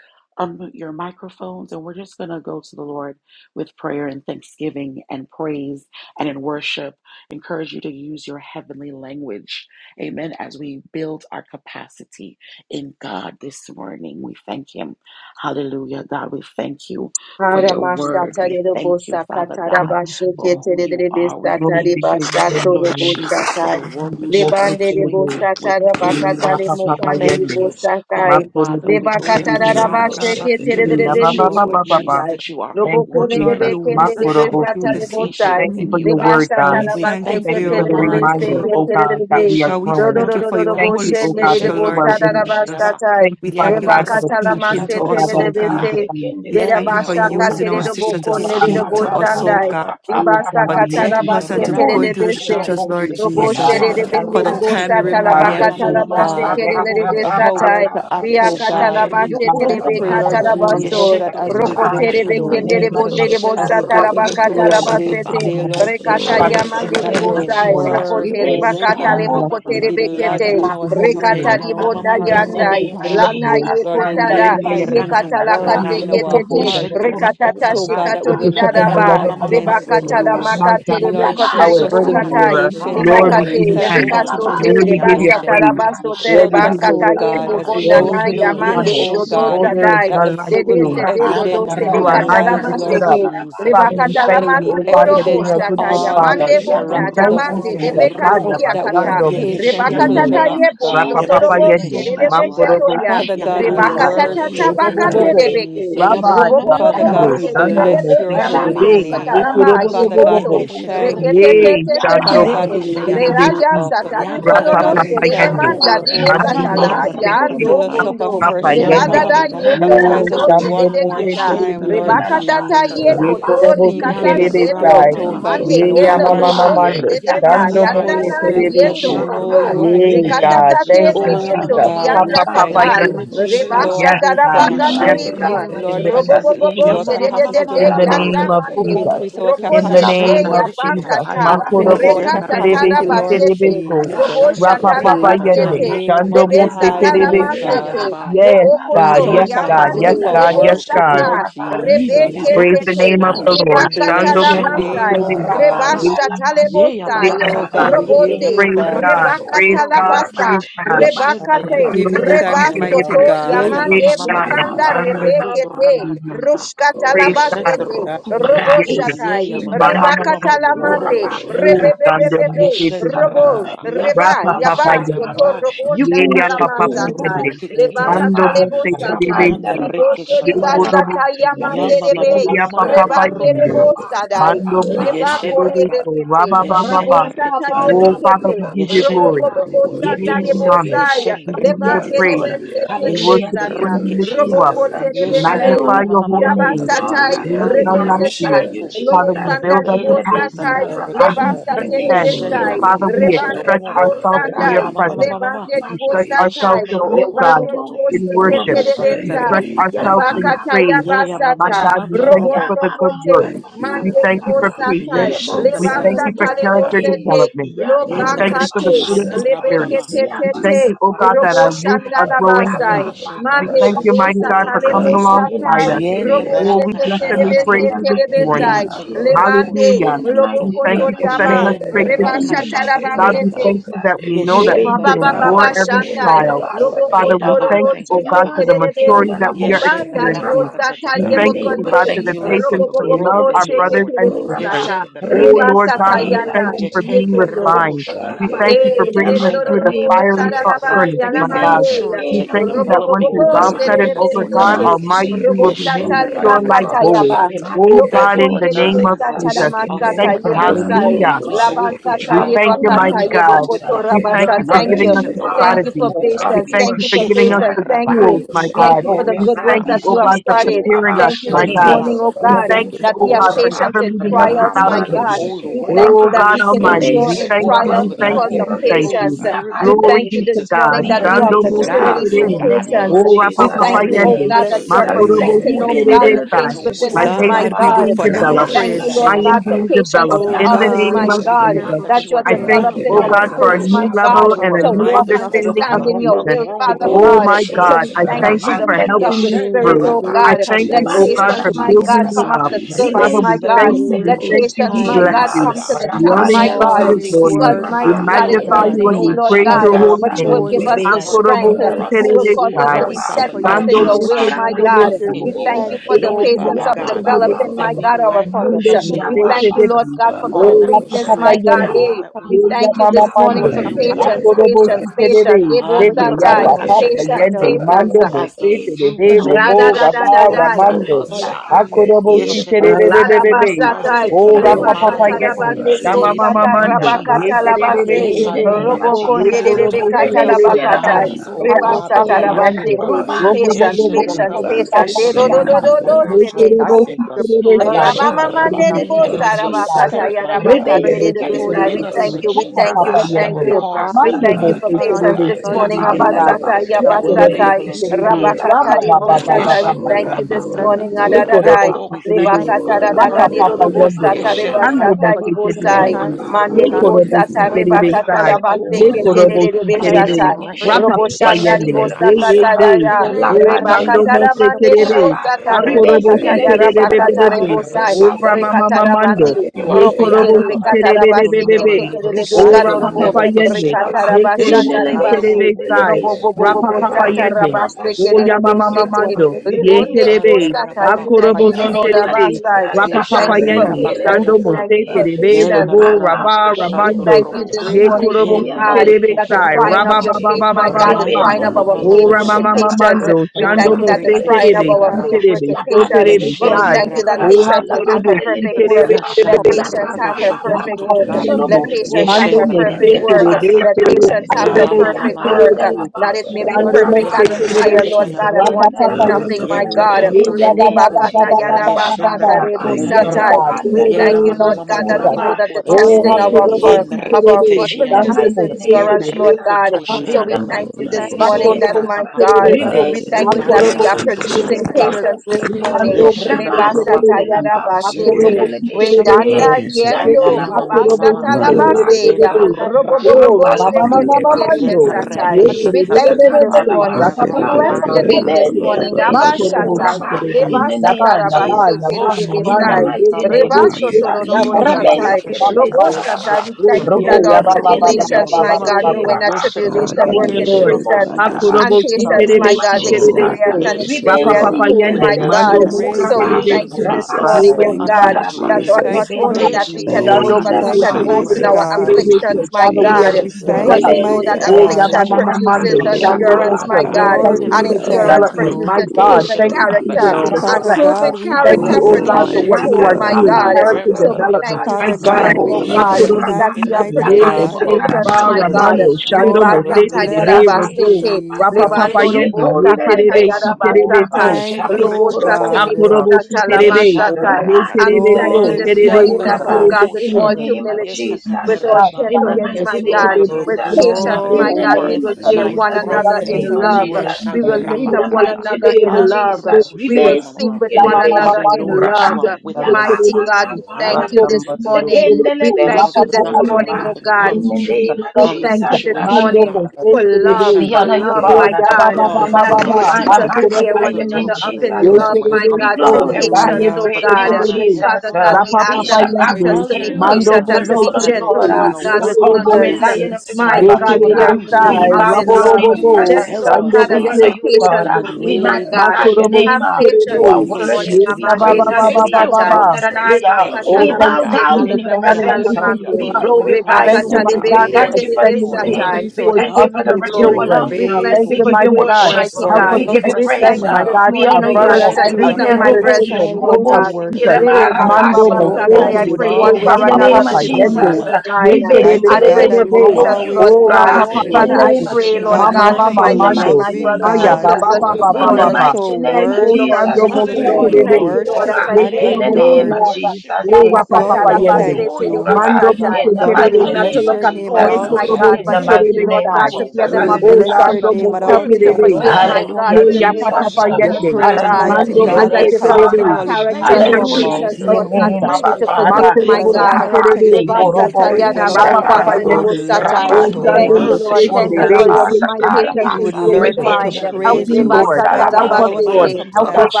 S5: unmute your microphones, and we're just going to go to the Lord with prayer and thanksgiving and praise and in worship. Encourage you to use your heavenly language. Amen. As we build our capacity in God this morning, we thank Him. Hallelujah. God, we thank you for your word. We
S3: Aramashatari
S1: Thank
S5: thank you,
S3: robosa
S5: Father God,
S1: you,
S3: katarabashi
S5: for
S1: Jesus.
S5: who you
S3: keterere
S5: are. We
S1: Glory
S3: besatari
S1: be to
S5: thank you,
S1: your
S3: basato
S1: name,
S5: Lord
S1: God.
S5: Jesus, for
S3: roboshatai.
S5: the work
S1: Mungu
S5: that you
S1: mose
S5: are
S3: Lebande
S5: doing
S1: terebe.
S3: rebosa
S6: We do
S5: within
S1: Yeye
S6: thank
S3: tarabakatale
S1: rapa
S5: us. We
S1: papa
S6: you.
S3: mukande
S6: Yes.
S5: thank
S1: yende.
S5: you,
S3: rebosatai.
S5: Father God,
S1: Makorobo
S5: that we
S1: si
S5: go through
S1: terebe.
S6: Hallelujah,
S5: trials
S3: Lebakatarabashe
S5: and
S6: God. We
S1: Yee,
S3: keterere
S1: ya
S6: lift
S1: ba
S3: bende
S6: you
S1: ba
S5: tribulations,
S1: ba
S6: up,
S1: ba
S5: Lord
S1: ba
S6: Jesus.
S1: ba.
S5: Jesus,
S3: rebosatai.
S5: that you are
S1: Thank you,
S3: Lobokone
S5: working
S6: Lord,
S5: and
S1: Jesus.
S6: we
S3: rebekende
S5: increasing
S8: are our
S6: worship
S1: Makorobo
S5: our
S6: you
S8: help
S1: si.
S3: rebesatale
S6: this
S5: patience
S3: bosai.
S1: Thank you
S5: in
S1: for
S6: morning.
S5: you,
S1: your
S5: God.
S1: word,
S3: Lebasha
S6: God,
S10: We
S1: God.
S6: we
S5: We
S6: thank you
S3: talabaste
S6: for
S5: thank
S1: Thank
S5: you.
S1: you
S6: your
S1: for
S8: and
S1: the
S3: keterere
S6: word,
S3: beste
S1: reminder, oh
S5: Yamamandrobo,
S1: God,
S3: keterere
S1: that
S3: be.
S1: we are
S6: God, we
S1: growing.
S6: thank you for
S3: Dododododo
S6: your
S10: don't
S5: yeshendarabakata,
S1: Thank
S6: holy
S1: you, oh
S3: boshende
S1: God,
S6: scripture,
S1: that
S10: want
S1: you
S6: Lord
S1: are
S3: rebosa
S1: with us.
S5: yeshendarokushayaba.
S6: Jesus.
S3: tarabastatai.
S10: this
S1: Thank
S6: We
S1: you,
S6: thank
S1: Father
S5: Yenda
S6: you for
S1: God, for the
S5: raba
S6: speaking
S1: patience,
S5: kashan
S3: Lebakatalamaste
S6: to
S1: oh God,
S6: us,
S1: that
S6: oh
S3: terere
S1: is
S6: God.
S1: being
S5: reketata.
S3: beste.
S1: developed.
S6: We
S11: sekendele
S6: thank you
S5: Yenda
S1: Thank
S6: for
S1: you, oh
S3: Rebashaka
S11: besokora
S1: God,
S6: using
S1: for
S11: ba
S6: our
S5: roboku.
S1: the
S3: terere
S6: sister
S1: students
S6: to
S3: boko nerere
S1: of
S11: rapa
S6: speak
S5: Yeshen
S6: to
S11: pa pa
S6: us,
S1: the
S6: oh
S11: pa
S3: boshandai.
S6: God,
S11: pa pa
S5: reketata.
S1: Oh,
S11: pa pa
S6: for
S1: family,
S3: Ribasaka
S1: let
S11: pa
S1: me see
S6: teaching
S1: you
S5: Yenda
S6: us
S1: do
S6: and
S3: talabase
S6: to
S1: the
S11: yebon
S5: raba
S1: things
S3: terere
S6: going through the
S3: bese.
S11: sokora
S1: that
S11: po
S5: kashai.
S6: scriptures,
S1: you
S6: Lord
S1: my
S3: Robo
S11: sekena
S1: God.
S6: Jesus,
S2: Shake it,
S5: Yeshen
S3: sherere
S11: banda la ba andala
S8: support
S6: for
S11: ba
S6: the
S1: Thank
S3: benderi
S1: you,
S5: roboku.
S3: bosa
S6: timely
S10: work for
S1: Lord
S10: us
S11: sokora
S1: God,
S11: ba
S1: for
S3: talabaka
S10: to
S5: Yema
S10: be
S6: reminders,
S10: hard. We don't
S1: you.
S5: mama
S6: oh
S11: ya
S5: mama
S3: talamashe
S11: pa
S6: God,
S11: pa
S1: Thank you,
S3: kerere
S11: pa
S1: Lord
S5: roboku
S10: want
S11: pa
S6: of
S1: God,
S6: how
S1: for
S11: pa
S6: we are
S3: besatai.
S5: shototo.
S11: pa
S6: to
S11: pa
S1: Jesus.
S2: Thank
S6: act,
S11: pa
S6: oh
S3: Riaka
S11: pa
S5: Yeshen
S6: God.
S1: Thank you,
S10: that
S3: talabase
S1: God,
S11: yokoro
S1: for
S6: I
S11: bo
S3: terebe
S1: coming
S6: pray,
S5: reketata.
S6: Lord
S1: along
S10: battle
S1: to
S11: sokora po
S1: me.
S6: Jesus,
S3: katarabasto.
S5: Yeshen
S6: that as
S10: for
S11: sekena
S1: Thank
S6: we
S10: God.
S3: Roko
S1: you,
S11: ba
S1: my
S6: go through
S1: God,
S3: terebe
S11: in
S1: in
S6: the
S11: the
S5: rabakatata.
S1: the
S3: kendere
S11: name
S6: week,
S11: of
S1: name of
S3: bondere
S5: Yeshen
S6: as
S11: Jesus
S3: bosa
S6: we
S1: Jesus.
S11: la
S6: go even
S5: rokun
S3: talabaka
S6: through
S11: bandele
S1: Oh,
S6: our
S1: my
S6: day to
S5: rabababa.
S1: God,
S10: We
S3: talabasete.
S11: besokora
S6: day,
S1: my
S10: must
S11: po
S1: Lord.
S6: Lord
S10: serve
S3: Rekata
S11: saka
S1: Father,
S6: Jesus,
S5: Yeshen
S1: we
S11: in
S1: thank
S11: the
S10: God,
S3: yamanderi
S6: that
S1: you
S11: name
S6: your
S1: this
S11: of
S3: bosai.
S5: rekesheta.
S1: morning.
S11: Jesus
S3: Roko
S11: we
S6: word,
S1: We
S11: base
S3: tereba
S6: oh
S1: worship
S5: Yenda
S11: sekena
S1: and we
S3: katale
S11: bo
S6: God,
S1: bless
S3: boko
S1: you.
S6: would be
S5: rababa
S3: terebe
S11: sokora
S1: We
S6: lodged
S3: kete.
S6: in
S5: kiando.
S1: praise your
S6: our
S11: rapa
S1: holy
S10: cover the
S6: spirits
S5: Yeya
S3: Rekata
S1: name.
S6: and in
S10: whole
S5: mama
S11: sakaraba
S6: our
S3: ribonda
S1: He
S5: Yeyamamaman
S11: in
S6: hearts,
S11: the
S6: oh
S3: yandai.
S11: name
S1: the
S11: of
S1: Lord
S5: robokusho
S1: of
S6: God.
S3: Lana
S5: toto.
S1: Lords,
S11: Jesus
S6: Lord, may
S1: the
S6: we
S11: nanda le
S1: great
S3: ye
S5: Yend
S1: I
S6: hide
S11: basic
S1: am.
S6: these
S10: day,
S1: He who
S6: words
S5: rakatatata.
S6: in
S1: was and
S6: our
S11: Robo
S1: is
S3: Yekatalakaseketete,
S6: heart,
S1: and
S5: Yeshend
S1: is to
S11: Sokorobo
S3: rekatata
S1: come,
S6: so God,
S5: rikitatai.
S6: that we
S1: the
S11: Sokoroba,
S6: will
S8: for
S1: bishop
S6: not
S8: the
S1: and the
S6: sin
S3: shekatoridadaba,
S1: lover
S10: but
S1: of our
S5: Yeyamamamamaman
S6: against
S10: I
S1: souls.
S3: rebakatala
S5: robo.
S6: you.
S11: Rababababababa,
S10: pray
S1: My
S3: makate
S1: God,
S6: Lord,
S11: Yaba
S3: rebekota
S5: Yeshend
S6: teach
S1: our
S6: us to
S1: burden
S6: be
S11: Sokorobo
S10: that
S3: yebokatai,
S1: bearer,
S10: we must
S6: patient,
S5: rakatatatai.
S6: oh
S1: Lord,
S11: Sokorobo,
S6: God.
S10: be
S1: we
S3: ribakate
S6: We
S10: all
S1: give you
S10: right
S6: thank you
S1: thanks.
S6: for
S5: Yeshend
S10: with
S6: teaching
S11: Yandalaba
S6: us
S10: you
S3: rebekasote
S6: how to
S1: Lord,
S6: be
S1: we give you
S5: rikiyamama.
S11: Sokoraba,
S6: patient.
S10: and
S1: praise.
S3: rebasatalabasote
S1: Lord,
S5: Yeshend
S1: we
S6: Help
S1: give
S6: us,
S1: you
S6: O
S3: rebakata
S1: worship.
S6: God,
S11: Rabastarabastaraba,
S6: as
S10: the
S6: we
S1: Lord,
S10: public.
S6: go
S5: rakatatatashio.
S1: we
S3: yembobondana
S6: through
S1: give
S6: the
S1: you
S6: week,
S3: yamande
S1: honor.
S11: Yibendelebe
S6: O
S5: Yoshond
S6: God,
S1: Lord, there is
S3: dodosadai,
S6: that
S11: Sokundelebe
S6: the
S1: none
S5: rikitatata.
S1: like
S6: fruit will be
S3: dedese
S1: you.
S3: de
S11: Sokuraba,
S6: evident
S3: dodose
S6: in
S1: You
S6: our
S1: are high
S5: Yamamamamamaman
S1: and
S6: lives,
S10: This
S1: lifted
S10: is
S6: Lord
S3: rekatalamasheke,
S1: up.
S5: robo.
S11: Rabastarabastaraba,
S6: Jesus.
S1: Father,
S10: a
S1: we
S6: That
S1: thank
S6: it
S5: Yeshend
S6: will
S1: you,
S6: be
S1: O
S10: wonderful
S1: God, for
S11: Yababababababa,
S1: being
S6: evident
S1: a
S6: to
S5: rikishayaba.
S1: good,
S3: rebakatalamasikorobosata
S1: good
S6: all who
S1: Father.
S3: yamande
S5: Yashando
S11: Yabo
S3: bonda
S1: We
S6: interact with
S1: thank
S6: us
S5: robo Yashandorobo
S1: you,
S6: this
S3: dabande
S11: Sokorobo
S10: Thank
S1: Jesus.
S10: you
S6: week
S5: kushondorobo.
S10: for
S1: Hallelujah.
S11: Sokorobo
S6: that
S10: your
S6: we are
S10: calm
S3: debekatuyakata,
S10: that
S11: Seki,
S6: patient
S5: Yekeshia
S11: in the
S5: mama
S3: rebakatata
S6: children of
S5: mama.
S11: name of
S1: Rapa
S6: God.
S11: Jesus,
S1: Papa
S3: yebosotorobo
S5: Yebebebebe
S11: in the
S1: Yende,
S11: name of
S5: keshia babai.
S11: Jesus,
S10: you
S1: Makorobo
S3: shererebeketoya,
S10: have
S6: Father God, we
S10: passed
S1: Sikerebesai,
S10: on
S5: Yakandoroku
S11: Yabasiki.
S10: us
S6: worship
S1: Robo
S6: you,
S1: Bobo
S10: by the
S5: shotototo.
S6: Lord
S1: Bo,
S11: Rebende
S3: Rebakatatatabacaterebeke.
S11: le
S5: Yeya
S6: Jesus.
S11: beso
S5: mama
S1: Rabbi
S5: mama
S11: kunde
S6: Father
S11: la
S3: Robobobobobo
S10: estimate
S6: God,
S1: Ramando,
S6: we
S5: mandoroboku.
S11: basaka.
S1: Shando
S3: sedededebe
S6: bless your
S5: Yeshen
S6: holy
S3: yamando
S1: Mosekerebe,
S11: Rabasaka
S6: name.
S3: katalaba
S5: rakatata.
S11: ramba
S1: Yekurobo
S6: Father
S1: Bobo
S6: God,
S3: yekoto
S1: Bobo,
S11: sokoro
S6: we
S5: Yekeshe
S10: of
S6: thank
S5: doroku
S11: boseke.
S6: you.
S1: Ye,
S5: toto.
S10: our
S11: Yama
S6: Father
S1: Shando
S11: ba
S3: reketetetetete.
S6: God,
S11: ba
S6: we
S11: ba
S5: Yekeshe ya
S11: ba
S6: lift
S5: baba.
S11: ba
S6: you
S3: Reraya
S11: ba
S1: Mosekerebesi,
S6: up.
S11: ba ba
S3: satari no
S11: ba
S10: within
S5: Yanda
S3: no
S6: Father
S1: Rapa
S11: ba
S3: no
S10: you
S6: God,
S10: that
S6: we
S1: Papa
S5: roku
S3: sedede
S10: He is
S6: thank
S11: sakara
S6: you
S1: Yende,
S10: the
S5: shoto.
S6: for
S11: ba.
S3: manda
S6: your
S10: word of
S3: dibo
S6: Holy
S10: God.
S1: Mando
S3: katala
S5: Yedanda
S6: Spirit.
S11: Rabasa koro
S1: Mosekerebesi,
S3: yando
S6: Fill us
S11: bosho
S5: rakatatai.
S6: up
S3: kondo.
S11: koro
S10: Thank
S1: Papa
S6: afresh,
S8: children
S6: oh
S8: that
S5: Yamama
S11: boseke.
S1: Yende,
S3: Rebagada
S5: mama
S6: God.
S10: you, Lord
S5: mama
S1: O
S3: yendo
S6: Baptize
S3: kondo
S6: us
S5: ndorobo.
S1: Shando
S6: one
S3: sedede
S6: more
S10: God.
S11: Baba
S3: keta.
S5: Yeshen
S6: time,
S1: Mosekerebesi,
S6: Lord
S10: I
S11: Sekunda Laba
S3: Rebakatata
S6: Jesus.
S5: rekeshatatata.
S1: Ye
S11: Laba
S3: yekoto
S11: and the
S1: korobo
S6: Speak,
S1: si
S3: rikata
S11: Lebe
S6: Holy
S5: Yanda
S10: thank
S1: terebe
S10: you for your
S3: yendo.
S6: Spirit,
S1: sai.
S11: Sakunda
S6: oh
S10: work
S6: God.
S11: Lebe
S5: rababapaku.
S6: We
S3: Mande
S10: in the
S1: Ye
S6: know
S3: viendo
S6: you
S1: yama
S6: are
S10: midst
S3: dodo
S1: mama
S11: Sakalaba
S5: Yeshenda
S3: se
S6: here.
S1: mando.
S3: debe da
S11: Yaba
S1: Dando
S6: Speak,
S1: mo
S6: Holy
S5: reketatatai.
S1: se
S3: yanana
S10: of
S6: Spirit,
S11: Sakurbo
S10: this
S1: terebe
S6: because we
S3: viendo
S1: si.
S8: we
S5: Yashand
S10: business,
S6: know
S11: Sakuraba
S8: thank
S3: condo
S6: you are
S8: you for
S11: in
S5: roboko.
S1: Ye
S11: the name
S6: near.
S11: of
S1: God,
S3: recatata
S1: thank
S10: Lord
S3: tiende
S1: you
S5: Yamama
S11: Jesus
S10: God.
S5: mama,
S11: uh,
S6: Oh
S10: with
S3: kendo
S1: Jesus.
S5: mama.
S6: God,
S11: in
S10: us.
S6: we
S11: the
S3: sianda
S1: Papa Papa
S11: mighty
S6: thank
S3: katai
S11: name
S6: you.
S11: of
S1: Yende.
S5: Yedereke
S10: Lord,
S11: Jesus
S3: rebasha
S5: shayababa.
S1: Yes
S6: Lord,
S11: uh,
S10: I
S6: we
S10: thank you,
S1: God,
S11: in
S3: tarabaka
S11: the
S6: thank
S10: Jesus.
S1: yes
S5: Yashand
S6: you.
S11: mighty
S10: I thank
S1: God.
S3: toriba
S10: you,
S11: name
S10: Lord,
S11: of
S1: In
S6: Lord,
S1: the
S5: rokototo.
S6: continue
S1: name
S11: Jesus
S6: to
S1: of
S6: increase
S3: robobobobo
S11: Yebe
S6: our
S3: se
S8: the
S1: Jesus.
S8: it.
S3: de de
S6: capacity to
S11: Sekinda
S3: de
S1: In
S5: Yamamamamamamand
S1: the
S11: Laba
S6: praise,
S3: yanda
S1: name
S10: God,
S1: of
S3: mande
S11: Rubo
S1: Jesus.
S5: robokototo.
S6: increase our
S10: for
S1: In
S11: Sakunda
S1: the
S3: rokote
S10: something
S6: capacity to
S11: Laba
S10: about
S5: Yeshenda
S1: name
S3: te
S1: of
S6: worship,
S10: this
S11: Seki
S10: morning,
S1: Jesus.
S5: reketatai.
S3: yabakata
S10: Lord God.
S11: Raba
S6: increase
S1: Makorobo
S6: our
S1: si
S5: Yenda
S3: rekata
S10: Praise,
S11: Sakanda
S10: Lord
S1: terebe
S6: capacity,
S11: Laba
S1: si
S10: God,
S5: roboboboku.
S6: Lord
S1: terebe
S3: tarabasete
S1: so.
S11: Sakuraba
S3: Robo
S10: give
S6: Jesus,
S10: me
S5: Yashand
S10: strength
S1: Rapa
S6: to
S3: shatala
S11: Yaba
S10: to
S1: Papa
S6: lift
S10: open
S11: Baba
S6: your
S1: Yende.
S10: up
S5: reketatai.
S11: Baba
S3: basete,
S10: this
S6: name
S10: morning
S1: Shando
S11: ba,
S6: on
S3: lebe
S1: mo
S5: Yenda
S1: se
S11: Baba
S6: high,
S3: satala
S6: oh
S10: and
S1: terebe si.
S6: God.
S3: masete,
S5: rokushayababai.
S1: Yes
S3: lebo
S6: Increase
S1: God,
S11: Yababababababa,
S3: kondo
S6: our
S1: yes
S5: Yenda
S1: God,
S6: capacity
S1: yes
S3: yamande,
S11: sekunda
S6: for
S11: la
S1: God,
S10: pass
S3: lebo
S11: be
S1: yes
S10: it
S6: worship,
S10: through,
S1: God.
S5: rokoshototo.
S6: Lord
S3: sata,
S11: sekuraba,
S10: God,
S3: rebe
S10: to
S5: Yindi
S6: Jesus.
S11: yaba
S1: Praise the
S3: ketete,
S1: name of
S10: worship
S5: de
S10: you.
S1: the
S11: sokorbo
S6: We
S1: Lord.
S3: ribaka
S10: the
S1: Shando
S6: bless
S3: tala
S6: your
S5: Yeshen
S11: shokuraba,
S1: Mose
S10: students,
S6: name,
S3: masai,
S8: Thank
S6: oh
S1: Kiri.
S3: reba
S5: rakatatata.
S6: God.
S11: rabamba
S1: Ye Kiri
S11: laba
S3: shatale
S5: Ye ya
S1: Kiri
S5: baba
S3: bosai,
S1: Kiri
S11: sokuraba,
S6: Oh
S10: help
S6: God,
S5: babaku.
S1: Sai.
S10: him
S6: we
S11: yebe
S6: give
S5: Ya
S6: you
S3: robonde,
S5: papa
S1: Praise
S11: sekenda
S10: for
S5: pako
S1: God.
S6: thanks.
S11: labo
S3: rebaka
S10: this,
S1: Praise
S3: tala
S5: shotoro.
S1: God.
S11: shokuraba,
S3: basa,
S1: Praise God.
S5: Yeshen
S10: help
S11: yebaskere
S10: him to
S6: We
S3: rebakate,
S6: give
S1: Kuro
S6: you
S10: just
S11: baskere
S1: Mose
S6: thanks,
S5: rikitatatai.
S10: stand
S11: baskoro
S1: Kiri.
S6: mighty
S10: out
S3: rebastoto
S5: Ye
S10: for
S11: bosike,
S6: God.
S5: ya
S1: Praise
S5: mama
S3: yamande
S5: mama.
S10: this
S1: God.
S11: yaba
S3: bokanda
S11: ba
S10: himself.
S1: Shando
S11: ba
S5: Ye
S3: rebe
S11: ba
S5: kondo
S11: ba
S1: Mose
S11: ba
S3: kete,
S1: Kiri.
S11: ba
S5: rakatata.
S11: ba ba
S1: Praise
S11: ba.
S5: Yeshen
S1: God.
S10: Lord,
S3: Rushkatalabastete,
S10: God
S5: roku.
S10: in his
S2: you.
S1: Yende.
S10: mind,
S11: Rahesi
S3: Roboshatai,
S5: Ye ya
S10: God
S2: Glory
S11: kinda
S5: mama
S10: is
S11: la
S1: Mama
S5: mama
S10: mine,
S5: mama
S1: Mama.
S11: bosu
S5: mando
S10: God is
S5: roboko
S3: Rebakatalamande,
S11: kuraba,
S10: hands,
S8: you
S5: shototo.
S1: Praise
S8: for your grace.
S1: Shando
S10: God
S11: rabaska
S3: Rebebebebebe,
S1: Mose
S5: Yeshen
S11: rabaska raba,
S1: Kiri.
S3: Robo,
S5: rahata.
S11: yaba
S3: Reba,
S11: ba
S1: Rapa
S11: ba ba
S1: Papa
S10: that
S5: Yeshen
S11: ba
S5: ya
S1: Yende.
S11: ba,
S3: Yabasto,
S8: Thank
S5: mama
S11: ba,
S8: you
S5: mama.
S8: for your grace. Thank you for your
S1: Yeria
S5: Ye
S8: grace.
S11: yubusu
S1: Papa
S5: kondo
S11: kurubu
S3: Roboshtalamasatai,
S10: mentors
S1: Yende.
S10: me with
S5: rikitete.
S11: sekiraba,
S1: Mando Bose
S3: Lebakatalebosatai,
S11: rabanda
S10: humility,
S5: Yanda
S11: la
S1: Terebesi.
S11: basu
S10: God,
S3: Ribote
S5: rikeshatai.
S1: Yekuro
S11: kuraba,
S3: Ribasatai
S11: la
S1: Bose.
S10: and I
S5: Ya
S11: beske
S5: mama
S10: will
S3: Yamanderebe,
S5: mama
S1: Yeria
S11: rabeska
S5: mama
S10: reward
S5: mando
S11: raba,
S1: Papa
S10: him by
S5: roku.
S1: Yende.
S11: raba
S2: to
S11: ba
S2: God,
S3: Rebanderebosadai,
S11: ba
S1: Mando
S11: ba
S2: glory
S1: Bose
S11: ba
S2: to
S11: ba
S5: Yeshendra.
S11: ba
S2: God,
S1: Terebeso.
S11: ba,
S3: Lebakorebekete,
S1: Rabba Baba
S10: effort to
S11: raba
S1: Baba.
S11: ba ba
S5: Yeshendrikitata.
S11: ba
S1: Oh
S11: ba
S1: Father,
S2: hallelujah, hallelujah,
S1: we
S3: Libosatayebekete,
S11: ba
S1: give
S11: ba
S1: you
S11: ba
S1: glory.
S2: glory,
S11: ba,
S1: We
S2: glory,
S1: give
S11: yebe
S5: Yeshendrokototo.
S1: you the
S11: sekir
S1: honor.
S2: glory,
S3: Robobobobosandalebosaya,
S1: We
S11: bosu ku.
S1: give you
S11: Yes,
S1: the praise.
S5: Yeshendrikitititi.
S11: Lord.
S2: hallelujah,
S1: We
S11: Hallelujah
S1: worship
S11: to
S1: you
S11: your
S1: and
S3: Lebanderebeseterebesata,
S1: we
S11: name,
S10: my
S2: glory,
S1: lift
S5: Yeshindrokitata.
S1: you up.
S10: coaching
S11: Jesus.
S2: glory,
S1: We
S3: Robokoterebese,
S2: glory,
S1: magnify
S11: Hallelujah
S1: your
S11: to your
S1: holy
S5: Yeshayamamamamama.
S11: name,
S1: name.
S10: practice,
S11: God.
S3: Rabasatai,
S1: There
S2: hallelujah.
S1: is
S11: We
S2: We
S1: none
S10: whether
S1: like
S3: Rebesete,
S2: worship
S11: magnify
S1: you.
S10: it's
S2: and
S11: you,
S5: Yekandrokoto.
S2: adore
S1: Father, we
S2: you.
S11: Jesus.
S3: Lobokanda
S1: build our
S10: workers,
S2: We
S11: Ikerabesi
S1: capacity.
S3: Libosatai,
S2: bow
S10: nervous,
S2: at
S1: God,
S11: kuraba.
S5: Yebebebebekandrakatata.
S2: your
S1: we
S10: but
S3: Lebasate
S2: throne,
S10: more
S1: extend.
S11: Rebese
S2: glory.
S3: Rebesai,
S2: We
S11: kerabo
S1: Father,
S2: give you
S1: we
S5: Yeshendrokosho
S10: exciting,
S3: Rebande
S2: thanks,
S1: stretch
S5: yomomo.
S11: sukuraba.
S2: Lord.
S10: spiritual,
S1: ourselves
S2: We
S1: in
S2: give
S1: your
S3: Libosandai,
S11: Rapa
S2: you
S11: pa
S10: that is
S2: thanks.
S11: pa
S1: presence.
S11: pa
S5: Yemamamamamama.
S3: Lebande
S2: We
S11: pa
S1: We
S11: pa
S1: stretch
S11: pa
S2: praise
S11: pa.
S2: you.
S3: Libosatai,
S1: ourselves, oh oh God,
S3: Lebande
S11: Yekorobo
S5: Yeshendrokoshototo.
S2: We
S1: in
S3: Liboseke
S1: worship.
S11: sukurabo
S2: glorify
S1: We
S11: seke
S2: your
S1: stretch
S3: Rebesai,
S2: name.
S10: Lord
S5: Yeshendrakatata.
S1: ourselves
S2: Thank
S10: God,
S1: in
S2: you for
S3: Libakata
S2: building
S1: praise.
S11: ba
S1: My
S11: ba
S2: patience
S3: Yabasata,
S11: ba.
S1: God,
S2: in us.
S1: we
S10: let us
S1: thank you
S5: Yeyamamamamandrobo.
S11: Ya
S1: for the
S11: pa pa
S1: good work.
S11: pa
S3: Robosokote,
S10: be
S11: pa
S2: Thank
S11: pa
S2: you
S1: We
S3: Mande
S11: pa
S2: for
S1: thank
S10: represented
S11: pa,
S1: you for
S11: ba.
S2: building
S1: patience.
S3: Libosatai,
S11: Ya bo
S2: patience
S1: We
S10: by
S2: in
S10: the
S1: thank
S2: us,
S11: sokoro
S1: you for
S11: bo
S3: Lebasata
S2: oh
S5: Yeshandrakatatata.
S1: character
S2: God.
S11: seke.
S3: Lebosete,
S1: development.
S11: Ya
S10: grace
S11: pa
S10: of
S1: We
S11: pa
S2: Oh
S1: thank you
S11: pa
S1: for the
S3: Lobakate,
S11: pa
S1: fruit of
S11: pa,
S2: Jesus,
S1: the
S11: ba.
S1: Spirit.
S5: Yenrikishendrababa.
S2: Jesus,
S3: Lebekete
S11: Ya
S1: We
S11: pa
S8: Thank
S1: thank
S11: pa
S2: Jesus.
S1: you,
S3: Tete,
S1: oh
S11: pa
S8: you
S2: Oh,
S1: God,
S11: pa
S1: that
S8: for your
S1: our
S11: pa,
S2: shake
S11: ba.
S1: roots
S8: grace.
S2: it,
S1: are
S2: ba, ba, ba,
S11: Ya
S1: growing
S2: ba, ba,
S1: deep.
S11: pa
S2: ba,
S3: Roboshandalabasai,
S2: ba,
S11: pa pa
S1: We
S2: ba,
S3: Mande
S11: ba
S1: thank you,
S2: shake it.
S5: Yeshandrakesh.
S1: mighty God,
S3: Libosatai,
S11: sekora
S1: for
S11: ba.
S10: God.
S1: coming
S2: Bram, bro,
S11: In the
S3: Lebosatai,
S1: alongside us.
S2: shake
S11: mighty
S2: it,
S5: Yen
S11: name
S3: Robo
S2: eh.
S11: of
S10: Let
S1: Oh, we
S3: sheke
S11: Jesus.
S1: bless and
S5: rakashaya
S2: Ah,
S1: we
S3: terebe
S2: ke,
S11: In
S3: se
S5: mama.
S1: praise
S2: ke,
S11: the
S1: you this
S2: ke,
S3: terebe
S11: mighty
S2: na, na,
S11: name
S3: sai.
S1: morning.
S11: of
S5: Yan
S2: na, bro, bro,
S11: Jesus.
S10: it
S2: shake it,
S3: Lebande,
S2: eh.
S1: Hallelujah.
S11: In the
S3: lobo
S5: rokoshototo.
S1: We
S11: mighty
S1: thank
S2: Bra,
S11: name
S1: you
S11: of
S1: for
S2: ke, Branke de,
S1: setting
S3: kotoriaba,
S1: us
S2: de,
S11: Jesus.
S2: de,
S5: Yen
S2: de,
S1: straight this
S3: reba
S2: bra,
S11: In
S2: ke,
S11: the
S1: week.
S2: shake it,
S11: mighty
S3: shataraba
S1: God,
S2: eh.
S11: name of
S1: we
S5: rakashatatata.
S2: Bro,
S3: sete.
S1: thank
S2: ke,
S1: you
S11: Jesus,
S1: that
S10: increase
S1: we
S2: shake
S1: know
S2: it, eh.
S11: we
S3: E
S1: that we
S5: Yeshen
S11: bend
S3: baba
S11: the
S1: can
S3: baba
S11: libe
S1: endure
S3: baba
S2: ke, de, de,
S1: every
S2: de, de,
S11: sukunda
S3: shandai.
S2: de,
S11: la
S1: trial.
S2: ba, ba,
S5: rabapakoshototo.
S2: ba,
S11: basa
S3: Lobo
S2: ba,
S1: Father,
S2: ba,
S11: keda
S3: kondo
S1: we
S5: Father,
S11: pa,
S5: we
S1: thank
S3: robo
S2: ba,
S1: you,
S5: thank you
S1: oh
S2: ba,
S5: for
S3: sheke
S1: God,
S5: the
S1: for the
S11: yabasa
S5: growth.
S3: terebe.
S1: maturity
S11: kinda
S2: Sandro
S11: la
S1: that we
S11: bo
S1: are
S5: Yeshen
S3: Libanda
S10: now
S11: sukura
S2: Koseke,
S11: pa.
S3: ribo
S1: experiencing.
S3: sata
S1: We
S11: In
S5: rakatatata.
S11: the
S3: yebo
S1: thank you,
S2: Ringede
S11: name
S1: oh
S5: We
S11: of
S3: konde.
S1: God, for
S5: thank
S1: the
S5: you, Lord,
S11: Jesus,
S5: for
S11: he
S1: patience
S3: Robo
S5: the
S1: to
S3: bobo
S2: Brakeseke,
S11: can
S5: growth
S1: love
S3: bobo
S5: in
S11: deliver
S1: our
S5: you,
S3: sheke
S1: brothers
S5: Lord.
S1: and
S3: terebe
S1: sisters.
S11: Sikuraba,
S3: sata.
S5: Yeshen
S2: Ogeseke,
S1: Oh
S3: Reba
S1: Lord
S11: Ribesi
S3: sata
S1: God,
S5: rapapapa.
S1: we
S10: that
S11: Kela
S1: thank
S3: yana.
S1: you for
S5: Yeken
S1: being
S2: Abakeseke,
S11: Bosakura
S3: Yekondo.
S1: refined. We
S11: Bosakaraba.
S5: rokoshototo.
S1: thank you for
S10: you're
S2: Brakede
S3: Eh,
S11: In
S3: de-
S11: the
S3: de-
S1: bringing
S3: de-
S1: us
S5: Yeshen
S3: do- do-
S1: through
S11: mighty
S3: do-
S1: the
S11: name
S3: bo-
S11: of
S5: rakatata.
S1: fiery fu-
S2: Brakeseke,
S3: sararaba,
S11: Jesus,
S5: God, we
S10: going
S1: furnace,
S5: thank you
S1: my
S5: for the
S1: God.
S11: Ribesi
S3: yanamandela.
S5: maturity
S1: We
S5: that
S11: Kela
S5: you're
S1: thank you
S2: Abakeseke,
S3: Robo-
S1: that
S3: bo-
S1: once
S3: bo-
S1: it
S5: developing
S1: is
S3: bo-
S1: all
S11: Bosakuraba.
S1: said and
S2: Brakede
S5: within
S3: shererebe-
S5: us,
S1: over,
S11: In
S5: Lord
S11: the
S1: God
S3: sete.
S11: mighty
S5: Jesus.
S1: Almighty,
S11: name
S1: we
S11: of
S2: Brakeseke,
S1: will
S3: Robo-
S1: be
S11: Jesus,
S1: made
S11: we honor
S2: Brakede
S3: sataliba-
S1: pure
S10: through
S11: you,
S1: like
S10: the
S11: God.
S10: Lord
S1: gold.
S10: Jesus.
S3: katayaba.
S11: We
S5: Yeshenderekatatachianta.
S1: Oh
S2: Brakeseke,
S11: magnify
S3: Robo-
S5: Thank
S1: God,
S5: you,
S11: your
S1: in
S11: name,
S5: Lord
S1: the
S3: konde- de-
S5: God,
S1: name
S3: de-
S11: Jesus.
S5: that
S1: of
S5: you are
S11: Uh,
S5: with
S1: Jesus,
S3: satalama-
S11: We
S1: we
S5: us,
S2: Abakeseke,
S3: sata-
S1: thank
S5: Lord
S1: you.
S11: glorify
S3: yebo-
S11: your
S5: God,
S11: great
S3: sai.
S2: Nambro
S1: Hallelujah.
S11: name,
S5: as we
S11: God.
S3: Laba-
S5: go through
S11: We
S2: Koseke,
S3: sata-
S1: We
S11: bow
S5: trials,
S1: thank
S3: yebo-
S5: Lord
S1: you,
S11: down in
S5: God.
S11: your
S5: We,
S1: mighty
S3: kata-
S5: you
S3: yebo-
S5: are
S1: God.
S11: presence.
S5: with
S11: Uh,
S3: koto-
S5: us
S1: We
S2: Abakeseke,
S3: raba-
S11: We
S1: thank
S3: sa.
S1: you
S5: as
S1: for
S5: our
S3: Thank
S11: acknowledge
S3: you.
S1: giving
S11: who
S1: us
S5: patience,
S11: you
S1: the
S2: Ringede
S5: oh God,
S11: are.
S3: Thank you
S5: is
S3: for
S1: strategies.
S5: being
S10: To
S11: Oh God,
S2: Brakeseke,
S1: We
S3: patience.
S11: we
S5: tested.
S10: the
S1: thank
S3: Thank
S1: you
S3: you
S1: for
S3: for
S11: worship, we
S1: giving us
S3: patience.
S1: the
S3: Thank
S5: Yeshendereba.
S11: magnify.
S3: you.
S1: tools, my
S5: You are
S11: We
S3: Thank
S10: shadow
S1: God.
S10: of
S3: you
S5: with
S3: for the
S1: We
S5: us,
S3: good
S11: glorify,
S3: work
S10: the
S5: God.
S1: thank
S11: we
S1: you,
S3: that
S5: We
S2: Ah,
S1: oh
S3: you have
S1: God,
S2: glory,
S11: submit
S1: for
S5: thank
S11: to
S5: you.
S3: started.
S11: you,
S1: preparing
S11: Abba.
S1: us,
S3: Thank you
S10: Lord,
S1: my
S3: this
S10: the
S11: Ribe
S1: God.
S5: Yeshendereba.
S3: morning, oh
S10: good shepherd,
S1: We
S5: We
S3: God,
S11: sikurobo
S10: the
S1: thank
S5: thank
S10: Lord
S1: you,
S5: you,
S3: that we
S1: oh
S10: of
S3: have
S5: Holy
S10: the
S1: God, for
S11: sokoraba,
S3: patience
S5: Spirit.
S1: never
S3: in
S1: leaving
S5: For
S1: us
S5: we
S3: trials,
S1: without
S11: rabamba
S1: a
S3: my
S5: need you,
S3: God.
S11: laba
S1: witness.
S5: O
S3: We
S5: Lord.
S3: thank you
S11: sokoraba,
S1: Oh
S3: that
S5: Holy
S1: God
S3: we can
S11: yebe
S5: Spirit,
S1: Almighty,
S5: we
S3: endure
S1: we
S3: in
S5: can't
S1: thank
S5: do
S1: you,
S11: sekuraba
S5: this
S3: trials
S1: we thank
S5: without
S3: because
S1: you,
S5: you.
S3: of
S1: we
S11: sokorabe,
S1: thank
S5: Holy
S1: you.
S3: patience.
S5: Spirit, we
S3: We
S1: Glory
S11: yabandele
S3: thank
S5: need
S3: you
S1: be
S5: you
S1: to
S3: this
S5: to
S11: besi
S3: morning
S1: God.
S3: that
S5: lead
S11: kundele
S5: us
S3: we have
S5: and
S1: Shando
S5: to
S1: mo
S11: sekundelebe
S1: se
S11: ka.
S5: guide
S3: maturity
S5: us, oh
S3: through
S11: In
S2: glory,
S1: terebe.
S11: the
S5: God.
S11: name
S3: patience.
S2: glory.
S11: of
S1: Oh
S5: Holy
S6: Oh
S3: We
S1: Rapa
S11: Jesus,
S3: thank
S1: Papa
S6: God,
S11: in
S5: Spirit,
S3: you,
S11: the
S6: we
S5: we
S3: oh
S2: Hallelujah.
S11: name
S1: Yende.
S3: God,
S11: of
S5: need
S3: that
S5: your
S6: bless
S3: you
S6: your
S3: are
S5: still
S11: Jesus,
S1: Makoro mo
S5: small
S6: name.
S3: perfecting,
S1: se
S3: oh
S5: voice,
S3: God,
S1: terebe
S5: Father,
S3: the
S11: Yibendele
S1: sai.
S5: to
S3: things
S11: besi
S3: within
S1: My
S3: us,
S5: whisper,
S2: Rengededededebrakesekeke.
S11: kundele
S3: my
S5: my
S6: God,
S1: patience
S11: ba.
S1: is
S6: we
S3: God.
S6: will
S5: God,
S1: being
S6: forever
S3: We
S11: yibendelebe
S1: developed.
S3: thank you,
S6: praise
S1: I
S3: Lord
S6: you.
S3: God,
S1: am
S3: for
S2: Nambrogosekeke.
S11: sekundelaba,
S1: being
S5: to
S3: patience
S11: ba
S1: developed
S3: with
S6: Oh
S1: in
S2: Ah,
S5: remind
S1: the
S3: others,
S11: yababa,
S5: us,
S6: God,
S1: name
S3: my
S5: oh
S6: we
S11: ba
S6: will
S1: of
S6: be
S11: ba
S5: God,
S3: God,
S2: brakesekeke.
S11: ba
S1: Jesus.
S6: careful
S11: ba
S5: that
S3: that
S6: to
S5: you
S3: you
S11: ba
S5: are
S3: are
S1: I
S11: ba,
S6: praise
S1: thank
S6: you,
S1: you,
S3: developing
S1: oh
S5: developing in
S3: our
S1: God,
S5: us
S1: for
S6: Jesus.
S1: a
S11: yababa,
S3: fruits, my
S11: ba.
S1: new
S11: ba
S5: patience,
S11: ba
S3: God,
S6: God,
S1: level
S5: to
S2: Brakedededededebabababa.
S6: from
S1: and a
S11: ba.
S3: to
S6: the
S1: new
S3: walk
S5: remind
S6: rising
S5: us,
S3: and
S6: of
S3: to
S5: oh
S6: the
S1: understanding
S5: God,
S1: of
S3: stand
S6: sun,
S5: that
S3: in
S5: we
S3: your
S5: are
S11: Yokorobo
S3: will,
S1: patience.
S6: to the
S5: growing
S3: Father
S5: in
S6: going
S11: Shokorobo
S1: Oh
S3: God.
S1: my
S11: Seke
S3: So
S1: God,
S3: we
S1: I
S5: maturity in
S3: thank you
S1: thank
S3: for
S1: you
S5: you.
S3: the
S1: for
S2: Rongedededebrakesekeke.
S3: fruits
S6: down, your
S3: of
S11: Rabandalaba
S1: helping
S3: the
S1: me
S6: name
S3: Spirit,
S6: is
S1: through.
S3: oh
S2: Oh,
S11: Sokuraba
S1: I
S6: great
S3: God.
S5: Yeshendarabakata,
S6: and
S1: thank
S3: Let
S1: you, oh
S2: Jesus,
S6: greatly
S1: God,
S3: patience,
S1: for
S6: to
S3: my
S6: be.
S3: God,
S1: building
S2: Jesus,
S1: me
S3: come
S11: Yabaskarabaskaraba
S6: praised.
S3: up
S1: up.
S3: the
S6: We
S2: Jesus.
S3: surface,
S1: Father,
S11: Ribe
S6: lift
S3: my
S1: we
S5: Let
S6: your
S3: God.
S5: our
S1: thank you,
S6: name
S1: we
S3: Let
S11: Sikundelebe
S5: spiritual
S1: thank
S2: Oh,
S1: you,
S6: on
S3: patience,
S1: we
S3: my
S6: high,
S5: posture,
S1: bless
S3: God,
S6: God.
S11: Sekeraba
S5: Father
S1: you.
S3: come to
S5: God,
S2: Jesus,
S3: the
S1: We
S3: top,
S5: be
S1: honor
S2: Jesus,
S3: my
S1: you and we
S3: God,
S6: Lord,
S11: Rabandalaba
S6: we
S5: trusting
S1: adore
S2: Jesus,
S5: in
S1: you.
S3: because,
S5: you,
S2: thank you
S3: mighty
S1: We
S2: for
S6: worship
S11: Sokuraba
S5: Lord
S6: you,
S2: your
S3: God,
S6: oh
S5: God,
S3: it's
S11: in
S3: not
S1: magnify
S11: the
S6: God,
S2: word.
S1: you and
S11: name
S3: easy,
S1: we
S5: knowing,
S11: of
S3: Lord
S1: praise
S5: Father
S6: because
S3: God,
S6: you
S1: your
S2: Thank you
S6: are a
S11: Jesus
S5: God,
S1: holy
S3: but
S2: for
S11: uh,
S3: you
S5: that
S2: your
S3: will
S1: name.
S3: give
S6: holy
S11: we
S5: this
S2: word,
S3: us
S5: is
S3: the
S6: God.
S11: base
S5: part
S2: oh
S5: of the
S1: Hakorobo
S3: strength.
S2: God.
S6: Holy
S3: You
S11: Kindalabo
S3: will
S5: process
S1: siterebe
S6: Spirit,
S3: cause
S6: we
S3: us
S2: Help
S1: sai.
S3: to be
S5: knowing,
S6: thank
S2: us
S11: Sokuraba
S2: to
S6: you
S5: Father
S6: for
S2: be
S5: God,
S3: steadfast
S6: your
S5: that
S3: in
S1: Dando
S5: you
S6: gift.
S5: are
S3: your
S2: patient
S1: mese
S3: will, my
S11: Rabamparaba
S5: maturing
S6: Holy
S2: with
S3: God.
S1: terebe
S5: us
S1: si.
S6: Spirit,
S5: in
S6: we
S3: We
S2: another,
S11: Sokurobo
S5: you,
S3: thank you
S6: thank you,
S3: for
S1: Yes,
S2: Father.
S3: the
S11: Seke
S6: oh
S5: knowing,
S1: Lord,
S5: Father
S3: patience of
S6: God,
S2: Oh,
S5: God,
S1: we
S11: Yababa
S1: give
S2: lo- lo- lo-
S3: developing,
S11: Baba
S5: that
S3: my
S1: you
S2: lo-
S5: we
S2: lo-
S3: God,
S2: lo-
S3: our
S5: lack
S2: lo-
S6: for
S11: Baba
S6: the
S3: fruits.
S2: lo-
S1: Mande lo
S6: fruit
S5: nothing,
S3: We
S1: se
S6: of
S5: Lord
S2: shakeke,
S3: thank
S11: Baba
S3: you, Lord
S5: Jesus.
S1: celebre.
S3: God, for
S6: we can
S5: All
S1: Oh,
S2: lambro-
S5: that
S2: lo-
S5: we
S1: Rapa
S3: completeness,
S6: be
S3: my
S5: have,
S1: Papa
S6: like
S3: God.
S2: shakeke,
S11: Ya
S1: Yende.
S11: ba
S5: all
S3: Eh.
S5: that
S11: ba
S5: we
S3: We
S11: ba
S1: Yeya
S6: confidently
S5: need
S3: thank
S11: ba
S3: you
S1: Mama
S3: this
S11: ba
S6: improve
S5: is
S11: ba,
S5: in
S6: our
S3: morning
S1: Mando.
S3: for
S5: you,
S11: ya
S5: God.
S6: capacity
S3: patience,
S11: ba
S6: to
S2: brangedede,
S11: ba
S1: Akorobo
S6: pray.
S1: si
S3: patience,
S11: ba ba
S2: bakesh,
S3: patience.
S11: ba,
S1: celebre.
S3: Ebo
S5: And
S1: Sepe
S6: Purchase
S3: satai,
S1: Yapa
S6: beyond
S11: yokorobo
S1: Papa
S2: brakedede,
S3: Patience,
S5: rabakashatatata
S1: Yende.
S6: ourselves,
S2: ba- ba-
S6: oh
S11: sokorobo
S2: ba-
S3: patience.
S6: God.
S1: Mando
S2: ba-
S1: mo
S5: as
S2: ba-
S5: the
S11: seke.
S1: se
S2: ba-
S5: fruit
S2: ba-
S11: In
S1: celebre.
S5: of
S11: the
S6: Purchase
S2: shake,
S11: name
S1: Robo
S11: of
S5: patience
S6: beyond
S1: Raba
S6: our
S11: Jesus,
S3: Ra-da-da-da-da-da.
S5: grows
S11: uh,
S5: in
S2: lambro-
S1: Ramando.
S2: lo-
S5: us,
S11: ya
S6: Lord
S5: God.
S11: ba
S6: Jesus.
S2: shakeke,
S1: Akorobo si
S5: Yeshen
S11: sekirebo
S2: ah,
S6: And
S5: Rabba,
S6: fill us
S1: celebre.
S11: sokoroba,
S5: Cause
S6: up
S5: us
S3: Ladabasatai,
S6: with
S5: to
S2: shakeke,
S6: your
S5: keep
S11: ya
S1: Oh,
S5: our
S11: bo
S1: Rapa
S6: blessed
S1: Papa
S6: Holy
S5: minds
S2: brangedede,
S1: Yende.
S2: brakesh,
S11: sokorobondelebe
S1: Shama
S6: Spirit.
S5: stayed
S1: Mama
S3: Lebakatarabandebosata,
S5: on you,
S1: Mando.
S6: Oh
S1: Ye
S5: Jesus.
S6: God,
S11: sekundalabasaka.
S2: lambro-
S3: Rabakatalabase,
S2: lo-
S11: in
S6: reign.
S11: the
S5: Yetan
S1: celebre.
S11: name
S2: shakeke,
S11: of
S5: Rabba
S6: Oh
S1: Ye
S3: Robokonde
S6: God,
S11: Jesus,
S3: de
S5: Yetanrababakushoto.
S1: korobo
S6: rule
S1: si
S6: in our
S1: celebre.
S6: heart.
S5: Remind
S3: Bekatalabacatai,
S5: us, oh
S1: Papa
S6: Oh
S5: God, that
S1: Papa
S5: you
S6: Holy
S11: Rebeskeraboskurobosike,
S5: are with
S6: Spirit,
S1: Yende.
S5: us.
S3: Rebasatarabaseke,
S6: may you
S1: Robo
S6: just
S1: Bobo
S3: patience,
S6: be
S1: Bobo.
S5: Yeshen
S6: our
S3: patience,
S5: Rabba,
S6: comforter
S3: patience,
S1: Papa
S6: this
S3: eh,
S5: That
S3: do
S5: you'll
S11: Rabasekendelebeskuraba,
S3: do
S6: morning.
S3: do
S1: Papa.
S5: never
S3: do
S5: leave
S1: Yes,
S5: us nor
S3: do,
S6: Thank
S1: whatever
S6: you
S5: forsake
S1: she
S6: for your
S1: said,
S5: us.
S1: every time.
S6: presence,
S11: Rabambalabasekuraba.
S5: Yeshen Rabba,
S11: in
S1: Whatever
S11: the
S6: God.
S1: she
S5: And
S11: name
S1: said,
S5: it
S3: Ramamamanderibosa
S11: of
S5: is
S1: every
S5: your
S6: We
S1: time.
S11: Jesus,
S6: thank
S3: Rabakata
S5: spirit,
S6: you
S5: my
S6: for your
S1: Yes,
S5: God,
S3: yarabakate
S11: Rebesi
S1: whatever
S6: presence,
S1: she
S5: that is
S1: said,
S6: Holy
S3: redebesa.
S11: kendele
S5: within
S3: We
S1: every
S5: us,
S3: thank
S1: time.
S6: Spirit.
S5: Lord
S3: you, we
S1: Papa,
S3: thank
S6: We
S5: Jesus,
S3: you,
S1: papa,
S3: we
S11: kuraba.
S6: thank
S5: that
S3: thank
S5: will
S6: you,
S1: yende.
S3: you.
S6: oh God,
S5: cause
S3: We
S11: Rabasta
S5: us
S6: that we
S5: and
S1: Mando
S3: thank you
S1: bo
S3: for
S5: enable
S11: rabasta
S1: se
S5: us,
S6: call
S1: said,
S6: on
S5: oh
S11: raba.
S6: you,
S3: patience
S1: every
S5: God,
S1: she
S3: this
S6: Lord
S1: said,
S3: morning.
S5: to
S1: every
S6: Jesus,
S11: Labanda
S6: who
S1: time.
S5: endure
S11: laba
S3: Abasata
S1: Yes,
S5: that
S6: answered. us.
S5: will
S1: whatever
S11: sukunde
S1: she
S3: Yabasatai
S5: enable
S6: We
S5: us,
S1: said,
S11: lebesi
S5: oh
S1: every
S6: thank you
S5: God,
S11: ke
S1: time.
S6: for
S5: to
S11: laba.
S3: Rabakata
S1: Baba,
S6: your
S5: grow.
S6: love,
S3: Debo
S1: baba,
S6: oh
S1: baba,
S2: Oh,
S11: Rababa
S6: God,
S1: baba,
S3: We
S11: ba
S3: thank
S11: ba
S1: baba
S2: glory,
S3: you this
S6: that has
S2: glory,
S3: morning.
S6: been
S5: Yeshendarabatatatata.
S6: so patient
S2: glory,
S3: Adadadai.
S1: yekorebo
S6: and
S11: Rababa
S5: Oh,
S11: ba
S5: we
S11: ba
S1: siterebe
S6: kind
S5: thank you for
S11: ba
S3: Lebakata
S6: with us,
S11: ba
S5: your
S2: glory,
S11: ba.
S3: Dadada
S6: Lord.
S1: rapa
S6: We
S5: word,
S1: papa
S5: God.
S2: glory,
S3: Dedobo
S11: Yaba
S1: yende
S11: ba
S3: Sata
S11: ba
S2: glory,
S11: ba
S1: mando
S6: Thank
S11: ba
S6: you
S3: Rebasata
S6: for
S1: mese
S5: Yeshendarababa.
S11: ba.
S3: Debo
S6: giving us
S1: terebe
S3: Sai.
S1: si
S5: Causing
S6: chance
S11: Yaba
S5: us,
S2: glory,
S6: after
S11: ba
S5: Father
S3: Mande
S11: ba
S6: chance.
S5: God,
S3: Debo
S1: yekorebo
S11: ba
S2: glory,
S5: to
S3: Sata
S11: ba
S5: stay
S6: We
S11: ba
S6: thank
S1: siterebe
S2: glory.
S6: you for
S3: Rebakata
S1: sai
S5: faithful
S6: grace. We
S5: unto
S3: Labaseke
S2: Oh,
S1: yekorebo
S5: you
S3: Tedebe
S2: I
S6: thank you
S5: under
S1: siterebe
S2: second,
S11: Yabesi
S6: for
S3: Satai.
S6: mercy.
S5: pressure.
S11: kendele
S6: We
S1: rapa
S11: besi
S1: papa
S2: I'm
S3: Roboshanda
S1: yende
S11: kunde
S3: Debo
S1: ye
S2: broke,
S1: ye
S11: lebesi
S5: Yeshetatapapa.
S2: second.
S11: ka.
S6: thank
S1: ye
S6: you,
S5: In the
S6: oh
S1: ye
S5: name of
S6: God,
S11: Labande
S6: for
S1: sando
S6: you
S3: Rebakata
S5: Jesus.
S3: da
S1: mose
S6: know,
S3: mande di
S1: terebe
S6: capacity
S11: kuraba.
S6: for
S3: bosata,
S1: akorobo
S6: worship.
S11: Ribeske
S5: Yeshendarabapapapa.
S3: rebakata ya
S6: We
S11: lebesi
S1: siterebe
S6: thank
S1: bebe
S3: rabakata
S6: you,
S1: bebe
S6: Lord,
S5: For
S3: rebosai,
S5: you
S1: o
S5: are
S6: Jesus,
S11: Rababa
S1: rama
S11: ba
S5: faithful,
S3: rekata
S1: mama
S11: ba
S6: that
S3: da
S5: God.
S6: we
S1: mando
S3: bandi,
S6: have
S5: You are
S6: come to the
S11: Ya
S3: rokote
S1: yekorebo
S5: faithful,
S11: ba
S6: very
S11: ba
S5: God.
S6: end
S3: rebekata
S6: of
S11: ba
S3: da
S1: siterebe
S6: our
S11: ba ba
S5: You'll
S1: bebe
S3: basti,
S11: ba.
S6: world.
S5: never
S1: bebe
S3: kete
S5: leave us.
S11: Rubo
S6: God, it
S1: o
S6: is
S3: rebekata
S5: You'll
S1: rapa
S6: you
S3: robo,
S11: sukurubo
S1: papa
S5: never
S6: that is
S1: yende
S5: forsake
S3: rekata
S6: carrying
S5: us.
S11: sukuraba.
S3: da
S1: yekorebo
S3: bashata
S6: us.
S11: Yendelebe
S3: rebandi,
S1: siterebe
S11: sendelebe
S1: sai
S5: Yeshendarobokototo.
S3: robo bo bo
S6: You
S3: bo
S1: rapa
S3: bo
S6: will
S11: sukuraba.
S1: papa
S3: shata
S1: yende
S6: To
S3: rabaste
S1: o
S3: kere
S1: yama mama
S3: rebesete,
S6: our
S11: Rabaskarabaskaraba.
S1: mando
S6: next
S11: We
S1: ye
S11: be
S6: level.
S3: lebonde
S1: terebe
S3: bosata,
S6: Thank
S3: we
S6: you
S3: thank
S6: for
S5: Andrababakia
S1: Akorobo
S3: you,
S11: in the
S1: si
S3: Rono
S11: name
S3: da
S6: maturity.
S11: of
S5: shototo.
S1: Kiterebe,
S11: Jesus,
S3: we
S1: Rapa
S11: Abba,
S3: thank
S1: Papa
S6: Thank
S5: Yeshen
S3: you
S6: you
S3: for
S11: sing,
S1: Yende,
S6: for
S11: kill, it,
S3: patience,
S6: growth,
S11: be,
S1: Shando
S3: we
S6: Holy
S5: rabakatata.
S11: sing,
S3: thank
S1: Mose
S3: you
S11: eh.
S6: Spirit.
S3: for
S6: We
S1: Terebe,
S11: Yeah,
S5: Yen
S3: patience.
S6: thank
S11: ba,
S1: Robo,
S11: ba,
S1: Raba,
S11: ba,
S6: you
S11: ba,
S3: We
S11: ba,
S1: Ramando,
S3: thank
S6: for
S11: ba,
S3: you
S6: the
S5: rabakashandrobo.
S11: ba,
S3: this
S6: grace
S1: Ye
S11: ba.
S6: to
S3: morning, oh
S1: Korobo
S5: Yen
S11: Yeah,
S1: si
S3: God,
S11: bo, so,
S1: Kiterebe
S3: that the
S11: cor,
S1: Sai,
S6: understand
S11: bo,
S3: trying of
S1: Raba
S11: sick,
S5: rikeshatatata.
S1: ba
S3: your
S1: ba
S11: eh.
S3: faith,
S1: ba ba
S3: my
S1: ba
S3: God,
S1: ba
S3: the
S5: Aya
S1: ba.
S3: trying
S11: Rebende,
S3: of
S11: le,
S5: mama
S3: our
S11: be,
S5: mama
S3: faith
S1: O
S11: so,
S6: every
S5: mama
S3: with
S1: Rama
S11: kunda,
S1: Mama
S5: mama.
S11: la,
S3: patience.
S11: ba.
S6: word.
S1: Mando,
S3: We
S5: O
S6: Lord.
S3: thank
S1: Shando
S3: you that the
S1: Mose
S11: Rabaska,
S3: trying of
S6: We
S11: rabaska,
S1: Terebe,
S3: our
S11: raba.
S6: thank
S3: faith
S6: you
S5: nrikeshendraba.
S6: that
S3: with
S1: Kiterebe, So
S6: it will
S11: Yabande,
S3: patience.
S11: le,
S1: Terebe
S3: But
S11: be,
S3: we
S6: help
S5: Yeshen
S2: nam
S11: so,
S1: Sai,
S6: us
S3: thank you
S6: through
S11: muka,
S3: that
S6: the
S11: la,
S2: you.
S1: O
S6: week.
S11: ba.
S3: patience will have her
S1: Hakorobo
S5: rakatatatata.
S11: Labande,
S6: that
S11: le,
S6: It's
S3: perfect
S11: be,
S6: going to
S2: Rangere,
S3: work.
S6: help
S1: Kiterebe,
S6: us
S11: saka.
S3: Let
S6: become
S5: Yashan
S11: Yeah,
S3: patience
S11: ba,
S6: better
S3: have
S11: ba,
S3: her
S11: ba,
S6: Christians,
S11: ba,
S1: Rapa
S3: perfect
S6: oh
S11: ba.
S3: work.
S1: Papa
S6: God.
S5: rokoshototototo.
S1: Yende,
S3: Let
S11: Sorobo, skoro,
S3: patience
S11: bo,
S3: have
S1: Mando
S3: her
S5: Yeshen
S11: ske,
S1: Mose
S3: perfect
S11: dende, la,
S3: work.
S6: Lord, we
S11: ba,
S6: just
S1: Terebe,
S5: rekitatata.
S3: Let
S6: want to
S1: Terebe,
S11: sakanda, le,
S3: patience
S6: be
S3: have
S11: be.
S6: like
S3: her
S5: Yama
S1: Akorobo
S6: you.
S5: mama
S3: perfect work.
S11: Yabanda,
S1: Kiterebe,
S11: la, ba,
S5: mandoroboku.
S3: That it
S11: so,
S3: may be
S6: Lord, we
S1: Dando
S11: kora,
S6: just
S3: perfect
S6: want
S5: Yen
S11: ba.
S1: mose
S6: to
S3: and
S6: respect
S3: entire,
S11: Rebe,
S3: Lord
S1: kerebesi.
S5: rakashaya
S6: Christ.
S3: God, and
S5: babai.
S1: Rapa
S11: sekenda, la,
S3: wanting
S1: papa
S11: ba,
S3: nothing,
S11: so,
S1: yende.
S3: my
S11: kora
S5: Yenda
S6: We
S3: God.
S6: just
S1: Ye
S6: want to
S11: in the
S1: ya ba
S6: respect
S11: name
S1: ba
S11: of
S1: ba
S5: rokoshototo.
S1: ba ba ba
S11: Jesus.
S1: ba
S6: God.
S1: ba ba
S11: Abba,
S5: Yeshenda
S1: ba.
S11: Saba,
S1: Yes,
S5: rakatata.
S3: Lebakatayadabaskatarebosatai.
S1: God. In
S3: We
S11: Rabanda,
S1: the
S6: We
S5: Yeya
S3: thank
S6: just
S11: Laba,
S3: you,
S1: name
S6: want to
S3: Lord
S1: of
S3: God,
S6: reflect
S5: mamamamando
S3: that we
S1: Jesus.
S3: know
S6: Christ
S11: Sukuraba,
S3: that
S6: in
S3: the
S10: What I
S11: in
S10: whatever
S6: all
S5: robokototo.
S1: Oh,
S6: that
S11: the
S3: testing of
S11: name
S3: our,
S11: of
S6: we
S10: it
S6: do.
S10: is
S1: hakorobo
S3: our-
S5: Yenda
S1: si
S3: of
S11: Jesus,
S3: our
S6: We
S1: kerebe.
S6: want
S3: faith
S11: in the
S5: riketeshiyaba.
S1: Dando
S3: produces
S11: mighty
S1: mose
S10: that
S6: attitude
S11: name
S6: to
S11: of
S5: Yenda
S3: endurance,
S1: kerebe.
S6: reflect
S3: Lord
S11: Jesus,
S3: God.
S6: Christ.
S10: we bring
S3: So
S11: in the
S3: we
S10: it to
S5: rikotosheyamandi.
S3: thank
S6: So
S3: you
S11: mighty
S10: you,
S3: this
S6: thank
S11: name
S10: Lord
S11: of
S6: you,
S10: God,
S3: morning
S6: oh
S10: I pray
S3: that,
S6: God,
S5: Yeketa
S1: Makorobo
S11: Jesus.
S3: my
S10: for you,
S5: papaku.
S3: God,
S6: that
S10: God,
S1: Kiterebeso,
S6: we're
S3: we
S11: Ribesi,
S3: thank you
S6: growing
S5: Yanda
S6: in
S3: that we
S1: Makorobo
S3: are
S10: in
S11: Kelebe,
S10: Jesus.
S3: producing
S6: as
S1: Kiterebesa,
S6: we're
S5: rabakashatatata.
S11: Sukurabo,
S3: patience this
S6: growing in
S10: Thank
S11: Saka,
S10: you,
S3: morning.
S6: faith,
S1: Mikando
S10: Lord, for
S5: Yeshenda
S1: Mose
S11: Rabba,
S10: building our
S3: Lebasata
S5: robaku.
S6: oh
S1: Terebesi,
S6: God,
S11: Sendelaba,
S10: faith, building our
S5: Yenda
S10: strength,
S11: Sukunda,
S3: yarabasete,
S1: Akorobo
S6: help us
S11: Lebeseke,
S3: Wedanda
S5: rekeshetata.
S1: Kiterebeso,
S10: God,
S6: us
S11: Yanda,
S1: Kete
S3: yendo
S5: Yeya
S11: Labo,
S1: Yakorobo
S5: mamamamama.
S3: babasata
S6: that
S11: Sukunda,
S6: we
S10: building us
S6: would
S11: Laba,
S3: labaseya,
S5: Yenda
S11: Saka,
S6: be
S1: Kiterebebebebe,
S6: like
S10: with the
S6: you
S1: Oh,
S3: robobobobo
S11: Rabamba, Laba,
S10: faith
S5: rokoshototo.
S6: today.
S3: sheketete
S11: Laba,
S1: Ramamamamamamando,
S11: Sukunda,
S3: rebesatai.
S10: that
S6: God, we
S10: should
S11: Lebe,
S3: We
S5: Yeparekeshata.
S3: thank you this
S11: Sakanda,
S5: Father,
S1: Yeterebebebebe,
S6: want
S10: come
S11: Laba,
S5: even
S3: morning.
S2: Thank
S5: as
S10: our
S5: we're
S2: you,
S3: We
S10: way,
S5: on
S11: Saka,
S5: the
S6: to be
S2: Jesus.
S3: bless
S6: like you
S3: your
S5: highway,
S1: Rapapapapapapa,
S3: name
S5: God.
S3: this
S5: Hey,
S10: that
S11: Ribendele
S3: morning.
S6: today.
S10: we know
S5: patience,
S10: there
S1: Makorobo
S10: is
S5: God.
S3: Abashatai.
S6: We
S10: one
S11: sukuraba
S6: want
S10: God
S1: Kiterebe,
S11: in
S10: in
S11: the
S10: heaven,
S6: more
S11: name
S3: Lebasata
S1: Yaba,
S11: of
S5: Yeshatatata.
S10: that the
S1: Yaba,
S11: Jesus,
S5: Oh,
S3: rabasete
S11: uh,
S1: Yaba,
S10: one
S6: of our
S11: in the
S10: who
S1: Mamando,
S3: rebesai.
S11: mighty
S6: Father.
S11: name of
S1: Yekorobo,
S5: shonrikitatata.
S11: Jesus.
S1: Chete,
S6: But they
S1: Yaba,
S10: is
S6: were
S1: Baba,
S10: long
S1: Baba,
S3: Rebashotoroboshatai,
S6: patient
S1: Baba, Baba,
S6: people.
S3: Loboshatai,
S11: Rabeskerebeskaraba,
S5: Yindididikeshitatata.
S3: we
S1: Oh,
S10: for
S3: thank you
S1: Sebe,
S10: the
S3: that our
S6: They
S1: Yaba,
S6: were
S1: Baba,
S6: patient
S5: Yendarukuya,
S1: Baba,
S3: tribulations,
S5: mama,
S10: pray
S3: my
S1: Baba,
S10: that
S5: mama.
S6: people,
S3: God,
S10: the
S1: Baba,
S3: knowing that
S11: roboskendelebeskeraba,
S10: Lord
S5: Yeshata.
S3: tribulation
S10: God
S1: Thank
S10: bless
S1: you,
S3: worketh
S1: Lord.
S5: Patience,
S3: patience,
S5: Father God
S10: you,
S11: roboskoroboskaraba,
S10: will
S3: and
S1: Hakorobo
S6: but
S1: si
S11: In
S5: with
S6: the
S10: stop
S11: the
S3: patience,
S5: our
S3: my
S1: terebe
S11: name
S6: grace
S11: of
S1: si
S3: God,
S6: to be
S10: you,
S5: children,
S1: terebe
S5: God.
S11: Jesus,
S3: experience
S11: uh,
S1: so.
S3: and
S6: faithful.
S5: Patience,
S1: Rapa
S10: you're a
S3: experience
S5: Father,
S1: papa
S3: hope,
S5: with
S1: yende.
S3: my
S5: family
S6: The
S3: God.
S1: Mando
S10: fulfillment,
S1: mo
S10: you
S1: se
S6: grace
S5: members.
S3: So
S6: to
S3: we
S6: be
S11: ribesinkelebeskuraba,
S10: will
S2: Thank
S1: terebe
S10: hear
S2: you,
S3: thank
S10: the
S1: si.
S5: Patience,
S3: you this
S6: patient,
S5: Father,
S2: Jesus.
S3: morning,
S10: cry
S6: God.
S5: with
S10: in
S1: Yeya
S3: oh
S2: Thank you,
S3: God,
S1: baba
S5: unsaved
S11: rabaskarabaskara,
S3: that
S5: loved
S6: We
S10: the
S3: on-
S5: ones.
S10: name
S2: Jesus.
S3: not
S6: thank you,
S10: of
S1: baba.
S3: only
S6: Lord
S3: that we
S5: Patience,
S3: can
S5: oh
S10: Christ.
S6: Jesus.
S3: boast,
S1: Dando
S2: Thank
S6: We
S5: God,
S3: but
S2: you,
S3: we
S1: mo se
S11: ribendelebeskindelaba,
S6: thank
S5: with
S3: can
S6: you,
S5: our
S3: boast
S1: terebe
S3: in
S6: mighty
S5: brothers
S1: si
S3: our
S5: and
S2: Jesus.
S6: God.
S10: Lord,
S1: terebe
S2: Thank
S5: sisters.
S2: you,
S3: afflictions,
S1: so.
S3: my
S1: Father, we
S3: God,
S1: are
S11: rababababababa,
S6: We
S1: being
S5: Patience,
S2: Jesus.
S10: restore me
S5: Lord
S6: thank
S3: because
S6: you,
S3: we
S1: developed.
S3: know
S5: Jesus
S3: that
S6: mighty
S2: Hallelujah.
S1: Oh,
S5: on the
S6: God.
S1: yama
S3: affliction
S1: mama
S5: job.
S11: ribendelebeskuraba,
S3: produces
S1: mando.
S10: and
S5: Patience,
S1: Dando mo
S3: endurance,
S5: Father
S2: Hallelujah.
S3: my
S1: se.
S5: God,
S3: God,
S1: Thank
S6: Lord,
S5: in
S1: you
S11: rababababababa,
S5: the
S3: and
S1: for
S6: we
S10: Hallelujah,
S1: the
S2: Hallelujah. We
S10: Jesus.
S3: endurance
S6: thank
S1: development.
S5: supermarket.
S2: thank
S6: you.
S1: My
S2: you,
S3: produces
S1: God,
S2: Lord.
S3: proven
S1: thank
S5: Patience,
S1: you,
S2: Thank you,
S5: Father
S1: Jesus,
S3: character.
S1: for
S10: Lord,
S5: God,
S1: the
S10: my
S2: Jesus.
S6: Father
S1: strength.
S5: as we
S3: Unproven
S10: God,
S6: God, we
S10: my
S1: Thank
S5: travel.
S3: character
S1: you,
S6: bless
S1: oh
S2: Oh,
S6: you,
S1: God, for
S3: produces
S10: always
S1: what
S5: Patience,
S2: mighty
S10: need
S1: you
S3: hope,
S1: are
S5: Father
S3: my
S2: God,
S6: Jesus.
S5: God,
S1: doing.
S3: God.
S10: to
S2: mighty
S1: Character
S5: wherever
S3: So
S5: we
S3: we
S2: God.
S5: may
S10: deliver
S3: thank
S1: development.
S10: to
S5: go,
S3: you
S1: My
S6: Father
S3: this
S10: you,
S5: Father.
S10: Lord
S1: God.
S6: God,
S3: morning,
S6: we
S3: oh
S2: Oh, la
S10: God.
S6: give
S2: ba
S3: God,
S6: you
S5: Patience
S2: ba
S1: Hakorobo
S2: ba
S11: Yeboshakuraba,
S3: that
S6: thanks,
S5: in
S2: ba
S3: we
S5: the
S1: Sisi
S3: are
S2: ba
S6: mighty
S10: And
S1: Debe Robo
S3: producing
S5: name
S10: Lord,
S6: God.
S5: of
S3: patience,
S1: Raba
S3: my
S10: praise
S3: God.
S11: Yabasakarabandelebe
S5: Jesus.
S1: Ramando
S10: it to you,
S1: Shando
S6: Lord,
S10: praise
S11: Sukuraba,
S5: Holy
S6: we
S1: Mose
S10: it
S5: Ghost,
S10: to
S1: Terebe
S6: bless you,
S1: Robo
S3: Lebasatayarabasete,
S5: patience.
S11: Rabababa,
S1: Rapa
S10: you,
S1: Papa
S6: Jesus.
S5: Yeshen
S1: Yende Ye
S10: Lord
S5: rokuya
S11: Yekondelebe
S1: Terebe Si
S5: mama.
S1: Terebe
S10: God.
S11: Sukuraba,
S1: So
S3: lebandorobosakatayarabasatai,
S5: Yeshen
S6: Thank you,
S11: Rabiskurobos
S6: God.
S5: rikitatata.
S10: Lord,
S1: Akorobo si
S10: Lord, in
S11: Kurobusiki,
S10: the
S1: terebe.
S5: Yeshen
S10: name
S3: lobosatelebesatalamasatay.
S10: of
S1: Ye
S3: And
S10: Jesus,
S3: we
S1: terebe
S5: rakatata.
S3: thank you
S1: so.
S11: Rabasindelebe
S6: Lord
S3: this
S10: glory
S1: Terebe
S10: to you,
S3: morning
S5: Yanda
S1: si
S3: that,
S10: God.
S3: oh
S11: Sukuraba,
S1: terebe
S3: God, with
S6: Jesus.
S1: so.
S11: in
S5: rokosha.
S11: the
S3: all
S10: And
S11: name of
S10: Lord,
S1: We thank
S3: humility,
S1: you, Mighty
S3: with
S11: Jesus,
S3: all
S1: God,
S5: Yesakataraba.
S11: in the
S10: precious
S1: Sunday,
S3: gentleness,
S1: most
S3: my
S11: mighty
S5: Yes,
S2: ba.
S11: name
S5: Lord,
S3: God,
S11: of
S5: we
S1: sacred,
S10: Lord,
S1: we
S5: know
S2: Rogo
S3: with
S10: as
S5: that
S11: Jesus,
S2: se
S5: this
S1: have
S5: is
S1: been
S3: patience,
S5: not an
S10: you
S11: in
S6: Lord,
S3: my
S1: raised
S10: take
S11: the
S6: we
S3: God,
S1: up.
S3: we
S11: name
S3: will
S11: of
S6: bless
S10: kind
S1: Thank
S3: bear
S1: you
S2: prende
S10: of
S5: overnight
S6: you,
S3: one
S11: Jesus,
S1: for
S10: a
S1: the
S11: in
S10: blessing
S3: another
S11: the
S3: in
S1: development.
S6: Jesus,
S11: name
S5: process.
S6: and
S11: of
S6: we
S1: Thank
S3: love.
S1: you,
S11: Jesus.
S3: We
S6: worship
S10: in
S1: Jesus.
S10: the
S3: will
S10: name
S1: Look
S3: lift
S11: In
S1: for
S10: of
S6: you.
S3: up
S1: the
S11: the
S10: Jesus.
S3: one
S1: most
S5: Eshanrabakata,
S11: mighty
S3: another
S1: sacred,
S11: name of
S3: in
S1: most
S3: love.
S1: sacred, most
S11: Jesus,
S10: As a
S3: We will
S1: sacred.
S2: la
S11: rebase
S3: speak
S5: andrukushoyamamama.
S11: in
S3: with one
S5: But
S10: global,
S5: God,
S10: global,
S3: another
S11: kelebase
S5: we
S10: global,
S3: in
S5: know
S1: Yamamamamando,
S10: global,
S5: that
S11: kuraba,
S3: love.
S5: you are
S1: Sunday, most
S5: with
S10: global,
S11: yaba
S1: sacred,
S3: Mighty
S5: us.
S11: ba
S1: most
S3: God,
S11: ba
S3: we
S1: sacred.
S11: ba
S3: thank
S11: ba
S10: global,
S3: you
S11: ba,
S3: this
S1: Akorobo si
S10: global,
S5: Hallelujah,
S1: Hakorobosi
S5: God.
S10: global,
S3: morning.
S10: global,
S1: terebe
S3: We
S1: so.
S3: thank
S11: sekendelebase
S5: Cause
S3: you
S10: global,
S5: us
S3: this
S1: Rapapapa
S5: not to
S10: global,
S11: kuraba.
S3: morning,
S1: yende.
S5: look
S2: pestón,
S3: oh
S5: and
S3: God.
S11: In
S2: rogo
S1: In
S11: the
S1: the
S2: se
S5: concentrate
S11: name
S1: name
S11: of
S10: Plan
S3: We
S1: of
S5: on the
S3: thank you
S1: Jesus.
S11: Jesus,
S3: this
S5: situation,
S1: Mando,
S2: prende el
S3: morning
S1: most
S5: God.
S1: sacred,
S3: for
S1: most
S3: love,
S1: sacred.
S11: we
S3: for
S2: paquete
S11: honor
S2: de
S11: you,
S3: love,
S5: Ishandaraba.
S2: que
S11: God.
S1: Ye
S3: my
S5: But
S3: God,
S11: We
S5: cause
S2: da,
S3: that
S5: us,
S3: you
S2: paquete
S1: yabababababa.
S2: que
S3: will
S5: Father
S11: magnify
S2: se
S3: teach
S11: and
S2: que
S3: us
S5: God,
S3: to bear
S11: magnify
S1: Akorobo
S3: one
S5: to
S11: your name,
S1: si.
S3: another
S5: look to
S3: up
S5: the
S2: paquete
S11: Jesus.
S3: in
S2: de
S5: hills
S3: love,
S5: from whence
S3: my
S1: Yeterere
S11: We
S5: cometh
S3: God,
S1: so,
S3: through
S5: our help.
S11: glorify
S3: patience,
S1: dando
S11: your
S6: Hallelujah.
S3: oh
S5: For
S11: great
S1: mose
S3: God.
S11: name,
S5: God, our
S1: terere,
S5: help
S3: Father
S11: Jesus. Uh,
S3: God,
S5: comes
S6: Lord,
S3: we
S5: from
S1: rapa
S3: ask
S11: We
S1: papa
S3: that
S5: you.
S6: we
S11: shall
S3: you
S2: da.
S11: back
S3: teach
S11: the
S3: us
S1: yende,
S6: praise
S3: to
S6: your
S3: be
S11: King, uh,
S1: mando
S3: patient
S6: name,
S5: Hallelujah.
S11: the
S3: and to
S6: Jesus.
S1: mose
S3: be
S11: Lord
S2: Jesus,
S11: of
S5: As you're
S3: gentle,
S11: Lords,
S3: Lord
S5: doing
S1: terere,
S11: uh,
S5: a
S3: God,
S11: the
S2: Jesus,
S3: with
S5: work
S1: yetere
S5: in us,
S11: conquering
S3: others.
S5: God.
S11: lion
S1: bosi,
S11: of the
S2: Jesus,
S5: As
S3: My
S6: We
S11: tribe
S5: you're
S11: of
S6: bless
S3: God,
S5: doing a
S1: yeterere
S11: Judah.
S3: bearing
S5: new thing
S6: your
S3: them
S11: We
S6: name,
S1: sai,
S3: up
S5: within
S11: bow
S3: in
S5: us,
S1: rabo
S2: Jesus,
S1: bo
S11: down
S3: love.
S1: bo
S11: in
S5: God.
S11: your
S1: bo,
S3: Just,
S11: presence.
S2: Jesus,
S3: Lord
S5: Help
S11: uh,
S1: dando
S5: us,
S3: God, as
S11: We
S3: you
S11: honor
S1: mose
S3: were
S2: Jesus.
S5: Father,
S11: you, God.
S3: patient
S1: terere,
S5: in
S11: uh,
S5: the
S3: with me,
S11: We
S3: Lord
S5: name
S2: Hallelujah.
S5: of
S3: God.
S11: magnify your
S1: makoro
S5: Jesus.
S3: Have
S11: name.
S1: bosi
S11: uh, You
S3: patience
S11: are
S1: terere,
S3: this
S11: worthy
S2: Jesus,
S3: morning,
S1: ye
S11: to
S5: Patience,
S11: be
S1: ba
S5: God.
S6: God.
S5: We
S11: praised
S1: ba
S3: Amandiri
S11: and
S1: ba
S11: to
S2: Jesus,
S1: ba
S5: thank
S11: be
S1: ba
S5: you.
S1: ba
S3: Bostatai.
S1: ba.
S11: exalted and
S5: We
S2: Jesus.
S3: Leba
S11: higher.
S6: of
S5: thank you,
S1: Oh,
S11: We
S6: glory,
S5: Lord
S1: thank
S11: bow
S2: Hallelujah.
S1: you,
S3: katalabase,
S5: God.
S11: down in
S1: Jesus,
S11: your
S3: Leba
S1: for
S5: Hallelujah.
S1: having
S11: presence. uh,
S1: patience
S5: Hallelujah.
S3: katalamando.
S1: with
S6: so
S11: We
S6: account
S1: us.
S5: We
S2: Glory,
S11: glorify
S6: this of
S5: press,
S1: Thank you,
S5: oh
S11: you.
S1: mighty
S2: glory,
S5: God. We
S11: We
S1: God,
S6: praise,
S1: for
S11: thank you
S5: press
S2: glory,
S11: for
S5: in,
S11: this
S1: extending
S5: Lord
S11: day.
S5: God.
S1: patience
S3: Rebakatalebesteterebesatai.
S2: glory,
S6: increase, so
S11: We
S1: towards
S3: We
S6: account
S11: thank
S3: give
S1: us,
S11: you for
S3: you
S11: the
S3: the
S1: your
S6: this
S11: breath in
S3: glory.
S11: our
S6: of
S1: children.
S11: lungs.
S3: We
S11: uh,
S2: glory.
S3: bless
S6: praise.
S1: Thank
S3: you
S5: Andorobokushototo.
S11: We
S1: you,
S3: for
S11: give you
S1: mighty
S3: doing
S5: We
S3: it,
S1: God.
S2: Yeah,
S11: worship.
S5: press,
S3: mighty
S11: uh,
S5: oh
S6: Lord,
S1: Help
S3: God.
S1: us
S6: and
S5: God.
S11: We
S5: We
S1: to
S6: help
S2: glory
S11: give
S6: us,
S11: you
S3: We
S2: to
S5: press
S6: oh
S2: your
S5: in,
S11: praise.
S3: thank
S1: extend,
S5: my
S3: you
S1: my
S11: uh,
S3: this
S2: name.
S5: God.
S1: God, to
S11: We
S1: our
S3: morning,
S11: honor
S3: oh
S11: you.
S3: God,
S1: brothers
S3: as
S11: uh.
S2: Glory
S3: I
S6: God,
S1: and
S6: we would
S3: lift
S11: We
S2: to
S1: our
S3: up
S2: your
S11: will
S6: never
S3: my
S2: name.
S1: sisters
S6: be
S11: robo
S1: in the
S3: brethren, Lord
S1: name
S6: silent in
S11: sukurubo
S1: of
S3: God.
S5: Yeshendrababababakushototo.
S1: Jesus.
S2: Oh,
S6: worship,
S11: sikiraba
S3: Eh, ba,
S2: my
S5: Yendre,
S3: ba,
S11: raba
S3: ba,
S5: Because
S1: Mando
S6: but
S5: you're
S3: ba,
S5: a
S6: oh
S2: God,
S1: Moseke
S5: good,
S11: sukurubo
S2: my
S3: satai.
S6: God,
S3: I
S6: we
S5: good
S1: de
S6: would
S3: pray
S11: siki.
S3: one
S5: father.
S2: God.
S3: for
S6: always
S11: In the
S1: Rapa
S3: another
S11: name of
S1: Papa
S3: this
S5: Yeshe,
S6: worship
S3: morning
S1: Yende.
S3: in
S11: Jesus.
S2: Hallelujah,
S6: you.
S3: the
S11: uh,
S3: line.
S5: We
S1: Yeke
S11: ribes
S6: Mighty
S5: thank
S3: I
S5: you,
S3: pray
S6: God,
S11: kerebes
S5: Lord.
S6: that
S3: for
S6: we
S5: We
S6: would
S1: de
S5: thank
S11: kurubo
S3: patience,
S2: hallelujah.
S5: you.
S3: Lord
S6: always
S1: Oh
S3: God.
S11: sukuraba.
S1: Rapa
S6: praise
S5: Lord, we
S11: In
S1: Papa
S3: Father,
S11: the
S6: you.
S3: I
S2: Oh,
S11: name
S1: Yende.
S5: bless
S11: of
S5: you,
S3: pray,
S11: Jesus.
S3: Lord
S5: God.
S2: Lord,
S6: God,
S5: We
S6: you
S1: Mama
S3: God,
S11: uh.
S6: are
S5: honor
S3: for
S6: so
S5: you,
S1: Mama
S3: my,
S11: In the
S1: Mando.
S3: my
S11: mighty
S5: Jesus.
S6: loving,
S11: name
S3: brothers
S11: of
S3: and
S1: Haya
S5: Lord,
S11: Jesus.
S5: we
S6: God.
S1: Baba
S11: uh.
S3: sisters this
S1: Baba
S11: In
S5: glorify
S6: You
S2: Lambro,
S11: the
S5: you.
S1: Baba
S6: are
S5: We
S3: morning.
S1: ba
S5: give you
S6: so
S11: mighty name
S3: Thank
S11: of
S3: you,
S1: Oh
S5: praise.
S6: worthy,
S3: Lord.
S1: Sando
S11: Jesus.
S3: Thank you,
S6: Jesus, to
S3: Lord.
S1: Moseke
S6: be
S5: Hallelujah,
S1: de
S2: Renge,
S11: Sukurubo
S3: Thank
S5: Lord.
S1: Bay.
S5: We
S3: you, Lord,
S5: bless
S3: as
S11: sukuraba.
S6: worshiped
S5: your
S3: I
S1: Yeke
S6: and
S3: lift
S11: In the
S5: name,
S3: up
S5: God.
S3: in
S11: name
S5: We
S1: de
S11: of
S6: adored.
S3: love.
S5: worship
S11: Jesus.
S5: you,
S1: Oh
S11: eh,
S3: Baba
S5: Lord.
S1: Rapa
S6: Lord,
S1: Papa
S3: Katara
S6: we
S5: We
S11: sekurubo
S1: Yende.
S6: thank
S5: adore
S3: Basete
S5: you,
S6: you.
S11: sukuraba.
S5: mighty
S1: Mando
S11: In
S5: God.
S11: the
S1: Moseke
S6: Lord, we
S3: Help me
S6: will
S1: de
S11: mighty
S3: not
S1: Si.
S3: to
S11: name
S6: bless
S3: look
S11: of
S6: your
S5: Hallelujah,
S3: at
S6: name at
S5: Lord.
S1: Ye
S11: Jesus.
S3: faults,
S5: We
S11: uh.
S6: all
S3: my
S5: honor your
S2: Lambro,
S1: korobo
S3: God,
S11: In
S3: but
S1: si
S11: the
S6: times.
S3: help
S5: name,
S3: me,
S1: terebe
S11: mighty
S3: Lord
S11: name
S5: Father.
S11: of
S3: God,
S1: sai.
S5: You
S3: to
S5: are
S3: bear
S11: Jesus,
S6: We
S3: them
S6: will
S3: up
S5: worthy.
S2: Renge,
S1: O
S3: in
S11: hallelujah.
S6: bless
S3: love.
S6: your
S1: shando
S5: You
S1: mo
S6: name
S5: are
S6: at
S1: se
S3: Help
S6: all
S3: me
S5: worthy
S3: to
S5: of it
S6: times,
S1: terebe.
S3: forgive,
S5: all,
S3: my
S6: God.
S5: God.
S3: God,
S11: Hallelujah,
S1: Ye
S3: in the name
S5: Hallelujah.
S2: Nababababababas,
S3: of
S11: Jesus.
S5: You
S1: yapatapa
S5: are
S11: Um,
S6: Your
S3: Jesus,
S1: yende.
S5: holy,
S3: my
S6: praise,
S5: God.
S3: God.
S11: Hallelujah
S6: mighty
S2: Lambro,
S11: to
S1: Mando
S5: We
S11: your
S3: As
S1: mo
S6: God,
S3: I
S6: will
S1: se
S11: name,
S5: bless you,
S3: develop
S11: God.
S3: my
S5: God.
S1: terebe.
S11: Uh,
S6: continually
S5: We
S6: be
S1: In
S3: character
S6: in
S5: thank you,
S1: the
S3: in
S6: our
S11: Hallelujah
S6: mouth.
S11: to
S3: patience,
S1: name of
S5: Jesus.
S11: your
S3: Lord God,
S11: name,
S1: Jesus.
S3: teach me
S5: Thank
S11: Abba
S5: you
S3: to
S5: for your
S3: forgive,
S11: Father.
S6: That
S3: my
S6: as
S1: Makorobo
S6: our
S5: faithfulness,
S3: God.
S1: si
S5: God.
S11: Yaba
S6: character is
S11: se
S1: terebe.
S6: being
S5: Thank you
S6: built
S3: Lebasata
S5: for
S6: and
S11: korobo se
S5: who
S2: Renge,
S5: you
S6: developed, oh
S5: are,
S1: Rapapapa
S5: my
S11: tirabada
S6: God,
S3: yadabasata
S6: we
S11: ba
S5: God.
S6: would
S1: yende.
S6: learn
S3: debosatai.
S6: how
S5: Thank
S1: O
S5: you,
S6: to
S5: Lord
S11: rabandele
S1: shando
S3: Thank
S11: be
S3: you,
S1: mo
S5: God,
S3: Lord.
S5: that
S1: se
S6: worship
S5: you are
S3: Thank
S11: sekunda
S3: you
S1: terebe.
S6: you.
S11: la
S5: with
S3: for your
S11: ba
S5: us.
S3: my
S1: Patience,
S5: Thank
S3: patience
S11: ba
S6: We
S5: you,
S3: is
S6: would
S1: patience,
S3: being
S5: Father
S6: learn
S1: patience.
S6: how
S5: God,
S6: to
S5: that
S3: refined.
S5: you're
S11: rebendele
S1: Help
S6: praise
S5: leading
S1: me,
S6: you
S10: this
S6: in
S5: us.
S1: Lord.
S11: sekunda
S3: Lebasata
S11: la
S6: spite
S10: morning,
S6: of
S11: ba
S1: Help
S5: Thank
S1: us,
S6: all
S5: you,
S6: our
S10: Lord God.
S11: seke
S1: Lord.
S3: labasete.
S5: mighty
S1: Help
S5: God,
S1: us,
S5: that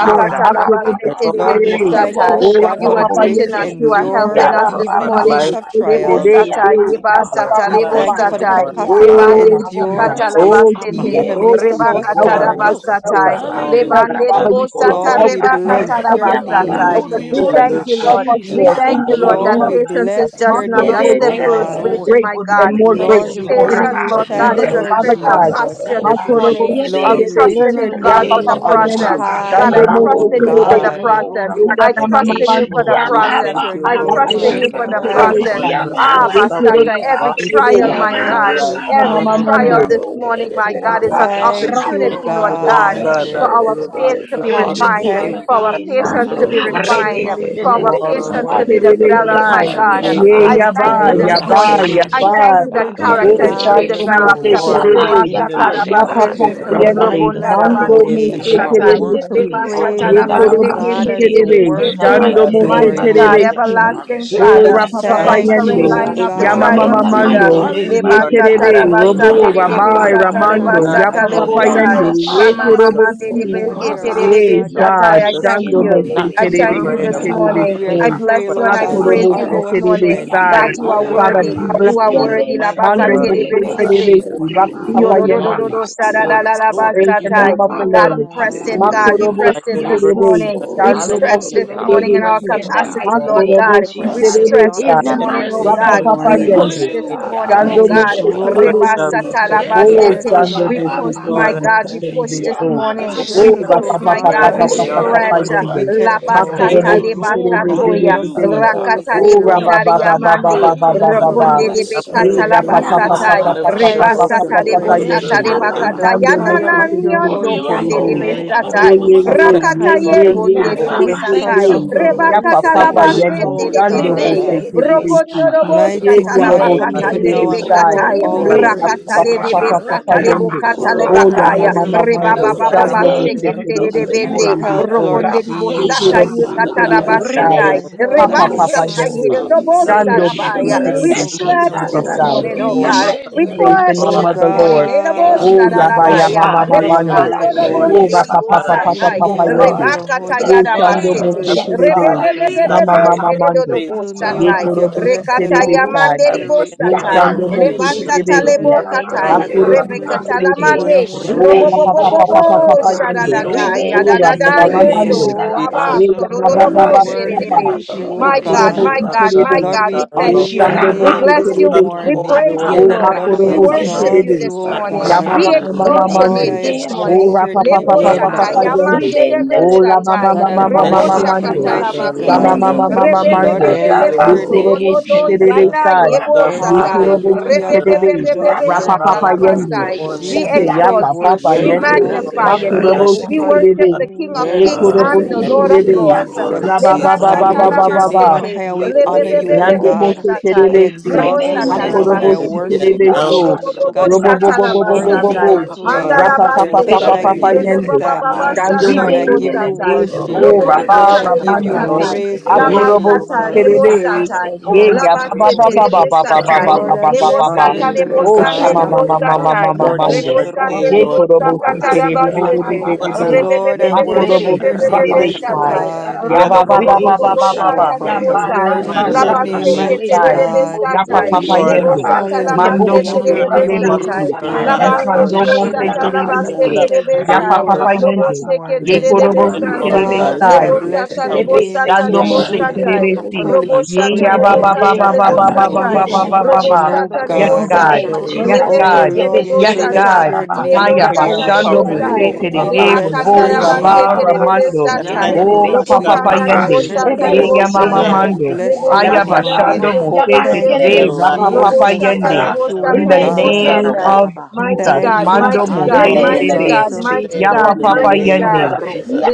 S5: you are
S1: Lord.
S11: ba
S1: Help
S11: ba
S1: us,
S11: ba
S5: directing
S10: We're
S11: ba
S5: us.
S10: going
S3: labasete
S11: ba
S6: Lord, we
S10: forward,
S1: today.
S10: Lord
S6: thank you,
S11: yobo
S3: debesatai.
S1: Oh,
S6: oh
S5: Hallelujah,
S6: God,
S1: Rapa
S3: You
S6: for
S5: God.
S6: the
S10: God.
S3: are
S11: sekorobo
S1: Papa
S5: Thank
S6: grace
S3: teaching
S1: Yende.
S6: to
S3: us.
S5: you.
S3: You
S11: seke
S10: You
S3: are
S1: Yes,
S10: know
S6: endure
S3: helping
S5: Thank
S3: us
S1: God.
S11: yaba
S5: you,
S10: whatever
S3: this
S6: even
S11: ba
S6: in
S10: our
S6: the
S5: Holy
S11: ba
S1: Mando
S3: morning.
S2: Renge,
S11: ba
S1: mo
S6: face
S10: life
S6: of
S11: ba
S5: Spirit.
S1: se
S11: ba
S10: is
S3: Lebo
S5: Thank
S1: terebe.
S6: trials.
S5: you,
S10: going
S3: satai,
S11: yaba
S1: Ye,
S10: to
S5: mighty
S10: do,
S3: yeba
S11: ba
S1: Rapa
S11: ba
S5: God.
S10: their
S3: sata,
S6: We
S11: ba
S1: Papa
S3: lebo
S11: ba
S10: plans
S1: Papa.
S6: thank
S5: Thank
S11: ba
S6: you
S5: you,
S6: for
S10: are,
S6: the
S3: satai,
S10: Lord,
S5: Heavenly
S6: capacity
S2: Parents
S11: yaba
S6: to
S5: Father.
S3: lebande
S1: Oh
S11: ba
S3: ribo
S10: that
S11: ba
S10: we're
S1: Jesus,
S3: kata
S6: endure
S11: ba
S5: Thank
S11: ba
S2: are
S5: you,
S2: at
S1: oh
S5: Abba
S2: sea
S6: even
S3: labastete,
S10: facing,
S6: in
S1: Jesus,
S6: the
S11: Yede
S1: oh
S2: waves.
S5: Father.
S6: midst of
S3: reba
S1: Jesus,
S6: our
S10: Lord
S1: help
S3: kata
S1: us,
S10: God,
S11: sikorobo
S5: Thank
S10: and
S1: help
S5: you.
S6: storms.
S1: us, help us.
S3: labastatai,
S10: face it
S11: sukuraba.
S2: Oh,
S10: all in
S2: bro.
S1: Help,
S10: your
S5: Hallelujah,
S3: lebande
S11: Rabo
S1: Father,
S10: hands,
S5: God.
S1: we
S3: ribo
S5: We
S1: pray
S10: Lord
S1: for
S11: skorobo
S5: thank
S3: sata,
S10: God.
S6: Lord,
S1: help
S5: you.
S6: we
S1: this
S3: reba
S11: saraba.
S2: Blah,
S1: morning,
S3: kata
S2: blah,
S6: bless
S2: blah,
S1: help
S2: blah,
S6: your
S1: this
S2: blah, blah,
S10: for
S11: Yababa.
S1: morning,
S6: name,
S2: blah,
S3: labastatai.
S11: Ba
S10: you
S1: help
S5: Lord,
S1: us,
S2: blah.
S10: to
S11: ba
S5: we
S3: We
S2: Check
S11: ba
S5: honor
S1: Lord.
S2: it
S11: ba
S3: thank
S5: you,
S6: Jesus.
S10: deliver
S3: you,
S10: it
S1: Help
S3: Lord.
S1: us,
S10: in
S3: We
S5: Jesus.
S1: Lord,
S10: the
S11: ba
S3: thank
S1: in
S3: you,
S1: the
S5: Thank you,
S11: ba
S3: Lord,
S10: manner
S3: that
S1: name
S11: ba
S6: Lord,
S1: of
S10: that
S6: we
S5: Lord.
S2: here.
S11: ba
S3: patience is
S1: Jesus.
S6: bless
S3: just
S2: Mother
S6: your
S3: not
S2: in
S10: will
S2: law.
S3: as
S6: name,
S10: go
S1: Makorobosi,
S2: Oh,
S5: Thank
S3: simple
S5: you,
S3: as
S11: Yebendelebe
S10: forward,
S2: God.
S6: God.
S5: Lord.
S3: waiting,
S1: grace,
S10: Lord
S3: my God.
S1: and
S10: Jesus.
S1: more
S11: sekundelebe
S2: Oh,
S3: But
S1: grace
S6: Lord,
S5: Thank
S2: oh,
S5: you,
S6: we
S1: in
S2: bro.
S1: the
S2: Check
S6: give
S3: patience,
S11: sekuraba
S5: Lord.
S1: name
S6: you
S1: of
S3: Lord
S10: Lord,
S2: it
S10: we
S3: God,
S5: Hey,
S6: thanks,
S3: is
S2: here.
S1: Jesus.
S5: ah,
S3: a
S10: thank
S5: ma,
S6: Lord
S5: ma,
S1: Father
S10: you,
S5: ma.
S3: spiritual
S10: Lord,
S1: God,
S2: Blah,
S10: that
S2: blah, blah,
S6: Jesus.
S3: posture
S2: blah,
S3: this
S11: rabaskarabaskaraba
S5: Thank
S10: miracles
S5: you,
S2: blah,
S10: will
S2: blah,
S10: be
S3: morning
S2: blah.
S1: Makorobosi
S11: yebe
S2: Check
S6: Lord,
S3: of
S2: it.
S10: performed.
S6: we
S5: Jesus.
S1: Terebe,
S6: lift
S3: trusting
S6: your
S3: in God
S2: Um,
S11: sekundelebe
S1: Rapa
S3: for
S6: name
S3: the
S2: bro,
S1: Papa
S6: on
S2: bro.
S5: Hallelujah, God.
S2: Check
S1: Yende,
S3: process.
S5: We
S11: sekuraba
S2: it
S10: We Thank you
S2: here.
S5: thank
S3: God,
S6: high,
S10: that
S5: you.
S3: I
S1: Dando
S11: rabo
S3: trust
S1: Mose
S10: doors
S6: oh
S3: in
S10: will
S2: Like,
S3: you
S11: rabo
S3: for the
S1: Terebe,
S5: Hallelujah.
S11: rabo
S6: God.
S5: Lord,
S3: process.
S5: we
S11: rabo
S5: won't
S10: be
S1: Linda
S3: I
S5: get
S10: there.
S11: seke
S1: Mama
S3: trust in you
S5: impatient when
S3: for
S1: Mando,
S3: the
S5: we're in
S6: We
S10: We
S11: yaba
S5: line,
S6: lift
S3: process.
S11: ba
S10: thank
S5: God.
S6: your
S10: you,
S11: ba
S3: I
S11: ba
S10: Lord
S6: name
S3: trust
S6: on
S11: ba
S3: in
S2: black
S3: you
S10: Jesus,
S5: yeshin
S11: ba
S3: for
S1: Yakurubushi
S2: it.
S3: the
S5: ra
S2: Eh,
S11: ba
S5: ba
S2: eh,
S6: high,
S2: eh,
S10: that
S3: process.
S5: ba
S2: eh, blah,
S1: Terebesai,
S10: whatever
S2: blah,
S11: yaba
S5: But
S2: blah,
S5: we
S3: Ah,
S10: those
S2: blah,
S5: will
S11: ba
S2: blah,
S5: sing
S2: blah,
S11: ba
S6: Jesus.
S2: blah.
S11: ba
S10: stumbling
S3: Bastata,
S5: praises
S11: ba
S1: Yakurubushi
S2: Black
S3: every
S2: it.
S5: unto
S10: block
S6: We
S10: that
S5: your
S10: we
S3: trial,
S1: Terebesai,
S10: have
S3: my
S11: yaba
S5: name,
S10: in
S2: Blank
S10: our
S6: thank
S11: ba
S2: it.
S3: God,
S5: God.
S6: you,
S11: ba
S10: lives
S2: Check it
S11: ba
S3: every
S2: here.
S10: will
S1: Mama
S10: be
S11: ba
S1: Mando,
S5: Hallelujah.
S3: trial
S6: Father.
S10: removed
S3: this
S2: Bro,
S11: rabo
S2: eh, eh,
S3: morning,
S2: eh,
S10: today.
S3: my
S5: thanking you,
S2: eh,
S6: We
S3: God, is
S11: sekuraba
S3: an
S2: black
S5: Lord
S2: it.
S5: God,
S10: We
S2: Check
S5: that
S6: thank
S2: it
S5: you're
S11: raba
S6: you,
S10: thank
S2: here.
S3: opportunity,
S5: growing
S3: Lord
S10: you,
S5: within
S11: raba
S5: us
S10: Lord
S3: God,
S2: Black
S10: God,
S6: God.
S2: it.
S3: for
S10: that
S2: Eh,
S10: we
S3: our
S5: patience.
S2: eh, eh,
S10: will
S11: sekuraba
S2: eh,
S10: be
S3: faith
S2: eh,
S3: to
S10: give,
S3: be
S2: black
S11: in
S2: it.
S5: Cause
S6: We
S11: the
S10: able
S2: Check
S5: us,
S2: it
S3: refined,
S10: to
S11: name
S10: give
S2: here.
S5: Father
S6: thank
S11: of
S3: for
S6: you,
S3: our
S10: the
S5: God,
S2: Um,
S3: patience
S11: Jesus
S5: as
S3: to
S10: testimony
S2: bro,
S5: we
S3: be
S6: Jesus, for
S2: bro.
S6: the
S5: come up,
S2: Check
S3: refined,
S2: it
S5: Father
S2: here.
S6: privilege
S11: Redeste
S3: for
S6: it
S5: God,
S3: our
S6: is to
S11: lebei
S5: against
S10: tomorrow,
S3: patience
S2: Black
S10: Lord
S3: to
S2: it.
S3: be
S2: Eh,
S5: trials
S6: worship
S2: eh,
S10: God,
S11: abandele
S2: eh,
S10: and
S2: eh,
S11: bei
S6: you.
S5: and
S2: eh,
S3: developed,
S10: what
S3: my
S1: terebesai.
S10: the
S2: black it. Eh,
S11: sukunda
S3: God.
S10: day
S2: eh,
S5: situations,
S2: eh,
S11: laba.
S2: eh.
S1: Ye
S3: I
S6: We
S5: God
S10: that
S3: thank
S11: In
S1: yaba,
S11: the
S3: you
S6: thank
S10: today
S6: you for
S3: this
S6: the
S5: that
S10: has
S11: mighty
S5: are
S1: yaba,
S3: morning.
S10: been.
S11: name of
S6: absolute
S3: I
S2: Blankeshekeke,
S5: stretching
S6: pri-
S11: Jesus.
S5: us,
S3: thank
S1: yaba.
S3: you
S10: the
S3: that
S6: privilege
S5: God,
S6: we
S1: O
S5: in
S3: character is
S10: miracles that
S2: bakelelele,
S3: being
S6: have
S10: were
S1: chando
S5: situations where
S1: mo
S5: we
S3: developed.
S1: se
S6: to
S5: normally
S11: Yaba,
S10: performed
S2: bakeshekeke,
S5: be
S6: come
S1: terebe.
S10: in the
S6: into
S11: yaba,
S3: Lebastata
S6: your
S5: impatient,
S10: name
S1: Ya
S10: of
S11: yaba.
S8: Thank
S5: God.
S8: you,
S1: papa
S3: rabasete,
S6: presence on
S10: Jesus,
S6: a
S2: bakelelelelele,
S11: Robo
S8: Lord.
S1: yende.
S5: Remind
S6: morning
S3: robonda
S5: us,
S6: like
S10: the
S5: God,
S1: Mando
S3: rabande
S11: sukorobo.
S10: way
S1: mo
S6: today
S5: that
S1: se
S5: you are
S10: maker
S3: libisatai,
S1: terebe
S11: Rebende
S10: and
S6: to
S1: si.
S5: working
S10: miracle
S11: rebis
S5: on
S3: lebastata
S10: workers
S6: praise
S1: Ye
S6: you,
S5: our
S6: O
S10: have
S1: korobe
S2: blanko,
S3: labasete,
S1: si
S6: God,
S10: been
S6: and
S5: patience.
S11: kindalabasake.
S6: to
S10: presented
S1: terebe.
S10: to
S11: In the
S6: worship
S10: your
S3: tedebesete.
S6: and
S5: Remind
S1: Chando
S10: life.
S11: mighty
S1: mo
S5: us, oh
S1: se
S6: adore
S11: name
S3: Mighty
S11: of
S10: Lord.
S3: God,
S5: God,
S2: blankelelele,
S6: you.
S1: terebe
S11: Jesus.
S5: that
S1: si.
S5: you are
S3: everlasting
S11: In the
S2: blankesheke.
S3: Father
S6: We
S1: O
S5: growing
S1: rapa
S10: We
S5: this
S11: mighty
S3: the
S1: papa
S10: ask
S5: fruit
S11: name of
S6: thank
S10: you,
S6: you,
S3: conquering
S10: Lord,
S1: yende.
S6: O
S10: to
S3: lion
S2: Glory,
S11: Jesus.
S5: within
S3: of the
S5: us,
S1: Yama
S10: set
S3: tribe
S10: our
S2: glory,
S11: In
S5: Lord.
S3: of
S6: God,
S1: mama
S11: the
S6: for your
S10: minds,
S3: Judah.
S10: set
S11: mighty
S1: mando.
S6: Holy
S2: glory,
S10: our
S11: name of
S1: Ye
S6: Spirit
S10: hearts,
S5: Hallelujah.
S3: Lebasata
S11: Jesus.
S1: terebe.
S2: glory,
S3: rabasate
S1: Robo
S11: Yaba,
S6: who
S11: ba,
S6: comes
S11: ba,
S1: rabai
S5: Hallelujah,
S2: glory,
S3: rebesata
S5: God.
S11: ba, ba,
S1: ramando.
S6: alongside
S10: not
S6: us
S1: Ya
S11: ba.
S10: to
S2: glory.
S3: lebasata
S6: and who
S2: We
S1: papa
S2: declare
S10: overthink
S2: your
S6: helps
S3: lebosai.
S1: yende.
S5: Hallelujah,
S11: Yaba,
S6: us
S11: ba,
S1: Ye
S11: ba,
S3: Lama
S10: anything,
S2: glory
S11: ba,
S10: Lord
S3: mama
S1: korobo
S2: this
S5: Jesus.
S10: Jesus.
S1: si.
S2: morning,
S6: when
S2: O
S6: we
S5: Cause
S6: are
S3: rebekete
S5: us
S2: God.
S5: to
S11: sukoraba.
S6: weak,
S1: Yay,
S5: seek
S6: God.
S5: your
S6: You
S11: Yaba,
S1: God,
S6: have
S3: rebesatai. I
S6: been
S5: face
S10: Just
S3: thank
S1: Shando
S10: come
S3: you.
S10: to
S2: We
S6: strong.
S1: Mose
S5: not
S10: you
S11: sekindelebe,
S3: I
S5: to
S10: in
S2: declare
S1: Terebe,
S3: thank
S2: your
S3: you
S5: murmur
S1: Si
S10: prayer
S3: this
S5: and
S10: for
S11: sukundalaba.
S1: Terebe
S6: When
S3: morning.
S2: glory.
S10: what
S6: we are
S3: I
S5: complain,
S1: so.
S3: bless
S6: frail,
S3: you
S6: O
S5: but
S3: and I
S5: to
S6: God,
S10: question,
S6: you
S3: praise
S10: Lord,
S5: seek
S1: Akurobo
S3: you
S6: are
S2: Hallelujah,
S3: this
S5: your
S6: our
S11: Rabastarabastaraba.
S1: Kiterebe
S3: morning.
S5: face.
S6: strength.
S11: Yaba,
S1: Sai.
S3: God,
S11: ba,
S3: you are
S10: and
S11: ba,
S2: hallelujah,
S1: Father,
S11: ba,
S10: whatever
S3: worthy.
S5: Hallelujah.
S1: we
S11: ba.
S10: you
S1: bless
S10: receive,
S3: You are
S5: In
S2: hallelujah,
S5: the
S1: you.
S10: the
S3: worthy.
S11: Yabese
S10: plans,
S5: mighty
S1: Mando
S3: Labakate
S10: Lord
S1: Mose
S11: kendele
S5: name of
S10: God,
S11: bese
S3: rebesete.
S1: Terebe
S5: Jesus.
S1: Si, Rapa
S11: koraba
S3: Yo
S1: Papa
S5: Lord,
S2: hallelujah.
S3: do
S5: we
S3: do do do
S5: honor
S1: Yende.
S3: do
S5: you.
S11: rababa
S2: Mercy
S11: baba
S10: fill
S2: on us, O
S10: the
S5: Lord, we
S1: Praise the
S5: give you
S10: plans,
S3: Yodododododoshadadadadabasatai.
S1: name of the
S11: rababa
S6: Oh
S3: God,
S5: glory.
S3: we
S1: Lord.
S3: press
S11: baba
S3: in,
S5: Lord, we
S3: God.
S6: God.
S3: We
S11: baba
S5: give
S2: Hallelujah.
S5: you
S1: Makorobo
S10: by
S3: press
S10: your
S3: in this
S5: praise.
S1: Kiterebe,
S10: grace,
S11: yaboso
S3: morning.
S10: by your
S3: We
S10: mercy.
S1: Shando
S6: Yes,
S3: stretch
S5: Hallelujah,
S2: Oh,
S1: Mose
S3: this
S11: korabose
S5: God.
S6: Lord
S10: shall
S11: ke
S5: We
S3: morning in
S1: Terebe
S3: our
S5: press
S1: Si.
S10: be
S11: in
S6: Jesus.
S5: in,
S11: the
S10: given
S5: God.
S3: capacity,
S11: mighty
S3: Lord
S10: shall
S11: name
S5: We
S11: of
S3: God.
S1: Makorobo
S6: Help us
S3: We
S5: press
S6: to
S11: Jesus
S2: Rambo,
S5: in,
S1: Kiterebe
S3: stretch
S5: oh
S6: lock
S5: God.
S11: in
S3: this
S5: We
S11: the
S1: Sai.
S6: in with
S3: morning,
S6: you
S3: oh
S10: everything
S5: press,
S11: mighty
S6: this
S1: Rapa
S3: God.
S10: we
S5: God.
S11: name of
S1: Papa
S3: We
S10: need
S2: Rende,
S6: morning.
S3: push
S1: Yende.
S11: Jesus
S3: this
S10: in the name
S5: Hallelujah.
S10: of
S3: morning, oh
S1: Shando
S6: May
S10: Jesus.
S11: abase
S6: we
S5: Heko
S3: God.
S1: Mose
S3: ta la
S2: Rakeshake,
S10: Request
S5: shoyababa.
S6: grow
S11: korabose
S10: shall
S1: Terebesi.
S10: be
S11: ke
S6: this morning.
S5: Yende
S10: fulfilled.
S1: Oh,
S2: Ogere,
S6: Yes,
S11: yababa
S3: Rebasatalabasete.
S1: Shando
S5: rekishi
S3: We
S6: Lord
S11: baba
S1: Mose
S3: push,
S2: Bakere,
S5: yabamando
S3: my
S10: Lord, I
S11: baba
S6: Jesus.
S3: God.
S1: Terebesi
S3: We
S10: thank you,
S5: robokoto.
S3: push
S2: Bankeshake,
S3: this
S10: Jesus, for
S1: Terebeso.
S11: yababa
S10: the
S3: morning.
S10: sick
S11: baba
S10: and
S3: We
S6: Push
S1: Oh,
S10: the
S5: Yeshen
S6: us,
S3: push,
S10: shut
S2: Akeshake,
S6: oh
S1: Rapa
S11: baba
S10: in
S3: my
S1: Papa
S6: God,
S3: God.
S10: wherever
S3: We
S6: past
S1: Papa
S6: the
S10: they
S11: yaboso
S1: Papa
S10: are,
S6: point
S11: ko
S5: reketatashiyama
S6: where
S1: Papa
S6: we
S10: Lord
S2: Rangere,
S3: stretch.
S6: think
S10: God.
S5: mama.
S6: we
S1: Yende.
S3: La
S6: can
S3: ba
S5: We
S2: Bakere,
S3: sa
S10: In
S6: go.
S5: thank
S10: the
S3: ta
S2: Bakere.
S1: Makorobo
S5: you,
S3: le
S11: rebese
S10: nursing
S5: Lord.
S10: home,
S11: kendele
S3: Labasata
S6: Fill
S11: be
S6: us
S10: in
S6: up,
S10: their
S5: Hallelujah,
S1: Terebesi.
S10: own
S5: God.
S6: Holy
S5: We
S3: Rakatari
S10: home,
S1: Oh,
S5: thank you.
S6: Spirit.
S1: Rabba
S10: Lord
S3: bondari
S10: God,
S1: Baba
S10: I
S1: Baba
S10: pray
S3: yamande,
S11: yababa
S1: Baba
S10: that you
S6: Fill
S5: Hallelujah,
S1: Baba
S11: baba
S6: us
S10: touch.
S5: Lord.
S6: up,
S5: We
S11: baba
S1: Baba.
S3: rokonde
S2: Glory
S3: de
S6: Holy
S2: to
S10: I
S5: bless you.
S10: pray
S2: God,
S3: bekata
S1: Ye
S10: that
S3: la
S1: ya
S6: Spirit.
S10: you
S1: Papa
S2: glory
S10: heal
S11: yaba
S5: Lord,
S10: and
S2: to
S5: we
S1: Papa
S3: basatai,
S1: Papa
S5: honor you,
S2: God,
S10: deliver
S1: Papa
S10: their
S11: baba
S6: Baptize
S1: Papa
S6: us
S5: Jesus.
S10: broken
S3: rebasata
S1: Papa
S3: de
S1: Papa
S10: bodies,
S6: afresh
S2: glory,
S10: their
S3: bosata
S5: Yeshen
S1: Yende.
S3: de
S11: Ya ba
S10: broken
S6: in
S2: glory,
S6: the
S3: bakata,
S11: ba
S1: Mando
S10: minds.
S11: ba
S5: rabakatata.
S11: ba.
S6: fire
S1: Mose
S3: yanana
S6: of
S2: glory.
S6: your
S5: Lord,
S3: niondo
S5: we
S1: Terebesi
S6: Holy
S11: Ya
S5: honor
S3: konde
S5: you.
S3: de
S11: bo
S1: Terebesi.
S2: Oh,
S5: Hey,
S6: Spirit.
S5: yama
S1: Ye
S5: mama
S3: besatai,
S11: sokorobo
S1: ye
S5: mama
S10: I
S1: ye
S10: thank
S2: hallelujah,
S11: seke.
S1: ye
S3: rakata
S10: you,
S6: Baptize
S10: Lord,
S6: me
S1: ye
S10: that
S5: ndrokushototo.
S10: you
S1: ye
S3: yembonde
S11: Ya
S3: de
S6: afresh
S10: bless
S2: hallelujah.
S11: ba
S6: in
S5: God,
S1: ye
S5: we
S6: the
S11: ba
S1: ye
S6: fire
S5: thank
S3: bosatai,
S6: of
S5: you.
S1: ye.
S10: them
S6: your
S11: sekendele
S10: one
S11: be
S2: Oh,
S1: Ya
S6: Holy
S5: We
S1: Papa
S10: more
S3: rebakata
S2: send
S10: day.
S3: la
S2: your
S1: Papa
S5: thank you,
S2: shine
S6: Spirit,
S11: sekuraba.
S1: Yende.
S3: basete
S5: Lord,
S6: oh
S3: de
S5: for
S1: Shando
S5: your
S3: besei,
S2: glory
S6: God.
S5: love.
S1: Mose
S11: Rebeske de
S2: upon
S11: be
S5: Thank
S2: us this
S5: you,
S1: Terebesi.
S3: rokondo
S11: skaraba.
S10: Continue
S3: robo
S2: morning,
S10: to touch
S5: Jesus.
S6: Mighty
S2: oh
S1: Ye
S3: shata la
S2: God.
S6: God,
S10: their
S1: korobo
S6: come
S1: si
S5: We
S3: bakata
S11: Ribendele
S6: even
S10: bodies.
S11: be
S1: terebe
S3: yere
S6: now
S5: thank
S6: and
S5: you,
S2: Oh,
S1: sai.
S10: Continue
S6: pour
S3: bekatai,
S10: to
S11: sekundele
S6: out,
S11: be
S1: Ye
S5: Lord
S10: bless
S1: ya
S6: Lord
S2: glory
S3: rakata
S1: pa
S2: to
S3: de
S2: the
S1: pa
S5: that
S3: de
S1: pa
S5: you're
S11: sekuraba.
S2: King
S1: pa
S2: of
S6: Jesus.
S1: pa pa
S3: besata
S5: burning
S10: You
S3: de
S2: Kings.
S5: out
S11: Raba
S5: in
S1: yende.
S10: continue,
S5: us,
S3: bokata
S6: Pour
S5: oh
S10: Lord
S6: out
S2: Glory,
S1: O
S11: sekanda
S3: le
S6: your
S1: ya
S5: God.
S11: la
S1: ma
S11: ba
S3: Sataya,
S10: Jesus,
S1: ma
S10: to
S1: ma
S6: spirit,
S2: glory,
S11: usuku.
S5: Everything
S10: spare
S5: in
S10: their
S1: mando.
S5: us
S6: mighty
S5: that
S10: lives
S5: is
S2: glory.
S3: Rebababa
S10: to
S1: Shando mo
S5: not
S10: see
S1: se
S6: God,
S11: Rebendele be
S5: of
S1: terebe
S10: another
S3: Sekendere
S10: day.
S1: si
S6: and
S3: Bende,
S5: you,
S11: sekuraba.
S6: help,
S2: Hallelujah.
S1: soi.
S6: Lord
S3: Rokonde
S5: that
S3: di
S10: That's
S11: Raba
S10: what
S11: ba
S1: Ye
S10: we
S11: ba
S3: Bosata
S11: ba
S5: patience,
S1: korobo
S11: ba
S6: Jesus.
S10: choose
S1: si
S10: to
S5: Father
S11: ba.
S5: God,
S10: do
S6: We
S1: terebe
S2: Hallelujah.
S5: would
S10: in
S6: pray
S10: the
S11: Rebe
S1: sai.
S5: grow.
S10: name
S3: Yekatarabashatai,
S6: for
S10: of
S1: Pa
S6: help,
S5: That
S1: pa
S11: sekorobo
S6: oh
S10: Jesus.
S3: Rebasata
S2: Jesus,
S5: patience,
S6: God.
S1: yende.
S11: sekorobo
S5: Father, would
S6: We
S10: I
S2: Jesus,
S5: be
S11: seke.
S10: pray
S6: pray
S1: Shando
S10: for
S1: mo
S6: for
S10: those
S11: In
S1: se
S11: the
S3: Yedobotsarabaya.
S5: matured.
S10: that are
S11: name
S3: We
S2: Jesus.
S6: mercy, oh
S1: terebe
S11: of
S10: going
S1: si
S6: God, in
S10: through
S3: stretch
S6: our
S11: Jesus. uh,
S3: this
S6: time
S10: suffering
S1: sai.
S6: of
S2: Oh,
S10: this
S3: morning,
S2: lo-
S3: oh
S2: lo-
S11: In the
S10: morning,
S2: lo-
S3: God.
S6: need.
S2: lo-
S11: mighty
S3: We
S2: lo-
S10: suffering
S2: lo-
S11: name
S2: lo-
S10: of
S1: Praise
S11: of
S1: the
S3: push
S6: Oh
S1: name
S10: loss,
S11: Jesus.
S3: this
S1: of the
S2: shake it.
S3: morning,
S5: That
S1: Lord.
S2: Ram-
S6: God,
S1: O
S5: patience,
S2: ro-
S1: ya
S10: not
S6: we
S5: oh
S1: ba
S2: ro-
S10: those
S1: ya
S11: Yes,
S10: that
S5: God,
S3: Edobotsarabaya,
S10: are
S2: shake
S1: mama
S11: God.
S6: thank you,
S1: mama
S2: it.
S11: Yes,
S1: ma
S5: would
S10: grieving
S5: be
S1: mando.
S10: this
S11: Father.
S3: Lebokondo
S5: a
S6: Lord.
S10: morning,
S11: Yes,
S1: O
S2: Renge-
S5: ripe
S3: Lobonde
S1: ra
S10: Lord
S3: di
S11: Abba,
S5: fruit.
S2: shake
S1: papa
S10: God.
S1: papa
S10: I
S11: Father.
S1: pa
S2: it.
S6: Fill
S1: pa
S10: thank
S3: Bosatai,
S10: you
S6: me
S11: Yes,
S10: for
S6: up
S2: Rake-
S6: with
S11: God.
S1: yende.
S10: them,
S6: your
S10: Lord
S2: shake
S3: Rebakata
S6: Holy
S10: God.
S11: Yes,
S5: In
S2: it.
S1: O
S5: the
S11: God.
S1: shando
S6: Spirit,
S5: name
S2: Ba-
S1: mo
S5: of
S2: ba-
S3: Yarabasete,
S10: I
S2: ba-
S6: Lord
S1: se
S11: Yes,
S2: ba-
S10: pray
S2: ba-
S5: Jesus.
S2: ba-
S10: that
S11: God.
S10: you
S2: ba-
S6: Jesus.
S11: Ya
S5: Hallelujah.
S2: ba-
S1: mama Ma
S3: Rebebebebebe
S11: ba
S2: shake
S10: saturate
S2: it.
S11: ba
S10: their
S11: ba ba
S3: Seredo
S1: mando.
S10: face
S11: ba
S6: Fill
S11: ba
S10: with
S6: me
S11: ba
S2: Ram-
S6: up
S1: Ye
S2: ba-
S3: Bosatai,
S11: ba
S2: ba-
S6: with
S10: your
S6: your
S11: ba.
S2: ba-
S1: korobo
S2: ba-
S10: presence.
S1: si
S2: ba-
S6: blessed
S2: ba-
S3: Rekata
S11: Sukuro
S2: ba- ba-
S6: Holy
S2: shake
S1: sai.
S10: I
S3: Yamanderi
S11: boseke.
S2: it.
S10: pray
S6: Spirit,
S10: in the
S1: O
S11: Ya
S2: Ram-
S10: name
S3: Bosatai,
S1: Shando
S10: of
S2: ro-
S6: God.
S2: ro-
S11: bandele
S1: Mose
S10: Jesus that
S2: shake
S5: Hallelujah.
S10: you
S3: Lebasata
S10: will
S2: it.
S5: God, we
S1: Terebeki,
S11: besikinde
S10: wrap
S11: la
S6: Heavenly
S5: thank
S10: your
S3: Lebokatai.
S11: basa
S2: Renge-
S10: arms
S5: you.
S6: Father,
S1: Akuro
S2: de-
S10: around
S11: kara
S2: de-
S6: fill
S3: Rebecca
S1: Bisi
S2: de-
S6: me
S10: them
S6: up
S2: rake-
S5: We
S1: Terebe,
S11: baseke.
S2: shake
S6: one
S3: Talamande,
S6: more
S2: it.
S5: bless your
S10: and
S1: O
S11: Ribes
S1: Papa
S5: name,
S6: time
S2: Oh,
S1: Papa
S10: bless
S11: kurobos
S5: Jesus.
S1: Papa
S10: them
S3: Robobobobo,
S6: with
S10: to
S1: Papa
S6: your
S11: kuraba.
S1: Yende,
S10: heal.
S3: Shadadada,
S6: blessed
S5: Lord, we
S1: O
S5: give
S6: Holy
S11: Ribendele
S5: you
S1: Rama
S10: In
S3: Yadadada,
S10: the
S1: Mama
S6: Spirit,
S5: glory.
S10: name
S6: O
S1: Mando,
S10: of
S11: besikinde
S3: Yendo,
S11: la
S6: God.
S10: Jesus,
S5: And
S11: basa
S1: Ye
S3: Abasto,
S1: Ya Baba
S6: Lord, we
S5: rababa.
S3: Rodobo,
S11: kuraba.
S1: Baba
S11: In the
S1: Baba,
S6: worship
S3: Shedebe.
S11: mighty
S6: you,
S11: name
S6: O
S11: of
S3: My
S10: Lord,
S1: Akuro
S3: God,
S5: Yeshedareke
S11: Jesus.
S6: God.
S10: you
S3: my
S1: Bisi
S10: are
S3: God,
S5: shatatata.
S3: my
S10: God
S1: Terebe,
S6: Lord,
S10: and
S3: God,
S6: we
S3: we
S10: God
S3: thank
S6: honor
S1: O
S10: alone.
S5: Yeshi
S3: you.
S6: your
S5: and
S1: Shando
S3: We
S11: Rabba,
S6: name
S1: Mose
S11: ba,
S3: bless
S6: this
S10: You
S11: ba,
S10: are
S3: you.
S5: rokotototo.
S10: the
S11: ba, ba,
S3: We
S1: Terebeki,
S10: only
S11: ba,
S6: morning.
S3: praise
S11: ba,
S10: one
S3: you,
S1: O
S11: ba,
S10: that we
S3: Lord.
S11: ba.
S6: Lord,
S10: can
S1: Hakuro
S6: we
S3: We
S10: call
S1: Bisi
S3: worship
S10: on
S11: sekendele
S3: you
S5: Yedarababakashai.
S6: exalt
S10: in
S1: Terebe,
S10: the
S3: this
S6: you, O
S10: times
S3: morning.
S10: of
S11: beskura,
S1: Ya
S11: ba.
S3: We
S6: God.
S10: our
S1: Mama
S10: need.
S1: Mama
S3: exalt your
S6: Lord,
S3: name
S1: Mando,
S6: I
S11: Rebesike
S3: this
S5: Yendarabakatatatashi.
S3: morning.
S1: O
S6: bless your
S1: Rapa
S10: So,
S6: name,
S1: Papa
S3: Lebo
S1: Papa
S10: Father
S11: Rabosokuraba,
S3: satai,
S10: God,
S1: Papa
S10: I
S6: Jesus.
S10: thank
S1: Yende,
S3: yamande
S10: you.
S3: debe
S1: O
S5: Yendarokoshotototo.
S1: La
S11: Ribendelebe
S1: Mama
S3: satai,
S6: God, I
S10: I
S1: Mama
S11: Sukunda
S10: thank
S3: robo
S10: you
S1: Mama
S10: for
S6: worship you,
S1: Mando,
S5: Yendareke
S10: coming
S11: Labasaka,
S10: into
S6: mighty
S2: glory,
S10: our
S11: in the
S1: Shama
S10: lives.
S3: shakatalabasete,
S6: God.
S10: I
S2: glory,
S1: mama
S5: shatatata.
S11: name
S10: thank
S11: of
S1: mama
S10: you for
S2: glory.
S10: being
S6: Lord,
S10: in
S6: I
S1: mando.
S11: Jesus,
S10: our
S3: rebebebebebebe,
S6: bless
S1: Ye
S6: your
S10: space.
S3: so
S2: Oh,
S6: name,
S1: kurobo
S11: Abaseke
S1: si
S5: Yendarobokusha.
S10: I
S1: terebe
S11: Nelebe,
S3: yana
S6: Jesus.
S10: thank you,
S1: sai.
S10: Lord
S11: Raba
S3: yebo
S10: God,
S11: ba
S10: for
S1: Ye
S11: ba
S3: satai.
S11: ba
S10: sending your
S1: kurobo
S11: ba
S1: si
S6: Hallelujah,
S5: Yendareketata.
S10: angels
S11: ba.
S6: God, we
S10: to
S1: terebe.
S11: Raba
S10: camp
S6: bless
S11: ba
S6: your
S1: Rapa
S11: ba
S10: around
S1: papa
S11: ba
S10: us
S6: name.
S1: yende.
S11: ba
S10: this
S3: Rebebebebebebeshatalabasai.
S11: ba.
S2: Lambrogo
S3: We
S10: morning.
S5: Yandarokoshototo.
S1: Shape
S6: Jesus,
S11: Ya
S6: we
S2: Sekeke.
S11: Papa
S3: exalt
S1: yapa
S3: you.
S11: Papa,
S1: papa
S11: Rabba
S3: We
S10: Glory
S5: Yen
S11: ba
S6: worship you,
S11: ba
S1: yende.
S10: in
S6: oh
S10: our
S11: se.
S3: magnify
S2: Blangerere,
S1: Ma
S3: your
S6: God.
S10: right
S11: Ya
S2: Blake
S3: name.
S10: minds,
S1: kurobo si
S3: We
S5: rakashatatata.
S10: Lord
S2: Sekeke.
S3: worship
S11: bundelebo
S1: terebe.
S10: God.
S3: the King of
S6: Hallelujah
S1: Ye
S5: Yen
S6: to
S3: Kings
S6: your
S1: kurobo
S3: and the
S10: I
S1: si
S6: name,
S11: sukuraboseke.
S3: Lord of
S10: thank
S2: Hallelujah.
S1: terebe.
S10: you,
S11: Ya
S3: Lords.
S11: ba,
S5: rokoshotototo.
S10: Lord
S2: Glory
S6: Jesus.
S2: to
S1: Raba
S11: Papa
S1: ba
S10: Jesus,
S2: God.
S1: ba
S6: God,
S11: Papa,
S1: ba
S6: we
S1: ba
S11: say,
S6: lift
S5: Hallelujah.
S1: ba
S2: Glory
S6: your
S1: ba
S2: to
S5: Mama, mama,
S1: ba.
S6: name
S2: God.
S6: on
S5: mama.
S3: Lebasatalamasete.
S6: high
S11: Yapundulubosukuraboseke,
S6: and we
S11: Yapa Papa Papa,
S6: honor
S5: Yen
S6: you,
S10: that
S6: oh
S2: Hallelujah.
S1: Yando
S10: you're the
S5: rekesha.
S6: God.
S1: Mose
S10: one
S3: Lebebebebebebesatai.
S11: Yabosukuraboseke,
S6: I
S10: God.
S1: Terebesi,
S5: Yen
S6: exalt you, Jesus, and
S5: rabababa.
S11: Ribendelebe
S2: Oh,
S6: I
S1: Akorobo
S10: You're
S3: Libosatalabasete.
S10: the
S6: worship you.
S1: Terebeso,
S10: announcing
S5: Yeshen
S6: God,
S10: God.
S5: roku.
S6: you
S1: Robo
S6: are
S11: Sekinda
S1: bobo
S6: so
S1: bobo, bo bo
S11: in
S1: bo
S6: worthy
S11: the
S1: bo
S6: to
S1: bo,
S11: name
S3: Roboboboboboshatalabasandai.
S6: be
S5: Yeketa
S11: of
S2: Lambrogo Sekeke.
S10: are
S6: praised.
S11: Jesus.
S10: a
S5: papapapa
S1: Rapa papa
S6: So,
S10: Prince
S3: Mandarabasete.
S10: of
S6: God,
S1: papa
S5: rekesha.
S6: I
S1: papa
S2: Glory
S6: give
S10: Peace.
S6: you
S1: yende,
S2: to
S11: Rebeskerebeskaraba,
S6: thanks.
S5: Yan
S1: Shando
S10: Thank
S6: Lord,
S10: you,
S6: I
S1: Mose
S5: roku.
S6: give
S10: Lord.
S6: you
S3: Rebebabababashatalibosatai.
S10: Thank
S1: Terebe,
S10: you,
S6: worship.
S5: Yen
S1: Rebo,
S11: ribendelebesukundalaba,
S6: Lord,
S1: Rabba,
S5: rekesha
S6: I give you
S5: tatata.
S1: Ramando,
S10: Lord.
S3: Loboshatalibasatai.
S10: We
S6: praise,
S10: give
S11: ribendele
S10: you
S6: Lord
S10: all
S5: ye
S1: Akorobo
S10: the
S5: mama,
S11: besukun
S10: glory.
S3: Labasatai.
S10: We give
S5: mama.
S6: Jesus.
S1: Terebe,
S11: yabase
S3: Libosatai.
S10: you
S1: Ye
S10: all the
S5: Yan
S1: ya
S11: koraba
S1: ba
S10: praise.
S1: ba
S3: Labasete.
S1: ba ba ba
S5: robokusho
S1: ba
S11: rebese
S1: ba ba
S3: Rebesatai.
S1: ba ba
S5: totoroba.
S11: kendele
S6: Lord, I
S1: ba
S10: We
S11: besekwe
S6: bless
S10: honor
S6: your
S3: Lebosata,
S10: you, Lord
S6: name,
S1: O
S10: God.
S11: yababa
S3: lebosane,
S1: Shama
S10: And
S5: Yendrikishia
S10: we
S6: God.
S5: baba
S1: mama
S10: will go
S1: mama
S5: baba.
S3: lebosatai.
S1: mama
S11: Yabo
S10: forth in
S1: mando,
S10: our
S11: sukura
S3: Lebosane,
S10: day,
S11: bo
S1: Ye
S10: Lord
S5: Yendrokoto.
S10: God,
S1: Korobo
S11: sukura
S3: lebosakata,
S11: ba
S1: Terebe
S2: God,
S1: be
S5: Yedriya
S1: be
S10: with
S11: raba
S1: be
S3: labasete.
S11: ba
S10: you
S2: glory
S11: ba
S10: at the
S2: to
S11: ba
S2: God,
S5: katataraba.
S6: Lord,
S10: forefront
S6: I
S10: of our
S11: yendele be
S1: Akorobo
S6: worship your
S2: hallelujah,
S10: lives
S6: name,
S11: raba
S3: Orebebebebebebebebebebe,
S5: Yeshendriki
S10: today.
S1: Terebe
S6: mighty
S11: sukura
S5: tatata.
S11: bo
S3: shatai.
S1: sai,
S2: hallelujah.
S11: saraba
S6: God.
S10: You
S1: Ya
S10: are the
S1: ba ba ba
S10: fore-
S1: ba
S11: ribesi
S2: Bobo
S11: ke
S5: Yandrobokusha
S3: Orobobobobobobosata,
S5: yamama.
S10: forefront
S2: sekeke,
S6: I
S10: of
S11: yamba
S10: every
S11: na
S3: lebosai.
S11: na
S6: worship
S10: plan
S6: your
S10: that
S2: bambo
S10: we
S6: name,
S11: sakanda
S10: make
S1: Terebe
S5: Yendrakatoto
S3: Labasekete,
S6: mighty
S11: lele
S2: sekeke,
S1: Sai,
S5: sheya.
S10: today.
S11: lembolo
S6: God.
S11: bo
S1: Yapa
S3: lebesatai.
S10: You
S1: Papa
S10: are the
S11: sukura
S1: Yende,
S11: ba
S2: blengedede,
S10: fore-
S5: Yekeshindaroku.
S3: Lebosata,
S10: fore-
S11: yebo
S1: Mando
S6: Hallelujah
S3: labasete,
S6: to
S10: you
S6: your
S1: Mose
S2: blakeseke,
S10: are
S11: sukura
S10: the
S6: name,
S11: be
S6: Holy
S10: front
S3: lebesatai.
S10: of
S1: Terebesi,
S10: our
S5: Yeyamamamamandrokoto.
S2: ah,
S11: yabanda
S6: Spirit.
S11: la
S10: lives,
S11: ba
S3: Labane,
S1: Rikando
S10: Lord God, with
S1: Mose
S11: sukunda
S10: every
S3: lebosata,
S11: la ba
S2: blakeseke, la ba
S1: Terebesi,
S11: seke
S10: decision
S5: Yeshendrakatata.
S3: labasete,
S2: ba
S6: Jesus,
S10: that
S2: ba,
S6: I
S10: we
S6: give
S10: make
S6: you
S11: raba
S1: Yapa
S3: lebesai.
S11: ba
S1: Papa
S10: because
S11: ba
S6: worship
S11: ba
S6: this
S1: Yende,
S11: ba
S5: Yeyababababaku.
S10: the
S3: Loboshekete,
S6: morning.
S10: decision,
S1: Yekorobosi
S3: lebesandai.
S10: Lord God,
S5: Yendrokusha
S2: blengedede,
S10: is
S11: ba
S6: Father,
S1: Terebesi,
S6: I
S11: ba
S10: what you
S3: Lebosata,
S6: bless your
S5: tarekitete.
S10: help us
S6: name
S3: lebosata,
S6: this
S10: to
S1: Shando
S10: achieve.
S1: Mose
S6: morning.
S3: lebosatai.
S1: Terebesi.
S6: Holy
S2: blakeseke,
S11: Yebesekerebosokoroboseke.
S5: Yeshendrekatatata.
S10: So,
S1: Yea,
S3: Roboshata,
S11: In
S6: Spirit,
S11: the
S1: ya
S6: I
S1: ba
S11: name
S1: ba
S10: Lord,
S11: of
S1: ba
S5: Yeah,
S3: lebokata,
S1: ba
S5: yeah,
S11: Jesus,
S1: ba
S6: invite
S10: I
S5: mama,
S1: ba
S6: you
S5: mama,
S11: uh,
S1: ba
S6: in
S5: mama,
S10: thank
S1: ba
S2: Lambrogo
S3: lebosatai.
S10: you,
S11: in
S5: mama.
S1: ba
S6: this
S11: the
S1: ba
S10: Lord
S1: ba
S11: name of
S1: ba
S10: God.
S2: shekeke
S1: ba.
S10: I
S11: Jesus,
S6: morning,
S10: thank
S6: oh
S11: uh,
S10: you
S3: Robosata
S10: for your
S1: Yes,
S2: ba
S5: Yandorobo
S11: in the
S5: ku
S6: God.
S10: coverage
S1: God.
S3: lebosai.
S11: name of
S10: over your
S2: kerere
S1: Yes,
S5: shatorobo.
S11: Jesus,
S2: ba
S10: people.
S6: Oh
S10: this
S1: God.
S3: Lebekende
S10: morning.
S6: Lord, we
S1: Yes,
S5: Yeshen
S3: lebosata.
S6: bless
S1: God.
S6: your
S10: I
S11: Yebeskerebeskaraba,
S10: thank
S5: reketata.
S10: you
S6: name,
S1: Haya
S10: for your
S11: Rabo
S3: Lebosata
S1: Bashando
S6: God.
S5: Yeshen
S10: coverage
S1: Mose
S11: Sukorobo
S3: lebosai.
S10: over our
S6: We
S5: reketete.
S2: rengerere
S1: Terebe
S11: Sukoroba,
S2: ba
S6: bless
S10: families
S3: Lebakanda
S6: your
S5: Yeah,
S1: Robo
S10: this
S11: rababa uh,
S5: yeah, baba,
S6: name,
S1: Rabba
S2: shekeke
S3: labasete
S10: morning.
S5: baba.
S6: Holy
S1: Ramando.
S2: bo
S10: I
S2: bo bo
S3: lebesatai.
S11: Yebeskerebeskaraba,
S6: Spirit.
S10: thank
S2: bo
S10: you,
S2: bo
S1: O
S2: bo
S10: Lord
S1: Rapa
S5: Yandoroku.
S2: bo
S6: We
S10: God,
S1: Papa
S2: bo
S3: Lobokanda
S10: that as
S6: invite
S1: Yende.
S10: they
S11: Rabosokorobosokoraba, Rababababababasekendelebesekuraba,
S2: shekeke
S5: Yeshen
S6: you
S10: go
S3: lebosata
S6: in,
S1: Yea,
S6: oh
S1: ya
S10: forth
S2: bo
S1: Mama
S6: God.
S5: reketatata.
S3: leboshandai.
S10: today,
S6: We
S2: ba
S1: Mando.
S6: bless your
S1: Haya
S10: that
S2: kerere
S5: Yama,
S3: Lebokata
S10: you
S5: mama,
S10: will
S2: ba
S5: mama,
S6: name.
S11: Rebesekerabosokorobosoka,
S10: be the
S1: Bashando
S5: mama.
S2: kerere
S3: labasete
S1: Mose
S10: forefront of
S6: Thank
S3: lebese.
S6: you,
S10: their
S1: Terebe Rapa
S10: lives,
S2: ba
S10: that
S5: Yendoroku
S1: Papa
S10: you
S6: Jesus.
S10: will
S3: Lobosata
S11: Yabaskerebeskorobosekeraba,
S5: shototo.
S1: Yende.
S10: guide
S6: Thank you,
S10: them
S1: In
S10: and
S6: oh
S3: lebosata
S1: the
S10: you will
S6: God.
S10: bless
S5: Yekatata
S1: name
S3: lebosandai.
S10: them,
S1: of
S5: rababa.
S3: Mighty
S1: Jesus.
S10: and you
S3: God,
S6: Thank
S10: will
S6: you,
S11: Rebesekerobosokorobosoka,
S1: Mando
S3: mighty
S1: Mose
S10: fulfill
S3: God,
S10: all their
S5: Hallelujah.
S3: mighty
S1: Terebe.
S3: God,
S6: Jesus.
S10: needs
S3: mighty
S10: today,
S3: God,
S1: Yapa
S10: Lord, in the
S1: Papa
S3: mighty
S10: name of
S11: Rebelebelebesekundelebeseka,
S1: Yende.
S2: kerere.
S5: Yendoroku.
S10: Jesus.
S3: God.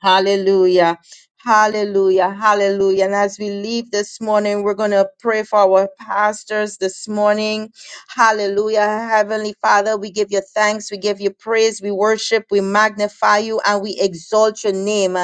S3: Hallelujah. Hallelujah. Hallelujah. And as we leave this morning, we're going to pray for our pastors this morning. Hallelujah. Heavenly Father, we give you thanks. We give you praise. We worship. We magnify you and we exalt your name.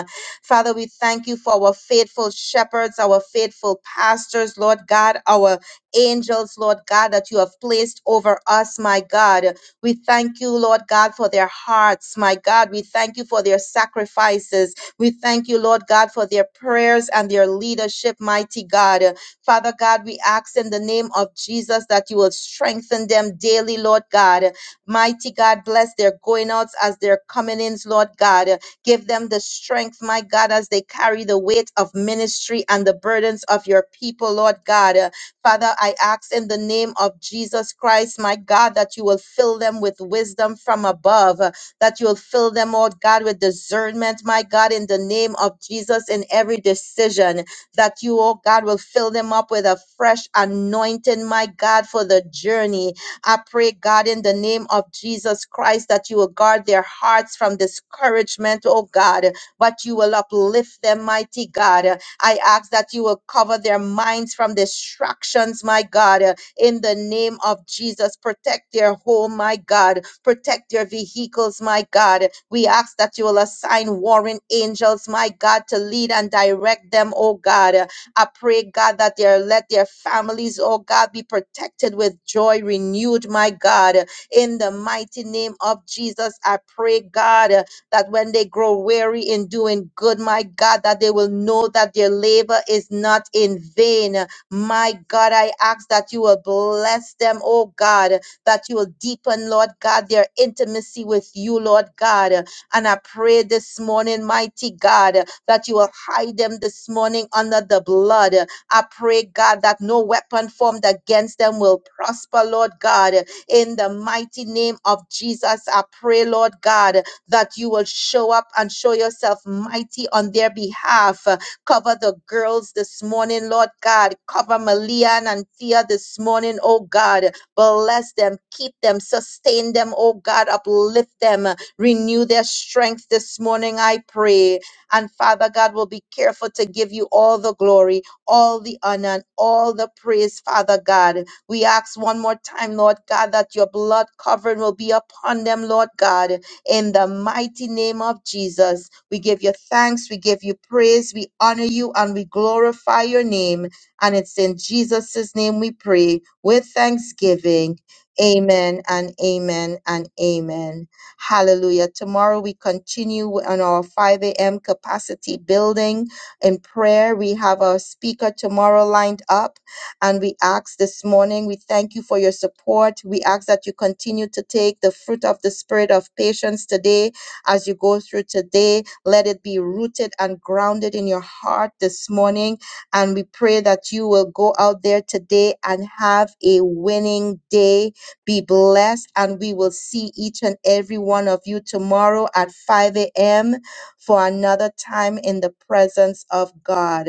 S3: Father, we thank you for our faithful shepherds, our faithful pastors, Lord God, our angels, Lord God, that you have placed over us, my God. We thank you, Lord God, for their hearts. My God, we thank you for their sacrifices. We thank you, Lord God, for their prayers and their leadership, mighty God. Father God, we ask in the name of Jesus that you will strengthen them daily, Lord God. Mighty God, bless their going outs as their coming ins, Lord God. Give them the strength, my God, as they carry the weight of ministry and the burdens of your people, Lord God. Father, I ask in the name of Jesus Christ, my God, that you will fill them with wisdom from above, uh, that you'll fill them, Lord God, with discernment, my God, in the name of Jesus, in every decision, that you, oh God, will fill them up with a fresh anointing, my God, for the journey. I pray, God, in the name of Jesus Christ, that you will guard their hearts from discouragement, oh God, but you will uplift them, mighty God. I ask that you will cover their minds from distractions, my God, uh, in the name of Jesus. Protect their home, my God. Protect their vehicles, my God. We ask that you will assign warring angels, my God, to lead and direct them, oh God. I pray, God, that they let their families, oh God, be protected with joy renewed, my God. In the mighty name of Jesus, I pray, God, that when they grow weary in doing good, my God, that they will know that their labor is not in vain. My God, I ask that you will bless them, oh God, that you will deepen, Lord God, their intimacy with you, Lord God. And I pray this morning, mighty God, that you will hide them this morning under the blood. I pray, God, that no weapon formed against them will prosper, Lord God. In the mighty name of Jesus, I pray, Lord God, that you will show up and show yourself mighty on their behalf. Uh, Cover the girls this morning, Lord God. Cover Malian and Thea this morning, oh God. Bless them, keep them, sustain them, oh God. Uplift them, renew their strength this morning, I pray. And Father God will be careful to give you all the glory, all the honor, and all the praise, Father God. We ask one more time, Lord God, that your blood covering will be upon them, Lord God in the mighty name of Jesus. We give you thanks, we give you praise, we honor you, and we glorify your name. And it's in Jesus' name we pray with thanksgiving. Amen and amen and amen. Hallelujah. Tomorrow we continue on our 5 a.m. capacity building in prayer. We have our speaker tomorrow lined up. And we ask this morning, we thank you for your support. We ask that you continue to take the fruit of the spirit of patience today as you go through today. Let it be rooted and grounded in your heart this morning. And we pray that you will go out there today and have a winning day. Be blessed. And we will see each and every one of you tomorrow at 5 a.m. for another time in the presence of God.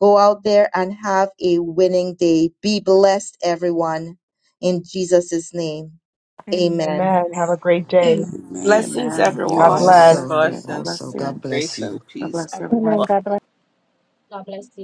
S3: Go out there and have a winning day. Be blessed, everyone. In Jesus' name, amen.
S6: Amen.
S1: Amen. Have a great day.
S2: Amen.
S7: blessings,
S2: That's
S5: Amen.
S2: the
S12: Mm, You
S1: God
S2: God
S7: everyone.
S13: Yes,
S5: Have a
S2: word.
S1: bless.
S13: thank
S12: also,
S5: blessed
S12: you
S5: day. God
S10: Blessing,
S12: also.
S5: bless
S12: God
S5: you.
S12: bless
S10: grace,
S12: you.
S10: and
S5: God
S10: peace.
S5: bless everyone.
S9: God bless.
S8: God bless you.